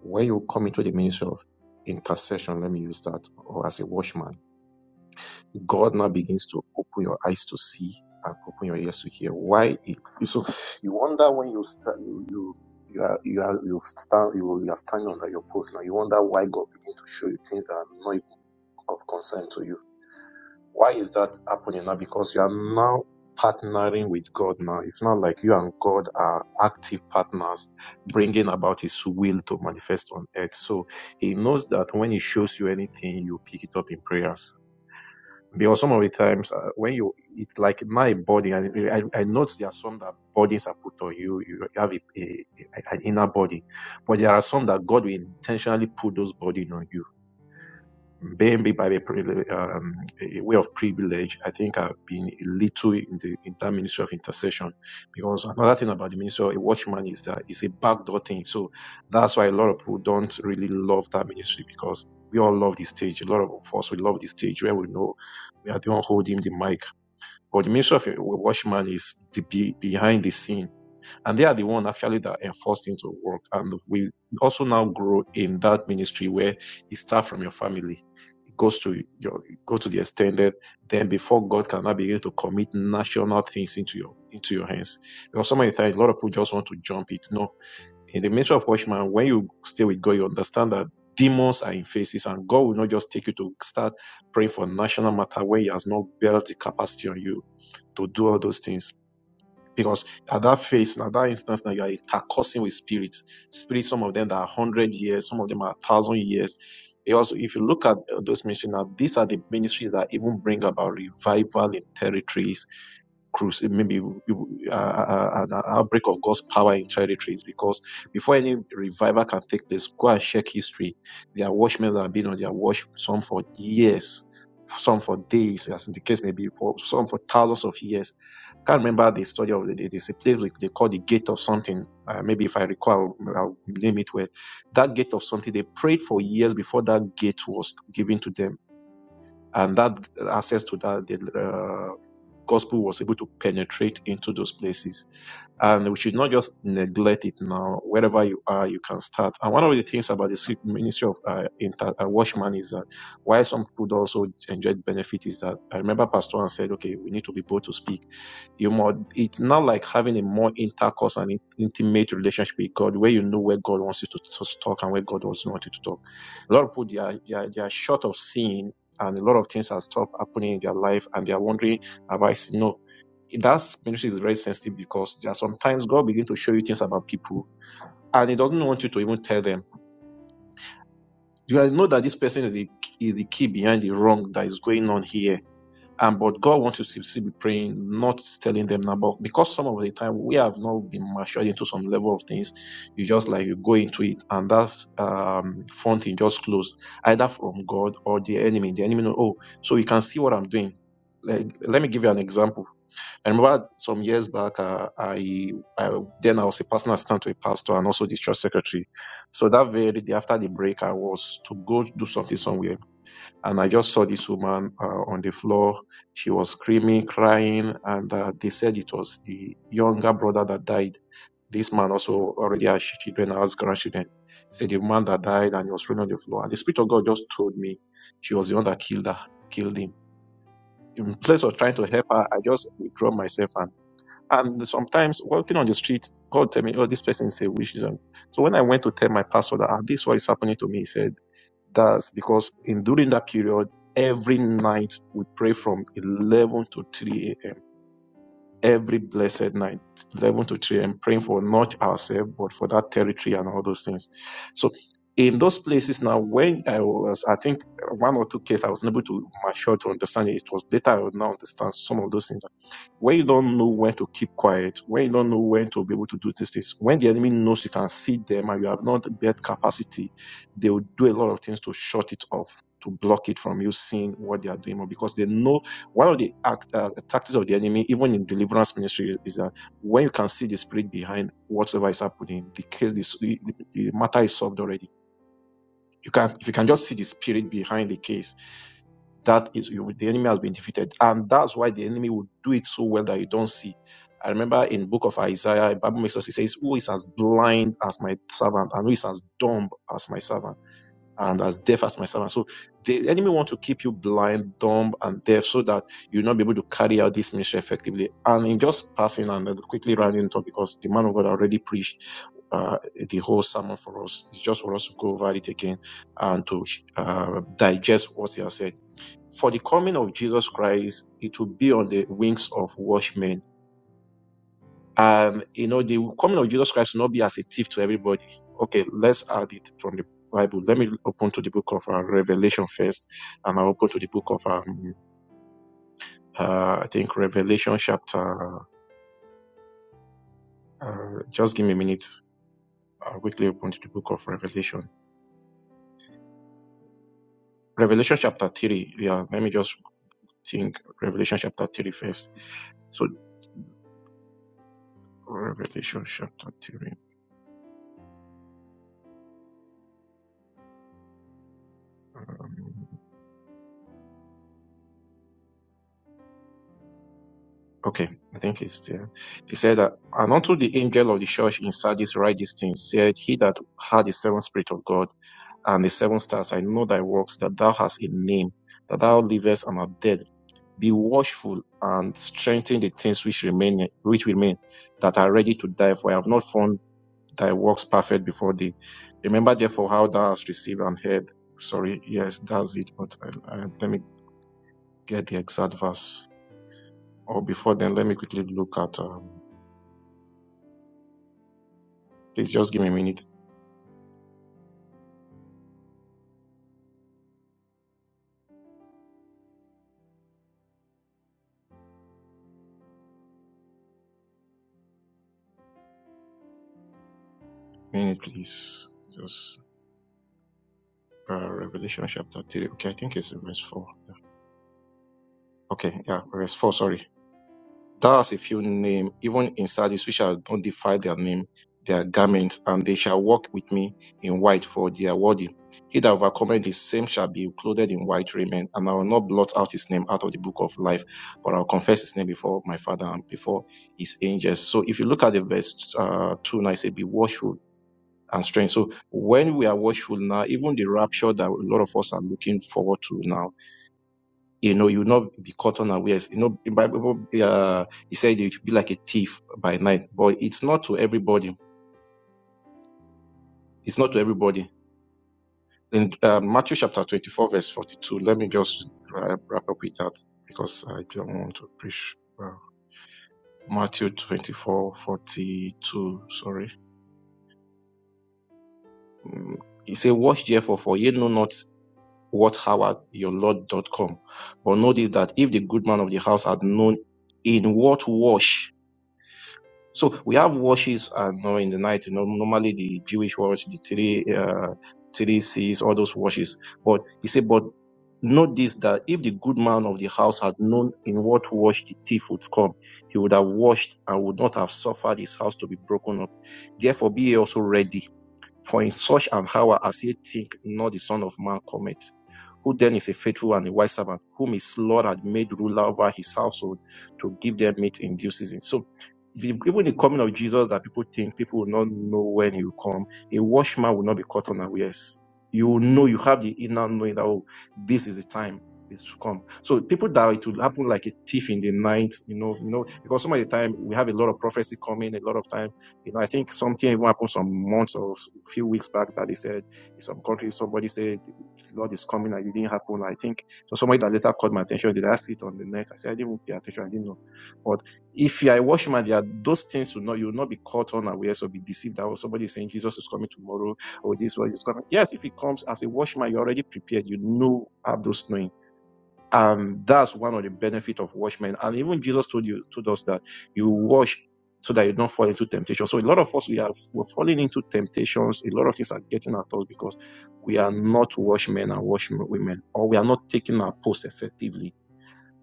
S7: when you come into the ministry of intercession, let me use that, or as a watchman, God now begins to open your eyes to see and open your ears to hear. Why? It, so you wonder when you start, you, you you are you are you stand you, you are standing under your post now. You wonder why God begins to show you things that are not even of concern to you why is that happening now? Because you are now partnering with God now. It's not like you and God are active partners bringing about His will to manifest on earth. So He knows that when He shows you anything, you pick it up in prayers. Because some of the times uh, when you, it's like my body, and I, I notice there are some that bodies are put on you. You have a, a, an inner body, but there are some that God will intentionally put those bodies on you maybe by the privi- um, a way of privilege, I think I've been a little in the in that ministry of intercession. Because another thing about the ministry of a watchman is that it's a backdoor thing. So that's why a lot of people don't really love that ministry because we all love the stage. A lot of us we love the stage where we know we are the one holding the mic. But the ministry of a watchman is the be, behind the scene and they are the one actually that enforced him to work. And we also now grow in that ministry where it starts from your family. It goes to your go to the extended. Then before God can now begin to commit national things into your into your hands. Because so many times a lot of people just want to jump it. No. In the ministry of watchman, when you stay with God, you understand that demons are in faces and God will not just take you to start praying for national matter when he has not built the capacity on you to do all those things. Because at that phase, at that instance, now you are intercoursing with spirits. Spirits, some of them that are hundred years, some of them are thousand years. Because if you look at uh, those missionaries, these are the ministries that even bring about revival in territories cruise maybe uh, uh, an outbreak of God's power in territories because before any revival can take place, go and check history. There are watchmen that have been on their watch, some for years, some for days, as in the case may be, for some for thousands of years. can't remember the story of the It's a place we- they call the gate of something. Uh, maybe if I recall, I'll, I'll name it where that gate of something they prayed for years before that gate was given to them. And that access to that the, gospel was able to penetrate into those places. And we should not just neglect it now. Wherever you are, you can start. And one of the things about the ministry of uh, inter- uh, watchman is that why some people do also enjoyed benefit is that I remember Pastor and said, okay, we need to be bold to speak. You more, it's not like having a more intercourse and in- intimate relationship with God where you know where God wants you to, to talk and where God wants not you to talk. A lot of people, they are, they are, they are short of seeing and a lot of things have stopped happening in their life and they are wondering, have I seen? No, that ministry is very sensitive because there are sometimes God begin to show you things about people and He doesn't want you to even tell them. You know that this person is the, is the key behind the wrong that is going on here. And but God wants you to be praying, not telling them now. But because some of the time we have not been matured into some level of things, you just like you go into it and that's um front just closed, either from God or the enemy. The enemy know, oh, so you can see what I'm doing. Like let me give you an example I remember some years back, uh, I, I then I was a personal assistant to a pastor and also the church secretary. So that very day after the break, I was to go do something somewhere, and I just saw this woman uh, on the floor. She was screaming, crying, and uh, they said it was the younger brother that died. This man also already has children, has grandchildren. Said the man that died and he was running on the floor, and the spirit of God just told me she was the one that killed her, killed him. In place of trying to help her, I just withdraw myself and and sometimes walking on the street, God tell me, oh, this person is a witch. He's a-" So when I went to tell my pastor that "Ah, this is what is happening to me, he said, that's because in during that period, every night we pray from 11 to 3 a.m every blessed night, 11 to 3 I'm praying for not ourselves, but for that territory and all those things. So in those places now, when I was, I think one or two cases, I was able to mature to understand it. It was later I would now understand some of those things. When you don't know when to keep quiet, when you don't know when to be able to do these things, when the enemy knows you can see them and you have not built capacity, they will do a lot of things to shut it off, to block it from you seeing what they are doing, because they know one of the act, uh, tactics of the enemy, even in deliverance ministry, is, is that when you can see the spirit behind whatever is happening, the case, is- the, the matter is solved already. You can, if you can just see the spirit behind the case, that is, you, the enemy has been defeated, and that's why the enemy will do it so well that you don't see. I remember in the book of Isaiah, the Bible makes us, it says, who is as blind as my servant and who is as dumb as my servant? and as deaf as my servant. So the enemy want to keep you blind, dumb, and deaf so that you'll not be able to carry out this ministry effectively. And in just passing and uh, quickly rounding it up because the man of God already preached uh, the whole sermon for us. It's just for us to go over it again and to uh, digest what he has said. For the coming of Jesus Christ, it will be on the wings of watchmen um, you know, the coming of Jesus Christ will not be as a thief to everybody. Okay, let's add it from the Bible. Let me open to the book of uh, Revelation first, and I'll open to the book of, um, uh, I think, Revelation chapter. Uh, just give me a minute. I'll quickly open to the book of Revelation. Revelation chapter 3. Yeah, let me just think Revelation chapter 3 first. So, Revelation chapter 3. Okay, I think it's there. He said that, and unto the angel of the church in Sardis write these things, said he that had the seven spirit of God and the seven stars, I know thy works, that thou hast a name, that thou livest and art dead. Be watchful and strengthen the things which remain, which remain, that are ready to die, for I have not found thy works perfect before thee. Remember therefore how thou hast received and heard. Sorry, yes, that's it, but I, I, let me get the exact verse. Or before then, let me quickly look at. Um, Please just give me a minute, minute, please. Just uh, Revelation chapter three. Okay, I think it's verse four. Okay, yeah, verse four. Sorry. Thou hast a few name, even in Sardis, which shall not defile their name, their garments, and they shall walk with me in white, for they are worthy. He that overcometh the same shall be clothed in white raiment, and I will not blot out his name out of the book of life, but I will confess his name before my Father and before his angels. So if you look at the verse uh, two, now it says, "Be watchful, and strength. So when we are watchful now, even the rapture that a lot of us are looking forward to now, you know, you will not be caught unawares. You know, the Bible, uh, it said you should be like a thief by night, but it's not to everybody. It's not to everybody. In uh, Matthew chapter 24, verse 42, let me just wrap wrap up with that because I don't want to preach. Uh, Matthew 24, 42, sorry. Mm, He said, Watch therefore, for ye know not whathowardyourlord.com. But notice that if the good man of the house had known in what wash, so we have washes and you in the night, you know, normally the Jewish wash, the three, uh, three seas, all those washes. But he said, but note this that if the good man of the house had known in what wash the thief would come, he would have washed and would not have suffered his house to be broken up. Therefore, be ye also ready. For in such an hour as ye think not the Son of Man cometh who then is a faithful and a wise servant, whom his Lord had made ruler over his household to give them meat in due season. So even the coming of Jesus that people think people will not know when he will come, a watchman will not be caught unawares. You will know, you have the inner knowing that, oh, this is the time is to come. So people that it will happen like a thief in the night, you know, you know, because some of the time we have a lot of prophecy coming, a lot of time, you know, I think something even happened some months or a few weeks back that they said in some countries, somebody said Lord is coming and it didn't happen. I think so. Somebody that later caught my attention, did I see it on the net? I said, I didn't pay attention. I didn't know. But if you are a watchman, there are those things will not, you will not be caught unaware or be deceived that oh, somebody is saying Jesus is coming tomorrow or this one is coming. Yes, if it comes as a watchman, you're already prepared. You know, have those knowing. Um, that's one of the benefit of watchmen. And even Jesus told you told us that you watch so that you don't fall into temptation. So a lot of us we are we're falling into temptations. A lot of things are getting at us because we are not watchmen and watchwomen, or we are not taking our post effectively.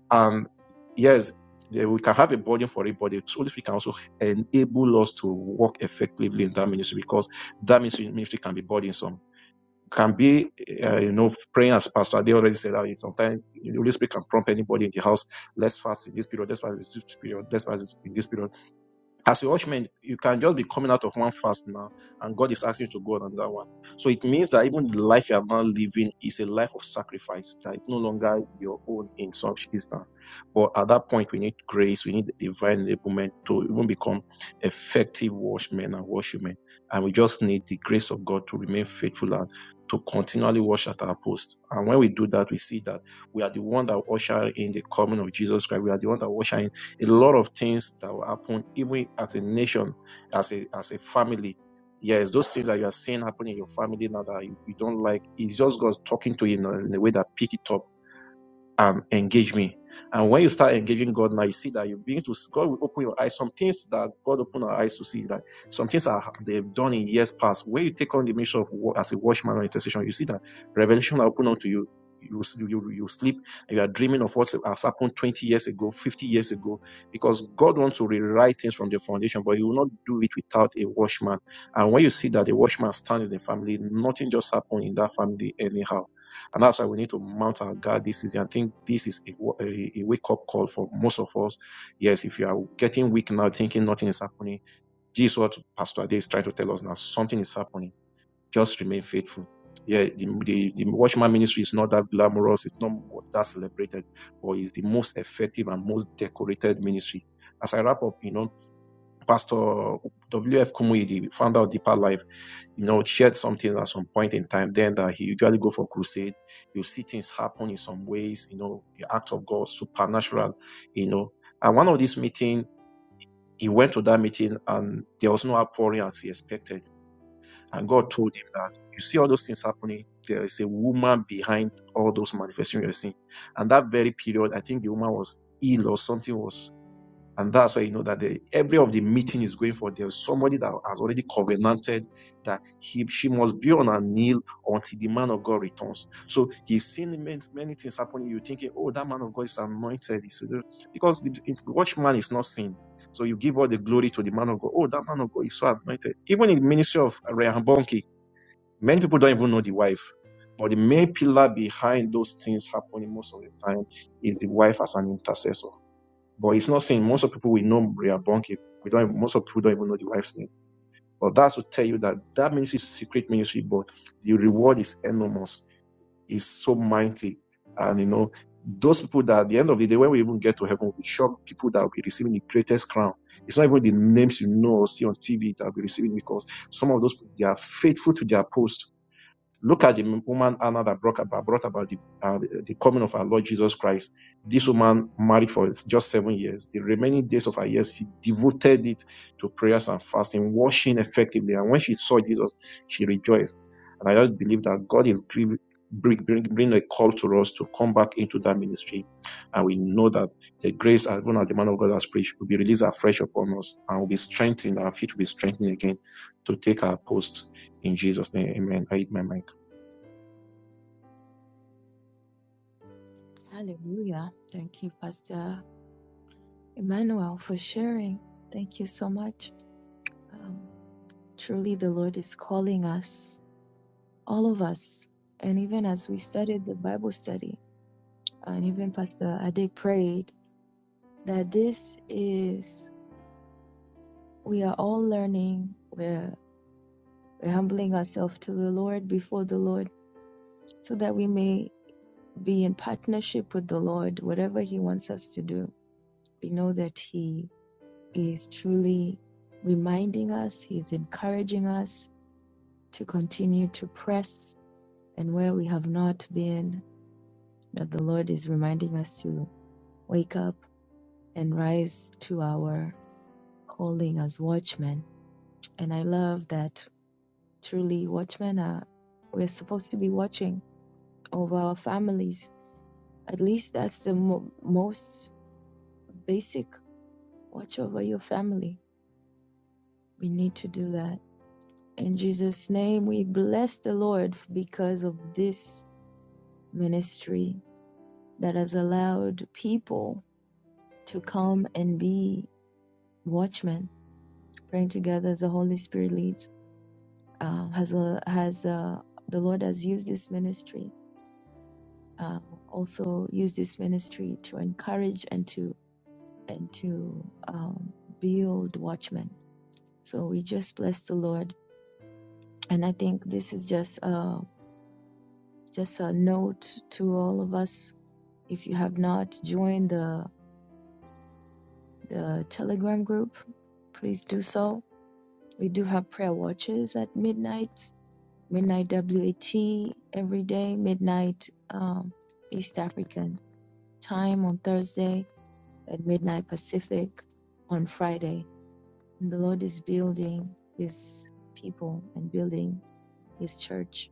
S7: And yes, there- we can have a burden for a body. So this we can also enable us to work effectively in that ministry because that ministry, ministry can be burdensome can be, uh, you know, praying as Pastor Ade already said, that sometimes the Holy Spirit can prompt anybody in the house, let's fast in this period, let's fast in this period, let's fast in this period. As a watchman, you can just be coming out of one fast now, and God is asking you to go on another one. So it means that even the life you are now living is a life of sacrifice, that it's no longer your own in some instance. But at that point, we need grace, we need divine enablement to even become effective watchmen and worshipmen. And we just need the grace of God to remain faithful and to continually watch at our post. And when we do that, we see that we are the one that usher in the coming of Jesus Christ. We are the one that usher in a lot of things that will happen even as a nation, as a as a family. Yes, those things that you are seeing happen in your family now that you, you don't like, it's just God talking to you in a, in a way that pick it up um, engage me. And when you start engaging God now, you see that you begin to, God will open your eyes. Some things that God opened our eyes to see that some things are, they've done in years past. When you take on the mission of as a watchman or intercession, you see that revelation are open unto you. You, you, you sleep and you are dreaming of what has happened 20 years ago, 50 years ago, because God wants to rewrite things from the foundation, but you will not do it without a watchman. And when you see that the watchman stands in the family, nothing just happened in that family anyhow and that's why we need to mount our guard this season. I think this is a, a, a wake up call for most of us. Yes, if you are getting weak now, thinking nothing is happening, this is what Pastor Ade is trying to tell us now. Something is happening. Just remain faithful. Yeah, the, the, the Watchman ministry is not that glamorous. It's not that celebrated, but it's the most effective and most decorated ministry. As I wrap up, you know, Pastor W.F. Kumuyi, the founder of Deeper Life, you know, shared something at some point in time. Then that he usually go for crusade. You see things happen in some ways, you know, the act of God, supernatural, you know. And one of these meeting, he went to that meeting and there was no outpouring as he expected. And God told him that you see all those things happening. There is a woman behind all those manifestations you're seeing. And that very period, I think the woman was ill or something was and that's why you know that the, every of the meeting is going for there's somebody that has already covenanted that he she must be on her knee until the man of God returns. So he's seen many, many things happening. You're thinking, oh, that man of God is anointed. He's, because the, the watchman is not seen. So you give all the glory to the man of God. Oh, that man of God is so anointed. Even in the ministry of Rehoboam, many people don't even know the wife. But the main pillar behind those things happening most of the time is the wife as an intercessor. But it's not seen. Most of people we know Maria Bonke, we don't. Even, most of people don't even know the wife's name. But that's to tell you that that ministry is a secret ministry, but the reward is enormous. It's so mighty, and you know those people that at the end of the day, when we even get to heaven, we shock people that will be receiving the greatest crown. It's not even the names you know or see on TV that will be receiving because some of those people, they are faithful to their post Look at the woman Anna that brought about, brought about the, uh, the coming of our Lord Jesus Christ. This woman married for just seven years. The remaining days of her years, she devoted it to prayers and fasting, washing effectively. And when she saw Jesus, she rejoiced. And I just believe that God is grieving. Bring, bring, bring a call to us to come back into that ministry. And we know that the grace, as even as the man of God has preached, will be released afresh upon us and will be strengthened. Our feet will be strengthened again to take our post in Jesus' name. Amen. I hit my mind.
S1: Hallelujah. Thank you, Pastor Emmanuel, for sharing. Thank you so much. Um, truly, the Lord is calling us all of us. And even as we studied the Bible study, and even Pastor Ade prayed that this is, we are all learning, we're, we're humbling ourselves to the Lord before the Lord so that we may be in partnership with the Lord, whatever He wants us to do. We know that He is truly reminding us, He is encouraging us to continue to press, and where we have not been, that the Lord is reminding us to wake up and rise to our calling as watchmen. And I love that truly watchmen are, we're supposed to be watching over our families. At least that's the mo- most basic watch over your family. We need to do that. In Jesus' name, we bless the Lord because of this ministry that has allowed people to come and be watchmen, praying together as the Holy Spirit leads uh, has a, has uh, the Lord has used this ministry, uh, also used this ministry to encourage and to and to um, build watchmen. So we just bless the Lord, and I think this is just uh, just a note to all of us. If you have not joined the the Telegram group, please do so. We do have prayer watches at midnight, midnight WAT every day, midnight um, East African. time on Thursday at midnight Pacific on Friday. And the Lord is building his people and building his church.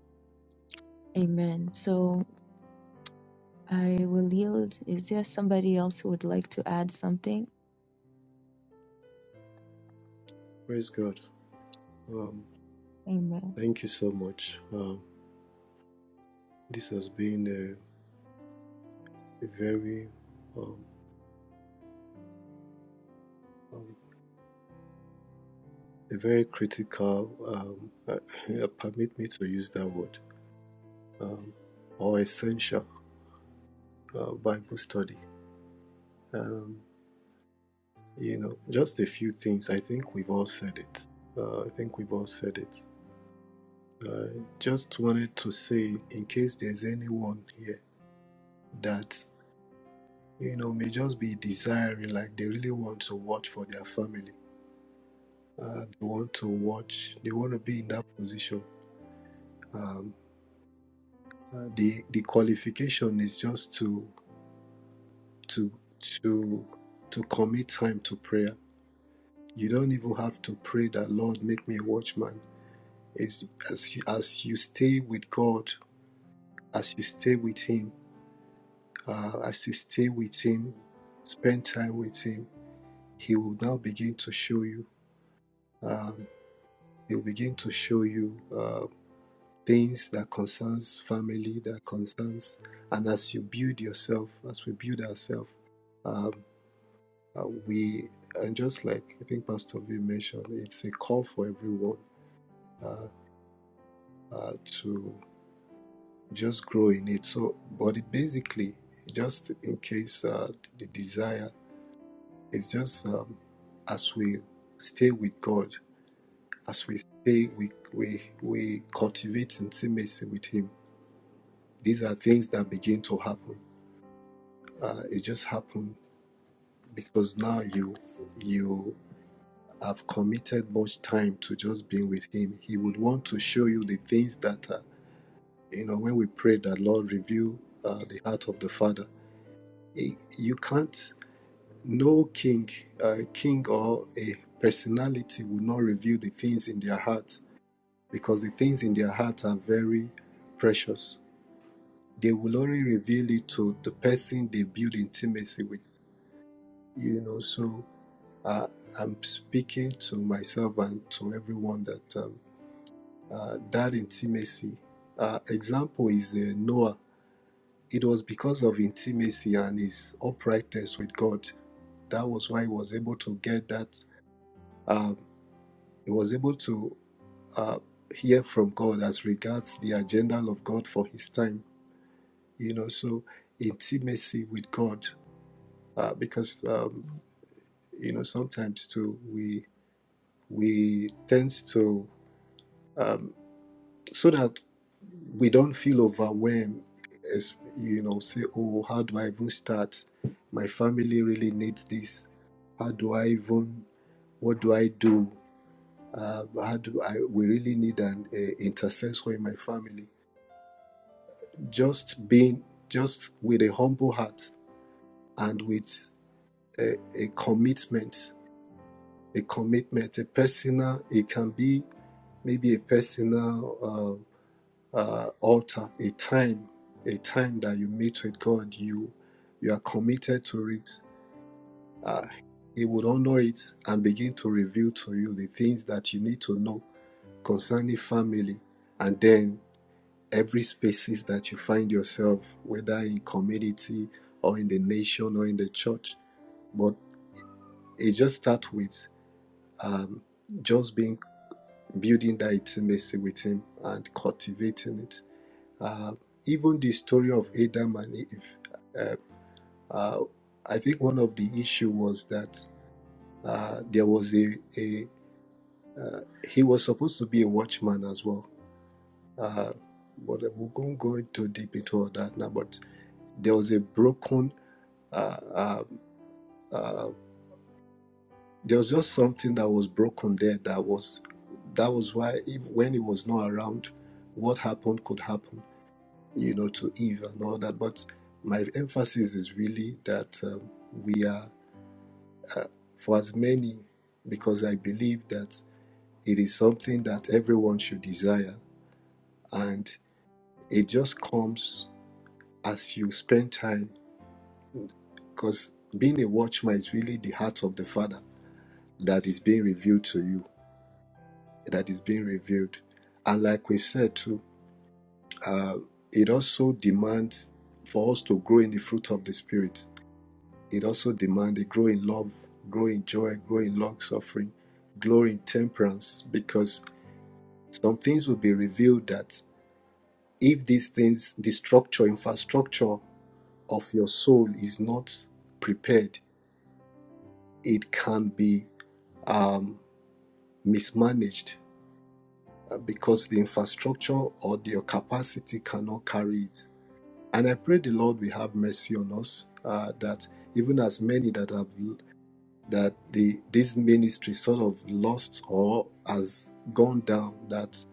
S1: Amen. So I will yield. Is there somebody else who would like to add something?
S8: Praise God. Um,
S1: Amen.
S8: thank you so much. Um, this has been a, a very, um, um, a very critical. Um, uh, permit me to use that word, um, or essential uh, Bible study. Um, you know, just a few things. I think we've all said it. Uh, I think we've all said it. I just wanted to say, in case there's anyone here that you know may just be desiring, like they really want to watch for their family Uh, they want to watch. They want to be in that position. Um, uh, the the qualification is just to to to to commit time to prayer. You don't even have to pray that Lord make me a watchman. It's as you, as you stay with God, as you stay with Him, uh, as you stay with Him, spend time with Him. He will now begin to show you. Um, he will begin to show you. Uh, things that concerns family, that concerns, and as you build yourself, as we build ourselves, um, uh, we and just like I think Pastor V mentioned, it's a call for everyone uh, uh, to just grow in it. So, but it basically, just in case uh, the desire is just um, as we stay with God, as we stay, we we we cultivate intimacy with Him. These are things that begin to happen Uh, it just happened because now you you have committed much time to just being with Him. He would want to show you the things that uh, you know. When we pray that Lord reveal uh, the heart of the Father, He- you can't. No king, uh, king or a personality will not reveal the things in their heart because the things in their heart are very precious. They will only reveal it to the person they build intimacy with. You know, so uh, I'm speaking to myself and to everyone that um, uh, that intimacy uh, example is the Noah. It was because of intimacy and his uprightness with God that was why he was able to get that. Um, he was able to uh, hear from God as regards the agenda of God for his time. You know, so intimacy with God uh, because um, you know sometimes too we we tend to um, so that we don't feel overwhelmed as you know say oh how do i even start my family really needs this how do i even what do i do uh, how do i we really need an uh, intercessor in my family just being just with a humble heart and with a, a commitment a commitment a personal it can be maybe a personal um, uh, altar, a time, a time that you meet with God, you you are committed to it. Uh, he would honor it and begin to reveal to you the things that you need to know concerning family, and then every spaces that you find yourself, whether in community or in the nation or in the church. But it just starts with um, just being building that intimacy with Him and cultivating it. Uh, even the story of Adam and Eve, uh, uh, I think one of the issue was that uh, there was a, a uh, he was supposed to be a watchman as well. Uh, but we won't go too deep into all that now. But there was a broken, uh, uh, uh, there was just something that was broken there. That was that was why if, when he was not around, what happened could happen you know, to Eve and all that. But my emphasis is really that um, we are, uh, for as many, because I believe that it is something that everyone should desire. And it just comes as you spend time, because being a watchman is really the heart of the Father that is being revealed to you, that is being revealed. And like we've said too, uh, it also demands for us to grow in the fruit of the Spirit It also demands a grow in love, grow in joy, grow in long suffering, grow in temperance, because some things will be revealed that if these things, the structure, infrastructure of your soul is not prepared, it can be um, mismanaged uh, because the infrastructure or your capacity cannot carry it. And I pray the Lord will have mercy on us uh, that even as many that have that the this ministry sort of lost or has gone down that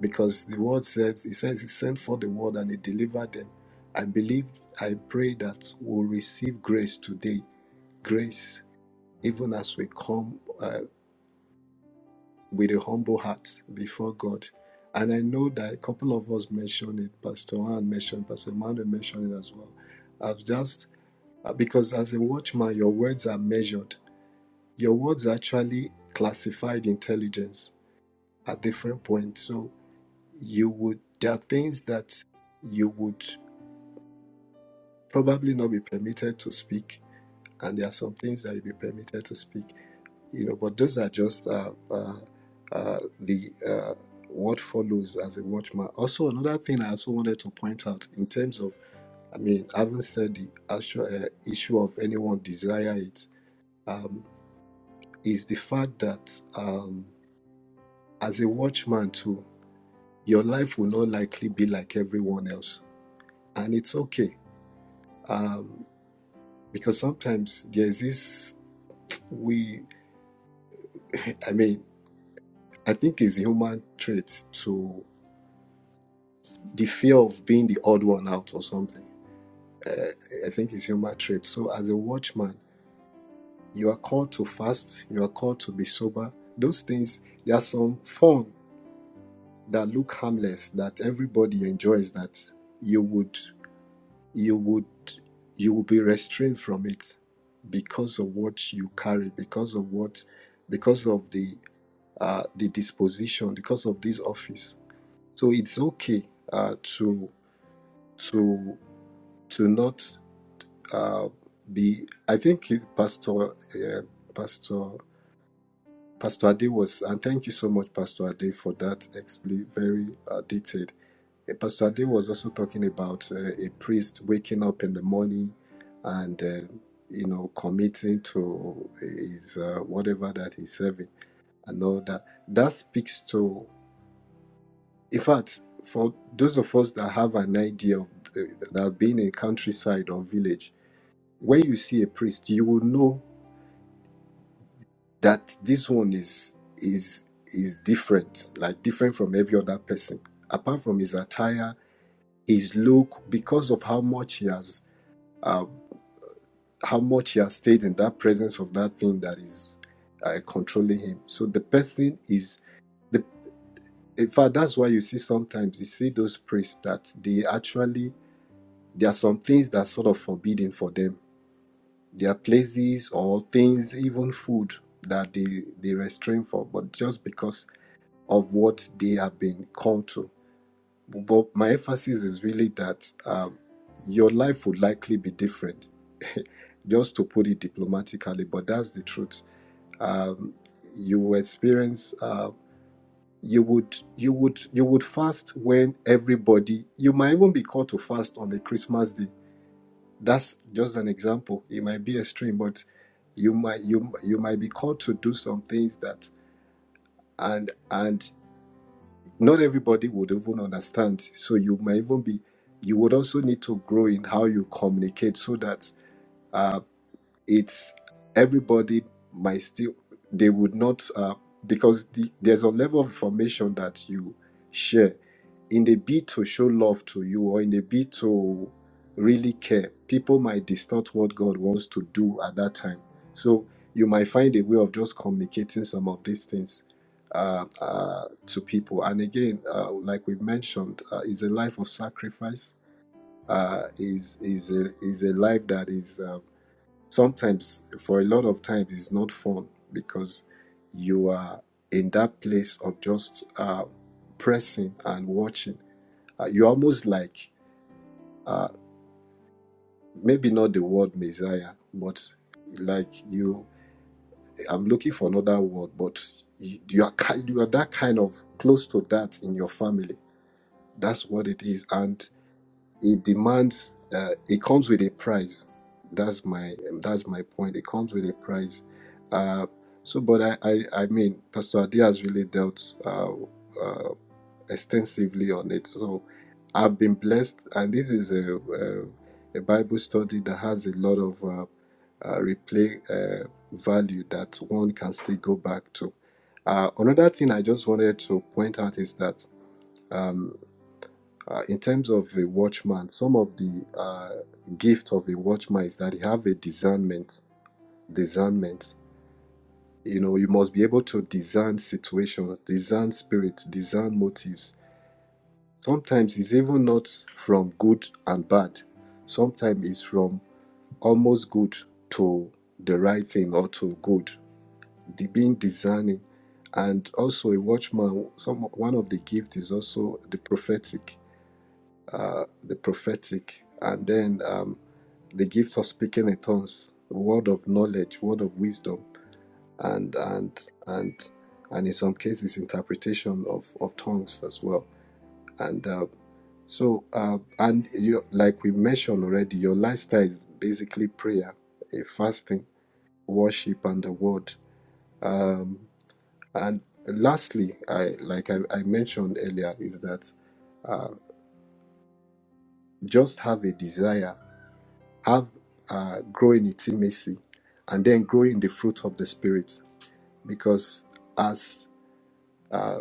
S8: because the word says it says he sent for the word and he delivered them i believe i pray that we'll receive grace today grace even as we come uh, with a humble heart before god and i know that a couple of us mentioned it pastor Ann mentioned pastor Emmanuel mentioned it as well i've just uh, because as a watchman your words are measured Your words actually classified intelligence at different points. So you would there are things that you would probably not be permitted to speak, and there are some things that you'll be permitted to speak. You know, but those are just uh, uh, uh, the uh, what follows as a watchman. Also, another thing I also wanted to point out in terms of, I mean, I haven't said the actual uh, issue of anyone desire it. Um, is the fact that um, as a watchman too your life will not likely be like everyone else and it's okay um, because sometimes there's this we i mean i think it's human trait to the fear of being the odd one out or something uh, i think it's human trait so as a watchman you are called to fast you are called to be sober those things there are some fun that look harmless that everybody enjoys that you would you would you will be restrained from it because of what you carry because of what because of the uh the disposition because of this office so it's okay uh to to to not uh be i think it- pastor uh, pastor pastor ade was and thank you so much pastor ade for that expl- very uh, detailed Uh, Pastor Ade was also talking about uh, a priest waking up in the morning and uh, you know committing to his uh, whatever that he's serving and all that. That speaks to, in fact, for those of us that have an idea of the, that have been in countryside or village, when you see a priest, you will know that this one is is is different, like different from every other person. Apart from his attire, his look, because of how much he has uh, how much he has stayed in that presence of that thing that is uh, controlling him. So the person is the. In fact, that's why you see sometimes you see those priests that they actually there are some things that are sort of forbidden for them. There are places or things, even food, that they they restrain for, but just because of what they have been called to. But my emphasis is really that um, your life would likely be different, just to put it diplomatically. But that's the truth um, you experience uh, you would you would you would fast when everybody you might even be called to fast on the christmas day that's just an example it might be extreme but you might you you might be called to do some things that and and not everybody would even understand so you might even be you would also need to grow in how you communicate so that uh, it's everybody might still they would not uh, because the, there's a level of information that you share in the bid to show love to you or in the bid to really care people might distort what god wants to do at that time so you might find a way of just communicating some of these things uh, uh, to people and again uh, like we've mentioned uh, is a life of sacrifice uh, is is a, is a life that is um, sometimes for a lot of times it's not fun because you are in that place of just uh, pressing and watching uh, you almost like uh, maybe not the word messiah but like you i'm looking for another word but you, you are ki- you are that kind of close to that in your family that's what it is and it demands uh, it comes with a price that's my um, that's my point it comes with a price uh, so but I, I i mean pastor Adi has really dealt uh, uh, extensively on it so i've been blessed and this is a a, a bible study that has a lot of uh, uh, replay uh, value that one can still go back to uh, another thing i just wanted to point out is that uh, in terms of a watchman, some of the uh, gift of a watchman is that you have a discernment. Discernment. You know, you must be able to discern situations, discern spirit, discern motives. Sometimes it's even not from good and bad. Sometimes it's from almost good to the right thing or to good. The being discerning, and also a watchman. Some one of the gift is also the prophetic. Uh, the prophetic, and then. Um, the gift of speaking in tongues, word of knowledge, word of wisdom, and and and and in some cases interpretation of, of tongues as well. And uh, so uh, and you like we mentioned already, your lifestyle is basically prayer, a fasting, worship, and the word. Um, and lastly, I like I, I mentioned earlier is that uh, just have a desire, have uh, grow in intimacy, and then grow in the fruit of the spirit because as uh,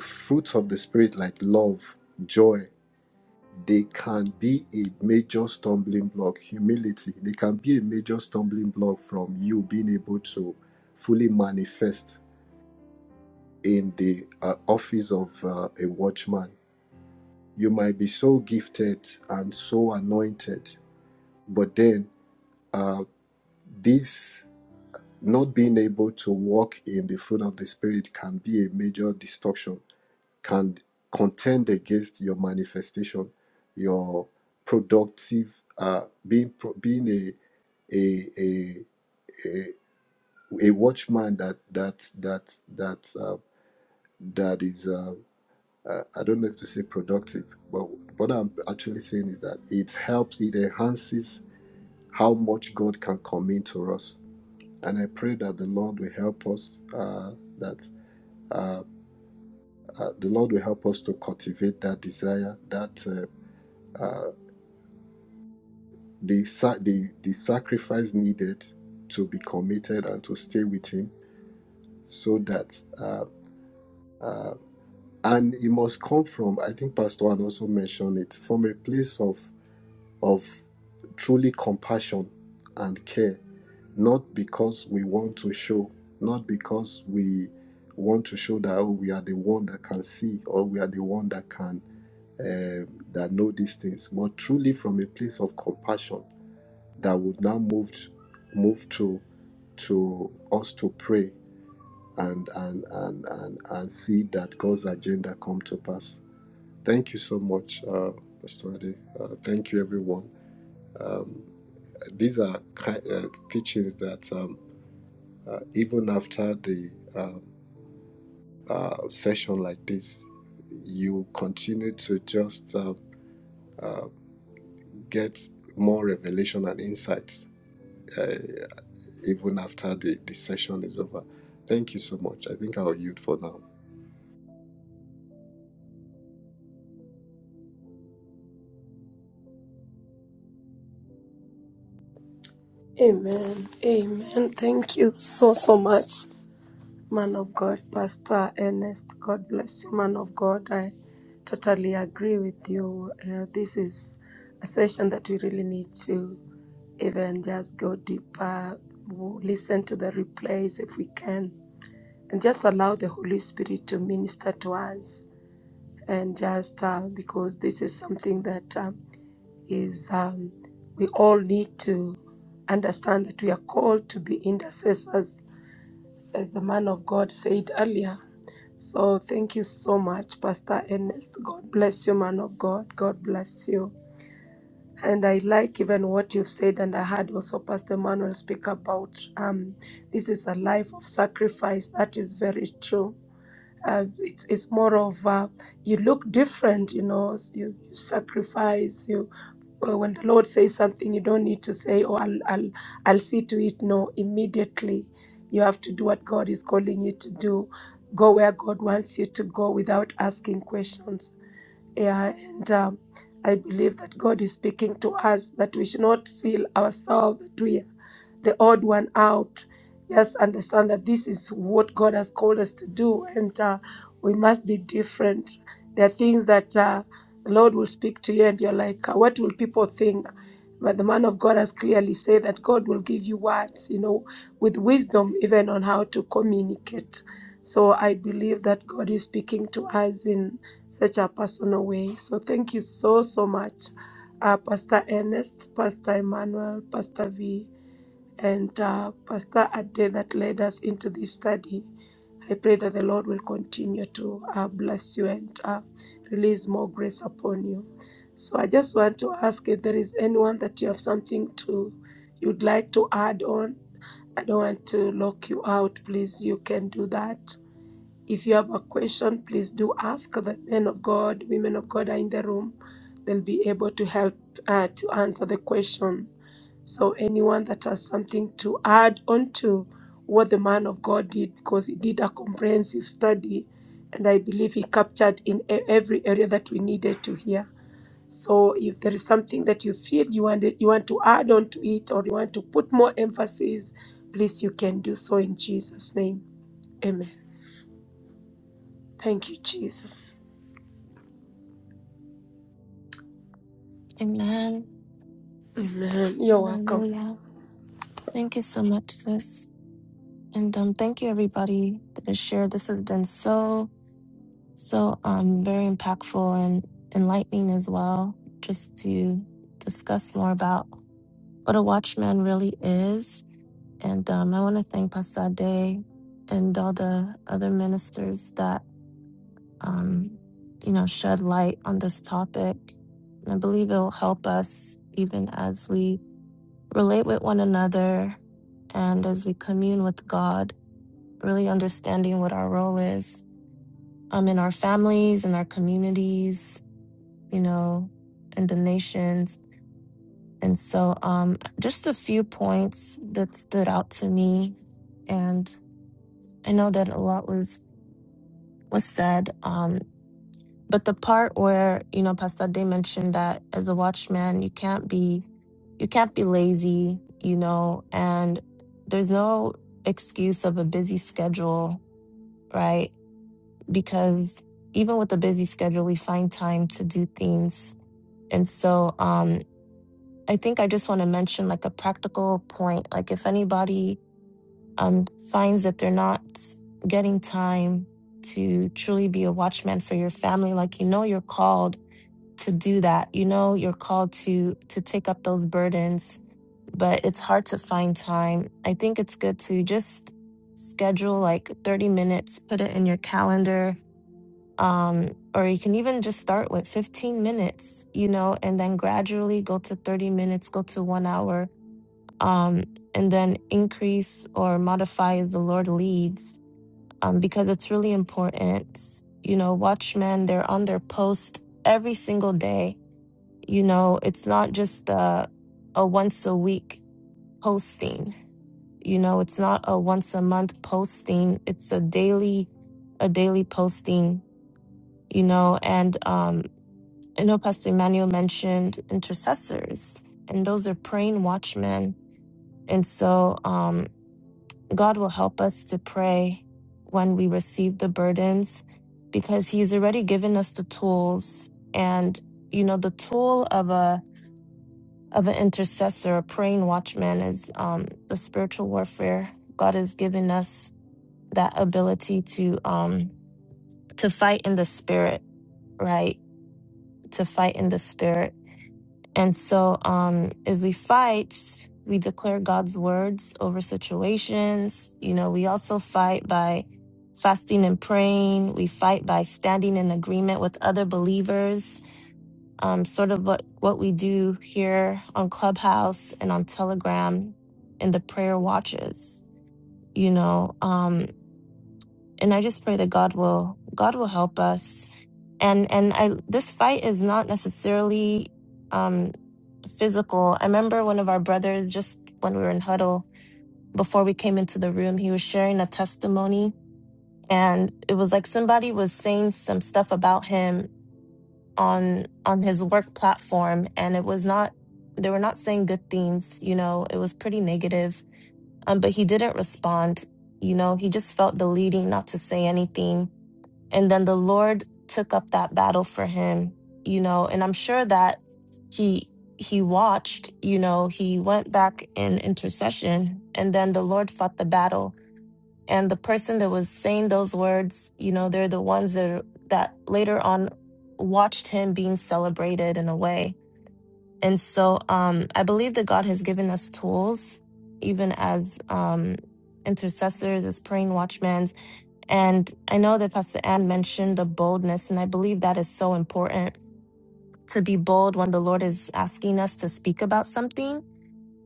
S8: fruits of the spirit like love joy they can be a major stumbling block humility they can be a major stumbling block from you being able to fully manifest in the uh, office of uh, a watchman you might be so gifted and so anointed but then uh, this not being able to walk in the fruit of the spirit can be a major distortion can contend against your manifestation, your productive uh, being pro- being a a a a, a watchman that that that that uh, that is uh, uh, I don't know if to say productive, but what I'm actually saying is that it helps, it enhances how much God can come into us. And I pray that the Lord will help us. Uh, that uh, uh, the Lord will help us to cultivate that desire, that uh, uh, the, sa- the, the sacrifice needed to be committed and to stay with him so that uh, uh, and it must come from i think pastor Juan also mentioned it from a place of of truly compassion and care not because we want to show not because we want to show that oh, we are the one that can see or we are the one that can um that know these things but truly from a place of compassion that would now move move to to us to pray and and and and, and see that God's agenda come to pass. Thank you so much, uh, Pastor Ade. Uh, thank you, everyone. Uh, these are ki- uh, teachings that um, uh, even after the um, uh, session like this, you continue to just uh, get more revelation and insights. Uh, even after the, the session is over. Thank you so much. I think I'll yield for now.
S3: hear. Amen. Amen. Thank you so, so much, man of God, Pastor Ernest. God bless you, man of God. I totally agree with you. Uh, this is a session that we really need to even just go deeper, w- listen to the replays if we can, and just allow the Holy Spirit to minister to us. And just uh, because this is something that um, is, um, we all need to understand that we are called to be intercessors, as the man of God said earlier. So thank you so much, Pastor Ernest. God bless you, man of God. God bless you. And I like even what you've said, and I heard also Pastor Manuel speak about um, this is a life of sacrifice. That is very true. Uh, it's, it's more of uh, you look different, you know, s- you, you sacrifice, you. uh, When the Lord says something, you don't need to say, "Oh, I'll, I'll, I'll see to it." No, immediately, you have to do what God is calling you to do. Go where God wants you to go without asking questions. Yeah, and um, I believe that God is speaking to us that we should not seal ourselves that we are the odd one out. Just understand that this is what God has called us to do, and uh, we must be different. There are things that uh, the Lord will speak to you, and you're like, uh, What will people think? But the man of God has clearly said that God will give you words, you know, with wisdom, even on how to communicate. So I believe that God is speaking to us in such a personal way. So thank you so, so much, uh, Pastor Ernest, Pastor Emmanuel, Pastor V and uh, Pastor Ade that led us into this study. I pray that the Lord will continue to uh, bless you and uh, release more grace upon you. So I just want to ask if there is anyone that you have something to you'd like to add on. I don't want to lock you out. Please, you can do that. If you have a question, please do ask. The men of God, women of God are in the room. They'll be able to help uh, to answer the question. So, anyone that has something to add on to what the man of God did, because he did a comprehensive study, and I believe he captured in e- every area that we needed to hear. So, if there is something that you feel you want you want to add on to it, or you want to put more emphasis, please you can do so in Jesus' name. Amen. Thank you, Jesus.
S4: Amen.
S3: Amen. You're welcome.
S4: Hallelujah. Thank you so much, sis. And um, thank you, everybody, that has shared. This has been so, so um, very impactful and enlightening as well, just to discuss more about what a watchman really is. And um, I want to thank Pastor Ade and all the other ministers that, um, you know, shed light on this topic. And I believe it will help us even as we relate with one another and as we commune with God really understanding what our role is um, in our families and our communities, you know, in the nations. And so, um, just a few points that stood out to me, and I know that a lot was was said. Um, but the part where you know Pastor Day mentioned that as a watchman, you can't be you can't be lazy, you know, and there's no excuse of a busy schedule, right? because even with a busy schedule, we find time to do things. And so um, I think I just want to mention like a practical point. Like if anybody um, finds that they're not getting time to truly be a watchman for your family, like you know you're called to do that. You know you're called to to take up those burdens, but it's hard to find time. I think it's good to just schedule like 30 minutes, put it in your calendar um, or you can even just start with 15 minutes, you know, and then gradually go to 30 minutes, go to one hour, um, and then increase or modify as the Lord leads, um, because it's really important. You know, watchmen, they're on their post every single day. You know, it's not just a, a once a week posting. You know, it's not a once a month posting. It's a daily, a daily posting you know and um I know Pastor Emmanuel mentioned intercessors, and those are praying watchmen. And so um, God will help us to pray when we receive the burdens because He's already given us the tools. And, you know, the tool of a of an intercessor, a praying watchman is um, the spiritual warfare. God has given us that ability to um, to fight in the spirit, right? To fight in the spirit And so, um, as we fight, we declare God's words over situations. You know, we also fight by fasting and praying. We fight by standing in agreement with other believers, um, sort of what, what we do here on Clubhouse and on Telegram in the prayer watches, you know. Um, and I just pray that God will God will help us. And and I this fight is not necessarily um physical. I remember one of our brothers just when we were in huddle before we came into the room, he was sharing a testimony and it was like somebody was saying some stuff about him on on his work platform and it was not they were not saying good things, you know, it was pretty negative. Um but he didn't respond. You know, he just felt the leading not to say anything and then the lord took up that battle for him you know and i'm sure that he he watched you know he went back in intercession and then the lord fought the battle and the person that was saying those words you know they're the ones that that later on watched him being celebrated in a way and so um i believe that god has given us tools even as um intercessors as praying watchmen and I know that Pastor Ann mentioned the boldness, and I believe that is so important to be bold when the Lord is asking us to speak about something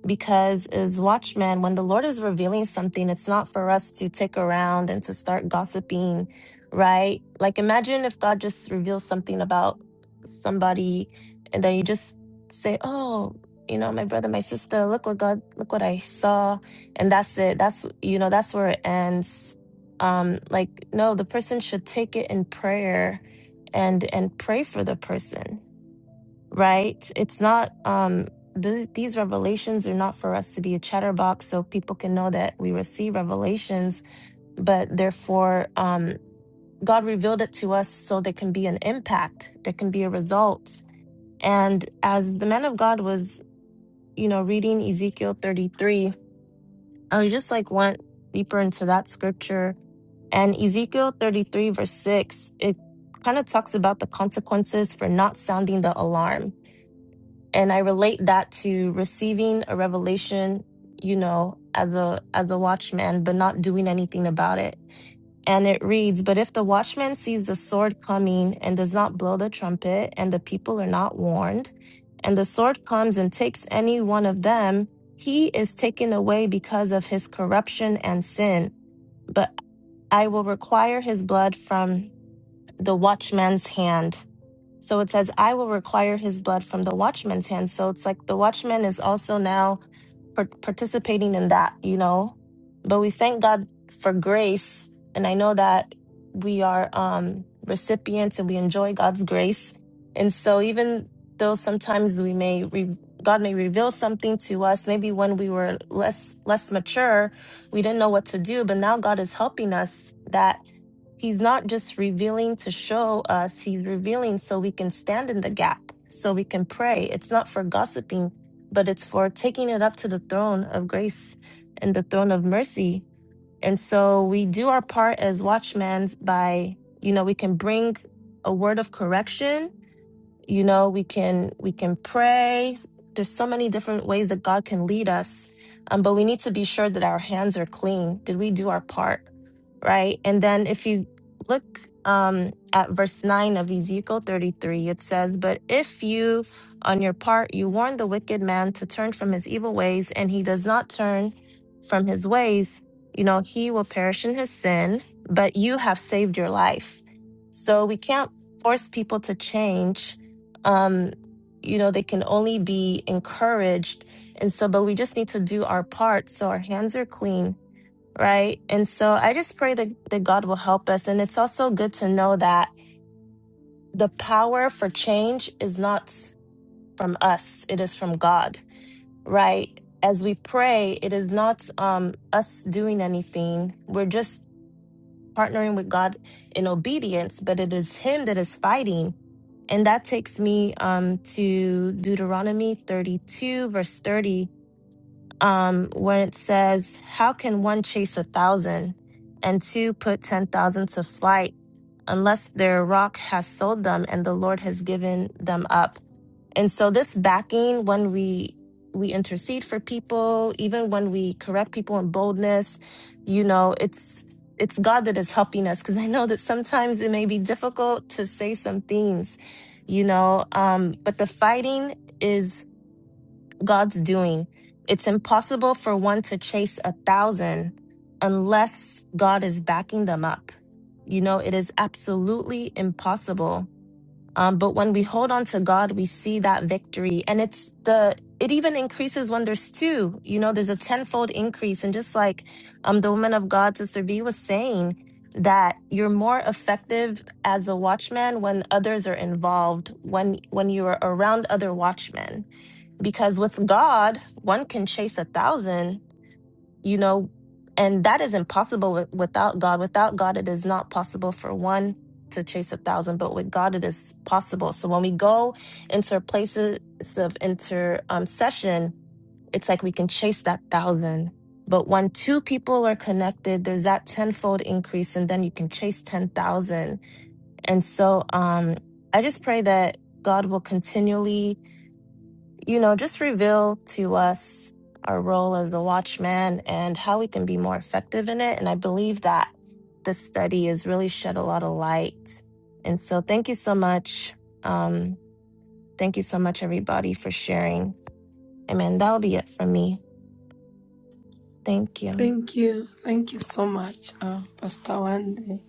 S4: because as watchmen when the lord is revealing something it's not for us to tick around and to start gossiping right like imagine if god just reveals something about somebody and then you just say oh you know my brother my sister look what god look what i saw and that's it that's you know that's where it ends um like no the person should take it in prayer and and pray for the person right? It's not um th- these revelations are not for us to be a chatterbox so people can know that we receive revelations, but therefore um God revealed it to us so there can be an impact, there can be a result. And as the man of God was, you know, reading Ezekiel 33, I was just like went deeper into that scripture. And Ezekiel 33, verse 6, it kind of talks about the consequences for not sounding the alarm and i relate that to receiving a revelation you know as a as a watchman but not doing anything about it and it reads but if the watchman sees the sword coming and does not blow the trumpet and the people are not warned and the sword comes and takes any one of them he is taken away because of his corruption and sin but i will require his blood from the watchman's hand so it says, I will require his blood from the watchman's hand. So it's like the watchman is also now par- participating in that, you know? But we thank God for grace. And I know that we are um, recipients and we enjoy God's grace. And so even though sometimes we may, re- God may reveal something to us, maybe when we were less, less mature, we didn't know what to do, but now God is helping us that He's not just revealing to show us, he's revealing so we can stand in the gap, so we can pray. It's not for gossiping, but it's for taking it up to the throne of grace and the throne of mercy. And so we do our part as watchmen by, you know, we can bring a word of correction you know we can we can pray there's so many different ways that god can lead us um, but we need to be sure that our hands are clean did we do our part right and then if you look um, at verse 9 of ezekiel 33 it says but if you on your part you warn the wicked man to turn from his evil ways and he does not turn from his ways you know he will perish in his sin but you have saved your life so we can't force people to change um you know they can only be encouraged and so but we just need to do our part so our hands are clean right and so i just pray that, that god will help us and it's also good to know that the power for change is not from us it is from god right as we pray it is not um us doing anything we're just partnering with God in obedience, but it is Him that is fighting. And that takes me um, to Deuteronomy 32, verse 30, um, when it says, How can one chase a thousand and two put 10,000 to flight unless their rock has sold them and the Lord has given them up? And so this backing when we we intercede for people, even when we correct people in boldness, you know, it's it's God that is helping us because I know that sometimes it may be difficult to say some things, you know, um but the fighting is God's doing. It's impossible for one to chase a thousand unless God is backing them up. You know, it is absolutely impossible. Um, but when we hold on to God, we see that victory. And it's the, it even increases when there's two, you know, there's a tenfold increase. And just like um, the woman of God, Sister B, was saying, that you're more effective as a watchman when others are involved when when you are around other watchmen because with god one can chase a thousand you know and that is impossible wi- without god without god it is not possible for one to chase a thousand but with god it is possible so when we go into places of inter um, session it's like we can chase that thousand but when two people are connected there's that tenfold increase and then you can chase 10,000 and so um i just pray that god will continually you know, just reveal to us our role as the watchman and how we can be more effective in it. And I believe that the study has really shed a lot of light. And so thank you so much. Um, thank you so much, everybody, for sharing. Amen. That'll be it from me. Thank you.
S3: Thank you. Thank you so much, uh, Pastor Wande,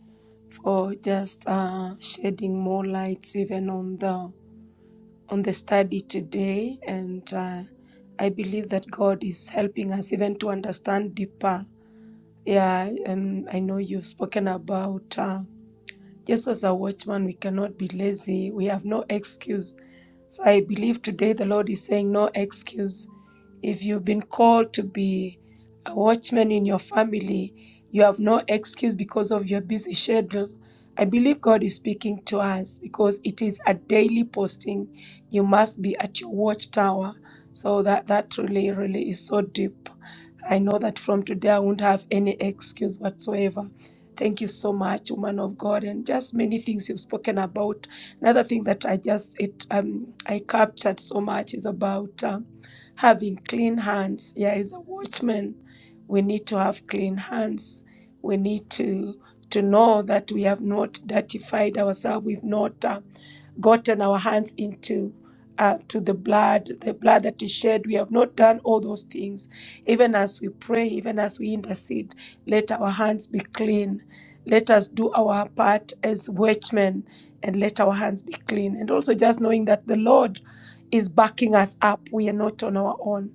S3: for just uh, shedding more lights even on the on the study today. And uh, I believe that God is helping us even to understand deeper. Yeah, um, I know you've spoken about. Uh, Just as a watchman, we cannot be lazy. We have no excuse. So I believe today the Lord is saying, No excuse. If you've been called to be a watchman in your family, you have no excuse because of your busy schedule. I believe God is speaking to us because it is a daily posting. You must be at your watchtower. So that, that really, really is so deep. I know that from today I won't have any excuse whatsoever Thank you so much, woman of God, and just many things you've spoken about. Another thing that I just it um I captured so much is about um, having clean hands. Yeah, as a watchman, we need to have clean hands. We need to to know that we have not dirtified ourselves, we've not uh, gotten our hands into uh, to the blood, the blood that is shed. We have not done all those things. Even as we pray, even as we intercede, let our hands be clean. Let us do our part as watchmen and let our hands be clean. And also just knowing that the Lord is backing us up. We are not on our own.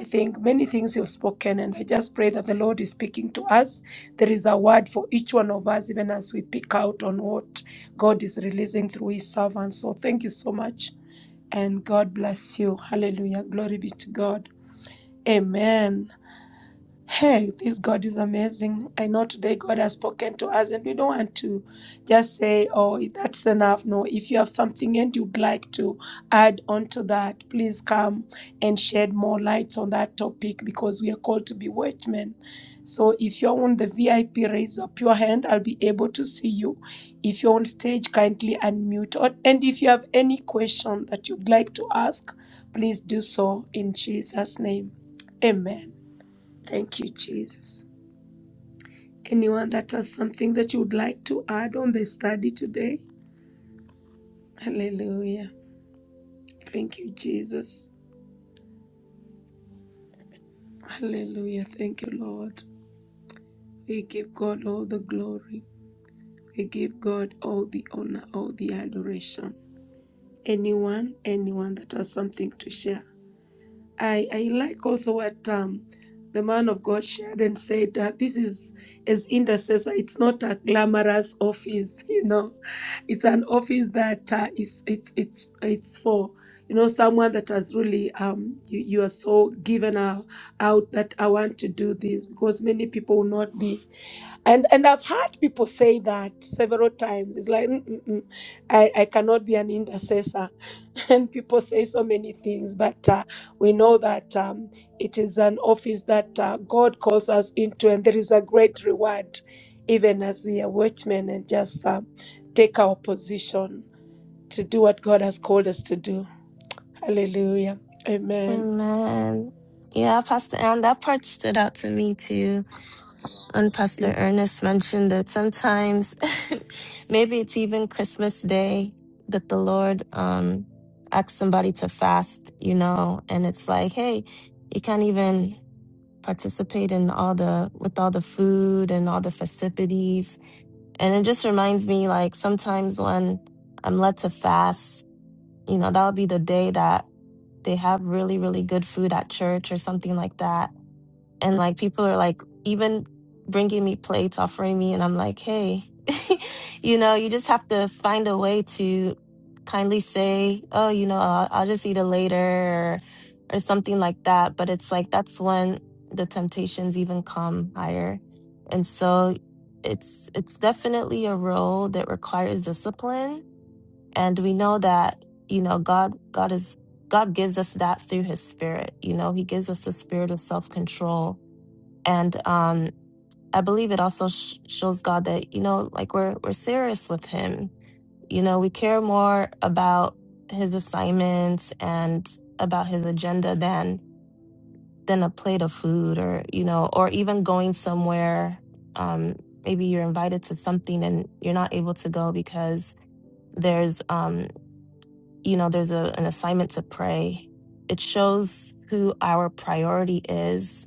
S3: I think many things you've spoken, and I just pray that the Lord is speaking to us there is a word for each one of us, even as we pick out on what God is releasing through His servants. So thank you so much, and God bless you. Hallelujah. Glory be to God. Amen. Hey, this God is amazing. I know today God has spoken to us, and we don't want to just say, Oh, that's enough. No, if you have something and you'd like to add on to that, please come and shed more lights on that topic because we are called to be watchmen. So if you're on the VIP, raise up your hand. I'll be able to see you. If you're on stage, kindly unmute. Or- And if you have any question that you'd like to ask, please do so in Jesus' name. Amen. Thank you, Jesus. Anyone that has something that you would like to add on the study today? Hallelujah. Thank you, Jesus. Hallelujah. Thank you, Lord. We give God all the glory. We give God all the honor, all the adoration. Anyone, anyone that has something to share? I, I like also what um, the man of God shared and said that this is as intercessor. It's not a glamorous office, you know. It's an office that uh, is it's it's it's for you know someone that has really um you, you are so given uh, out that I want to do this because many people will not be and and I've heard people say that several times. It's like "Mm, mm, mm, I I cannot be an intercessor, and people say so many things. But uh, we know that um, it is an office that uh, God calls us into, and there is a great reward, even as we are watchmen and just uh, take our position to do what God has called us to do. Hallelujah. Amen.
S4: Amen. Yeah, Pastor Ann, that part stood out to me too And Pastor Ernest mentioned that sometimes, maybe it's even Christmas Day, that the Lord um, asks somebody to fast, you know, and it's like, hey, you can't even participate in all the with all the food and all the festivities. And it just reminds me, like sometimes when I'm led to fast, you know, that'll be the day that they have really, really good food at church or something like that and like people are like even bringing me plates offering me and i'm like hey you know you just have to find a way to kindly say oh you know i'll, I'll just eat it later or, or something like that but it's like that's when the temptations even come higher and so it's it's definitely a role that requires discipline and we know that you know god god is god gives us that through his spirit you know he gives us the spirit of self-control and um i believe it also sh- shows god that you know like we're we're serious with him you know we care more about his assignments and about his agenda than than a plate of food or you know or even going somewhere um maybe you're invited to something and you're not able to go because there's um you know there's a, an assignment to pray it shows who our priority is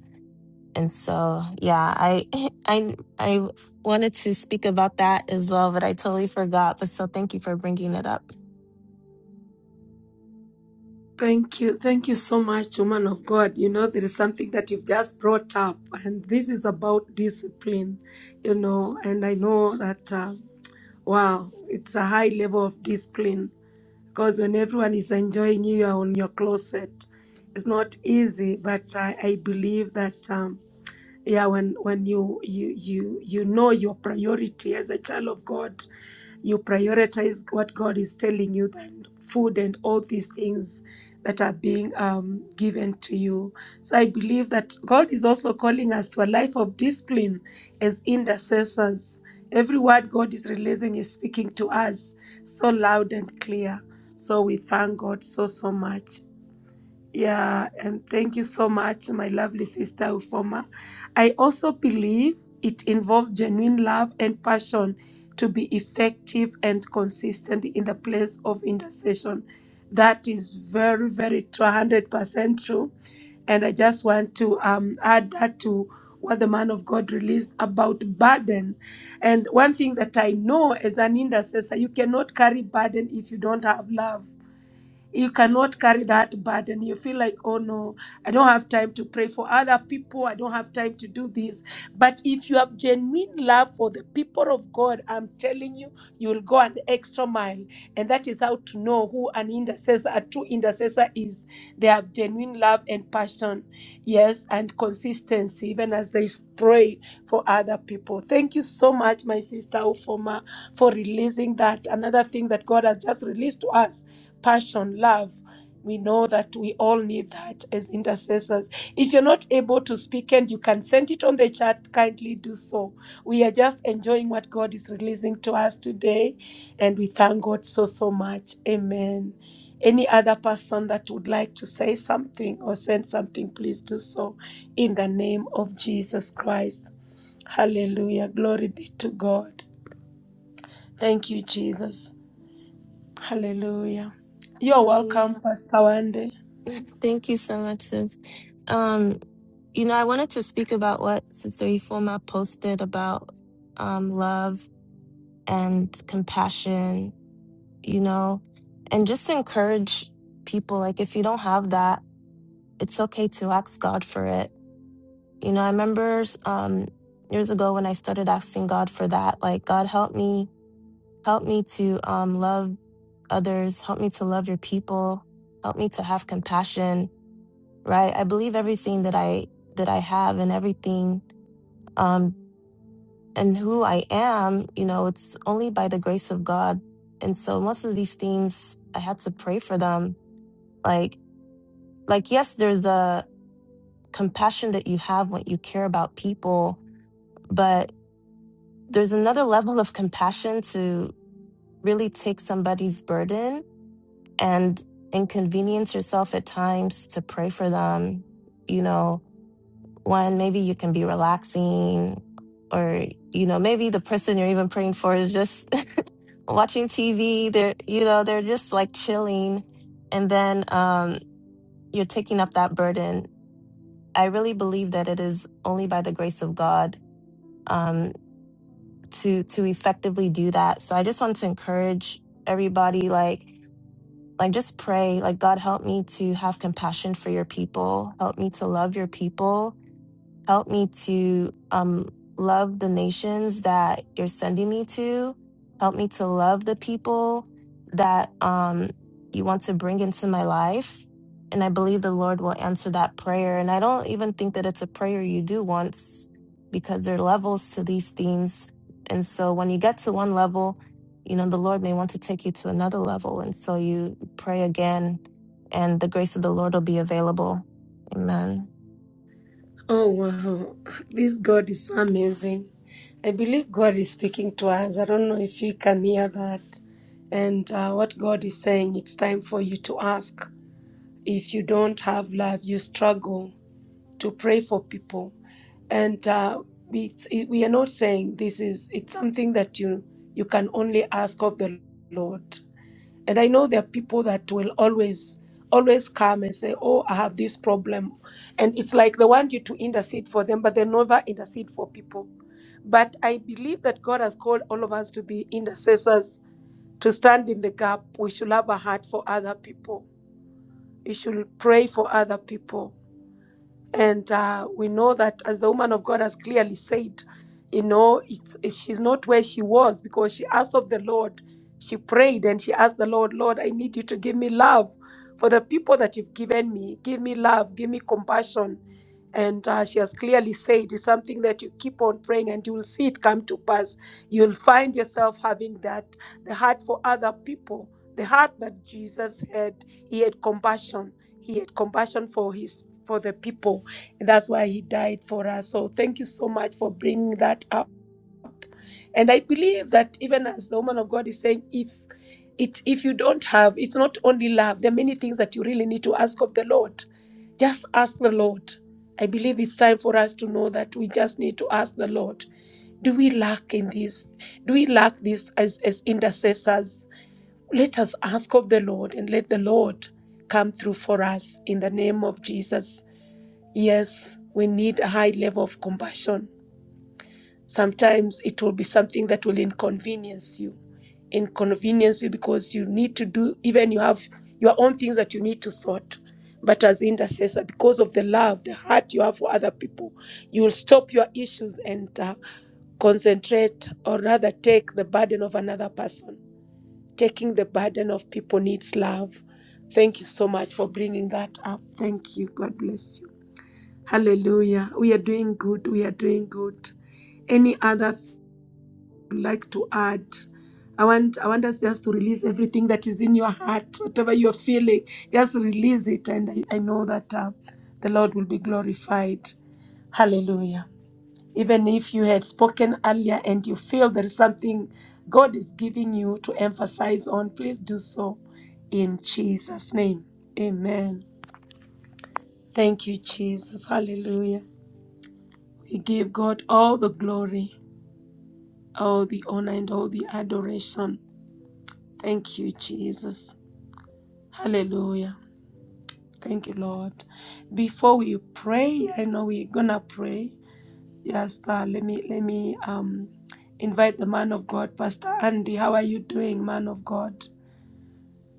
S4: And so, yeah, I I I wanted to speak about that as well, but I totally forgot. But so, thank you for bringing it up.
S3: Thank you. Thank you so much, woman of God. You know, there is something that you've just brought up, and this is about discipline, you know, and I know that, uh, wow, it's a high level of discipline because when everyone is enjoying you, you are on your closet. It's not easy, but I, I believe that. Um, yeah when when you you you you know your priority as a child of god you prioritize what god is telling you than food and all these things that are being um, given to you so i believe that god is also calling us to a life of discipline as intercessors every word god is releasing is speaking to us so loud and clear so we thank god so so much yeah, and thank you so much, my lovely sister Ufoma. I also believe it involves genuine love and passion to be effective and consistent in the place of intercession. That is very, very 200% true. And I just want to um, add that to what the man of God released about burden. And one thing that I know as an intercessor, you cannot carry burden if you don't have love you cannot carry that burden. You feel like, oh no, I don't have time to pray for other people. I don't have time to do this. But if you have genuine love for the people of God, I'm telling you, you will go an extra mile. And that is how to know who an intercessor, a true intercessor is. They have genuine love and passion, yes, and consistency, even as they pray for other people. Thank you so much, my sister Ufoma, for releasing that. Another thing that God has just released to us passion, love. We know that we all need that as intercessors. If you're not able to speak and you can send it on the chat, kindly do so. We are just enjoying what God is releasing to us today, and we thank God so, so much. Amen. Any other person that would like to say something or send something, please do so in the name of Jesus Christ. Hallelujah. Glory be to God. Thank you, Jesus. Hallelujah. You're welcome,
S4: Hallelujah.
S3: Pastor Wande.
S4: Thank you so much, sis. Um, you know, I wanted to speak about what Sister Ifoma posted about um, love and compassion, you know, and just encourage people. Like, if you don't have that, it's okay to ask God for it You know, I remember um, years ago when I started asking God for that, like, God, help me, help me to um, love others, help me to love your people, help me to have compassion, right? I believe everything that I that I have and everything um, and who I am, you know, it's only by the grace of God. And so most of these things, I had to pray for them. Like, like yes, there's a compassion that you have when you care about people, but. there's another level of compassion to really take somebody's burden and inconvenience yourself at times to pray for them. You know, one, maybe you can be relaxing, or, you know, maybe the person you're even praying for is just watching TV. They're, you know, they're just like chilling. And then um, you're taking up that burden. I really believe that it is only by the grace of God Um, to to effectively do that so i just want to encourage everybody like like just pray like god help me to have compassion for your people help me to love your people Help me to um, love the nations that you're sending me to. Help me to love the people that um, you want to bring into my life. And I believe the Lord will answer that prayer. And I don't even think that it's a prayer you do once because there are levels to these things. And so when you get to one level, you know, the Lord may want to take you to another level. And so you pray again, and the grace of the Lord will be available. Amen.
S3: Oh, wow. This God is amazing. I believe God is speaking to us. I don't know if you can hear that. And uh, what God is saying, it's time for you to ask. If you don't have love, you struggle to pray for people. And uh, we, it's, it, we are not saying this is, it's something that you, you can only ask of the Lord. And I know there are people that will always, always come and say, Oh, I have this problem. And it's like they want you to intercede for them, but they never intercede for people. But I believe that God has called all of us to be intercessors, to stand in the gap. We should have a heart for other people. We should pray for other people. And uh, we know that as the woman of God has clearly said, you know, it's, she's not where she was because she asked of the Lord. She prayed and she asked the Lord, Lord, I need you to give me love for the people that you've given me. Give me love, give me compassion. And uh, she has clearly said it's something that you keep on praying and you will see it come to pass. You'll find yourself having that, the heart for other people, the heart that Jesus had. He had compassion. He had compassion for his for the people. And that's why he died for us. So thank you so much for bringing that up and I believe that even as the woman of God is saying, if it if you don't have, it's not only love. There are many things that you really need to ask of the Lord. Just ask the Lord. I believe it's time for us to know that we just need to ask the Lord. Do we lack in this? Do we lack this as, as intercessors? Let us ask of the Lord and let the Lord come through for us in the name of Jesus. Yes, we need a high level of compassion Sometimes it will be something that will inconvenience you, inconvenience you because you need to do, even you have your own things that you need to sort. But as intercessor, because of the love, the heart you have for other people, you will stop your issues and uh, concentrate or rather take the burden of another person. Taking the burden of people needs love. Thank you so much for bringing that up. Thank you. God bless you. Hallelujah. We are doing good. We are doing good. Any other would like to add. I want I want us just to release everything that is in your heart, whatever you're feeling, just release it, and I, I know that uh, the Lord will be glorified. Hallelujah. Even if you had spoken earlier and you feel there is something God is giving you to emphasize on, please do so in Jesus' name. Amen. Thank you, Jesus. Hallelujah. We give God all the glory, all the honor, and all the adoration. Thank you, Jesus. Hallelujah. Thank you, Lord. Before we pray, I know we're gonna pray. Yes, uh, let me let me um invite the man of God, Pastor Andy. How are you doing, man of God?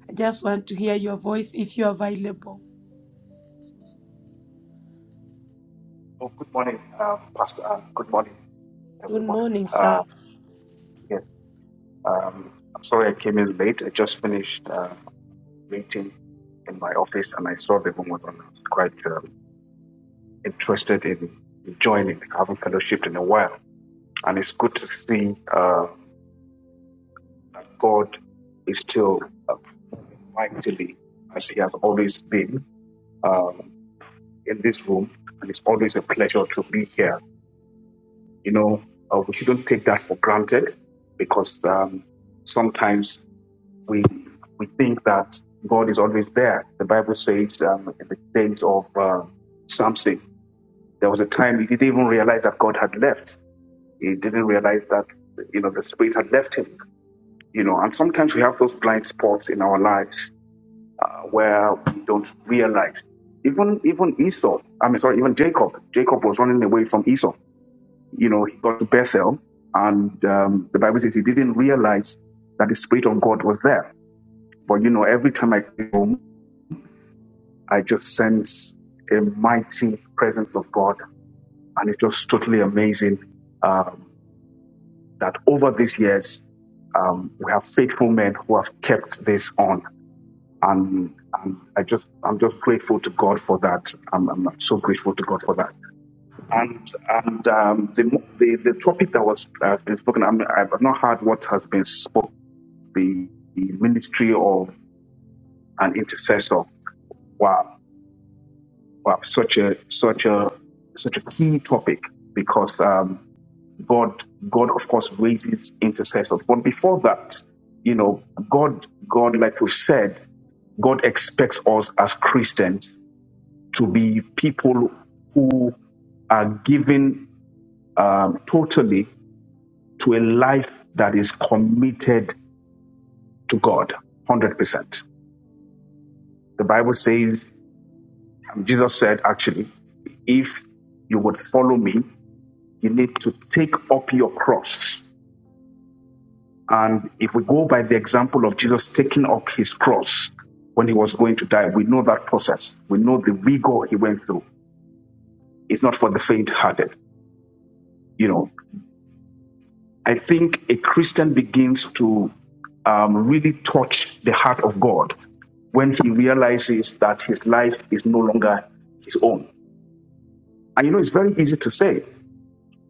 S3: I just want to hear your voice if you're available.
S9: Oh, good morning, um, Pastor, and good morning,
S3: Good
S9: everyone.
S3: morning,
S9: Uh,
S3: sir.
S9: yes, um, I'm sorry I came in late. I just finished um a meeting in my office and I saw the room was I was quite um, interested in joining, having fellowship in a while. And it's good to see um, that God is still uh, mightily as He has always been um, in this room. And it's always a pleasure to be here you know, uh, we shouldn't take that for granted because um, sometimes we we think that God is always there. The Bible says um, in the days of uh, Samson, there was a time he didn't even realize that God had left. He didn't realize that you know the Spirit had left him. You know, and sometimes we have those blind spots in our lives uh, where we don't realize. Even even Esau, I mean, sorry, even Jacob. Jacob was running away from Esau you know, he got to Bethel, and um, the Bible says he didn't realize that the Spirit of God was there. But you know, every time I came home, I just sense a mighty presence of God, and it's just totally amazing um, that over these years um, we have faithful men who have kept this on, and and I just I'm just grateful to God for that. I'm, I'm so grateful to God for that. And and um, the, the the topic that was uh, been spoken, I mean, I've not heard what has been spoken. The, the ministry of an intercessor. Wow, wow, such a such a such a key topic because um, God God of course raises intercessors. But before that, you know, God God like we said, God expects us as Christians to be people who are given um, totally to a life that is committed to God, 100%. The Bible says, and Jesus said, actually, if you would follow me, you need to take up your cross. And if we go by the example of Jesus taking up his cross when he was going to die, we know that process. We know the rigor he went through. It's not for the faint hearted, you know. I think a Christian begins to um, really touch the heart of God when he realizes that his life is no longer his own. And you know, it's very easy to say,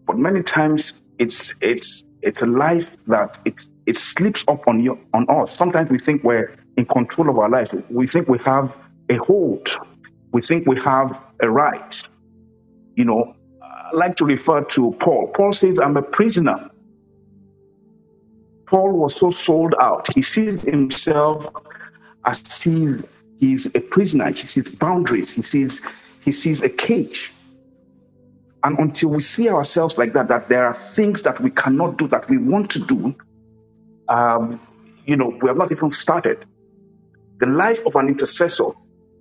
S9: but many times it's it's it's a life that it it slips up on you on us. Sometimes we think we're in control of our lives. We think we have a hold. We think we have a right. You know, I like to refer to Paul. Paul says, "I'm a prisoner." Paul was so sold out. He sees himself as if he's a prisoner. He sees boundaries. He sees he sees a cage. And until we see ourselves like that, that there are things that we cannot do that we want to do, um, you know, we have not even started. The life of an intercessor,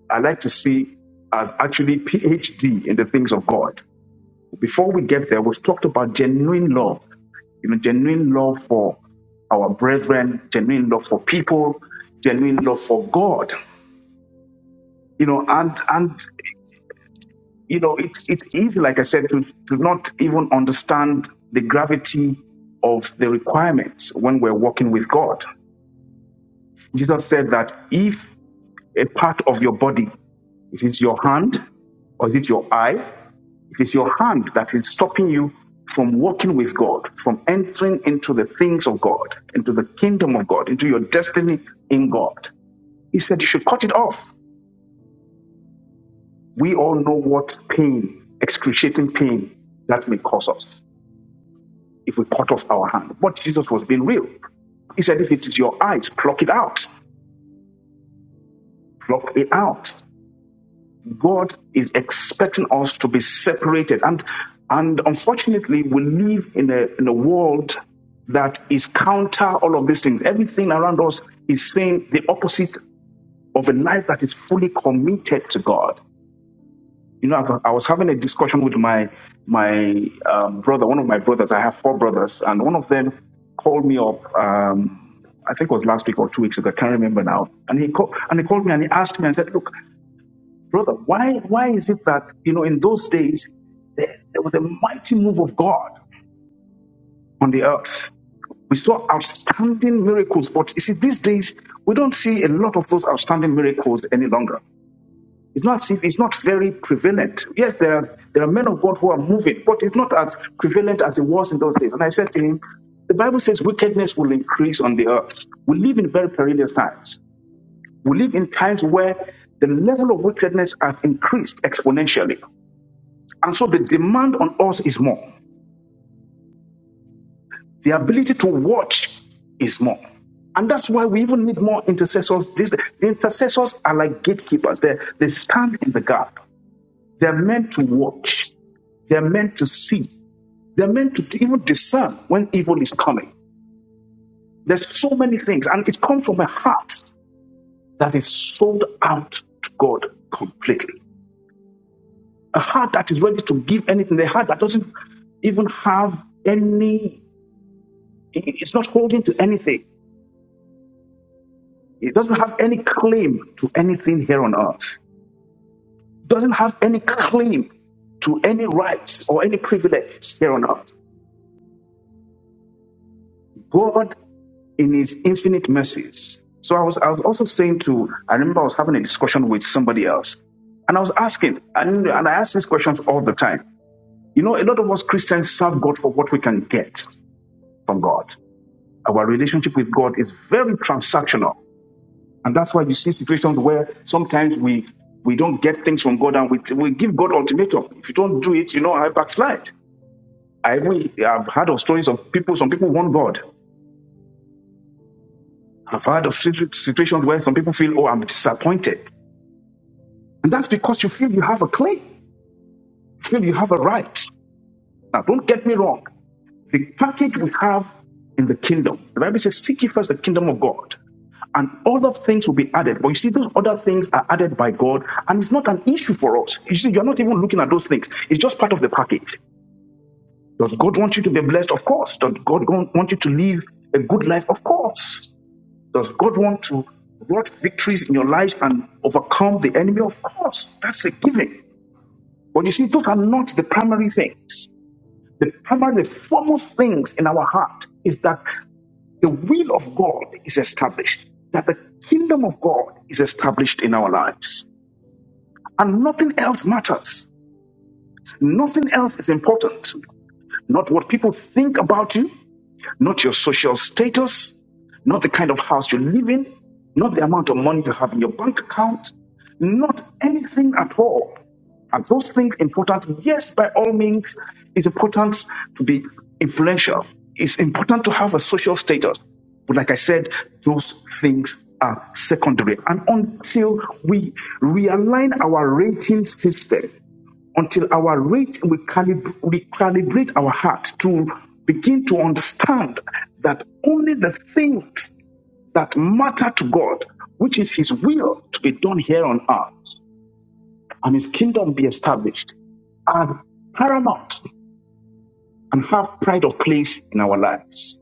S9: I like to see as actually PhD in the things of God. Before we get there, we've talked about genuine love You know, genuine love for our brethren, genuine love for people, genuine love for God. You know, and and you know, it's it's easy, like I said, to, to not even understand the gravity of the requirements when we're walking with God. Jesus said that if a part of your body, if it's your hand, or is it your eye? It is your hand that is stopping you from walking with God, from entering into the things of God, into the kingdom of God, into your destiny in God. He said you should cut it off. We all know what pain, excruciating pain, that may cause us if we cut off our hand. But Jesus was being real. He said, if it is your eyes, pluck it out. Pluck it out. God is expecting us to be separated. And and unfortunately, we live in a in a world that is counter all of these things. Everything around us is saying the opposite of a life that is fully committed to God. You know, I I was having a discussion with my my um, brother, one of my brothers. I have four brothers, and one of them called me up. Um, I think it was last week or two weeks ago. I can't remember now. And he called and he called me and he asked me and said, "Look, Brother, why, why is it that, you know, in those days, there, there was a mighty move of God on the earth? We saw outstanding miracles, but you see, these days, we don't see a lot of those outstanding miracles any longer. It's not, it's not very prevalent. Yes, there are, there are men of God who are moving, but it's not as prevalent as it was in those days. And I said to him, the Bible says wickedness will increase on the earth. We live in very perilous times. We live in times where the level of wickedness has increased exponentially. And so the demand on us is more. The ability to watch is more. And that's why we even need more intercessors. These, the intercessors are like gatekeepers. They, they stand in the gap. They're meant to watch. They're meant to see. They're meant to even discern when evil is coming. There's so many things. And it comes from a heart that is sold out to God completely. A heart that is ready to give anything. A heart that doesn't even have any, it's not holding to anything It doesn't have any claim to anything here on earth. Doesn't have any claim to any rights or any privileges here on earth. God in his infinite mercies. So I was I was also saying to I remember I was having a discussion with somebody else, and I was asking, and, and I ask these questions all the time. You know, a lot of us Christians serve God for what we can get from God. Our relationship with God is very transactional. And that's why you see situations where sometimes we we don't get things from God and we, we give God ultimatum. If you don't do it, you know, I backslide. I even I've heard of stories of people, some people want God. I've heard of situ- situations where some people feel, oh, I'm disappointed. And that's because you feel you have a claim. You feel you have a right. Now, don't get me wrong. The package we have in the kingdom, the Bible says, seek ye first the kingdom of God. and other things will be added. But you see, those other things are added by God, and it's not an issue for us. You see, you're not even looking at those things, it's just part of the package. Does God want you to be blessed? Of course. Does God gon- want you to live a good life? Of course. Does God want to wrought victories in your life and overcome the enemy? Of course. That's a given. But you see, those are not the primary things. The primary, the foremost things in our heart is that the will of God is established, that the kingdom of God is established in our lives. And nothing else matters. Nothing else is important. Not what people think about you, not your social status, not the kind of house you live in, not the amount of money you have in your bank account, not anything at all. Are those things important? Yes, by all means, it's important to be influential. It's important to have a social status. But like I said, those things are secondary. And until we realign our rating system, until our rate we, calib- we calibrate our heart to begin to understand that only the things that matter to God, which is His will to be done here on earth and his kingdom be established are paramount and have pride of place in our lives.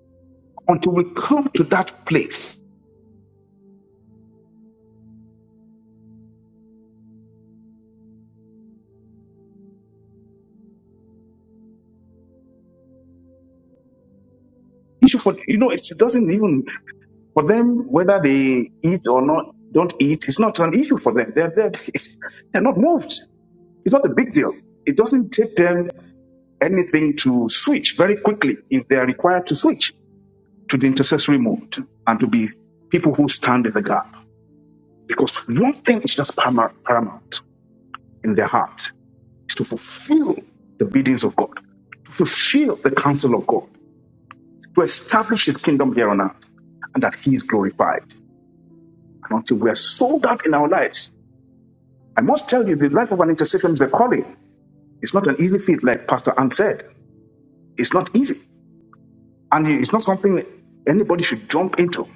S9: Until we come to that place, issue for you know it's- it doesn't even for them whether they eat or not don't eat. It's not an issue for them. They're they're, they're not moved. It's not a big deal. It doesn't take them anything to switch very quickly if they are required to switch to the intercessory mode and to be people who stand in the gap. Because one thing is just paramount paramount in their heart. is to fulfill the biddings of God, to fulfill the counsel of God, to establish his kingdom here on earth, and that he is glorified. And until we are sold out in our lives, I must tell you, the life of an intercession is a calling. It's not an easy feat, like Pastor Ann said. It's not easy. And it's not something anybody should jump into,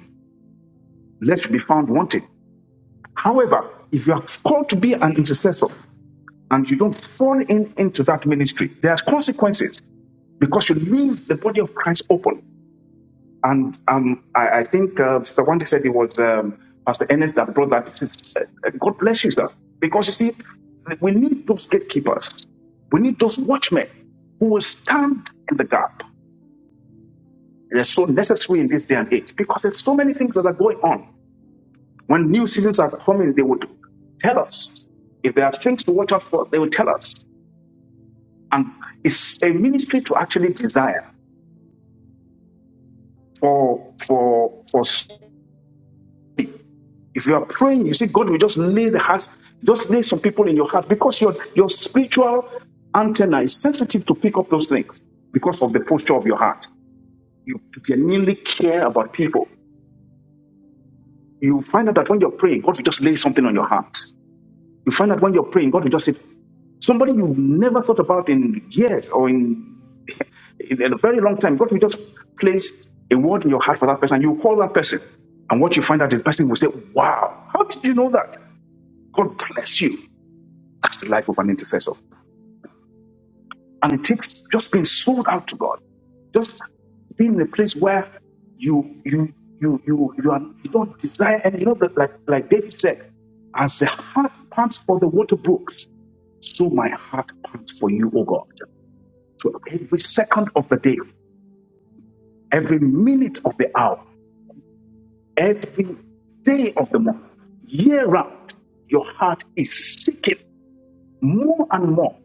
S9: lest you be found wanting. However, if you are called to be an intercessor and you don't fall in into that ministry, there are consequences because you leave the body of Christ open. And um, I, I think uh, Mr. Wande said it was um, Pastor Ernest that brought that. Uh, God bless you, sir. Because you see, we need those gatekeepers. We need those watchmen who will stand in the gap. They're so necessary in this day and age because there's so many things that are going on. When new seasons are coming, they would tell us. If there are things to watch out for, they will tell us. And it's a ministry to actually desire for for for somebody If you are praying, you see, God will just lay the hearts, just lay some people in your heart because your, your spiritual antenna is sensitive to pick up those things because of the posture of your heart. You genuinely care about people. You find out that when you're praying, God will just lay something on your heart. You find out when you're praying, God will just say, somebody you've never thought about in years or in, in a very long time, God will just place a word in your heart for that person. You call that person. And what you find out, the person will say, Wow, how did you know that? God bless you. That's the life of an intercessor. And it takes just being sold out to God, just being in a place where you you you you you, are, you don't desire and you know that like like David said, as the heart pants for the water brooks, so my heart pants for you, O God. So every second of the day, every minute of the hour, every day of the month, year round, your heart is seeking more and more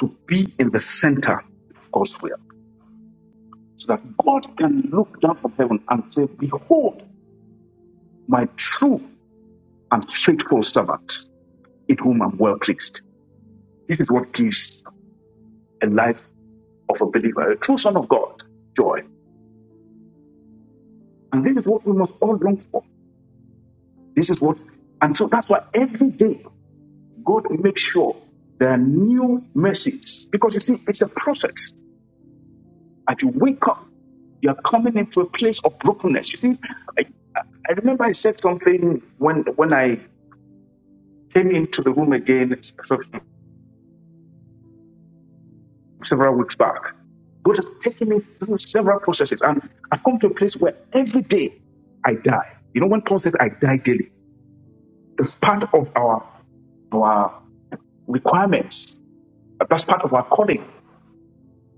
S9: to be in the center of God's will. so that God can look down from heaven and say, Behold, my true and faithful servant, in whom I'm well pleased. This is what gives a life of a believer, a true son of God, joy. And this is what we must all long for. This is what, and so that's why every day God makes sure there are new mercies. Because you see, it's a process. As you wake up, you are coming into a place of brokenness. You see, I, I remember I said something when when I came into the room again several weeks back. God has taken me through several processes, and I've come to a place where every day I die. You know, when Paul said, I die daily, that's part of our, our requirements. That's part of our calling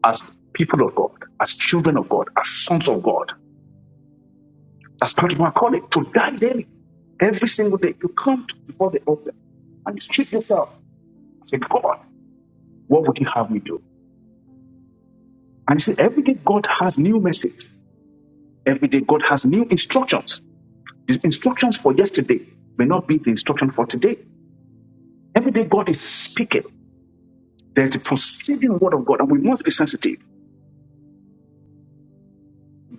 S9: as people of God, as children of God, as sons of God. That's part of our calling to die daily. Every single day, you come to- before the altar and you strip yourself. Say, God, what would you have me do? And you see, every day God has new message. Every day, God has new instructions. His instructions for yesterday may not be the instruction for today. Every day, God is speaking. There's a proceeding word of God, and we must be sensitive.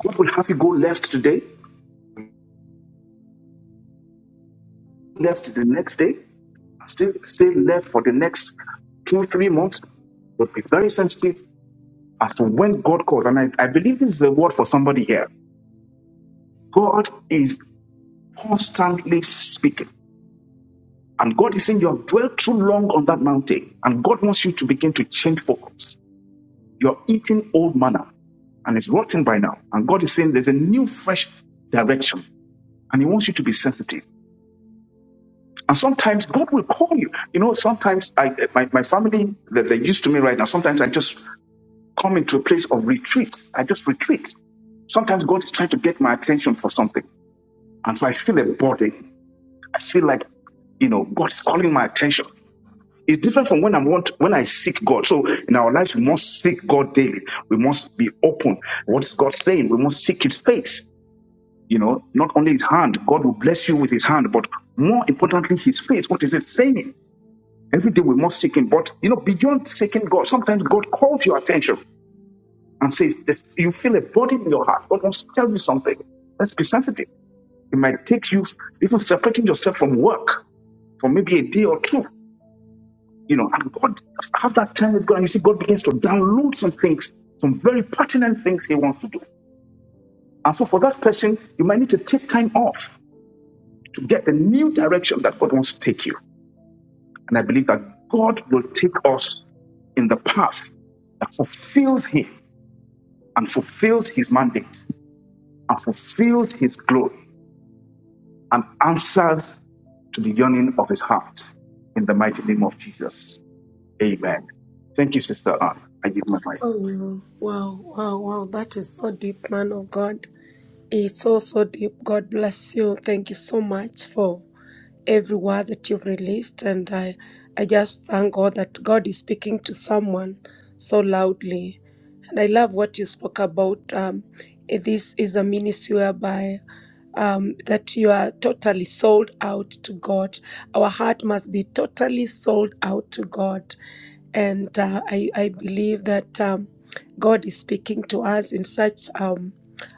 S9: God will have you go left today, left the next day, and still stay left for the next two, three months. But be very sensitive as to when God calls. And I, I believe this is the word for somebody here. God is constantly speaking. And God is saying, You have dwelt too long on that mountain. And God wants you to begin to change focus. You're eating old manna and it's rotten by now. And God is saying there's a new, fresh direction and He wants you to be sensitive. And sometimes God will call you. You know, sometimes I, my, my family, that they're used to me right now, sometimes I just come into a place of retreat. I just retreat. Sometimes God is trying to get my attention for something. And so I feel a burden. I feel like you know, God is calling my attention. It's different from when I want when I seek God. So in our lives, we must seek God daily. We must be open. What is God saying? We must seek His face. You know, not only his hand, God will bless you with his hand, but more importantly, his face. What is it saying? Every day we must seek him. But, you know, beyond seeking God, sometimes God calls your attention and says, this, you feel a burden in your heart. God wants to tell you something. Let's be sensitive. It might take you even separating yourself from work for maybe a day or two. You know, and God, have that time with God, and you see God begins to download some things, some very pertinent things He wants to do. And so for that person, you might need to take time off. to get the new direction that God wants to take you. And I believe that God will take us in the path that fulfills Him and fulfills His mandate and fulfills His glory and answers to the yearning of His heart. In the mighty name of Jesus. Amen. Thank you, Sister Anne. I give my mic.
S3: Oh, wow, wow, wow, wow. That is so deep, man of God. It's so, so deep. God bless you. Thank you so much for every word that you've released. And I, I just thank God that God is speaking to someone so loudly. And I love what you spoke about. Um, eh, this is a ministry whereby um, that you are totally sold out to God. Our heart must be totally sold out to God. And uh, I, I believe that um, God is speaking to us in such. um,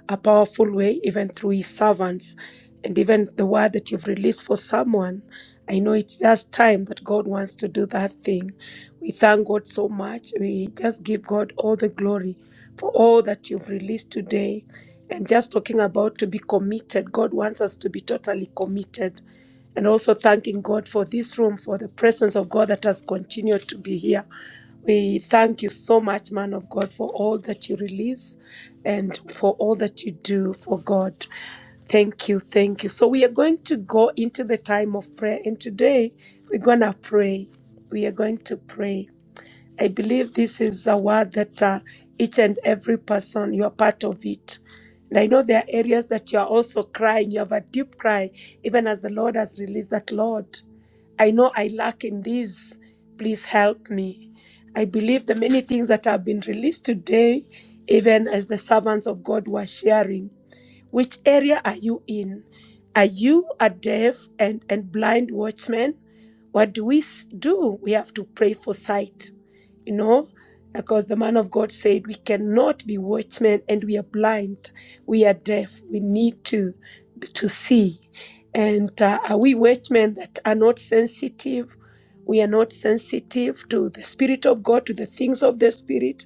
S3: a powerful way, even through his servants. And even the word that you've released for someone, I know it's just time that God wants to do that thing. We thank God so much. We just give God all the glory for all that you've released today. And just talking about to be committed, God wants us to be totally committed. And also thanking God for this room, for the presence of God that has continued to be here. We thank you so much, man of God, for all that you release and for all that you do for God. Thank you, thank you. So we are going to go into the time of prayer, and today we're going to pray. We are going to pray. I believe this is a word that uh, each and every person, you are part of it. And I know there are areas that you are also crying. You have a deep cry, even as the Lord has released that, Lord, I know I lack in this. Please help me. I believe the many things that have been released today, even as the servants of God were sharing. Which area are you in? Are you a deaf and, and blind watchman? What do we s- do? We have to pray for sight, you know, because the man of God said we cannot be watchmen and we are blind, we are deaf, we need to to see. And uh, are we watchmen that are not sensitive? We are not sensitive to the Spirit of God, to the things of the Spirit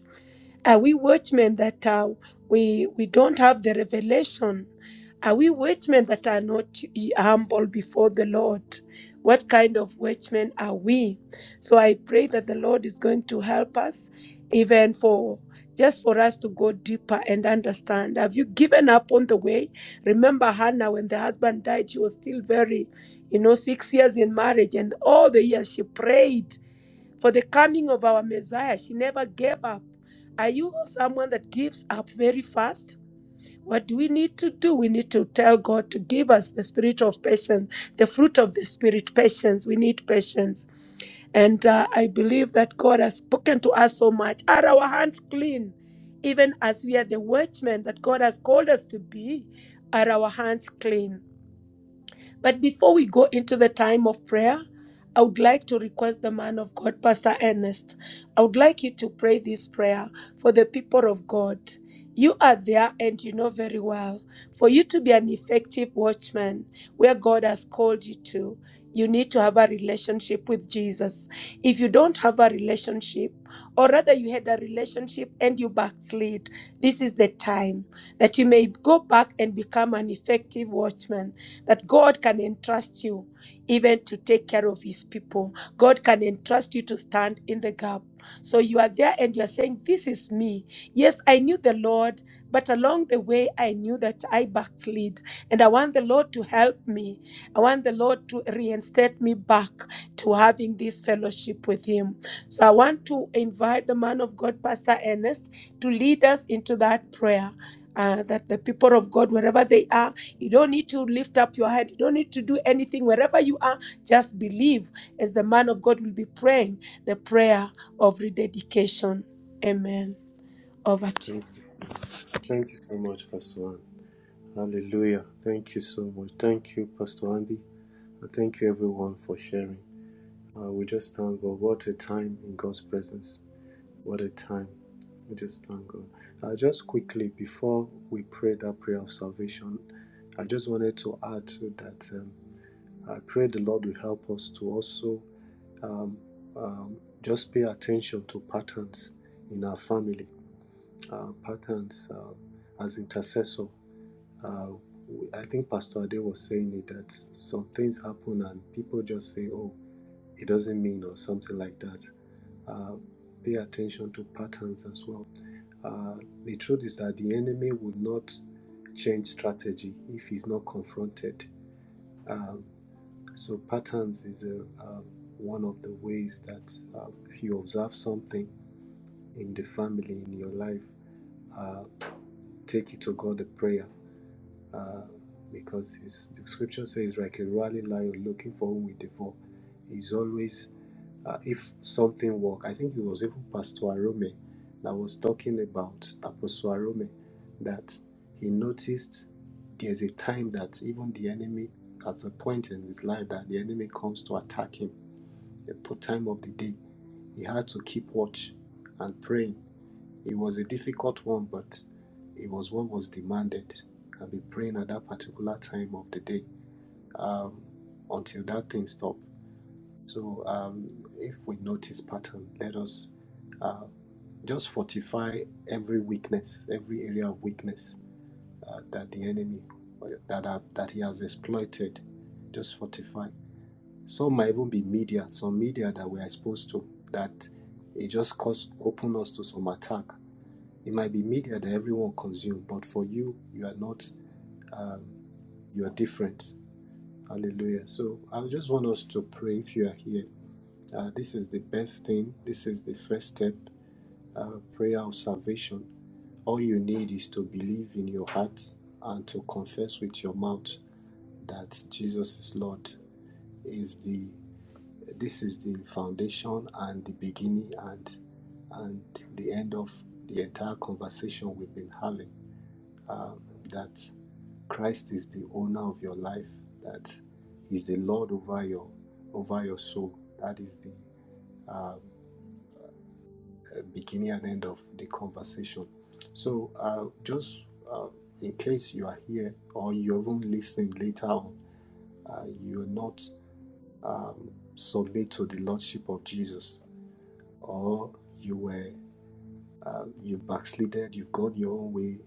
S3: are we watchmen that uh, we we don't have the revelation? Are we watchmen that are not humble before the Lord? What kind of watchmen are we? So I pray that the Lord is going to help us, even for just for us to go deeper and understand. Have you given up on the way? Remember Hannah when the husband died, she was still very, you know, six years in marriage, and all the years she prayed for the coming of our Messiah. She never gave up. Are you someone that gives up very fast? What do we need to do? We need to tell God to give us the spirit of patience, the fruit of the spirit, patience. We need patience. And uh, I believe that God has spoken to us so much. Are our hands clean? Even as we are the watchmen that God has called us to be, are our hands clean? But before we go into the time of prayer, I would like to request the man of God, Pastor Ernest. I would like you to pray this prayer for the people of God. You are there and you know very well. For you to be an effective watchman where God has called you to, you need to have a relationship with Jesus. If you don't have a relationship, or rather you had a relationship and you backslid, this is the time that you may go back and become an effective watchman that God can entrust you even to take care of his people. God can entrust you to stand in the gap. So you are there and you are saying, This is me. Yes, I knew the Lord, but along the way, I knew that I backslid. And I want the Lord to help me. I want the Lord to reinstate me back to having this fellowship with him. So I want to invite the man of God, Pastor Ernest, to lead us into that prayer. uh, that the people of God, wherever they are, you don't need to lift up your hand. You don't need to do anything. Wherever you are, just believe as the man of God will be praying the prayer of rededication. Amen. Over to you.
S8: Thank you so much. Thank you so much, Pastor Ann. Hallelujah. Thank you so much. Thank you, Pastor Andy. And thank you, everyone, for sharing. Uh, we just thank God. What a time in God's presence. What a time. We just thank God. Uh, just quickly, before we pray that prayer of salvation, I just wanted to add to that um, I pray the Lord will help us to also um, um, just pay attention to patterns in our family, uh, patterns uh, as intercessor. Uh, we- I think Pastor Ade was saying it that some things happen and people just say, "Oh, it doesn't mean" or something like that. Uh, pay attention to patterns as well. Uh, the truth is that the enemy would not change strategy if he's not confronted. Um, so patterns is a, uh, one of the ways that uh, if you observe something in the family, in your life, uh, take it to God the prayer. Uh, because his, the scripture says, like a roaring lion looking for whom we devour, he's always, uh, if something work, I think it was even Pastor Arome that was talking about Apostle Arome, that he noticed there's a time that even the enemy, at a point in his life, that the enemy comes to attack him the po- time of the day. He had to keep watch and praying. It was a difficult one, but it was what was demanded. And be praying at that particular time of the day um, until that thing stopped. So um, if we notice pattern, let us uh, just fortify every weakness, every area of weakness uh, that the enemy that that he has exploited. Just fortify. Some might even be media, some media that we're exposed to that it just cause open us to some attack. It might be media that everyone consumes, but for you, you are not, you are different. Hallelujah. So I just want us to pray if you are here. Uh, this is the best thing. This is the first step, uh, prayer of salvation. All you need is to believe in your heart and to confess with your mouth that Jesus is Lord is the This is the foundation and the beginning and and the end of the entire conversation we've been having that Christ is the owner of your life, that He's the Lord over your over your soul. That is the uh, beginning and end of the conversation. So, uh, just uh, in case you are here or you're even listening later on, uh, you're not um, submit to the Lordship of Jesus, or you were uh, you've backslided, you've gone your own way,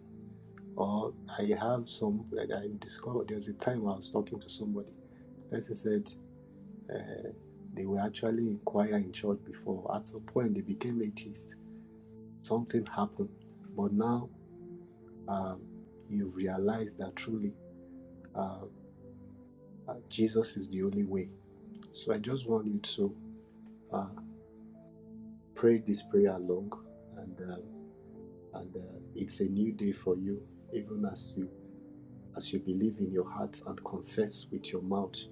S8: or I have some. I discovered there was a time I was talking to somebody. The Person said uh, they were actually in choir in church before. At some point, they became atheists. Something happened, but now um, you've realized that truly uh, uh, Jesus is the only way. So I just want you to uh, pray this prayer along, and um, and uh, it's a new day for you, even as you as you believe in your heart and confess with your mouth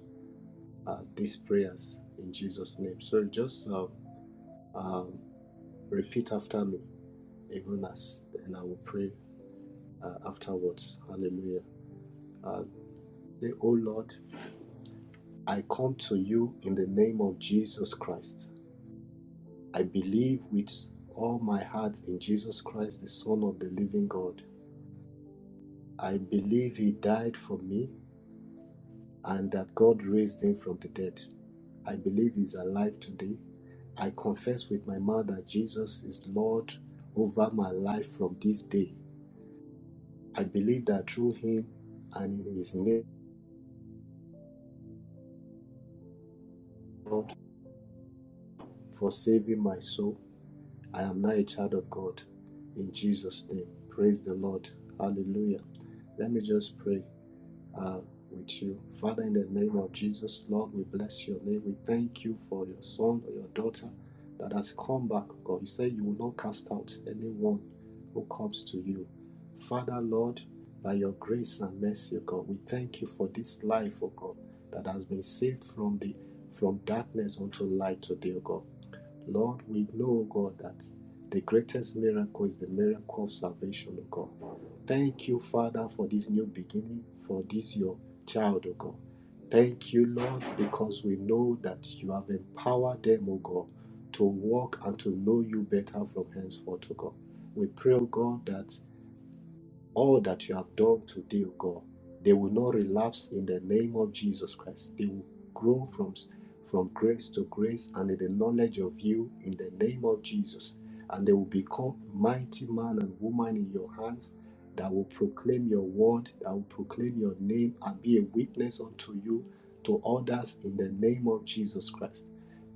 S8: uh, these prayers in Jesus' name. So just um, um, repeat after me, even as and I will pray uh, afterwards. Hallelujah. Uh, say, Oh Lord, I come to you in the name of Jesus Christ. I believe with all my heart in Jesus Christ, the Son of the living God. I believe he died for me and that God raised him from the dead. I believe He's alive today. I confess with my mouth that Jesus is Lord over my life from this day. I believe that through Him and in His name, Lord, for saving my soul, I am now a child of God. In Jesus' name, praise the Lord. Hallelujah. Let me just pray. uh, with you. Father, in the name of Jesus, Lord, we bless your name. We thank you for your son or your daughter that has come back, oh God. You say you will not cast out anyone who comes to you. Father, Lord, by your grace and mercy, oh God, we thank you for this life, oh God, that has been saved from the from darkness unto light today, oh God. Lord, we know, God, that the greatest miracle is the miracle of salvation, O God. Thank you, Father, for this new beginning, for this your child, O God. Thank you, Lord, because we know that you have empowered them, O God, to walk and to know you better from henceforth, O God. We pray, O God, that all that you have done today, O God. They will not relapse in the name of Jesus Christ. They will grow from, from grace to grace and in the knowledge of you in the name of Jesus. And they will become mighty man and woman in your hands that will proclaim your word, that will proclaim your name and be a witness unto you to others in the name of Jesus Christ.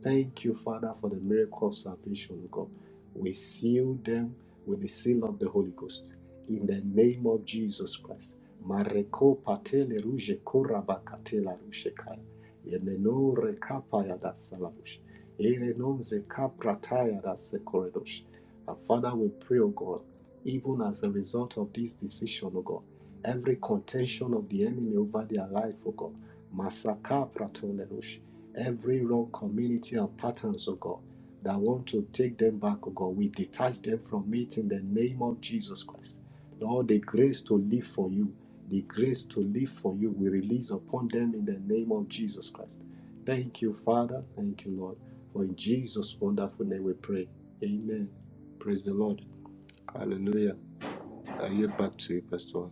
S8: Thank you, Father, for the miracle of salvation, O God. We seal them with the seal of the Holy Ghost in the name of Jesus Christ. Mareko patele ruje koraba katela rushe kaya. Yemeno rekapa ya da salarush. Ere non ze kaprataya da sekoredosh. And Father, we pray, O God, even as a result of this decision, O God. Every contention of the enemy over their life, O God. Masaka pratolerush. Every wrong community and patterns, O God, that want to take them back, O God. We detach them from it in the name of Jesus Christ. Lord, the grace to live for you, the grace to live for you, we release upon them in the name of Jesus Christ. Thank you, Father. Thank you, Lord. For in Jesus' wonderful name we pray. Amen. Praise the Lord. Hallelujah. I yield back to you, Pastor.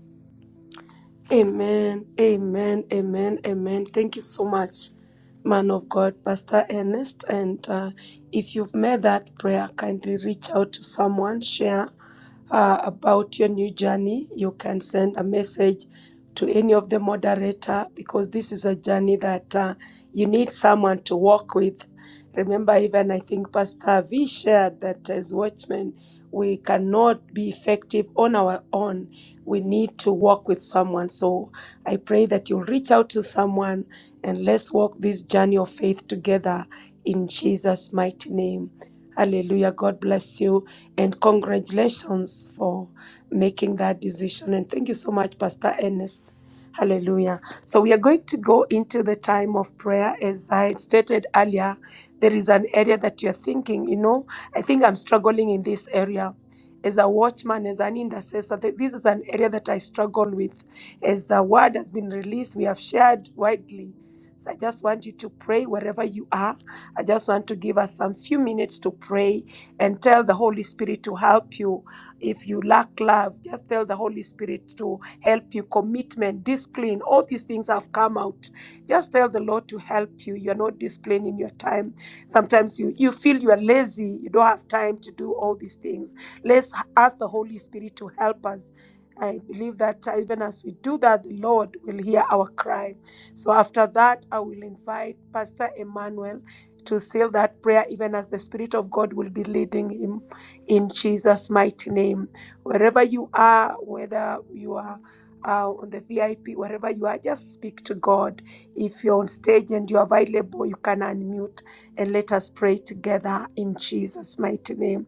S3: Amen, amen, amen, amen. Thank you so much, man of God, Pastor Ernest. And uh, if you've made that prayer, kindly reach out to someone, share uh, about your new journey, you can send a message to any of the moderator because this is a journey that uh, you need someone to walk with. Remember, even I think Pastor V shared that as watchmen, we cannot be effective on our own. We need to walk with someone. So I pray that you'll reach out to someone and let's walk this journey of faith together in Jesus' mighty name. Hallelujah. God bless you. And congratulations for making that decision. And thank you so much, Pastor Ernest. Hallelujah. So we are going to go into the time of prayer. As I stated earlier, there is an area that you're thinking, you know, I think I'm struggling in this area. As a watchman, as an intercessor, th- this is an area that I struggle with. As the word has been released, we have shared widely. So I just want you to pray wherever you are I just want to give us some few minutes to pray and tell the Holy Spirit to help you. If you lack love, just tell the Holy Spirit to help you. Commitment, discipline, all these things have come out. Just tell the Lord to help you. You're not disciplined in your time. Sometimes you, you feel you are lazy, you don't have time to do all these things. Let's ask the Holy Spirit to help us. I believe that uh, even as we do that, the Lord will hear our cry. So after that, I will invite Pastor Emmanuel to seal that prayer, even as the Spirit of God will be leading him in Jesus' mighty name. Wherever you are, whether you are uh, on the VIP, wherever you are, just speak to God. If you're on stage and you're available, you can unmute and let us pray together in Jesus' mighty name.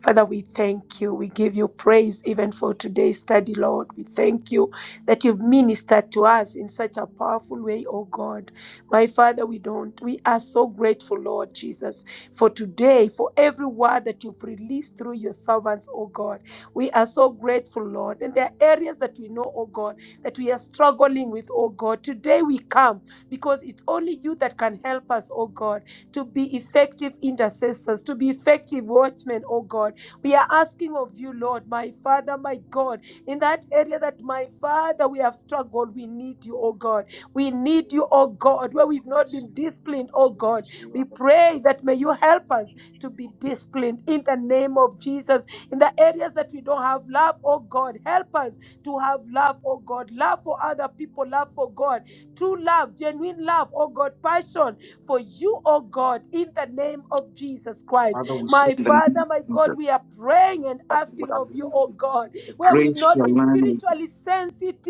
S3: Father, we thank you. We give you praise even for today's study, Lord. We thank you that you've ministered to us in such a powerful way, oh God. My Father, we don't. We are so grateful, Lord Jesus, for today, for every word that you've released through your servants, oh God. We are so grateful, Lord. And there are areas that we know, oh God, that we are struggling with, oh God. Today we come because it's only you that can help us, oh God to be effective intercessors, to be effective watchmen, oh God. We are asking of you, Lord, my Father, my God, in that area that my Father, we have struggled, we need you, oh God. We need you, oh God, where we've not been disciplined, oh God. We pray that may you help us to be disciplined in the name of Jesus. In the areas that we don't have love, oh God, help us to have love, oh God, love for other people, love for God, true love, genuine love, oh God, passion for you, oh God, in the name of Jesus Christ.
S9: Father, we say
S3: My
S9: in the
S3: Father,
S9: name
S3: my
S9: of
S3: God,
S9: Jesus
S3: we are praying and
S9: that we would
S3: asking of you,
S9: allow
S3: oh God,
S9: the
S3: where we've
S9: grace to
S3: not been
S9: align with you,
S3: spiritually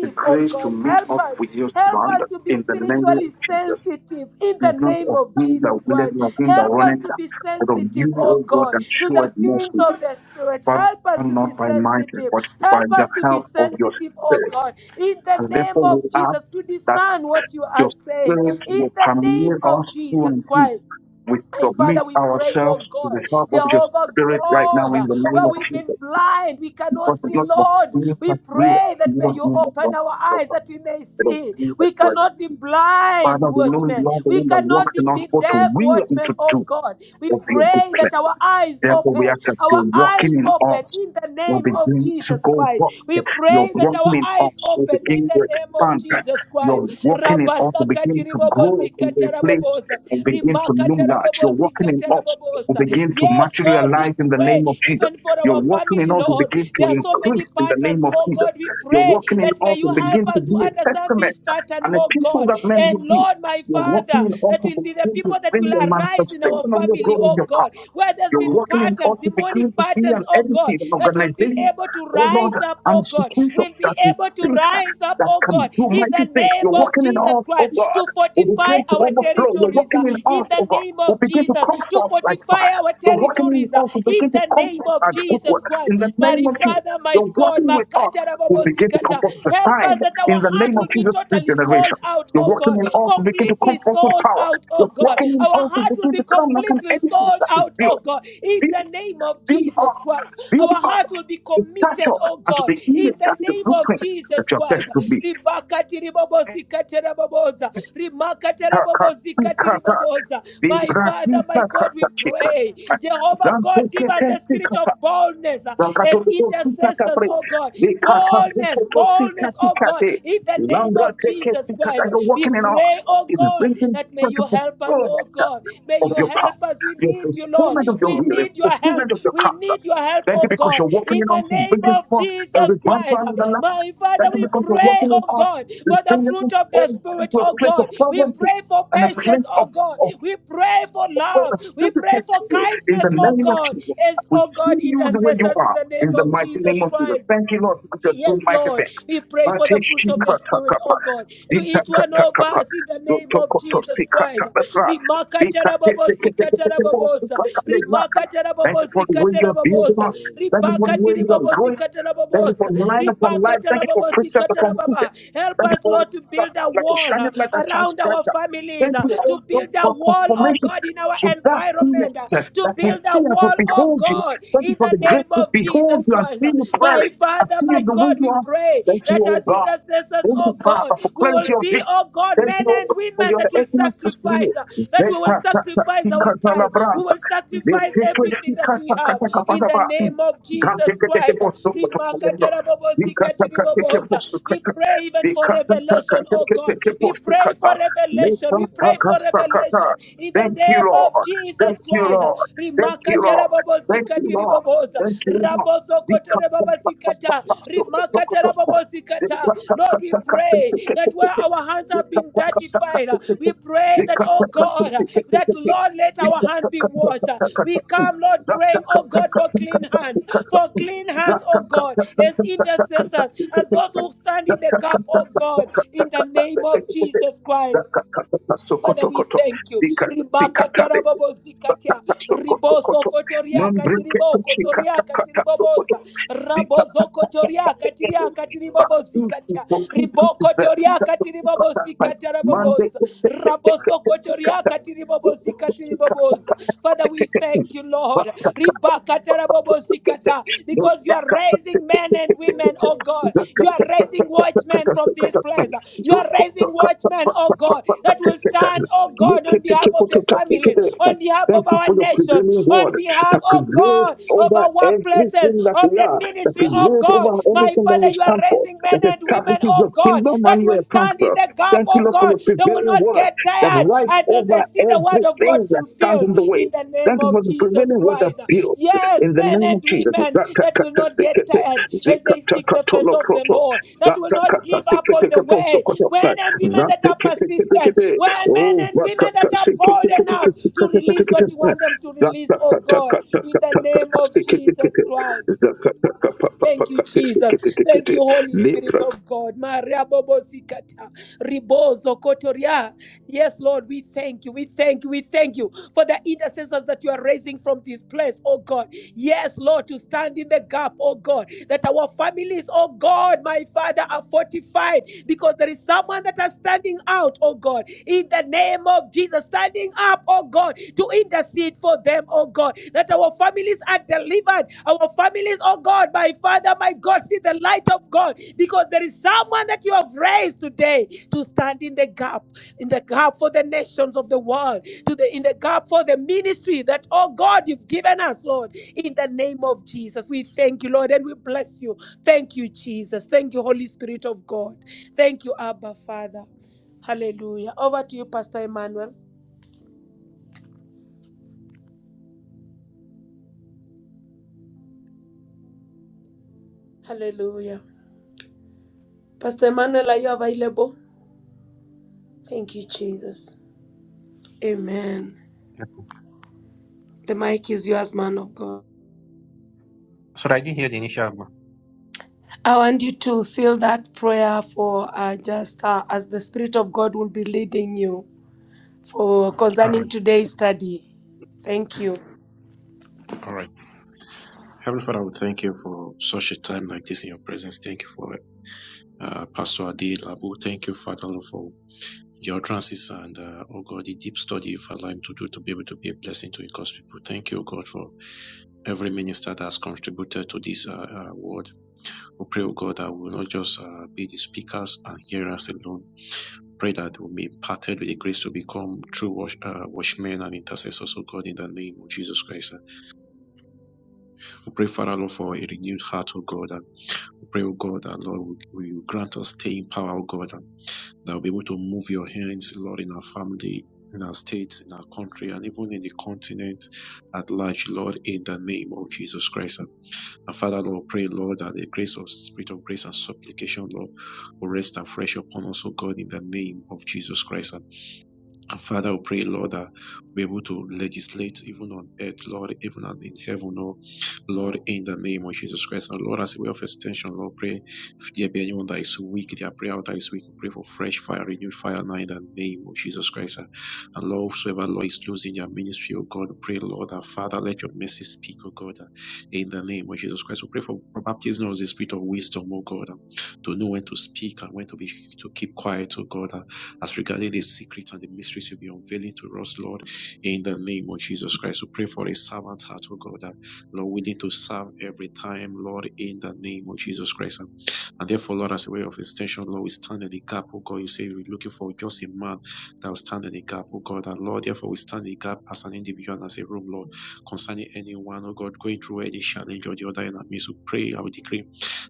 S9: the
S3: oh
S9: grace to
S3: God,
S9: meet
S3: help
S9: up
S3: us
S9: with your
S3: Help us
S9: standards
S3: to be
S9: in the name of
S3: spiritually
S9: Jesus.
S3: sensitive in
S9: Be
S3: the
S9: not
S3: name
S9: of
S3: of
S9: him that
S3: Jesus
S9: willeth,
S3: Christ.
S9: not him that
S3: Help us
S9: runneth,
S3: to be
S9: but of
S3: sensitive,
S9: you, O
S3: oh
S9: God,
S3: God,
S9: that
S3: to the
S9: showeth
S3: things
S9: mercy.
S3: of the Spirit.
S9: Father,
S3: Help us to be
S9: not by might,
S3: sensitive.
S9: but by
S3: Help
S9: the
S3: us to be
S9: help of your
S3: sensitive, oh
S9: Spirit.
S3: God, in the
S9: And
S3: name
S9: therefore we
S3: of Jesus, to
S9: ask that
S3: discern what you are
S9: your
S3: saying
S9: Spirit
S3: in
S9: will
S3: the name
S9: permeate
S3: of
S9: us through
S3: Jesus
S9: and through.
S3: Christ.
S9: We
S3: And
S9: submit
S3: Father, we pray, oh
S9: ourselves to
S3: God,
S9: the help of your
S3: Jehovah
S9: Spirit right now in
S3: God,
S9: the name
S3: where
S9: of
S3: we've
S9: Jesus.
S3: been blind, we cannot
S9: Because it's
S3: see,
S9: not of
S3: Lord.
S9: me
S3: We
S9: that we
S3: pray that may
S9: not
S3: you
S9: me that
S3: open
S9: runneth,
S3: our
S9: but
S3: eyes that we may
S9: of
S3: see.
S9: you that
S3: We
S9: doeth.
S3: cannot be blind,
S9: Father, we know
S3: watchmen.
S9: you are the
S3: We
S9: one that works
S3: cannot de-
S9: in us
S3: be
S9: both to
S3: deaf,
S9: will and
S3: watchmen,
S9: to
S3: oh
S9: do.
S3: God. We
S9: of your
S3: pray
S9: booklet.
S3: that our eyes
S9: Therefore, we
S3: open,
S9: ask that you're
S3: our
S9: walking
S3: eyes
S9: in
S3: open
S9: us
S3: in the
S9: will
S3: name of
S9: begin to
S3: Jesus
S9: go
S3: Christ.
S9: forth.
S3: We
S9: Your
S3: pray that
S9: walking
S3: our
S9: in
S3: eyes
S9: us will
S3: open in
S9: begin
S3: the
S9: to
S3: name of
S9: expand.
S3: Jesus Christ tarabai
S9: Your walking in us will begin
S3: rabasakati
S9: to grow
S3: ribobozika
S9: into a place
S3: taraboboza
S9: of
S3: rimaka
S9: luminance. Your
S3: tarabobozika
S9: walking in us will
S3: taraboboza
S9: begin to
S3: yes lord we
S9: materialize in the
S3: pray
S9: name of Jesus.
S3: even for
S9: Your
S3: our
S9: walking in
S3: family
S9: us will
S3: lord
S9: begin to
S3: there are so many
S9: increase in the name
S3: patterns
S9: of
S3: oh god
S9: Jesus.
S3: we
S9: Your
S3: pray
S9: walking in
S3: that may
S9: us
S3: you
S9: will
S3: help
S9: begin to
S3: us to
S9: be a
S3: understand
S9: testament
S3: this pattern
S9: and a
S3: oh
S9: people
S3: god
S9: that men
S3: and
S9: will be.
S3: lord my
S9: You're walking
S3: father
S9: in us.
S3: that
S9: to
S3: will be the
S9: begin to
S3: people that
S9: bring
S3: will
S9: the
S3: arise in our
S9: manifestation of your
S3: family
S9: glory in
S3: oh
S9: your heart.
S3: god where there's
S9: You're
S3: been
S9: working in
S3: patterns
S9: us to begin
S3: demonic
S9: to be
S3: patterns
S9: an
S3: oh god
S9: entity, an
S3: that will be able
S9: organization,
S3: able to
S9: oh Lord,
S3: rise up,
S9: an
S3: oh God.
S9: institution
S3: We'll be
S9: that is
S3: able to
S9: big,
S3: rise up,
S9: that
S3: oh
S9: can
S3: God,
S9: do
S3: in the
S9: mighty things.
S3: name
S9: You're
S3: of
S9: working in
S3: Jesus
S9: us, oh
S3: Christ,
S9: God.
S3: to
S9: We
S3: fortify
S9: begin to
S3: our
S9: overflow. You're
S3: territories,
S9: working
S3: uh,
S9: in
S3: in
S9: us,
S3: the
S9: oh God.
S3: name
S9: We
S3: of
S9: begin to
S3: Jesus,
S9: come
S3: to
S9: forth like
S3: fortify
S9: fire.
S3: our
S9: You're working in
S3: territories, uh,
S9: us. We
S3: in
S9: begin to
S3: the
S9: come
S3: name
S9: forth
S3: of
S9: as good
S3: Jesus
S9: works. In
S3: Christ.
S9: the
S3: My
S9: name of Jesus,
S3: Father, my
S9: you're
S3: God,
S9: working with us
S3: Makata
S9: will begin to
S3: Rababosikata,
S9: comfort us as
S3: help
S9: time
S3: us that
S9: in
S3: our
S9: the
S3: heart
S9: name of
S3: will be
S9: Jesus this
S3: totally sold
S9: generation.
S3: out,
S9: you're
S3: oh
S9: working
S3: God,
S9: in us will begin to
S3: completely
S9: comfort with
S3: sold
S9: power.
S3: out, oh
S9: You're
S3: God.
S9: working in
S3: Our
S9: us will
S3: heart will
S9: begin
S3: be
S9: to come like an
S3: completely will be
S9: edifice
S3: sold
S9: that is
S3: out, oh
S9: built.
S3: God, in the
S9: Build,
S3: name of
S9: build up,
S3: Jesus Christ.
S9: build
S3: Our
S9: up
S3: heart will be
S9: the
S3: committed,
S9: stature
S3: oh
S9: and to
S3: God,
S9: the
S3: in
S9: image
S3: the
S9: and the
S3: name of
S9: blueprint that
S3: Jesus
S9: you're set
S3: Christ.
S9: to be.
S3: Ribakati ribobozikati raboboza. Rimakati rabobozikati riboboza. My Father, my God, we pray. Jehovah God, give us the spirit of
S9: Zantokete
S3: boldness uh, as intercessors,
S9: Rakatotosikakapre.
S3: oh God. Boldness, boldness, oh God,
S9: Dekakatototosikatsikate.
S3: in the name of Jesus Christ
S9: Lambratekesikata. You're
S3: lives. We
S9: walking in us.
S3: pray, oh
S9: It is
S3: God,
S9: bringing
S3: that may
S9: such a
S3: you help us, oh
S9: fulfillment
S3: God. May
S9: of
S3: you
S9: your
S3: help
S9: power,
S3: us. We
S9: your
S3: need you, Lord.
S9: fulfillment of your
S3: We
S9: will, the
S3: need your
S9: fulfillment
S3: help.
S9: of your
S3: We
S9: counsel.
S3: need your help,
S9: Thank you
S3: oh
S9: because
S3: God.
S9: you're walking
S3: In
S9: in
S3: the
S9: us and
S3: name
S9: bringing
S3: of
S9: forth a
S3: Jesus
S9: revival
S3: Christ.
S9: in the land.
S3: My Father,
S9: Thank you
S3: we
S9: because you're
S3: pray,
S9: walking in
S3: oh
S9: us
S3: God,
S9: and
S3: for the
S9: bringing
S3: fruit
S9: us
S3: of the
S9: all
S3: Spirit,
S9: into a
S3: oh
S9: place of
S3: God. We
S9: fervency
S3: pray for
S9: and a place
S3: patience,
S9: of,
S3: oh God.
S9: of
S3: We pray for
S9: well, we're
S3: love. We pray
S9: sensitive
S3: for
S9: to you in the
S3: kindness, oh
S9: name of
S3: God.
S9: Jesus.
S3: As,
S9: We
S3: oh
S9: see
S3: God,
S9: you the way you
S3: intercessors in
S9: are
S3: the name
S9: in the
S3: of
S9: mighty name
S3: Jesus
S9: of Jesus.
S3: Christ.
S9: Thank you, Lord, because you're doing
S3: Yes,
S9: mighty
S3: Lord.
S9: things.
S3: We pray for the fruit of the Spirit, oh
S9: Batishikatakapa,
S3: God, to each one of
S9: itakatakapa,
S3: us in the name of Jesus Christ.
S9: zotokotosikatapapa,
S3: Rimaka terabobozika teraboboza.
S9: ikateketeketeketekosikatalegaka.
S3: Rimaka
S9: Thank you for the
S3: terabobozika
S9: way you're building
S3: teraboboza.
S9: us. Thank you for
S3: Ribaka
S9: the way you're growing
S3: tiribobozika
S9: us. Thank you
S3: teraboboza.
S9: for line upon
S3: Ribaka
S9: line. Thank you for
S3: terabobozika
S9: precept upon
S3: terababa.
S9: precept.
S3: Help
S9: Thank you,
S3: us,
S9: Holy
S3: Lord, to build
S9: Father.
S3: a
S9: It's like a
S3: wall uh,
S9: shining light that shines
S3: around our
S9: brighter.
S3: families,
S9: Thank
S3: uh,
S9: you, Holy
S3: to
S9: God,
S3: build a
S9: for
S3: wall, oh
S9: confirmation
S3: God, in our
S9: to that
S3: environment, uh,
S9: image
S3: to
S9: that we
S3: build a
S9: see and we
S3: wall, oh
S9: behold you.
S3: God,
S9: Thank you
S3: in
S9: for
S3: the
S9: the
S3: name
S9: grace to
S3: of
S9: behold
S3: Jesus
S9: you and
S3: Christ.
S9: see you
S3: My
S9: clearly and
S3: Father,
S9: see you
S3: my
S9: the way
S3: God,
S9: you
S3: we
S9: are.
S3: pray
S9: Thank you,
S3: that
S9: oh
S3: as
S9: God.
S3: intercessors,
S9: Thank
S3: oh
S9: you,
S3: God,
S9: Father, for
S3: we will
S9: clarity of
S3: be,
S9: vision.
S3: oh God,
S9: There's
S3: men
S9: no
S3: and
S9: cause for
S3: women
S9: your
S3: that will
S9: ethnos to
S3: sacrifice,
S9: sleep.
S3: uh, that we will
S9: Zeta tata
S3: sacrifice our
S9: tika tala
S3: time. We
S9: branta.
S3: will sacrifice
S9: Zeteke
S3: everything
S9: tika
S3: that we
S9: taka
S3: have
S9: taka
S3: in
S9: pada
S3: the
S9: ba.
S3: name of
S9: Gante
S3: Jesus
S9: kete ke
S3: Christ.
S9: poso koto kolendo. Tika
S5: Thank
S9: taka teke
S5: you.
S3: Rimakatarabobosikatiribobosa.
S9: poso
S3: We
S9: kata.
S3: pray even for
S9: Tika taka
S3: revelation, oh
S9: teke
S3: God.
S9: teke
S3: We
S9: poso
S3: pray for
S9: kata.
S3: revelation.
S9: Leta
S3: We pray
S9: taka
S3: for revelation
S9: sakata.
S3: salvation in the
S9: Thank you,
S3: name of
S9: Lord. Thank
S3: Jesus
S9: you,
S3: Christ.
S9: Lord. Thank you,
S3: Rimakatara
S9: Lord.
S3: babo
S9: Thank you,
S3: sikati
S9: Lord.
S3: riboboza.
S9: Thank you, Lord.
S3: Raboso
S9: Tika
S3: kotore baba
S9: taka taka
S3: sikata.
S9: poso koto
S3: Rimakatara
S9: koto.
S3: Lord, we pray that where our hands have been dirtified, uh, we pray that, oh God, uh, that Lord, let our hands be washed. uh. We come, Lord, praying, oh God, for clean hands, for clean hands, oh God, as intercessors, as those who stand in the gap, oh God, in the name of Jesus Christ. Father, we thank you. Ribaka Ribakatia rabobozikatia. Riboso kotoria
S9: Mambreke to
S3: katiriboko soria
S9: chikata kata sokoto.
S3: katiriboboza.
S9: Zika
S3: Rabozo kotoria katiria
S9: but you keep
S3: katiribobozikatia.
S9: keep
S3: Riboko
S9: keep that keep
S3: toria
S9: keep keep that mind.
S3: katiribobozikatia
S9: Monday,
S3: raboboza.
S9: Tuesday, Wednesday, Thursday,
S3: Raboso
S9: Friday, Saturday,
S3: kotoria
S9: Sunday. Monday, Tuesday,
S3: katiribobozikatiriboboza. Father,
S9: Wednesday,
S3: we
S9: Thursday, Friday, Saturday,
S3: thank
S9: Sunday.
S3: you, Lord.
S9: Monday, Tuesday, Wednesday, Thursday, Friday,
S3: Ribakatarabobozikata,
S9: Saturday, Sunday. Monday,
S3: Because you are raising
S9: Tuesday,
S3: men and women, oh God. You are raising watchmen from this
S9: Wednesday,
S3: place.
S9: Thursday,
S3: You are raising
S9: Friday,
S3: watchmen, oh
S9: Saturday,
S3: God,
S9: Sunday.
S3: that will stand, oh God, on behalf of the family, on behalf
S9: Thank
S3: of
S9: you
S3: our
S9: for your
S3: nations,
S9: prevailing
S3: on
S9: word
S3: behalf,
S9: that
S3: oh
S9: prevails
S3: God, of
S9: over
S3: our workplaces,
S9: everything that
S3: of
S9: we
S3: the
S9: are, that
S3: ministry, oh
S9: prevails
S3: God.
S9: over
S3: My
S9: everything that
S3: Father,
S9: we
S3: you are
S9: stand for,
S3: raising men
S9: that
S3: and women,
S9: establishes your
S3: oh God,
S9: kingdom
S3: that
S9: and
S3: will
S9: your
S3: stand stand
S9: counsel.
S3: in the gap,
S9: Thank you,
S3: oh
S9: Lord, for
S3: God.
S9: your
S3: They will
S9: prevailing
S3: not
S9: word
S3: get
S9: that
S3: tired
S9: rides
S3: until
S9: over
S3: they see the word of God
S9: everything that stands
S3: fulfilled
S9: in the way.
S3: in the name
S9: Thank you for
S3: of
S9: the
S3: Jesus
S9: prevailing word that
S3: Christ.
S9: builds
S3: Yes,
S9: in the
S3: men
S9: name
S3: and
S9: of Jesus.
S3: women that will not get tired as they seek the face of the Lord, that will not
S9: Zatakata
S3: give up on the
S9: seketekepo
S3: way.
S9: sokotota.
S3: Men and women that are persistent,
S9: Zateketeketekete.
S3: where men
S9: Oh,
S3: and women
S9: vakata
S3: that are bold enough
S9: seketeketekete.
S3: to release what you want them to release, oh God, in the name
S9: Zatakatakatakatakata
S3: of
S5: Thank
S3: Jesus
S9: seketekete.
S3: Christ. Thank you,
S9: Zatakapapapakate
S3: Jesus. Thank
S9: seketekete.
S3: you, Holy Spirit
S9: Lepra
S3: of God. Maria Bobo Zikata, Ribozo Kotoria. Yes, Lord, we thank you. We thank you. We thank you for the intercessors that you are raising from this place, oh God. Yes, Lord, to stand in the gap, oh God, that our families, oh God, my Father, are fortified because there is someone that are standing out, oh God, in the name of Jesus, standing up, oh God, to intercede for them, oh God, that our families are delivered. Our families, oh God, my Father, my God, see the light of God because there is someone that you have raised today to stand in the gap, in the gap for the nations of the world, to the in the gap for the ministry that, oh God, you've given us, Lord, in the name of Jesus. We thank you, Lord, and we bless you. Thank you, Jesus. Thank you, Holy Spirit of God. Thank you, Abba Father. Hallelujah. Over to you, Pastor Emmanuel. Hallelujah. Pastor Emmanuel, are you available? Thank you, Jesus. Amen.
S7: Yes.
S3: The mic is yours, man of God.
S7: So I didn't hear the initial one.
S3: I want you to seal that prayer for uh, just uh, as the Spirit of God will be leading you for
S7: All
S3: concerning
S7: right.
S3: today's study. Thank you.
S7: All right. Heavenly Father, we thank you for such a time like this in your presence. Thank you for uh, Pastor Adil Labu. Thank you, Father, Lord, for your utterances and, uh, oh God, the deep study you've allowed him to do to be able to be a blessing to your God's people. Thank you, oh God, for every minister that has contributed to this uh, uh, word. We pray, oh God, that we will not just uh, be the speakers and hearers alone. Pray that we'll be imparted with the grace to become true wash, uh, watchmen and intercessors, oh God, in the name of Jesus Christ. We pray, Father, Lord, for a renewed heart, O God. And we pray, O God, that Lord, will you grant us staying power, O God, and that we'll be able to move your hands, Lord, in our family, in our state, in our country, and even in the continent at large, Lord, in the name of Jesus Christ. And, and Father, Lord, pray, Lord, that the grace of spirit of grace and supplication, Lord, will rest afresh upon us, oh God, in the name of Jesus Christ. and. And Father, we pray, Lord, that we're able to legislate even on earth, Lord, even on- in heaven, oh Lord, in the name of Jesus Christ. And Lord, as a way of extension, Lord, pray if there be anyone that is weak, their prayer that is weak, we pray for fresh fire, renewed fire now in the name of Jesus Christ. And and Lord, whosoever, Lord, is losing their ministry, oh God, we pray, Lord, that Father, let your mercy speak, oh God, uh, in the name of Jesus Christ. We pray for baptism of the spirit of wisdom, oh God, uh, to know when to speak and when to be to keep quiet, oh God. uh, as regarding the secret and the mysteries you'll be unveiling to us, Lord, in the name of Jesus Christ. We pray for a servant heart, oh God, that Lord, we need to serve every time, Lord, in the name of Jesus Christ. And, and therefore, Lord, as a way of extension, Lord, we stand in the gap, oh God. You say we're looking for just a man that will stand in the gap, oh God. And Lord, therefore, we stand in the gap as an individual and as a room, Lord, concerning anyone, oh God, going through any challenge or the other in our midst. We pray, I will decree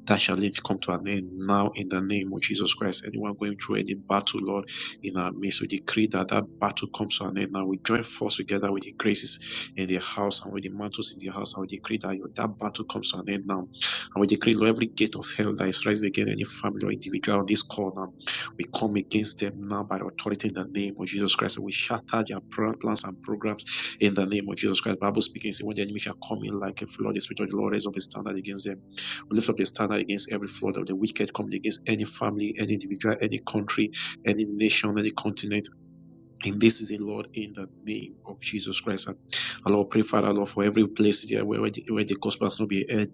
S7: that challenge come to an end now in the name of Jesus Christ. Anyone going through any battle, Lord in our midst. We decree that that battle comes to an end now. We join force together with the graces in the house and with the mantles in the house. And we decree that your- that battle comes to an end now. And we decree, Lord, every gate of hell that is raised against any family or individual on this call now, we come against them now by the authority in the name of Jesus Christ. And we shatter their pro- plans and programs in the name of Jesus Christ. Bible speaking, say, when the enemy shall come in like a flood, the Spirit of the Lord raise up a standard against them. We lift up a standard against every flood of the wicked coming against any family, any individual, any country any nation, any continent in this season, Lord, in the name of Jesus Christ. And and Lord, pray, Father, Lord, for every place there where, where, the, where the gospel has not been heard.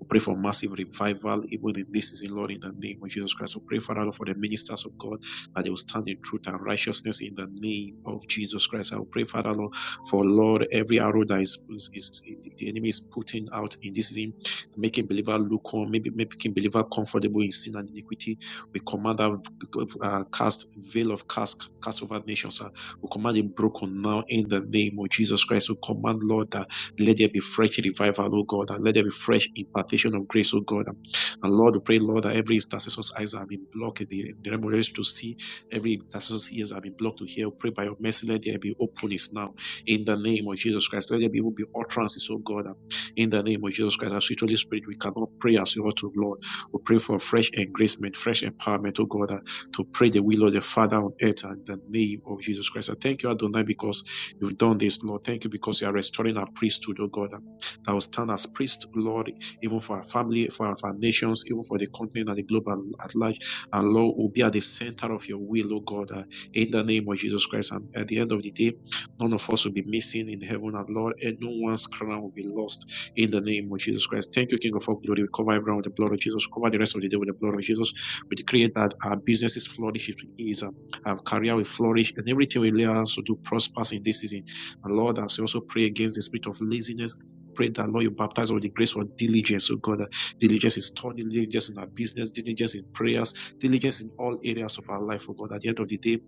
S7: We pray for massive revival, even in this season, Lord, in the name of Jesus Christ. We pray, Father, Lord, for the ministers of God that they will stand in truth and righteousness in the name of Jesus Christ. I will pray, Father, Lord, for Lord, every arrow that is, is, is the enemy is putting out in this season, making believer look on, maybe making believer comfortable in sin and iniquity. We command that uh, cast veil of cast cast over nations we command it broken now in the name of Jesus Christ. We command, Lord, that let there be fresh revival, oh God, and let there be fresh impartation of grace, oh God. And Lord, we pray, Lord, that every intercessor's eyes have been blocked, in the, the realm of the to see, every intercessor's ears have been blocked to hear. We pray by your mercy, let there be openness now in the name of Jesus Christ. Let there be, will be utterances, oh God, in the name of Jesus Christ. As sweet Holy Spirit, we cannot pray as we ought to, Lord. We pray for fresh engracement, fresh empowerment, oh God to pray the will of the Father on earth in the name of Jesus Christ. I thank you, Adonai, because you've done this, Lord. Thank you because you are restoring our priesthood, oh God, that will stand as priest, Lord, even for our family, for our, for our nations, even for the continent and the globe at, at large. And Lord, will be at the center of your will, oh God, uh, in the name of Jesus Christ. And at the end of the day, none of us will be missing in heaven, and Lord, and no one's crown will be lost in the name of Jesus Christ. Thank you, King of all glory. We cover everyone with the blood of Jesus. We cover the rest of the day with the blood of Jesus. We decree that our businesses flourish is um, our career will flourish, and everything will allow hands to do prospers in this season. And Lord, as we also pray against the spirit of laziness, pray that Lord, you baptize us with the grace for diligence. Oh God, uh, diligence is thought, diligence in our business, diligence in prayers, diligence in all areas of our life. Oh God, at the end of the day,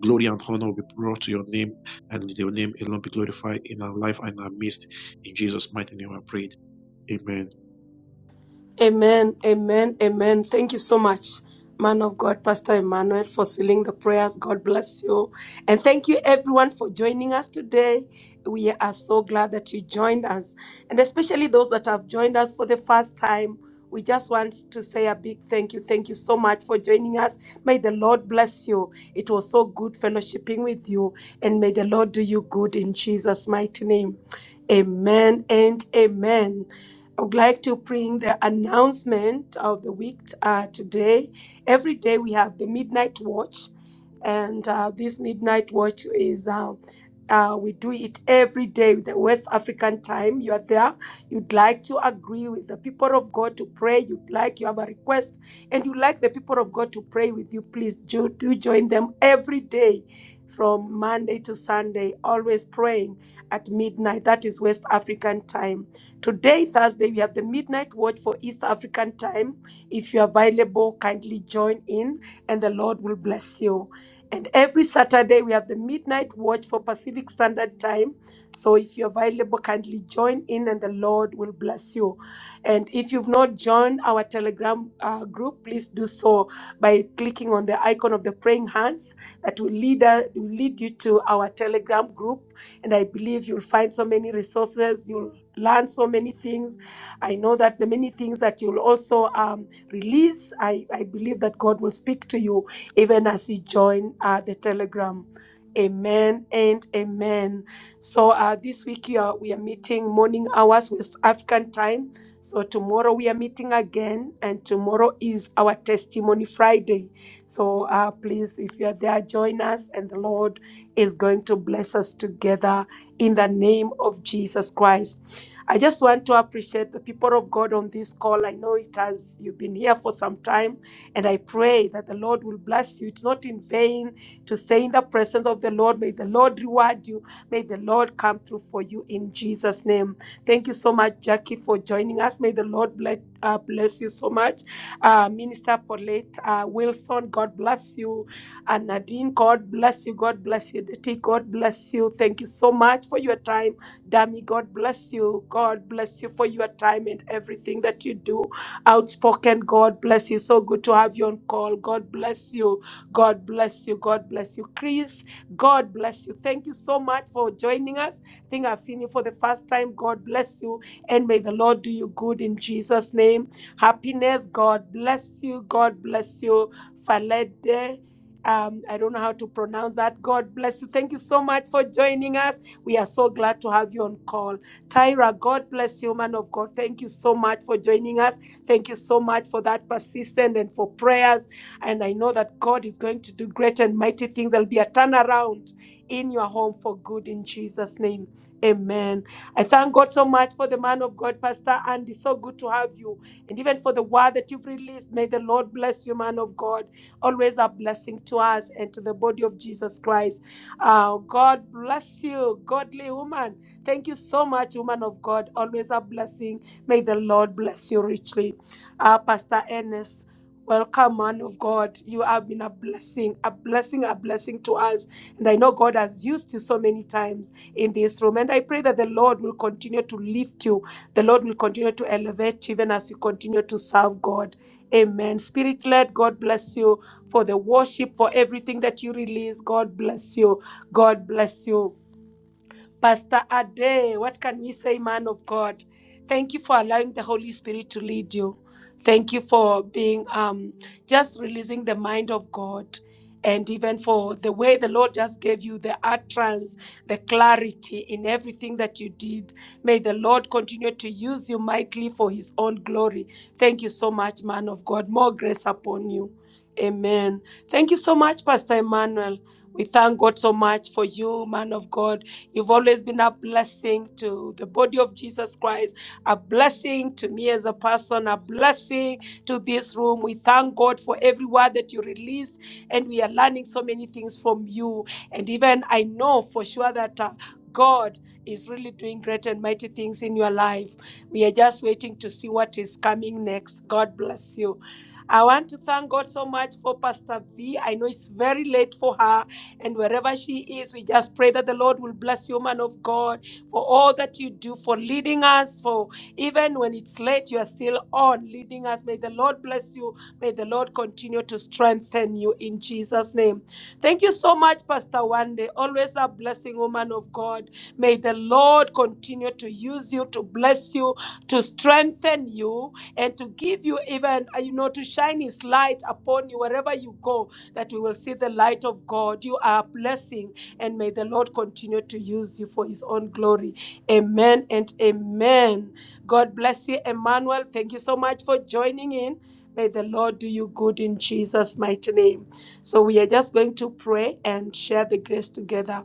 S7: glory and honor will be brought to your name, and your name alone be glorified in our life and our midst. In Jesus' mighty name, I prayed. Amen.
S3: Amen, amen, amen. Thank you so much, man of God, Pastor Emmanuel, for sealing the prayers. God bless you. And thank you, everyone, for joining us today. We are so glad that you joined us, and especially those that have joined us for the first time. We just want to say a big thank you. Thank you so much for joining us. May the Lord bless you. It was so good fellowshipping with you, and may the Lord do you good in Jesus' mighty name. Amen and amen. I would like to bring the announcement of the week uh, today. Every day we have the midnight watch, and uh, this midnight watch is uh, uh, we do it every day with the West African time. You are there. You'd like to agree with the people of God to pray. You'd like you have a request, and you'd like the people of God to pray with you. Please do, do join them every day. From Monday to Sunday, always praying at midnight. That is West African time Today, Thursday, we have the midnight watch for East African time. If you are available, kindly join in, and the Lord will bless you. And every Saturday, we have the midnight watch for Pacific Standard Time. So if you're available, kindly join in, and the Lord will bless you. And if you've not joined our Telegram uh, group, please do so by clicking on the icon of the praying hands that will lead, uh, will lead you to our Telegram group and I believe you'll find so many resources, you'll learn so many things. I know that the many things that you'll also um, release, I, I believe that God will speak to you even as you join uh, the Telegram. Amen and amen. So uh, this week we are, we are meeting morning hours with African time. So tomorrow we are meeting again, and tomorrow is our testimony Friday. So uh, please, if you are there, join us, and the Lord is going to bless us together in the name of Jesus Christ. I just want to appreciate the people of God on this call. I know it has, you've been here for some time, and I pray that the Lord will bless you. It's not in vain to stay in the presence of the Lord. May the Lord reward you. May the Lord come through for you in Jesus' name. Thank you so much, Jackie, for joining us. May the Lord bless. Uh, bless you so much, uh, Minister Paulette uh, Wilson. God bless you. And Nadine, God bless you. God bless you. Diti, God bless you. Thank you so much for your time. Dami, God bless you. God bless you for your time and everything that you do. Outspoken, God bless you. So good to have you on call. God bless you. God bless you. God bless you. Chris, God bless you. Thank you so much for joining us. I think I've seen you for the first time. God bless you. And may the Lord do you good in Jesus' name. Happiness, God bless you. God bless you. Falede. Um, I don't know how to pronounce that. God bless you. Thank you so much for joining us. We are so glad to have you on call. Tyra, God bless you, man of God. Thank you so much for joining us. Thank you so much for that persistence and for prayers. And I know that God is going to do great and mighty things. There'll be a turnaround in your home for good in Jesus' name. Amen. I thank God so much for the man of God, Pastor Andy. So good to have you. And even for the word that you've released, may the Lord bless you, man of God always a blessing to us and to the body of Jesus Christ. Uh, God bless you, godly woman. Thank you so much, woman of God. Always a blessing. May the Lord bless you richly. Uh, Pastor Ernest. Welcome, man of God. You have been a blessing, a blessing, a blessing to us. And I know God has used you so many times in this room. And I pray that the Lord will continue to lift you. The Lord will continue to elevate you even as you continue to serve God. Amen. Spirit led, God bless you for the worship, for everything that you release. God bless you. God bless you. Pastor Ade, what can we say, man of God? Thank you for allowing the Holy Spirit to lead you. Thank you for being um, just releasing the mind of God. And even for the way the Lord just gave you the utterance, the clarity in everything that you did. May the Lord continue to use you mightily for his own glory. Thank you so much, man of God. More grace upon you. Amen. Thank you so much, Pastor Emmanuel. We thank God so much for you, man of God. You've always been a blessing to the body of Jesus Christ, a blessing to me as a person, a blessing to this room. We thank God for every word that you released, and we are learning so many things from you. And even I know for sure that uh, God is really doing great and mighty things in your life. We are just waiting to see what is coming next. God bless you. I want to thank God so much for Pastor V. I know it's very late for her, and wherever she is, we just pray that the Lord will bless you, man of God, for all that you do, for leading us, for even when it's late, you are still on leading us. May the Lord bless you. May the Lord continue to strengthen you in Jesus' name. Thank you so much, Pastor Wande. Always a blessing, woman of God. May the Lord continue to use you, to bless you, to strengthen you and to give you even, uh, you know, to shine His light upon you wherever you go, that we will see the light of God. You are a blessing, and may the Lord continue to use you for His own glory. Amen and amen. God bless you, Emmanuel. Thank you so much for joining in. May the Lord do you good in Jesus' mighty name. So, we are just going to pray and share the grace together.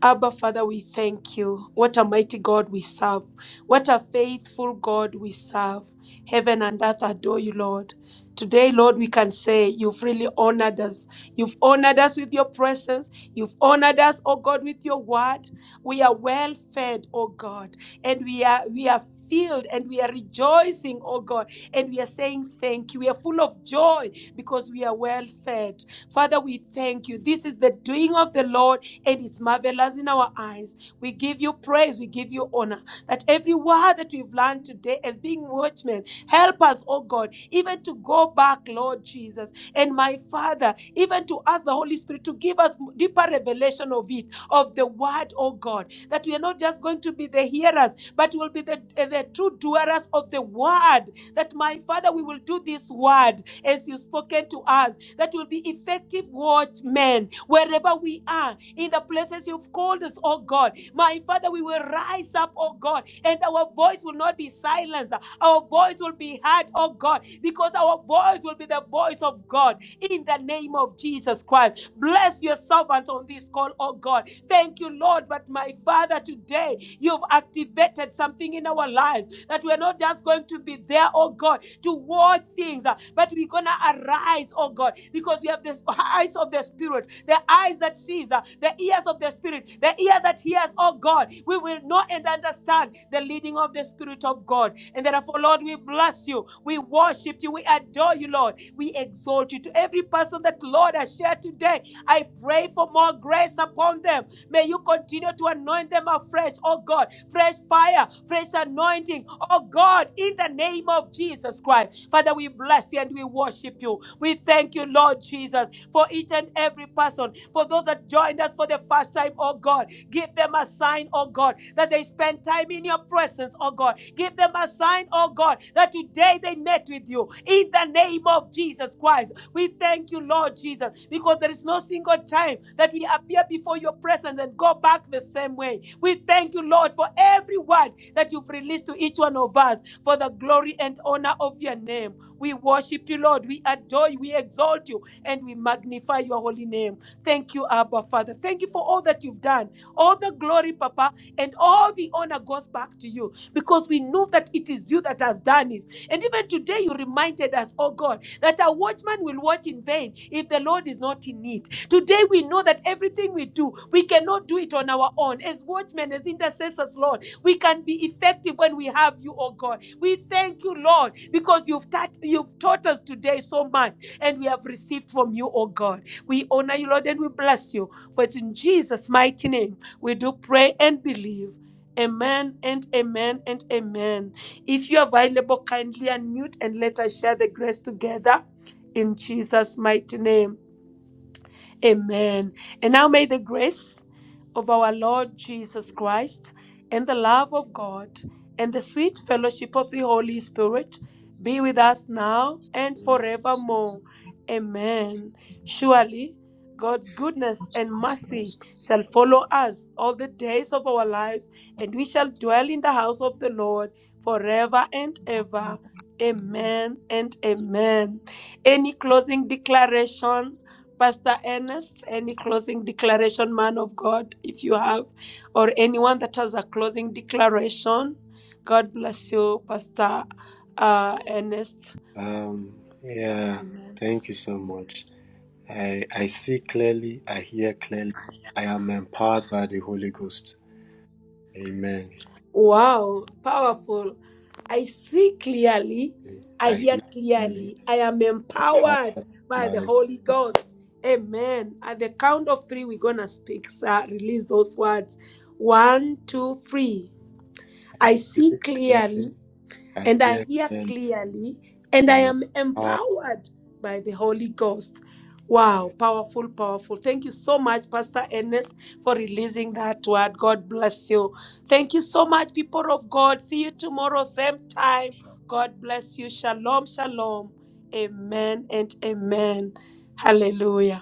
S3: Abba, Father, we thank you. What a mighty God we serve. What a faithful God we serve. Heaven and earth adore you, Lord. Today, Lord, we can say you've really honored us. You've honored us with your presence. You've honored us, oh God, with your word. We are well fed, oh God, and we are we are filled and we are rejoicing, oh God, and we are saying thank you. We are full of joy because we are well fed. Father, we thank you. This is the doing of the Lord, and it's marvelous in our eyes. We give you praise. We give you honor. That every word that we've learned today today as being watchmen. Help us, oh God, even to go back, Lord Jesus, and my Father, even to ask the Holy Spirit to give us deeper revelation of it, of the word, oh God, that we are not just going to be the hearers, but we'll be the, the true doers of the word. That, my Father, we will do this word as you've spoken to us, that will be effective watchmen wherever we are, in the places you've called us, oh God. My Father, we will will rise up, oh God, and our voice will not be silenced. Our voice will be heard, oh God, because our voice will be the voice of God in the name of Jesus Christ. Bless your servant on this call, oh God. Thank you, Lord. But my Father, today you've activated something in our lives that we're not just going to be there, oh God, to watch things, uh, but we're going to arise, oh God, because we have the eyes of the Spirit, the eyes that sees, uh, the ears of the Spirit, the ear that hears, oh God. We will know and understand the leading of the Spirit of God. And therefore, Lord, we bless you. We worship you. We adore you, Lord. We exalt you. To every person that, Lord, has shared today, I pray for more grace upon them. May you continue to anoint them afresh, oh God. Fresh fire, fresh anointing, oh God, in the name of Jesus Christ. Father, we bless you and we worship you. We thank you, Lord Jesus. Jesus, for each and every person, for those that joined us for the first time, oh God. Give them a sign, oh God, that they spend time in your presence, oh God. Give them a sign, oh God, that today they met with you in the name of Jesus Christ. We thank you, Lord Jesus, because there is no single time that we appear before your presence and go back the same way. We thank you, Lord, for every word that you've released to each one of us for the glory and honor of your name. We worship you, Lord. We adore you. We exalt you. And we magnify your holy name. Thank you, Abba, Father. Thank you for all that you've done. All the glory, Papa, and all the honor goes back to you because we know that it is you that has done it. And even today, you reminded us, oh God, that a watchman will watch in vain if the Lord is not in it. Today, we know that everything we do, we cannot do it on our own. As watchmen, as intercessors, Lord, we can be effective when we have you, oh God. We thank you, Lord, because you've taught, you've taught us today so much, and we have received from you, oh God. We honor you, Lord, and we bless you. For it's in Jesus' mighty name we do pray and believe. Amen and amen and amen. If you are available, kindly unmute and let us share the grace together in Jesus' mighty name. Amen. And now may the grace of our Lord Jesus Christ and the love of God and the sweet fellowship of the Holy Spirit be with us now and
S8: Yes,
S3: forevermore. Amen. Surely God's goodness and mercy shall follow us all the days of our lives, and we shall dwell in the house of the Lord forever and ever. Amen and amen. Any closing declaration? Pastor Ernest, any closing declaration, man of God, if you have, or anyone that has a closing declaration. God bless you, Pastor uh, Ernest.
S8: Um, yeah,
S3: Amen.
S8: thank you so much. I, I see clearly, I hear clearly. I am empowered by the Holy Ghost. Amen.
S3: Wow, powerful. I see clearly, I
S8: I
S3: hear
S8: hear clearly,
S3: clearly, I am empowered
S8: empowered
S3: by
S8: by
S3: the
S8: the
S3: Holy Ghost. Amen. At the count of three, we're going to speak, sir. Release those words. One, two, three.
S8: I
S3: I
S8: see
S3: see
S8: clearly,
S3: clearly,
S8: I
S3: and I
S8: hear
S3: hear
S8: clearly.
S3: clearly, and I
S8: I'm
S3: am
S8: empowered.
S3: empowered by the Holy Ghost.
S8: by
S3: Wow, powerful, powerful. Thank you so much, Pastor Ernest, for releasing that word. God bless you. Thank you so much, people of God. See you tomorrow, same time.
S5: you.
S3: God bless you. Shalom, shalom. Amen and amen. Hallelujah.